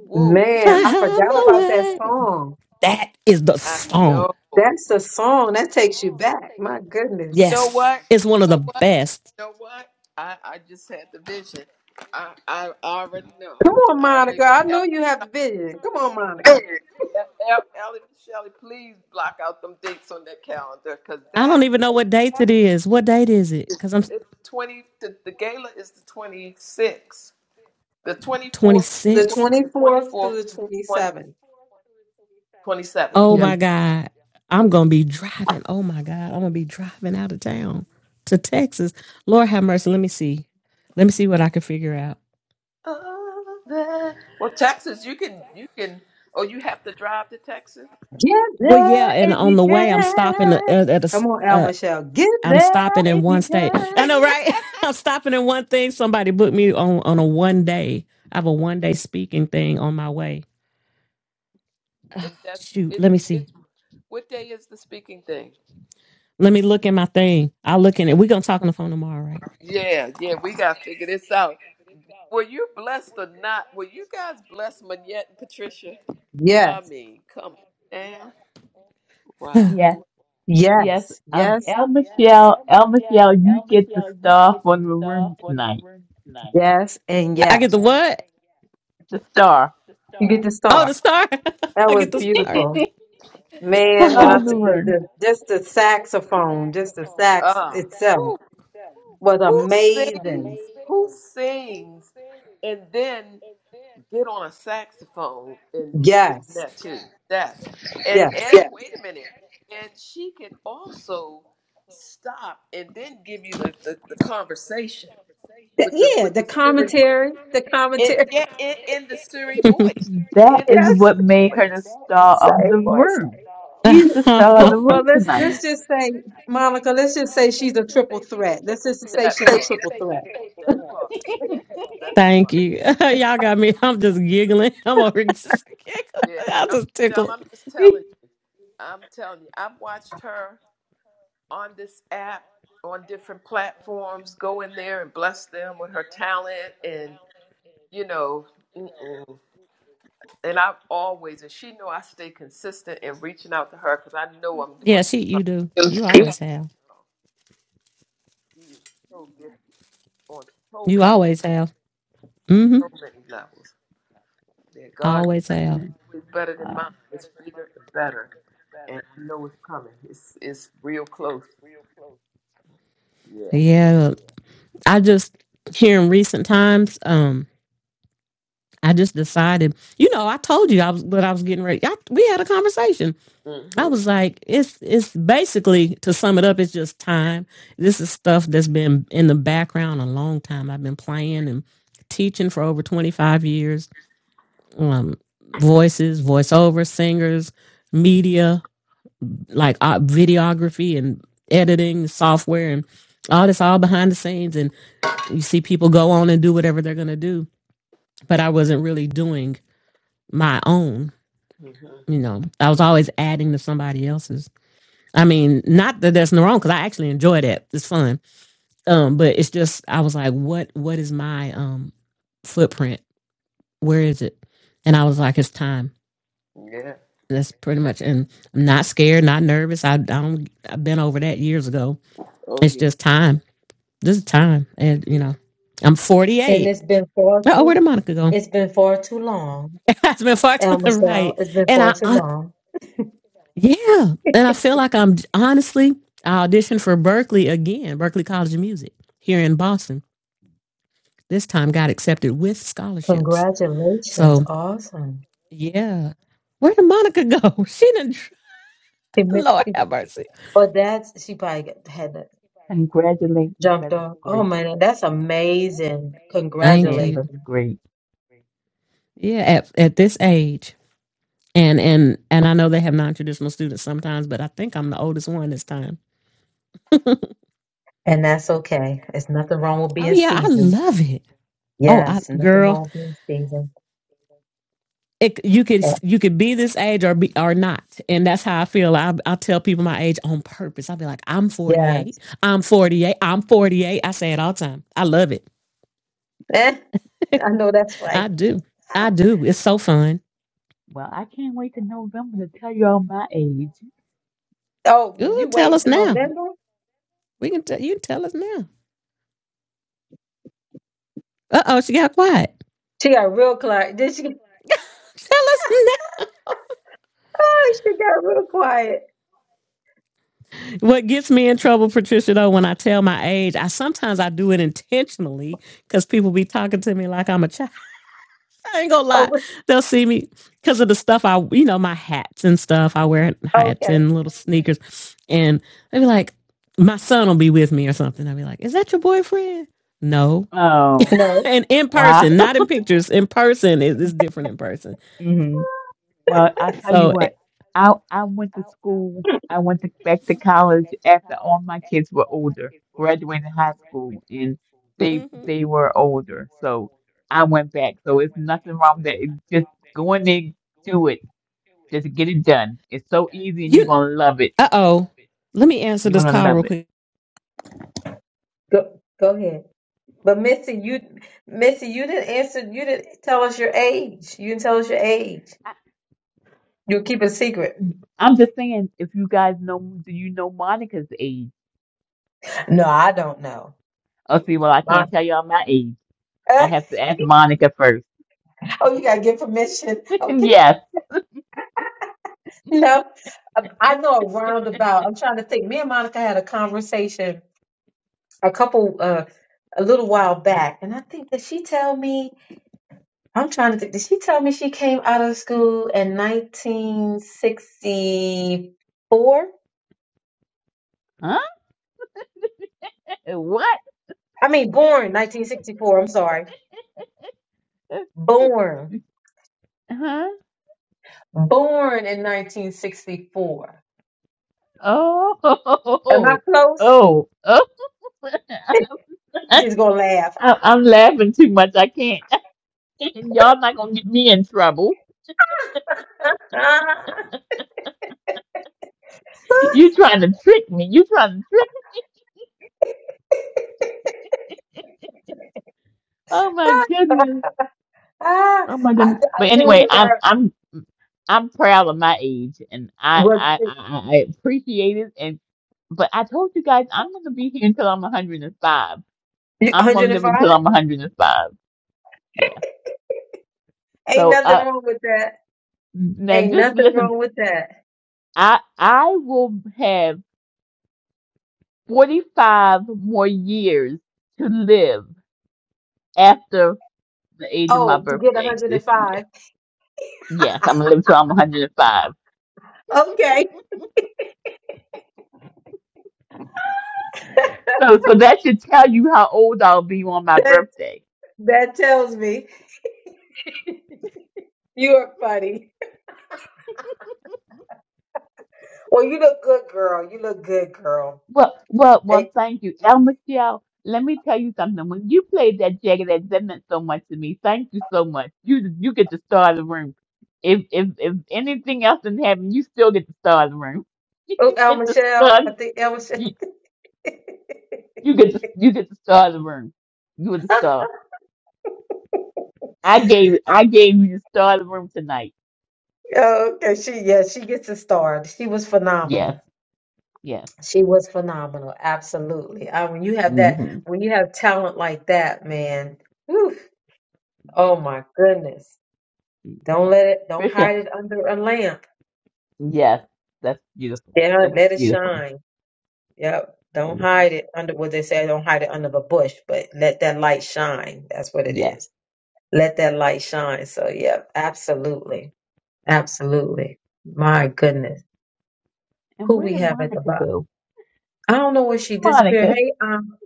woo. If Man, I We. I had forgot my been- about that way, song. that is the I song. know. That's You a song that takes you back. My goodness. know Yes, what? it's You one of the know what? best. You know what? I I just had the vision. I I, I already know. Come on, I Monica. I already. know you have the vision. Come on, El- Monica. El- Ellie Michelle, please block out them dates on that calendar because I don't that even know what right date there it is. What date is it? is Because I'm the 20, the, the gala is the 26th, the 24th, the The 26. 20th, the 24th 24th, through the 20, 27th. twenty seventh. Oh Yeah. my God. I'm going to be driving. Oh my God. I'm going to be driving out of town to Texas. Lord have mercy. Let me see. Let me see what I can figure out. Oh, that- Well, Texas, you can, you can, oh, you have to drive to Texas? Get Well, there yeah. And if you on the way, I'm stopping at, can. at a, Come s- on, El uh, Michelle. Get I'm there stopping in if one you state. I can. know, right? I'm stopping in one thing. Somebody booked me on, on a one day. I have a one day speaking thing on my way. And that's, Shoot. it, Let me see. it's, what day is the speaking thing? Let me look in my thing. I'll look in it. We're gonna talk on the phone tomorrow, right? Yeah, yeah, we got to figure this out. Were you blessed or not? Were you guys blessed, Manette and Patricia? Yes, I mean, come down. Wow. Yes, yes. yes, Um yes, El Michelle, El Michelle, you get the star from the room tonight. yes, and Yeah. I yes. get the what? The star. You get the Oh, the star. star. That I was get the star. beautiful. yeah. Man, when star I of the t- the, room. the just the saxophone, just the sax Uh, itself who, was who amazing. sings? Who sings and then get on a saxophone and give them Yes, that too? That. And, and yes. Yeah. wait a minute. And she could also stop and then give you the, the, the conversation Th- with the yeah, with the the Siri. commentary, the It, commentary. yeah, in, in the Siri voice. That In the is Siri Yes, what made voice. her the star of same the voice. room. She's the You- star of the Well, well, room let's tonight. let's just say, Monica. Let's just say she's a triple threat. Let's just say That she's a part. triple threat. That part. That Thank part. you. Y'all got me. I'm just giggling. I'm over here just giggling. Yeah, I I'm, just tell- tickled. I'm just She- telling you. I'm telling you. I've watched her on this app, on different platforms, go in there and bless them with her talent, and you know, mm-mm. and I've always, and she know I stay consistent in reaching out to her because I know I'm Yeah, going. she you do. to You She always have. is so gifted on so You many, always have. Mm-hmm. so many levels. That God's Always have. yeah, is better than wow. mine. It's bigger and better, and I know it's coming. It's it's real close. Yeah. Yeah. I just here in recent times, um, I just decided, you know, I told you I was what I was getting ready. I, we had a conversation. hmm I was like, it's it's basically to sum it up, it's just time. This is stuff that's been in the background a long time. I've been playing and teaching for over 25 years. Um, voices, voiceover, singers, media. like uh, videography and editing software and all this all behind the scenes and you see people go on and do whatever they're going to do but i wasn't really doing my own hmm you know i was always adding to somebody else's i mean not that there's no wrong because i actually enjoy that it's fun um but it's just i was like what what is my um footprint where is it and i was like it's time Yeah. that's pretty much and i'm not scared not nervous i, I don't i've been over that years ago Oh it's yeah. just time Just time. And, you know, I'm And 48. it's been far Oh, where too did Monica go? it's been far too long. It's been far to El the Michelle, right. it's been And far I, too I, long. yeah. And I feel like I'm, honestly, I auditioned for Berkeley again, Berkeley College of Music here in Boston. This time got accepted with scholarships. Congratulations. So, Awesome. yeah. Where did Monica go? She didn't, She mi- Lord she- have mercy. But that's she probably got- had that Congratulations. jumped That is off. Oh great. man, that's amazing. Thank Yeah, you. that's Congratulations. great. Yeah, at, at this age. And and and I know they have non-traditional students sometimes, but I think I'm the oldest one this time. And that's okay. It's nothing wrong with Oh being yeah, I seasoned. love it. Oh, I, Yes, nothing girl, wrong with being seasoned. it, you could Yeah, you could be this age or be or not, and that's how I feel. I I tell people my age on purpose. I'll be like, I'm 48. Yes. I'm 48. I'm 48. I say it all the time. I love it. Eh, I know that's I right. do. I do. It's so fun. Well, I can't wait to November to tell you all my age. Oh, Ooh, you tell waiting us till now. November? We can tell you can tell us now. Uh oh, she got quiet. She got real quiet. Did she? Tell us now. Oh, she got real quiet. What gets me in trouble, Patricia, though, when I tell my age, I sometimes I do it intentionally because people be talking to me like I'm a child. I ain't gonna Oh, lie. wait, They'll see me because of the stuff I, you know, my hats and stuff. I wear hats okay. and little sneakers, and they be like, my son will be with me or something. I'll be like, is that your boyfriend? No. Oh, No, And in wow. person, not in pictures. In person, it's different in person. Mhm. Well, I tell you So, what, I I went to school, I went to, back to college after all my kids were older, graduated high school, and they uh they were older, so I went back. So it's nothing wrong with that. It's just going in there, do it, just get it done. It's so easy, and you're gonna love it. oh, let me answer You're this gonna call real love it. quick. go go ahead. But Missy, you Missy, you didn't answer. You didn't tell us your age. You didn't tell us your age. I, You keep it secret. I'm just saying, if you guys know, do you know Monica's age? No, I don't know. Oh, see, well, I My- can't tell y'all my age. I have oh, to ask Monica first. you gotta get permission. Okay. yes. No, I I know a roundabout. I'm trying to think. Me and Monica had a conversation a couple, uh, a little while back, and I think did she tell me? I'm trying to think. Did she tell me she came out of school in 1964? Huh? What? I mean, born 1964. I'm sorry, born, Huh? born in 1964. Oh, Am I oh, close? oh. You I- just gonna laugh. I'm laughing too much. I can't. Y'all not gonna get me in trouble. You trying to trick me? You trying to trick me? Oh my goodness. Ah, Oh my goodness. I, I But do anyway, remember I'm her. I'm I'm proud of my age, and I What, I I, I appreciate it. And but I told you guys I'm gonna be here until I'm 105. I'm gonna live 105? until I'm 105. Yeah. Ain't So nothing uh, wrong with that. now Ain't just nothing listen. wrong with that. I I will have forty five more years to live after the age of my Oh, to get birthday this 105. year. Yes, I'm gonna live till I'm 105. Okay, So so that should tell you how old I'll be on my that birthday. that tells me you are funny. Well, you look good, girl. You look good, girl. Well, well, well, Hey, thank you. El Michelle, let me tell you something. When you played that jagged edge, that meant so much to me. Thank you so much. You you get the star of the room. If if if anything else didn't happen, you still get the star of the room. oh, El You get the Michelle, star. I think El Michelle. You, you get the you get the star of the room. You were the star. I gave I gave you the star of the room tonight. Oh, okay, she yeah, she gets a star. She was Yes, phenomenal. yes. She was phenomenal. Absolutely. I, when you have that, hmm when you have talent like that, man. Yeah. Oh my goodness. Don't let it, don't Patricia, hide it under a lamp. yes. That's beautiful. It Yeah, was let it beautiful. shine. Yep. Don't Beautiful. hide it under what they say, don't hide it under a bush, but let that light shine. That's what it Yes. is. Let that light shine. So, yeah, absolutely. Absolutely. My goodness. And Who where we did have at the Monica bottom? go? I don't know where Where's she disappeared. Monica? Hey, um,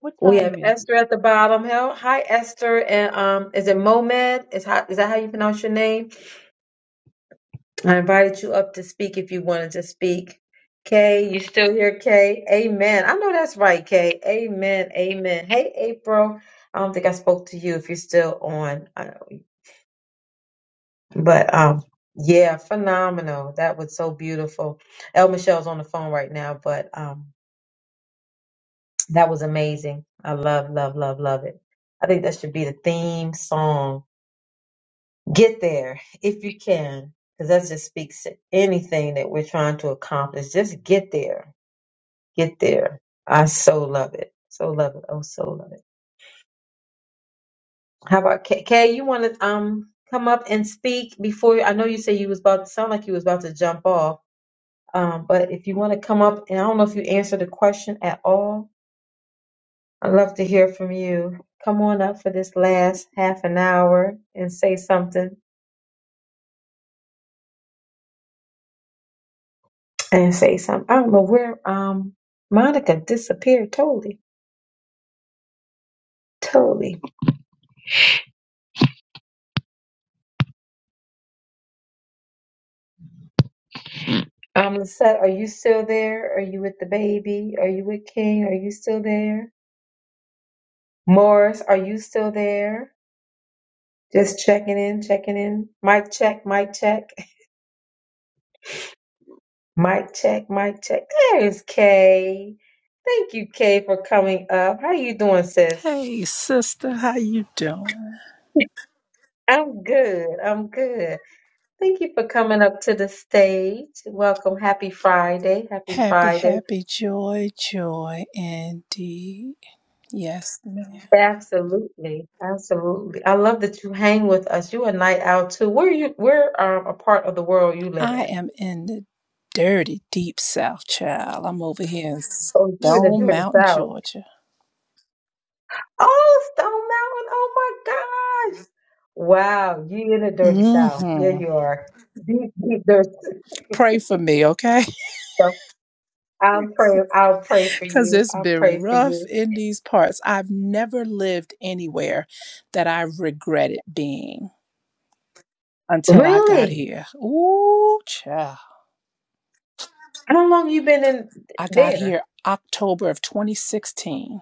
What we have time is it? Esther at the bottom. Hell, hi Esther, and um, is it Momed? Is how is that how you pronounce your name? I invited you up to speak if you wanted to speak. Kay, you still here, Kay? Amen. I know that's right, Kay. Amen. Amen. Hey, April. I don't think I spoke to you if you're still on. I- But um, yeah, phenomenal. That was so beautiful. El Michelle's on the phone right now, but um, that was amazing. I love, love, love, love it. I think that should be the theme song. Get there if you can, because that just speaks to anything that we're trying to accomplish. Just get there Get there. I so love it. So love it. Oh, so love it. How about Kay? Kay, you want to um come up and speak before? I know you said you was about to sound like you was about to jump off. Um, but if you want to come up, and I don't know if you answered the question at all, I'd love to hear from you. Come on up for this last half an hour and say something. And say something. I don't know where um Monica disappeared totally. Totally. Um, Lisette, are you still there? Are you with the baby? Are you with King? Are you still there? Morris, are you still there? Just checking in, checking in. Mic check, mic check, mic check, mic check. There's Kay. Thank you, Kay, for coming up. How you doing, sis? Hey sister, how you doing? I'm good. I'm good. Thank you for coming up to the stage. Welcome. Happy Friday. Happy Happy, Friday. happy, joy, joy indeed. Yes, ma'am. Absolutely. Absolutely. I love that you hang with us. You a night out too. Where you where um a part of the world you live I in? am in the dirty deep south, child. I'm over here in Oh, you in the Stone dirty Mountain, south. Georgia. Oh, Stone Mountain. Oh my gosh. Wow, you in the dirty South. Yeah, Mm-hmm. you are. Deep, deep dirty. Pray for me, okay? So I'll pray. I'll pray for Cause you. it's I'll been pray for rough you. in these parts. I've never lived anywhere that I regretted being until I got Really? here. Ooh, child. How long you been in I got there? here October of 2016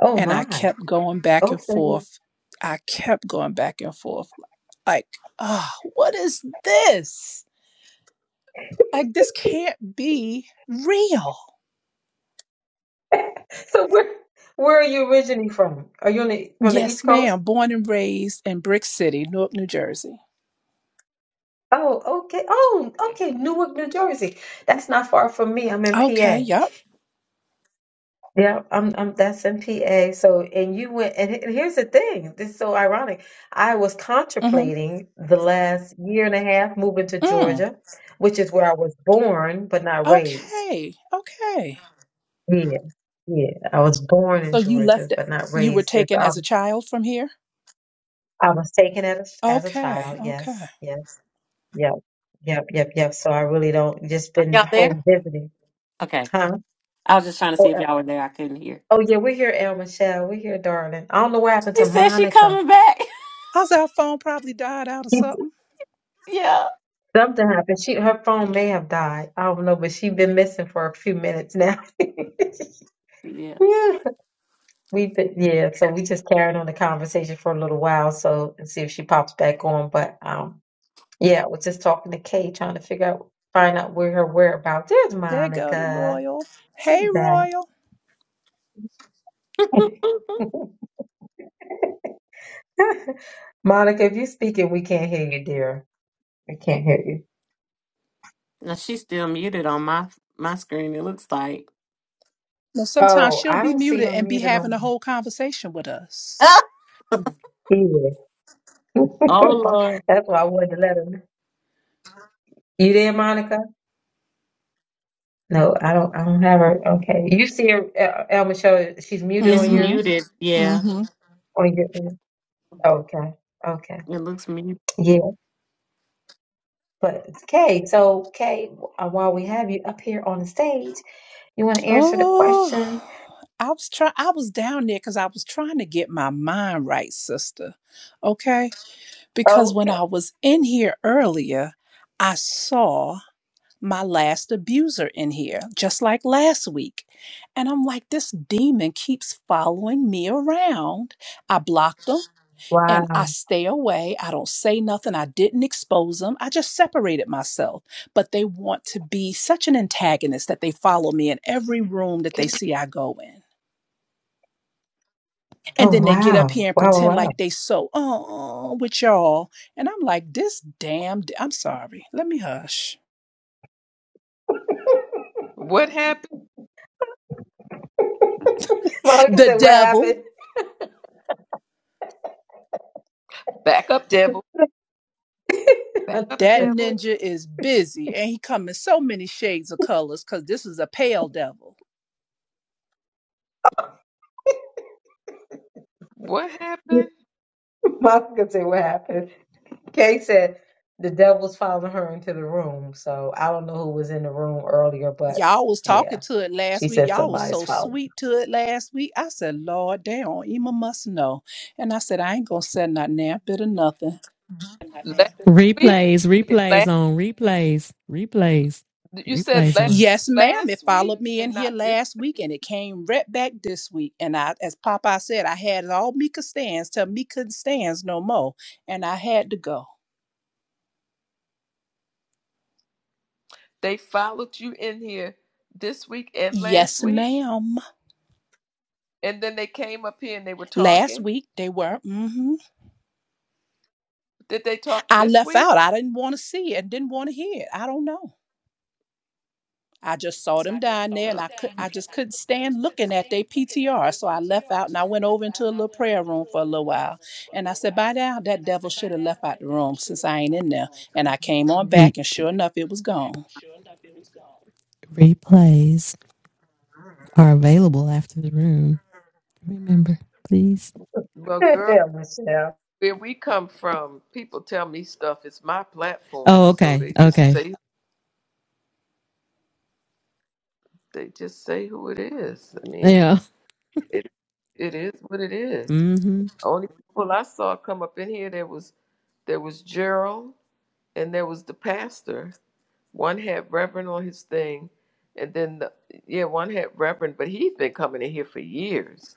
Oh And I my. kept going back Oh, and so you- forth. I kept going back and forth. Like, ah, what is this? Like, this can't be real. so where where are you originally from? Are you on the from the Yes, East Coast? ma'am. Born and raised in Brick City, Newark, New Jersey. Oh, okay. Oh, okay. Newark, New Jersey. That's not far from me. I'm in Okay, PA. yep. Yeah, I'm, I'm that's in PA. So, and you went, and, he- and here's the thing. This is so ironic. I was hmm contemplating the last year and a half moving to Mm. Georgia, which is where I was born but not raised. Okay, okay. Yeah, yeah. I was born in So you Georgia left it, but not you were raised here. So taken I, as a was- child from here? I was taken as as a Okay, child. okay. Yes, yes, yep, yep, yep, yep. So I really don't just Are been y'all there? home visiting, Okay. huh? I was just trying to see Oh, if y'all were there. I couldn't hear. oh yeah, we're here, El Michelle. We're here, darling. I don't know what happened She to said she Monica. coming back. How's our phone probably died out or something? yeah. Something happened. She her phone may have died. I don't know, but she's been missing for a few minutes now. yeah. Yeah. We've been yeah, so we just carried on the conversation for a little while so and see if she pops back on. But um yeah, I was just talking to Kay trying to figure out find out where her whereabouts. There's There go the Monica. Royal. Hey, She's back. Royal. Monica, if you're speaking, we can't hear you, dear. We can't hear you. now she's still muted on my my screen, it looks like. Now, sometimes Oh, she'll I be don't see muted her and be muted having on a whole conversation with us. either. Oh Lord, That's why I wanted to let her know. You there, Monica? No, I don't. I don't have her. Okay, you see her, El- El Michelle. She's muted it's on your Mm-hmm. muted. Yeah, Mm-hmm. on your. Okay, okay, it looks muted. yeah. But Kay, so Kay, uh, while we have you up here on the stage, you want to answer the Oh, question? I was try. I was down there because I was trying to get my mind right, sister. Okay, because when Okay. I was in here earlier, I saw my last abuser in here, just like last week, and I'm like, this demon keeps following me around. I blocked him. and Wow. I stay away. I don't say nothing. I didn't expose them. I just separated myself. But they want to be such an antagonist that they follow me in every room that they Can, see I go in. Oh And then they get up wow. here and Wow. Wow. pretend like they so oh with y'all. And I'm like, this damn i I'm sorry. Let me hush. wow. what happened? Monica The said, "What devil. happened?" Back up, devil. Back up, That devil. ninja is busy and he come in so many shades of colors because this is a pale devil What happened Monica said, "What happened?" Kay said, "The devil's following her into the room." So I don't know who was in the room earlier, but y'all was yeah. talking to it last She week. said Y'all was somebody's so following. sweet to it last week. I said, Lord, they on Ema must know. And I said, I ain't gonna say nothing now, bit of nothing. last week? Replays, replays Last, on replays, replays, you said replays last are Yes, ma'am. It last week followed me in and here not this. last week and it came right back this week. And I as Papa said, I had it all Mika stands till me couldn't stands no more. And I had to go. They followed you in here this week and last Yes, week, ma'am. and then they came up here and they were Last talking. week they were. hmm Did they talk I this left week? out. I didn't want to see it and didn't want to hear it. I don't know. I just saw them down there and Uh, I could I just couldn't stand looking at their PTR. So I left out and I went over into a little prayer room for a little while. And I said, by now that devil should have left out the room since I ain't in there. And I came on re, back and sure enough it was gone. replays are available after the room. Remember, please. well, girl, Yeah, Michelle. where we come from, people tell me stuff. It's my platform, Oh, so okay, they just okay, say they just say who it is. I mean. yeah. It it is what it is. Mm-hmm. Only people I saw come up in here there was there was Gerald and there was the pastor. One had Reverend on his thing, and then the yeah one had Reverend, but he's been coming in here for years.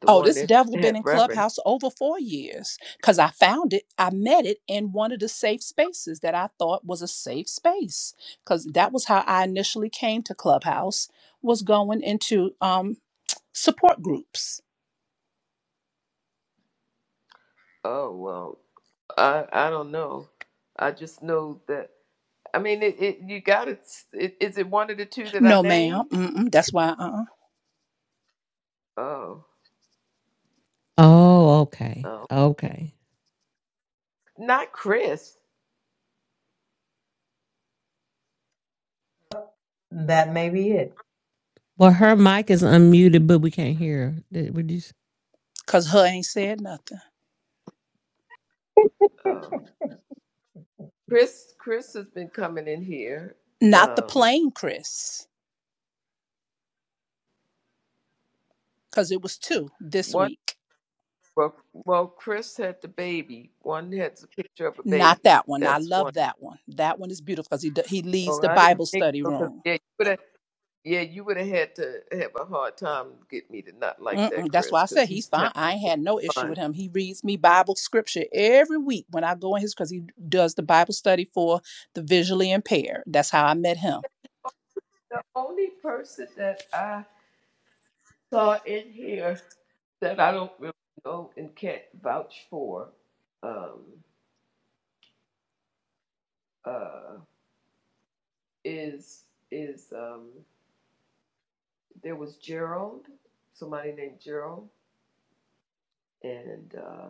The Oh, one this that devil had been in Reverend. Clubhouse over four years. Cause I found it, I met it in one of the safe spaces that I thought was a safe space. Cause that was how I initially came to Clubhouse, was going into um support groups Oh well, I I don't know. I just know that. I mean, it, it you got it. Is it one of the two that I No, ma'am. named? Mm-mm, that's why, uh-uh. Oh, Oh, okay, oh, okay. not Chris. That may be it. Well, her mic is unmuted, but we can't hear. her. Did, would you? Because her ain't said nothing. Oh. Chris, Chris has been coming in here. Not the Um, plain Chris, because it was two this one, week. well, well, Chris had the baby. One has a picture of a Not baby. that one. I That's love one. that one. That one is beautiful because he, d- he leaves Oh, the I didn't Bible think study so. Because room. yeah, you would have, yeah, you would have had to have a hard time to get me to not like that, Mm-mm, that's why Chris, I because said he's he's town fine. I ain't had no issue fun. with him. He reads me Bible scripture every week when I go in his because he does the Bible study for the visually impaired. That's how I met him. The only person that I saw in here that I don't really know and can't vouch for um, uh, is is um, there was Gerald, somebody named Gerald, and uh,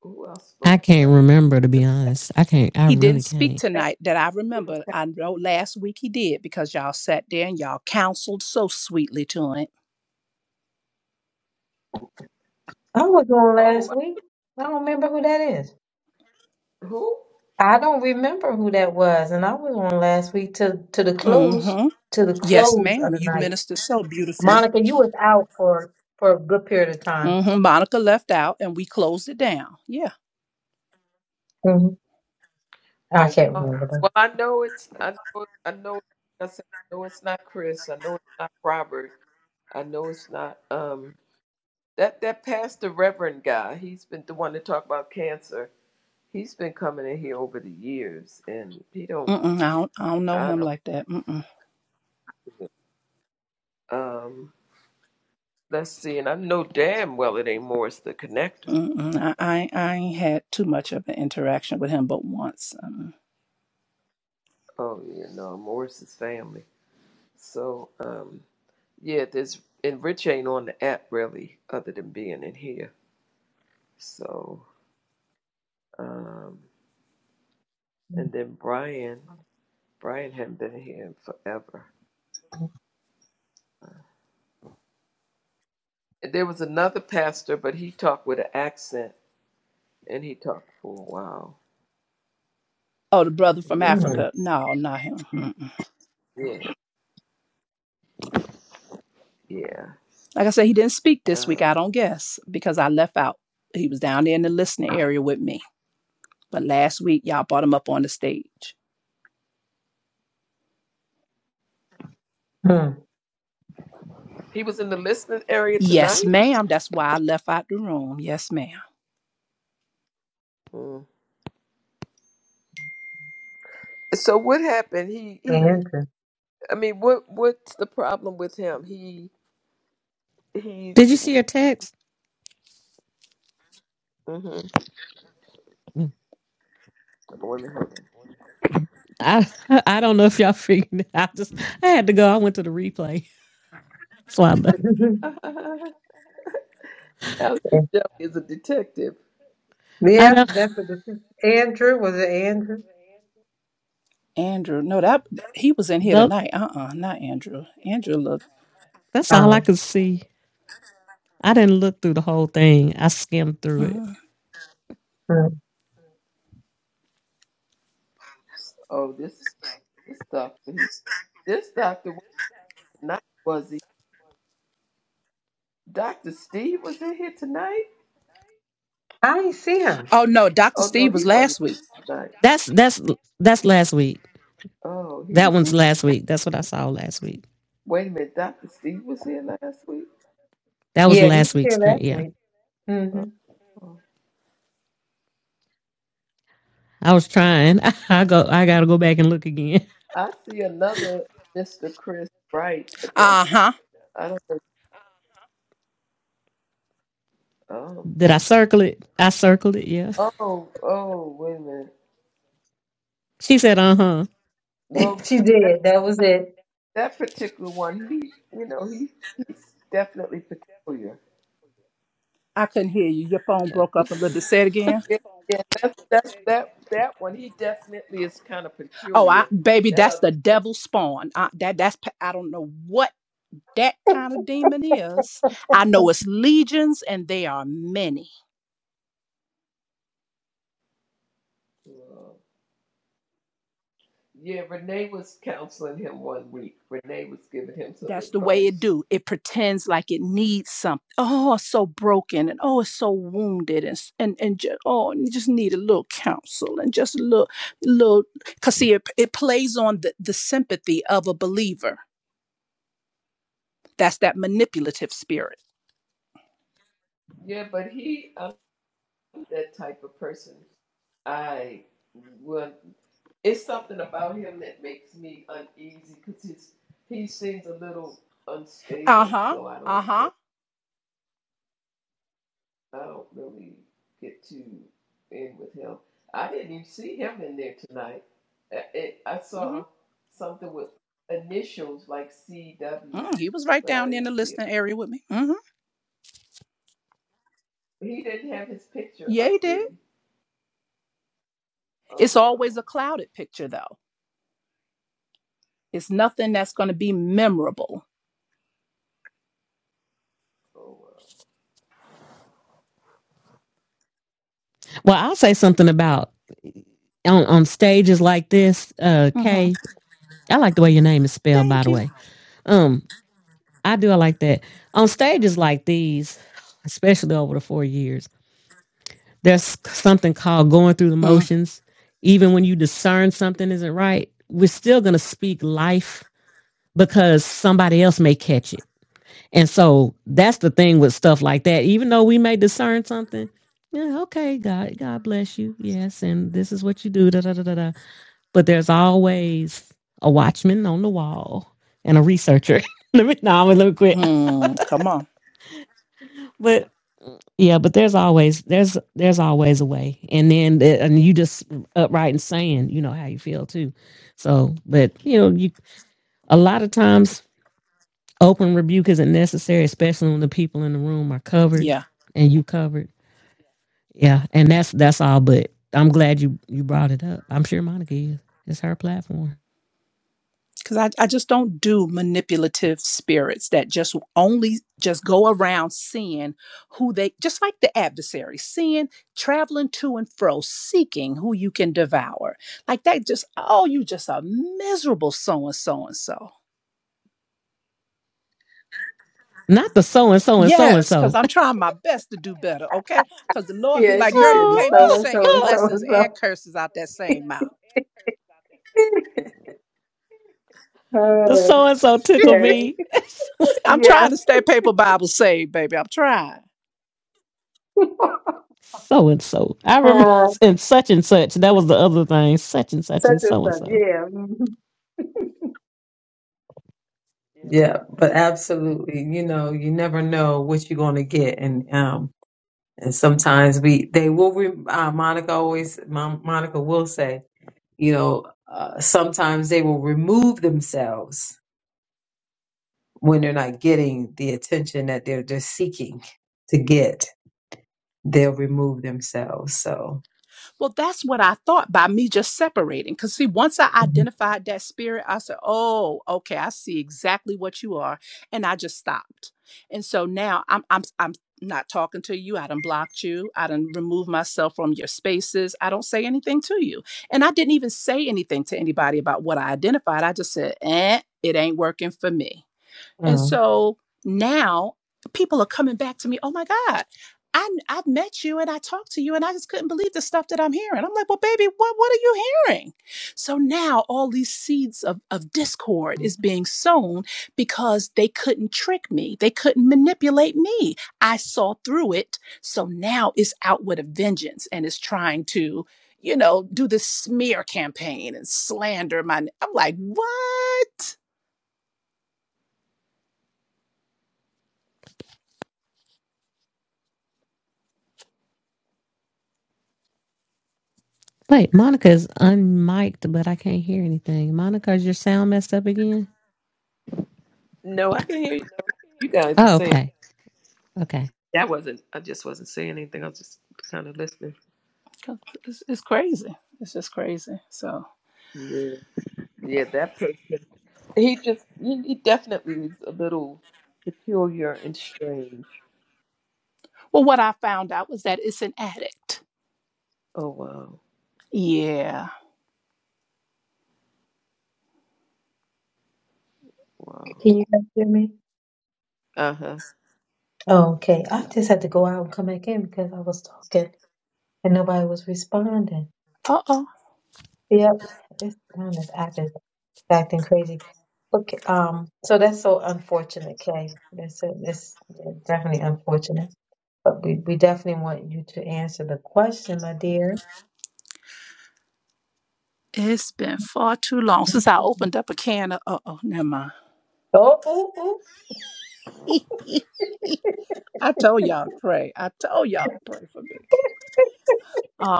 who else I spoke can't tonight? remember to be The honest. I can't. I He really didn't speak can't. tonight that I remember. I know last week he did because y'all sat there and y'all counseled so sweetly to him I was on oh, last wow, week. I don't remember who that is. who? I don't remember who that was, and I was on last week to to the close Mm-hmm. to the Yes, close of ma'am. the You night. minister so beautifully. Monica, you was out for for a good period of time. Mm-hmm. Monica left out, and we closed it down. Yeah. hmm I Oh, can't well, remember well, I know it's I know I know I said, I know it's not Chris. I know it's not Robert. I know it's not um that that pastor Reverend guy. He's been the one to talk about cancer. He's been coming in here over the years, and he don't. Mm-mm, I don't. I don't know I him don't. like that. Mm-mm. Um, let's see. And I know damn well it ain't Morris the connector. Mm-mm. I, I I ain't had too much of an interaction with him, but once. Um, Oh yeah, no, Morris's family. So, um, yeah, there's and Rich ain't on the app really, other than being in here. So, um, though. and then Brian, Brian hadn't been here in forever. And there was another pastor, but he talked with an accent, and he talked for a while. oh, the brother from He had a really Africa. Mm-hmm. No, not him. Mm-mm. yeah, yeah. Like I said, he didn't speak this Uh, week. I don't guess because I left out. He was down there in the listening area with me. But last week, y'all brought him up on the stage. he was in the listening area Yes, tonight. ma'am. That's why I left out the room. Yes, ma'am. Mm. So what happened? He he. Andrew. I mean, what what's the problem with him? He he's. Did you see your text? mhm. Mm. Let me hold I I don't know if y'all figured it out. Just I had to go. I went to the replay. So I, le- on. Alex Shelley is a detective. I yeah, don't. that's what this is. Andrew was it Andrew? Andrew. No, that he was in here Nope. tonight. Uh uh not Andrew. Andrew looked. That's all I Oh, could see. I didn't look through the whole thing. I skimmed through it. uh mm. Oh, this this doctor. He, this doctor was tonight, was he? Doctor Steve was in here tonight. I ain't see him. Oh no, Dr. Oh no, Steve he was wasn't last week. tonight. That's that's that's last week. Oh, he That was one's here. last week. That's what I saw last week. Wait a minute, Doctor Steve was here last week. That was Yeah, he last was week's here screen. last Yeah. week. Mm-hmm. Oh, I was trying. I I go. I gotta go back and look again. I see another Mister Chris Bright, but Uh that's huh. I don't know. Um, Did I oh, circle it? I circled it. Yeah. oh, oh, wait a minute. She said, "Uh huh." Well, She that, did. That was it. that particular one, he, you know, he he's definitely peculiar. I couldn't hear you. Your phone Yeah. broke up a little bit. Say it again. Yeah, yeah, that's that's that that one. He definitely is kind of Oh, I peculiar. baby, That that's the other, devil spawn. I, that that's I don't know what that kind of demon is. I know it's legions and they are many. uh, yeah, Renee was counseling him one week. Renee was giving him some That's the way it advice. do. It pretends like it needs something. Oh, it's so broken, and oh, it's so wounded, and and and just, oh, and you just need a little counsel, and just a little, little, cause see, it, it plays on the the sympathy of a believer. That's that manipulative spirit. Yeah, but he, I'm that type of person. I would. It's something about him that makes me uneasy because he's he seems a little Uh unstable. huh. So I Uh don't. huh. I don't really get too in with him. I didn't even see him in there tonight. Uh, It, I saw Mm-hmm. something with initials like CW, Mm, he was right but I down there in the didn't see it. listening area with me. Mm-hmm. He didn't have his picture Yeah, he up, did did. he? It's Oh wow! always a clouded picture, though. It's nothing that's going to be memorable. Oh wow! Well, I'll say something about on on stages like this. Uh, Mm-hmm. Kay, I like the way your name is spelled. By Thank the you. way, um, I do. I like that on stages like these, especially over the four years. There's something called going through the motions. Even when you discern something isn't right, we're still gonna speak life because somebody else may catch it And so that's the thing with stuff like that. Even though we may discern something, yeah, okay, God, God bless you. Yes, and this is what you do. Da, da, da, da, da. But there's always a watchman on the wall and a researcher. let me no, I'm a little quick. Mm-hmm. Come on. But yeah, but there's always there's there's always a way. And then and you just upright and saying, you know, how you feel too. So, but you know, you a lot of times open rebuke isn't necessary, especially when the people in the room are covered Yeah. and you covered Yeah, and that's that's all. But I'm glad you you brought it up. I'm sure Monica is. It's her platform, because I, I just don't do manipulative spirits that just only just go around seeing who they just like the adversary seeing traveling to and fro seeking who you can devour like that just oh you just a miserable so and so and so not the so and so and so and yes because so. i'm trying my best to do better okay because the lord be Yeah, like she girl said you the can't be so and singing so and so blessings and and so. curses out that same mouth The Oh, so and so tickled okay. me. i'm Yeah. trying to stay paper bible saved baby i'm trying So and so. I remember Uh, and such and such. That was the other thing. Such and such such and and so and such. so. Yeah. mhm. Yeah, but absolutely. You know, you never know what you're going to get, and um, and sometimes we they will. Re- uh, Monica always, Mon- Monica will say, you know, uh, sometimes they will remove themselves when they're not getting the attention that they're just seeking to get, they'll remove themselves. So, Well, that's what I thought by me just separating. Because, see, once I Mhm. identified that spirit, I said, oh, okay, I see exactly what you are. And I just stopped. And so now I'm, I'm, I'm not talking to you. I done blocked you. I done removed myself from your spaces. I don't say anything to you. And I didn't even say anything to anybody about what I identified. I just said, eh, it ain't working for me. And Mm. so now people are coming back to me, oh my God, I, I met you and I talked to you and I just couldn't believe the stuff that I'm hearing. I'm like, well, baby, what, what are you hearing? So now all these seeds of, of discord is being sown because they couldn't trick me. They couldn't manipulate me. I saw through it. So now it's out with a vengeance and it's trying to, you know, do this smear campaign and slander my, I'm like, what? Wait, Monica's unmiked, but I can't hear anything. Monica, is your sound messed up again? No, I can hear you. You guys are Oh, saying okay. Okay. that wasn't. I just wasn't saying anything. I was just kind of listening. 'Cause It's, it's crazy. It's just crazy. So, Yeah, yeah, that person. He just. He, he definitely was a little peculiar and strange. well, what I found out was that it's an addict. Oh wow, Yeah. wow. Can you guys hear me? Uh huh. Oh, okay. I just had to go out and come back in because I was talking and nobody was responding. Uh oh. Yep, this man, this app is acting crazy. Okay, um, so that's so unfortunate, Kay. That's a, that's definitely unfortunate. But we, we definitely want you to answer the question, my dear. It's been far too long since I opened up a can of. Uh oh. Never mind. Oh, oh, oh, I told y'all to pray. I told y'all to pray for me.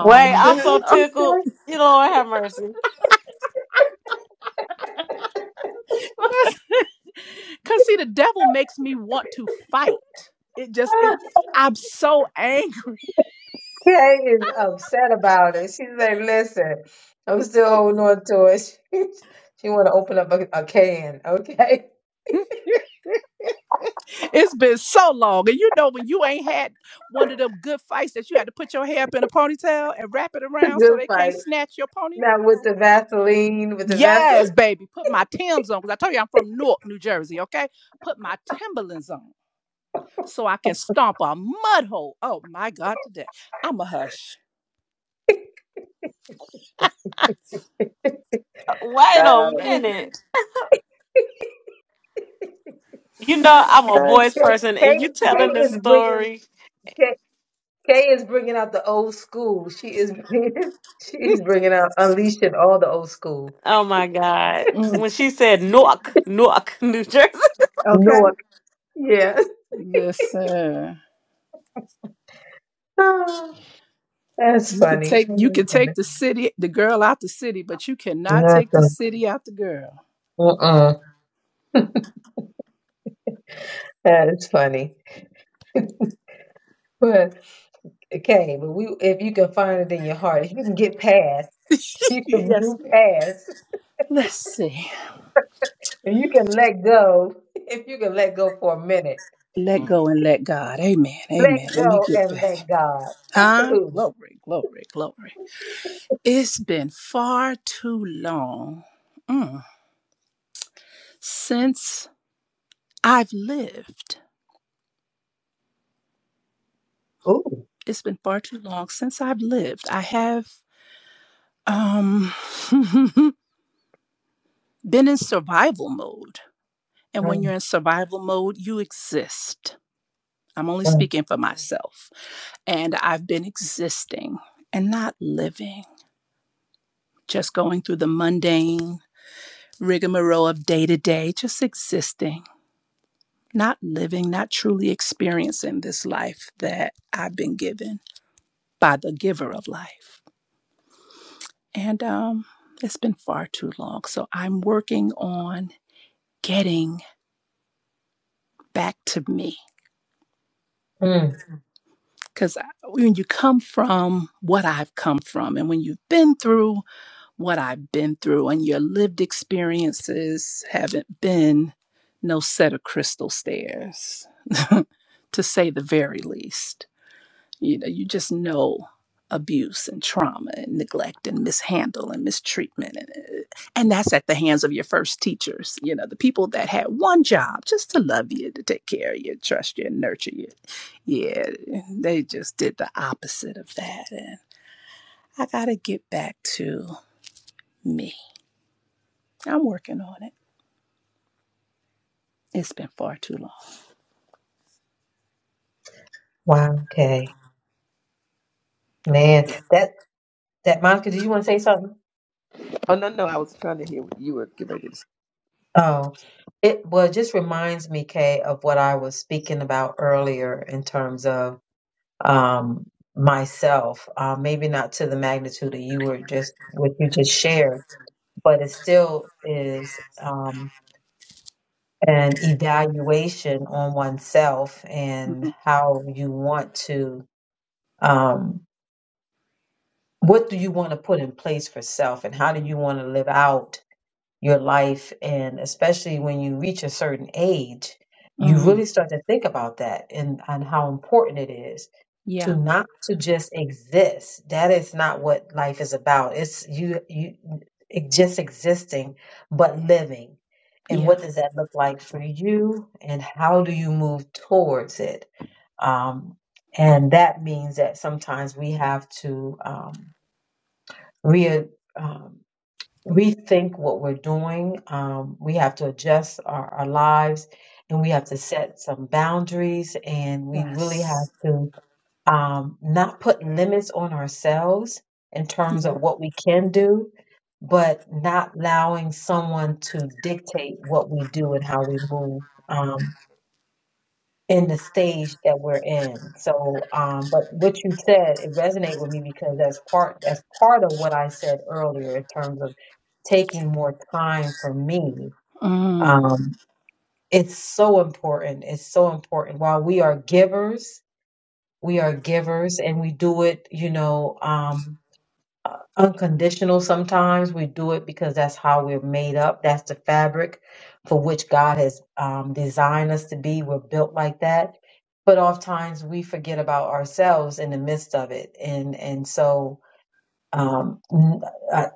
Wait, I'm so what you tickled. say? You Lord have mercy. cause see, the devil makes me want to fight. It just it. I'm so angry. Kay is upset about it. She's like, listen, I'm still holding on to it. she want to open up a, a can, okay? It's been so long. And you know when you ain't had one of them good fights that you had to put your hair up in a ponytail and wrap it around so Good they can't fight. snatch your pony? Now with the Vaseline, with the Vaseline. Yes, baby. Put my Timbs on. Because I told you I'm from Newark, New Jersey, okay? Put my Timberlands on so I can stomp a mud hole. Oh my God, today. I'm a hush. Wait a Oh, minute. You know I'm a my God. voice Kay, person, Kay, and you Kay telling is this bringing story. Kay, Kay is bringing out the old school. She is bringing, she is bringing out unleashing all the old school. Oh my God! Mm, When she said Newark, Newark, New Jersey. okay. North, yeah. Listen. Oh, That's You can funny. take Oh you can my take goodness. the city, the girl out the city, but you cannot take That's the city out the girl. a- Uh-uh. That is funny. But Okay, but we if you can find it in your heart, if you can get past, you can yes, move ma'am. past, Let's see. and you can let go, if you can let go for a minute, Let go and let God. Amen. let Amen. Let me go get and back. let God. Huh? Absolutely. Glory, glory, glory. It's been far too long mm, since I've lived. Ooh. It's been far too long since I've lived. I have um been in survival mode. And when Mm, you're in survival mode, you exist. I'm only mm, speaking for myself. And I've been existing and not living, just going through the mundane rigmarole of day to day, just existing, not living, not truly experiencing this life that I've been given by the giver of life. And um, it's been far too long. So I'm working on getting back to me. mm. Because when you come from what I've come from, and when you've been through what I've been through, and your lived experiences haven't been no set of crystal stairs, to say the very least You know, you just know abuse and trauma and neglect and mishandle and mistreatment and, uh, and that's at the hands of your first teachers you know the people that had one job just to love you to take care of you trust you and nurture you yeah they just did the opposite of that and i gotta get back to me i'm working on it it's been far too long Wow. Okay. Man, that that Monica, did you want to say something? oh no, no, I was trying to hear what you were getting ready to say. Oh, it well it just reminds me, Kay, of what I was speaking about earlier in terms of um myself. Uh, maybe not to the magnitude that you were just what you just shared, but it still is um an evaluation on oneself and hmm how you want to um what do you want to put in place for self and how do you want to live out your life and especially when you reach a certain age you hmm really start to think about that and, and how important it is yeah to not to just exist that is not what life is about it's you you it just existing but living and yeah what does that look like for you and how do you move towards it um, and that means that sometimes we have to um, re- um, rethink what we're doing. Um, we have to adjust our, our lives and we have to set some boundaries and we really have yes to um, not put limits on ourselves in terms yeah of what we can do, but not allowing someone to dictate what we do and how we move. Um, in the stage that we're in. So, um, but what you said, it resonated with me because that's part that's part of what I said earlier in terms of taking more time for me. mm. Um, it's so important. It's so important. While we are givers, we are givers, and we do it, you know, um, unconditional sometimes. We do it because that's how we're made up. That's the fabric for which God has um, designed us to be. We're built like that. But oftentimes we forget about ourselves in the midst of it. And, and so, um, n- uh,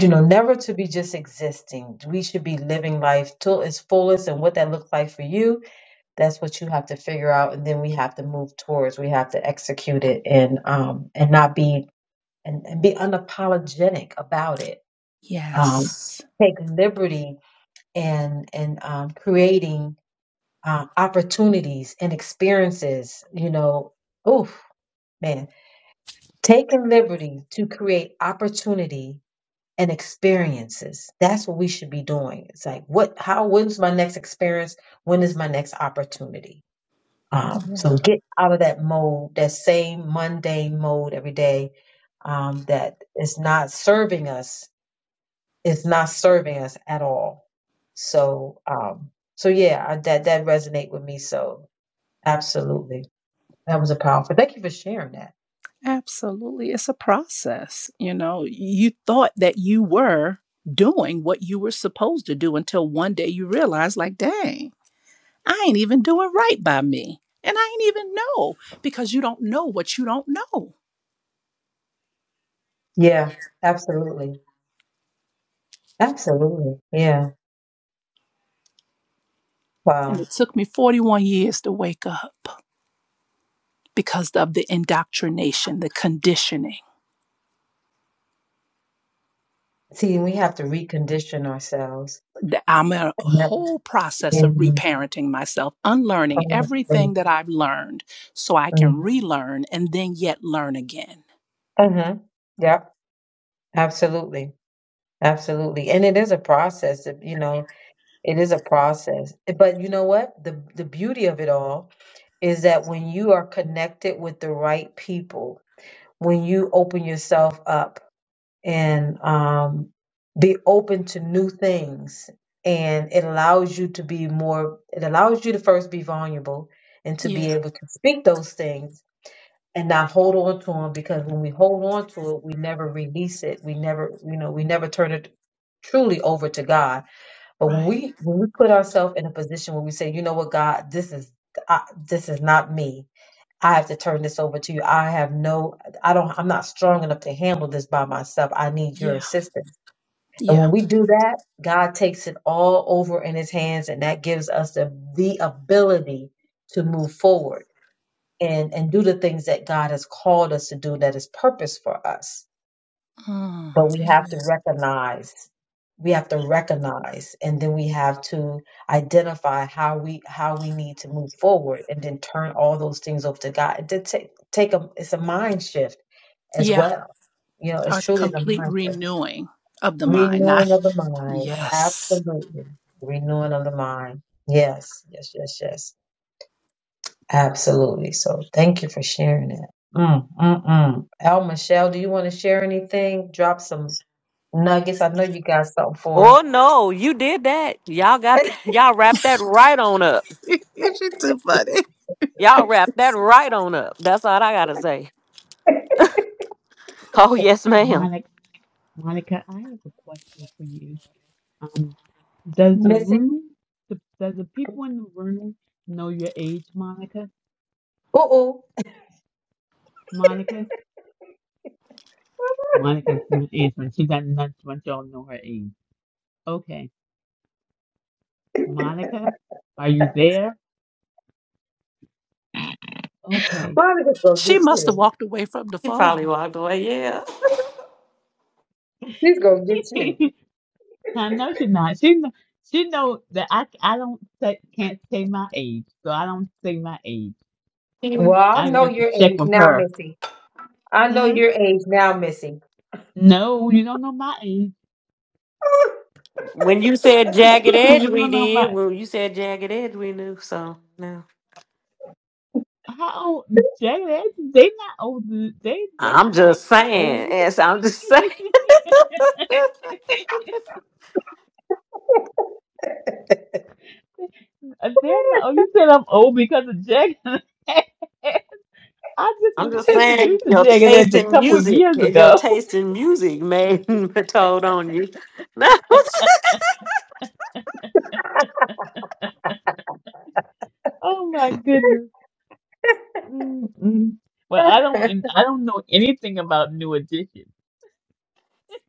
you know, never to be just existing. We should be living life till its fullest. And what that looks like for you, that's what you have to figure out. And then we have to move towards, we have to execute it and, um, and not be and, and be unapologetic about it. Um, yes take liberty and and um, creating uh, opportunities and experiences. You know, oof, man, taking liberty to create opportunity and experiences. That's what we should be doing. It's like, what? How? When's my next experience? When is my next opportunity? Um, yeah. so get out of that mode, that same mundane mode every day um, that is not serving us is not serving us at all. So, um, so yeah, I, that that resonate with me. So, absolutely, that was a powerful. Thank you for sharing that. Absolutely. It's a process. You know, you thought that you were doing what you were supposed to do until one day you realize, like, dang, I ain't even doing right by me. And I ain't even know because you don't know what you don't know. Yeah, absolutely, absolutely. Yeah, And wow. it took me 41 years to wake up because of the indoctrination, the conditioning. See, we have to recondition ourselves. I'm in a And that's whole process of in, reparenting myself, unlearning mm-hmm. everything that I've learned so I can relearn and then yet learn again. Mm-hmm. Yep, absolutely, absolutely. And it is a process. You know, it is a process. But you know what? The the beauty of it all is that when you are connected with the right people, when you open yourself up and um, be open to new things, and it allows you to be more, it allows you to first be vulnerable and to Yeah. be able to speak those things and not hold on to them because when we hold on to it, we never release it. We never, you know, we never turn it truly over to God. But when Right. we when we put ourselves in a position where we say, you know what, God, this is I, this is not me I have to turn this over to you. I have no, I don't, I'm not strong enough to handle this by myself. I need your Yeah. assistance. And Yeah. when we do that, God takes it all over in his hands and that gives us the, the ability to move forward and, and do the things that God has called us to do that is purpose for us Mm. but we have Amen. to recognize we have to recognize and then we have to identify how we how we need to move forward and then turn all those things over to god it did take take a it's a mind shift as Yeah. well you know it's A truly the complete mind shift renewing of the mind. Not, renewing of the mind yes. absolutely renewing of the mind yes yes yes yes absolutely so thank you for sharing it mm, mm, mm. al michelle do you want to share anything drop some Nuggets, I know you got something Oh for no, you did that. Y'all got her. that. y'all wrapped that right on up. Is she too funny? Y'all wrapped that right on up. That's all I gotta say. Oh yes, ma'am. Monica, Monica, I have a question for you. Um, does the Missy. room, does the people in the room know your age, Monica? Uh oh. Monica? Monica's not answering. She got nuts once y'all know her age. Okay. Monica, are you there? Okay. Monica's gonna She get must have you. walked away from the He phone. probably walked away. Yeah. She's gonna get you. I know you're not. She know, she know that I I don't say, can't say my age, so I don't say my age. Well, I I know have to your check age with now, her. Missy. I know Hmm? your age now, Missy. No, you don't know my age. When you said jagged edge, you we don't know did. my When you said jagged edge, we knew. So no, how old they they not old. They they they I'm just not saying. old. Yes, I'm just saying. They're not Oh, You said I'm old because of jagged. I just I'm was just saying introduced to your Jagged taste Edge a in couple music, years your ago. taste in music made told on you. Oh my goodness. Mm-mm. Well, I don't, and I don't know anything about New Edition.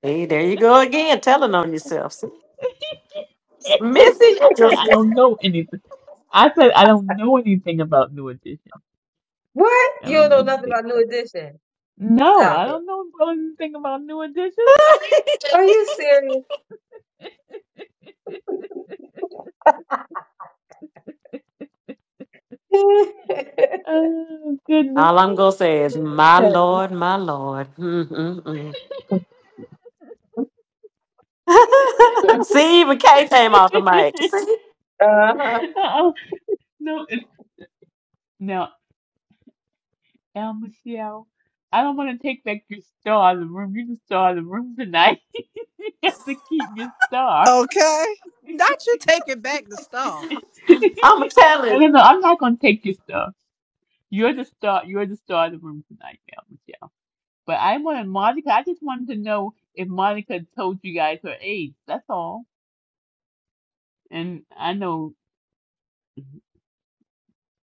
See, there you go again, telling on yourself. See, Missy, you I said just I don't know anything. I said I don't know anything about New Edition. what? I You don't don't know know nothing anything about New about. Edition. No, I Stop it. don't know about anything about New Edition. Are you serious? Oh goodness. all I'm gonna say is, my lord, my lord. Mm-mm-mm. See, even K came off the mic. See, uh-huh. Oh no, it's now El Michelle. I don't want to take back your star out of the room. You're the star of the room tonight. you have to keep your star. Okay. Not you taking back the star. I'm No, telling. no, no. I'm not gonna take your stuff. You're the star. You're the star of the room tonight, now, Michelle. But I wanted Monica. I just wanted to know if Monica told you guys her age. That's all. And I know,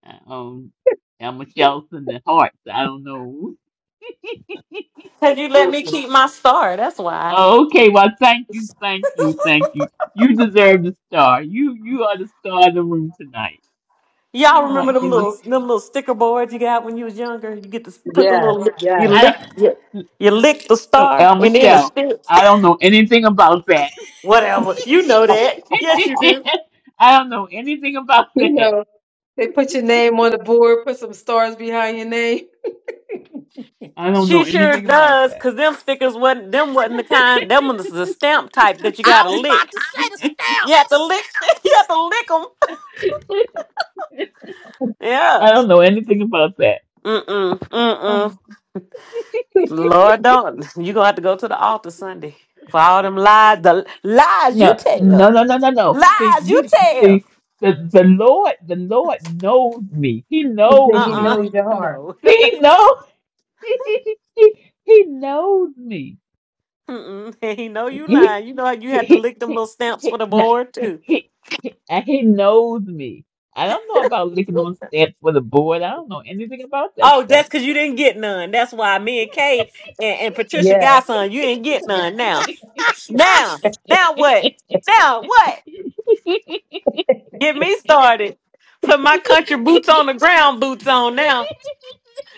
uh, um, now Michelle's in the hearts. I don't know. Cause you let me Mhm. keep my star. That's why. okay. Well, thank you, thank you, thank you. You deserve the star. You you are the star of the room tonight. Y'all Oh my remember them goodness. little them little sticker boards you got when you was younger? You get to s- put the little Yes, you I yes. lick you, don't. you lick the So, star El and then it Michelle, sticks. I don't know anything about that. Whatever. You know that. Yes, you do. I don't know anything about You that. know, they put your name on the board, put some stars behind your name. I don't She know sure anything about does, that. cause them stickers wasn't them wasn't the kind. Them ones is a stamp type that you I gotta was about lick. to say the You have to lick. you have to lick them. Yeah. I don't know anything about that. Mm mm mm mm. Oh. Lord, don't you gonna have to go to the altar Sunday for all them lies, the lies you No, tell. no, no, no, no, no. See, Lies you you tell. see, the the Lord, the Lord knows me. He Then knows he Uh me. knows your uh heart. No. He knows. He, he, he knows me. Mm-mm. He know you He, lying. You know how you had to he, lick them he, little stamps he, for the no, board he, too. he, he, and he knows me. I don't know about licking on stamps for the board. I don't know anything about that Oh, stuff. that's because you didn't get none. That's why me and Kay and, and Patricia Yes. Godson, you didn't get none stamps. now. Now, now what? Now what? Get me started. Put my country boots on the ground boots on now.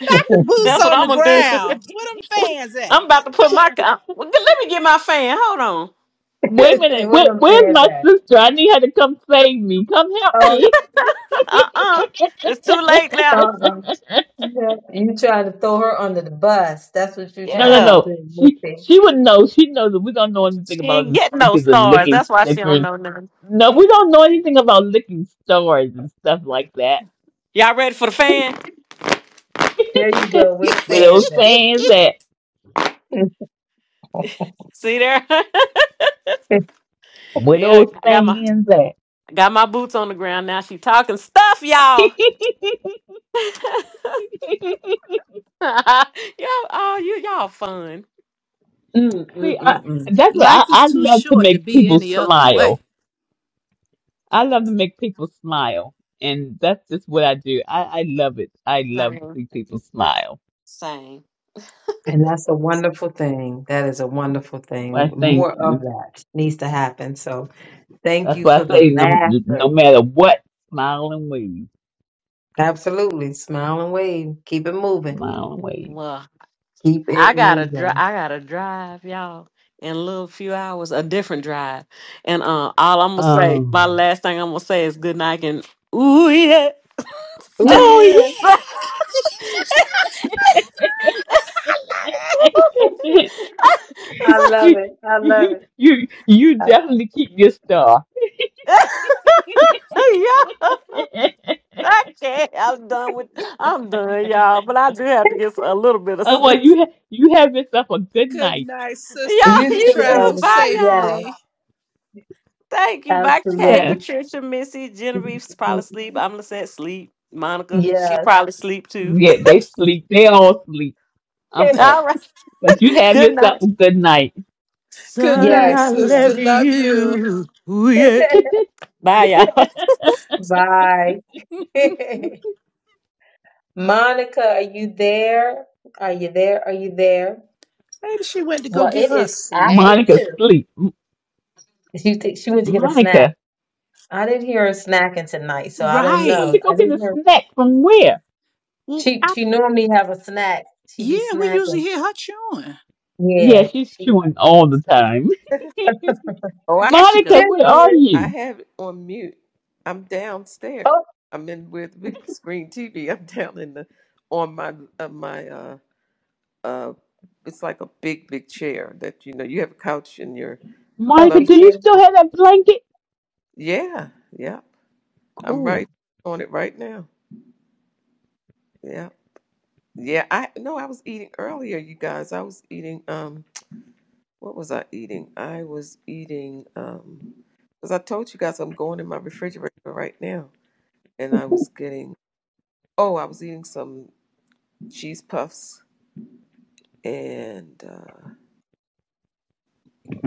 Not the boots That's what on I'm the gonna do. ground. Where them fans I'm at? about to put my. co- Well, let me get my fan. Hold on. Wait a minute. Where, what I'm where's saying is my that. sister? I need her to come save me. Come help Oh, me. Uh uh It's too late now. uh-uh. No, You trying to throw her under the bus. That's what you're No, no, trying Yeah. to no. do, She Missy. she would know. She knows that we don't know anything She about ain't the get no stickers and stars. licking That's why she don't stickers. know nothing. No, we don't know anything about licking stores and stuff like that. Y'all ready for the fan? There you go. Where the Where fans those at? fans at? See there? Where yeah, those I got my fans at? I got my boots on the ground now. She talking stuff, y'all. y'all, oh, you y'all fun. Mm, See, mm, I, mm, mm. that's what Life I, is I too love to short to make be people any other way. smile. I love to make people smile, and that's just what I do. I, I love it. I love to Same, see people smile. same. And that's a wonderful thing. That is a wonderful thing. Well, thank More you. of that needs to happen. So thank That's you why I for the say no, laughter. no matter what, smile and wave, Absolutely. Smile and wave. Keep it moving. smile and wave. Well, Keep I it gotta drive. moving. I gotta drive, y'all, in a little few hours, a different drive. And uh, all I'm gonna say, my Um, last thing I'm gonna say is good night and ooh yeah. Ooh, oh yeah, yeah. yeah, I love it. I love it. you you I- definitely keep your star. I can't. I'm done with. I'm done, y'all. But I do have to get a little bit of oh well, sleep. you ha- you have yourself a good Good night. night, sister. Y'all, You You you too, too. travel Elvis. Bye, Yes. y'all. safely. Thank you. Bye, Kay, Yes, Absolutely. Patricia, Missy, Genevieve's probably sleep. I'm saying sleep. Monica, she Yes. probably sleep too. yeah, they sleep. They all sleep. I'm up, All right. but you have Good yourself night. a good night. Good Sorry, night, yes. I You sister. love are. Love you. you. Ooh, yeah. Bye, y'all. Bye. Monica, are you there? Are you there? Are you there? Maybe she went to go Well, get it her a is after snack. Monica two. sleep. M- She, think she went to get a snack. Monica. I didn't hear her snacking tonight, so I don't You went know. to Right. go I get a didn't hear. snack from where? Well, She I, she normally have a snack. She be yeah, we usually snacking. hear her chewing. Yeah, Yeah. she's She. chewing all the time. Oh, I There she Monica, go. just This where are is. I you? have it on mute. I'm downstairs. Oh, I'm in with big screen TV. I'm down in the on my uh, my uh uh. It's like a big big chair that you know you have a couch in your Monica, love. comfy do you chair. still have that blanket? Yeah, yeah. I'm Cool. right on it right now. Yeah, yeah. I no, I was eating earlier, you guys. I was eating. Um, What was I eating? I was eating um because I told you guys I'm going in my refrigerator right now, and I was getting oh I was eating some cheese puffs and uh,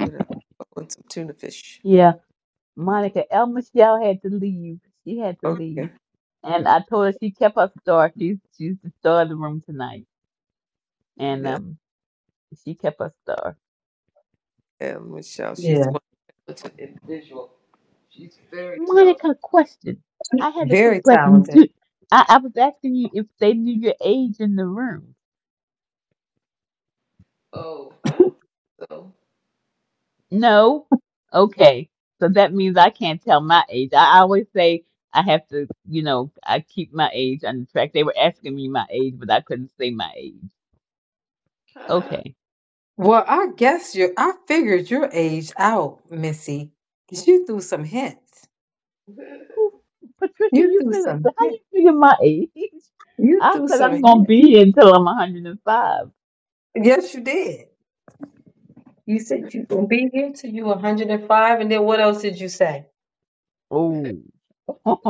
what else? Oh, and some tuna fish. Yeah, Monica, El Michelle had to leave. She had to Okay, yeah, leave. And I told her she kept her star. She's she's the star of the room tonight. And yeah, um she kept her star. and Michelle, she's Yeah. one talented individual. She's very talented. Monica, question. I had a Very quick question. talented. Do, I, I was asking you if they knew your age in the room. Oh, I don't think so. No? Okay. So that means I can't tell my age. I always say I have to, you know, I keep my age on the track. They were asking me my age, but I couldn't say my age. Okay. Well, I guess you I figured your age out, Missy. 'cause You threw some hints. Who, Patricia, You you threw feel, some how you hints. figure my age? You I threw said some I'm gonna hints. be here until I'm 105. Yes, you did. You said you gonna be here till you 105, and five, and then what else did you say? Oh,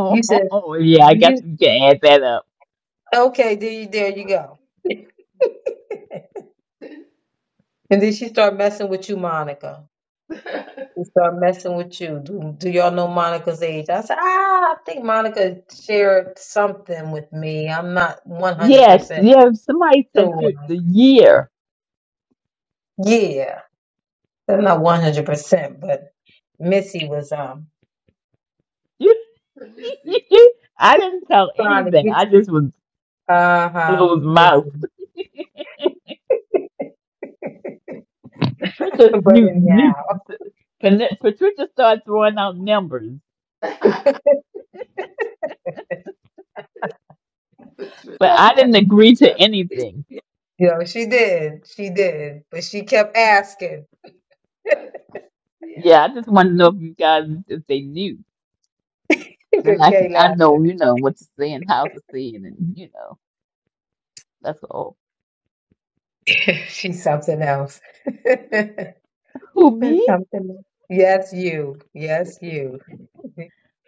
You said yeah, I guess you you can add that up. okay, there you there you go. And then she started messing with you, Monica. Let She started messing with you. Do, do y'all know Monica's age? I said, ah, I think Monica shared something with me. I'm not Yes, 100% yeah. Somebody said sure. you, the year. Yeah. I'm not 100%, but Missy was um me see. I didn't tell trying to anything. get I just was uh-huh, closed mouth. Missy. Patricia But knew, knew, anyhow, Patricia started throwing out numbers, you The truth. but I didn't agree to anything. Yeah, know, she did. She did. But she kept asking. but- yeah, Yeah, I just want to know if you guys if they knew. Then Good I Kay I know laughing. you know what to say and how to say it, and you know that's all. She's something else. That's Who me? something. else. Yes, you. yeah, Yes, you.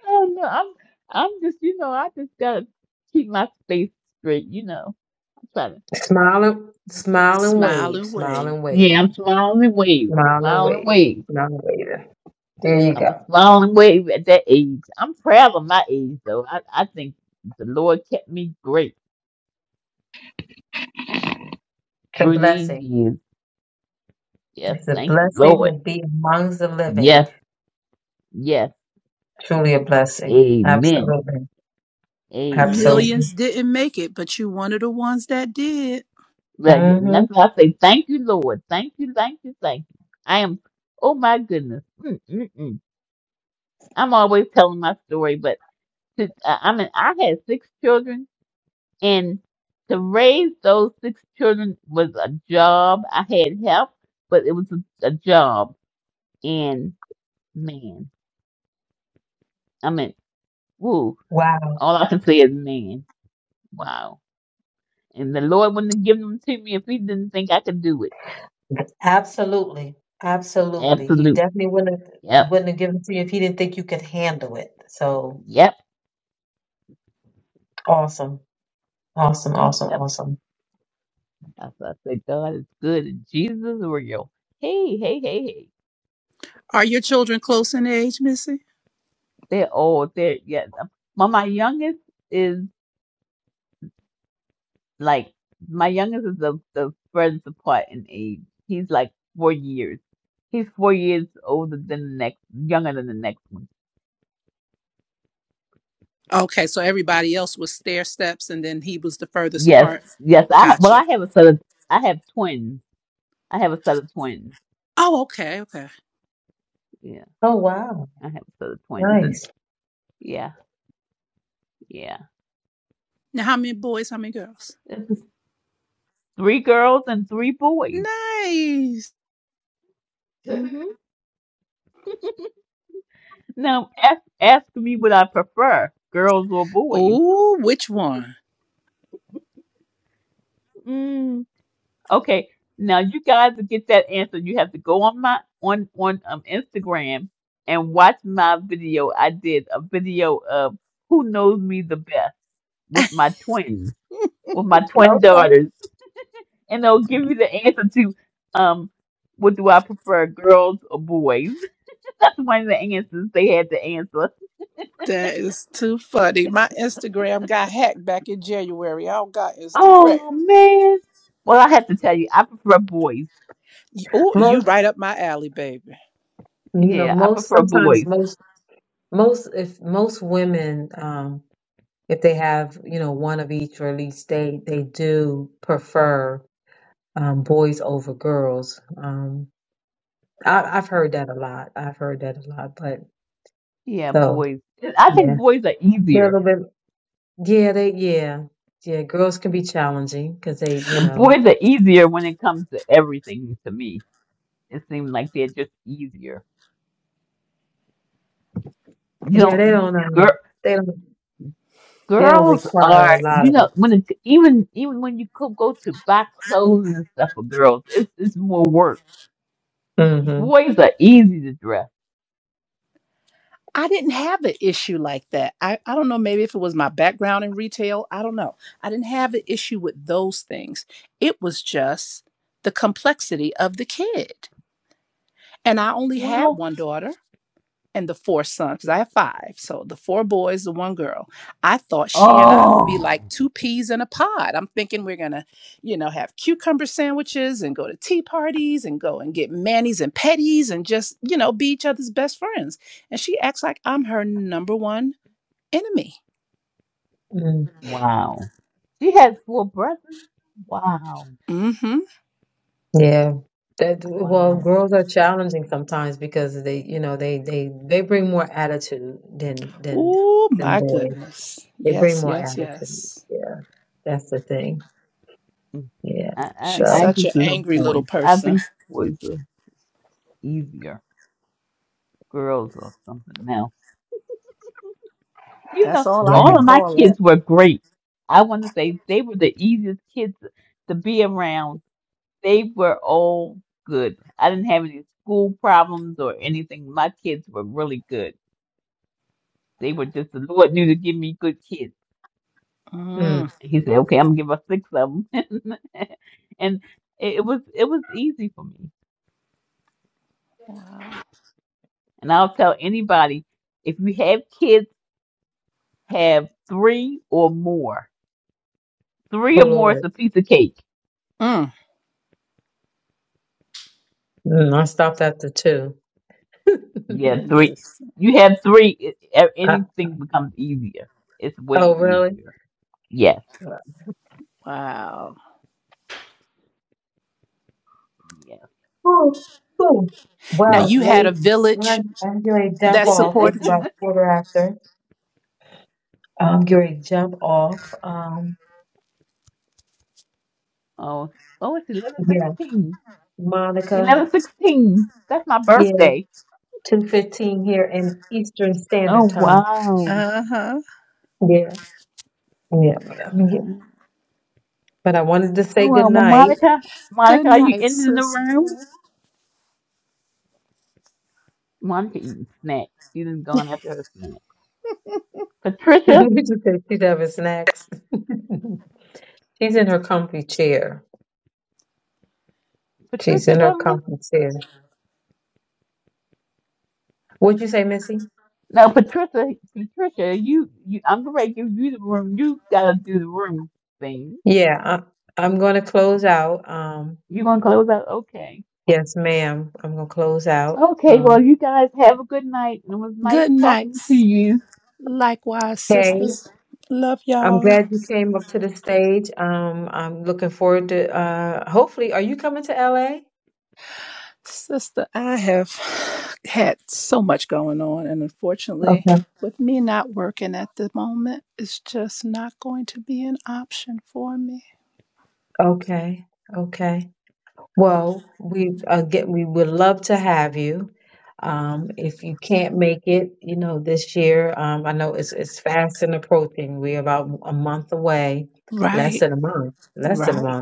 I don't know. I'm I'm just you know I just gotta keep my space straight. You know I'm trying to. Smile and, smile and Smile wave. and Smile wave. and wave. Yeah, I'm smiling and wave, Smile and smiling and wave. wave. Smile and wave. There you I every- was go. blown away at that age. I'm proud of my age, though. I, I think the Lord kept me great It's a through these blessing. years. Yes, It's a thank you, blessing Lord. to be amongst the living. Yes, yes. Truly a blessing. Amen. Absolutely. Amen. Absolutely. Millions didn't make it, but you one of the ones that did. Well, yeah, and hmm that's why I say thank you, Lord. Thank you, thank you, thank you. I am, oh my goodness. Mm, mm, mm. I'm always telling my story, but to, I, I mean, I had six children And to raise those six children was a job. I had help, but it was a, a job. And man, I mean, woo, Wow. all I can say is man. Wow. And the Lord wouldn't have given them to me if He didn't think I could do it. Absolutely. Absolutely. He Absolute. definitely wouldn't have, Yep. wouldn't have given it to you if he didn't think you could handle it. So Yep. awesome. Awesome. Awesome. Yep. Awesome. I, I said, God is good and Jesus is real. Hey, hey, hey, hey. Are your children close in age, Missy? They're all there. Yeah. My my youngest is. Like my youngest is the the furthest apart in age. He's like four years. He's four years older than the next, younger than the next one. Okay, so everybody else was stair steps, and then he was the furthest Yes, apart. yes. I well, I Gotcha. have a set of I have twins. I have a set of twins. Oh, okay, okay. Yeah, Oh wow. I have a set of twins, and Nice. yeah, yeah. Now, how many boys? How many girls? This is three girls and three boys. Nice. time. hmm Now ask ask me what I prefer, girls or boys. Oh, which one? Okay, now you guys to get that answer, you have to go on my on on um Instagram and watch my video. I did a video of who knows me the best with my twins, with my twin Okay. daughters, and they'll give you the answer to um what do I prefer, girls or boys? That's one of the answers they had to answer. That is too funny. My Instagram got hacked back in January. I don't got Instagram. Oh man. Well, I have to tell you, I prefer boys. Oh, you Most right up my alley, baby. you know, Yeah, I most prefer sometimes boys. most most if most women um if they have, you know, one of each or at least they they do prefer um boys over girls. Um I, I've heard that a lot. I've heard that a lot. But Yeah, so boys. I think yeah, boys are they're easier a little bit. Yeah, they yeah yeah. Girls can be challenging because they you And know boy, they're easier when it comes to everything to me. It seems like they're just easier. You yeah they know, don't uh, girl, they don't they don't girls require a are, lot you of know, them. when it, even even when you could go to buy clothes and stuff for girls, it's it's more work. Mm-hmm. Boys are easy to dress. I didn't have an issue like that. I, I don't know, maybe if it was my background in retail, I don't know. I didn't have an issue with those things. It was just the complexity of the kid. And I only had Well, one daughter. and the four sons, because I have five. So the four boys, the one girl. I thought she and I would be like oh, two peas in a pod. I'm thinking we're gonna, you know, have cucumber sandwiches and go to tea parties and go and get manis and petties and just, you know, be each other's best friends. And she acts like I'm her number one enemy. Mm. wow. She has four brothers. Wow, Mm-hmm. Yeah. That, well, wow. girls are challenging sometimes because they, you know, they they they bring more attitude than than Oh than my boys. goodness. They bring Yes, more yes, attitude. yes. Yeah, that's the thing. Yeah. I, I So She's I such an just love angry little boys. I person. think boys are easier. girls or something else. You That's know, all I yeah. can all of my call it. kids were great. I want to say they were the easiest kids to be around. They were all good. I didn't have any school problems or anything. My kids were really good. They were just the Lord knew to give me good kids. Mm. Mm. He said, "Okay, I'm gonna give her six of them," and it it was it was easy for me. Wow. And I'll tell anybody if you have kids, have three or more Three Oh or more is Lord. a piece of cake. Mm. Mm, I stopped after two. Yeah, three. Yes. You have three. It, e- I, anything becomes easier. It's way oh, really? easier. Yes, Wow. yes, Oh, cool. I Now Well, must you had say. a ladies, village I'm, I'm going to jump that off. It's supported you. about quarter after. I'm going to jump off. Um, oh, oh, it's eleven yeah, sixteen. Monica. Eleven sixteen. That's my Yeah, birthday. two fifteen here in Eastern Oh Standard Time. wow. Uh huh. Yeah, yeah. I mean, yeah. wow. But I wanted to Oh say good well, well, night. Monica, Good Monica, are you night, in the sister. room? Monica eating snacks. She done gone after her snack. Patricia, we just said she'd have a snacks. She's in her comfy chair. She's Patricia in her gone. comfy chair. What'd you say, Missy? No, Patricia, Patricia, you, you, I'm gonna give you the room. You gotta do the room thing. Yeah, I, I'm going to close out. Um, You gonna close out? Okay. yes, ma'am. I'm going to close out. Okay. Well, Um, you guys have a good night, and it was nice Good talking to nights. you. Likewise, Nice. Kay, sisters. Love I'm y'all. glad you came up to the stage. Um, I'm looking forward to, uh, hopefully, are you coming to LA? Sister, I have had so much going on, and unfortunately, Okay. with me not working at the moment, it's just not going to be an option for me. Okay. Okay. Well, we again, we would love to have you. Um, if you can't make it, you know, this year, um, I know it's it's fast and approaching. We're about a month away, less Right, than a month, less than a right. month.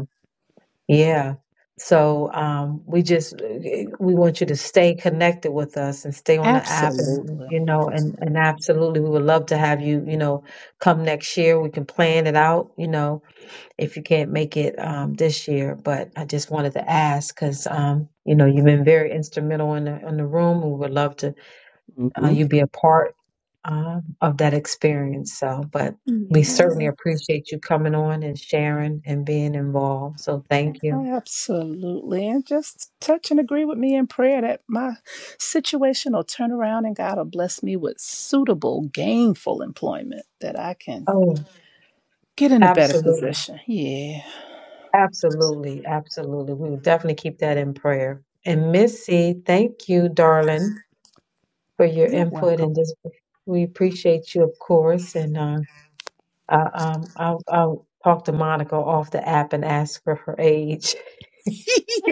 Yeah. So um, we just eh, we want you to stay connected with us and stay on the app and Absolutely. you know and and absolutely we would love to have you you know come next year we can plan it out you know if you can't make it um, this year but I just wanted to ask because um, you know you've been very instrumental in the in the room we would love to uh, hmm you be a part uh, of that experience so but we Yeah. certainly appreciate you coming on and sharing and being involved so thank you. Absolutely. And just touch and agree with me in prayer that my situation will turn around and God will bless me with suitable, gainful employment that I can Oh, get in a better absolutely. position. Yeah. Absolutely. Absolutely. We will definitely keep that in prayer. And Missy, thank you, darling, for your You're input. welcome. And just we appreciate you, of course. And uh, I, um, I'll, I'll talk to Monica off the app and ask for her age.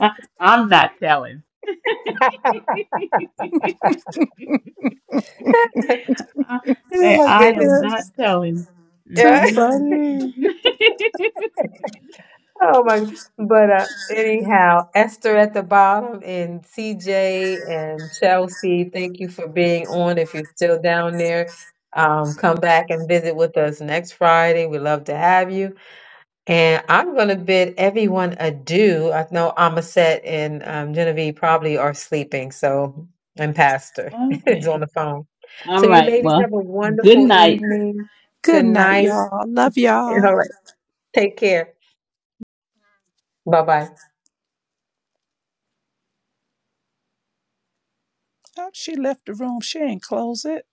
I, I'm not telling. oh, I say my I goodness. am Yeah, not telling. too Yeah. Mm-mm. funny. Oh my, but uh, anyhow, Esther at the bottom and CJ and Chelsea, thank you for being on. If you're still down there, um, come back and visit with us next Friday. We love to have you. And I'm going to bid everyone adieu. I know Amaset and um, Genevieve probably are sleeping, so and Pastor is on okay. the phone. All So you right. ladies Well, have a good wonderful night. evening. Good Good night, night. y'all. Love y'all. All right, take care. Bye bye. Oh, she left the room. She ain't close it.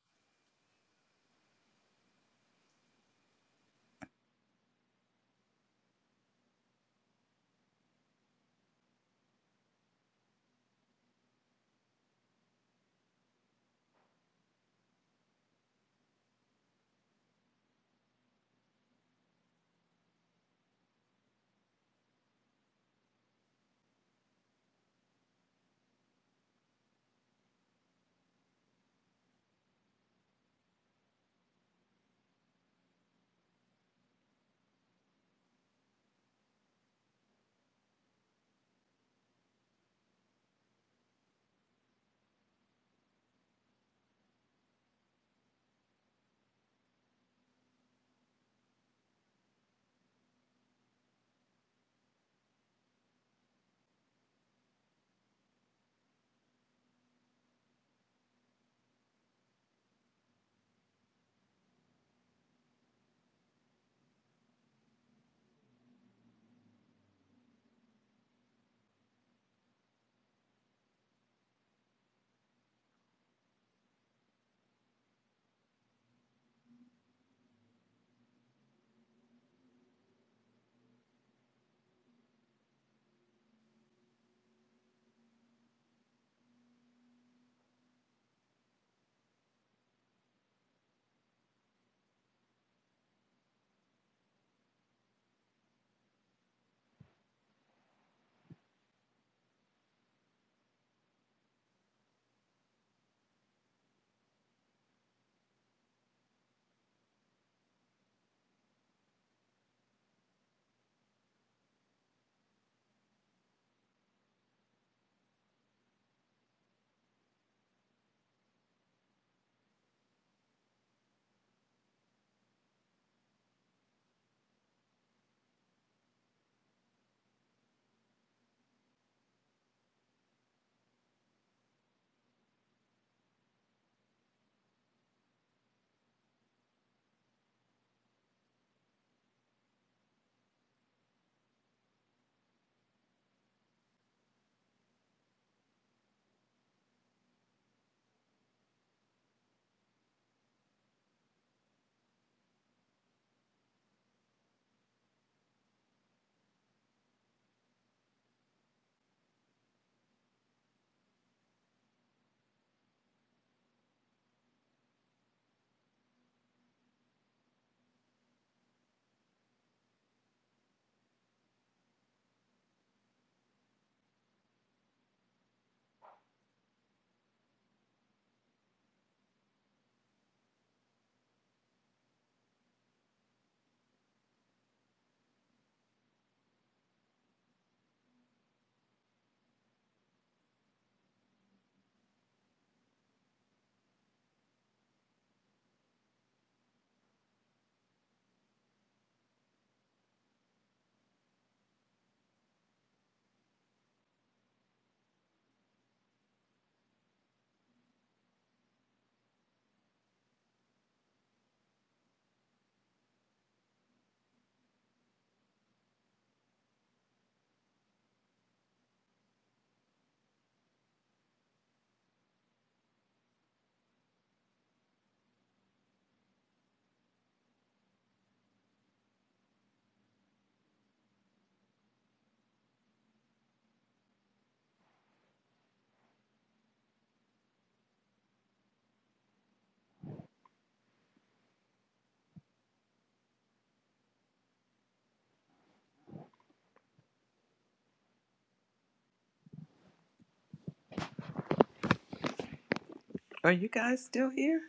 Are you guys still here?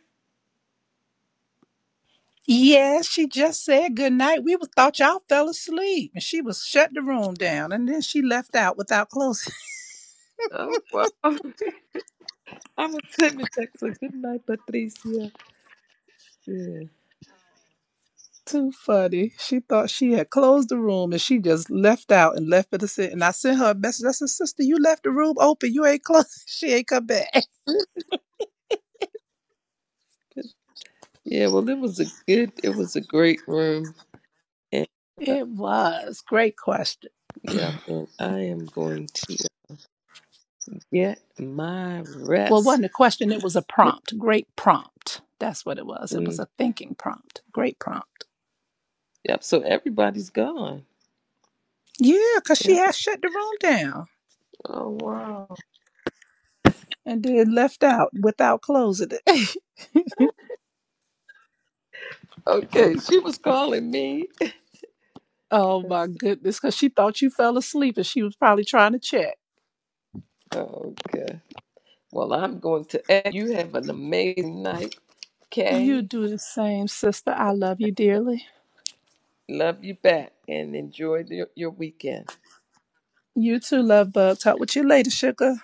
Yeah, she just said good night. We was- thought y'all fell asleep. And she was shut the room down. And then she left out without closing. Oh wow! I'm gonna send me text a good night, Patricia. Yeah, Too funny. She thought she had closed the room and she just left out and left it to sit. And I sent her a message. I said, Sister, you left the room open. You ain't closed. She ain't come back. yeah. Well, it was a good. It was a great room, and uh, It was. Great question. yeah, and I am going to get my Well, it rest. wasn't a question, it was a prompt. Great prompt. That's what it was. It was Mm, a thinking prompt. Great prompt. Yep. So everybody's gone. Yeah, because she Yep. had shut the room down Oh wow. and then left out without closing it. Okay, she was calling me. oh my Let's- see. goodness, because she thought you fell asleep and she was probably trying to check. Oh, okay. Well, I'm going to. You have an amazing night, You Kay. do the same, sister. I love you dearly. Love you back, and enjoy the, your weekend. You too, love bug. Talk with you later, sugar.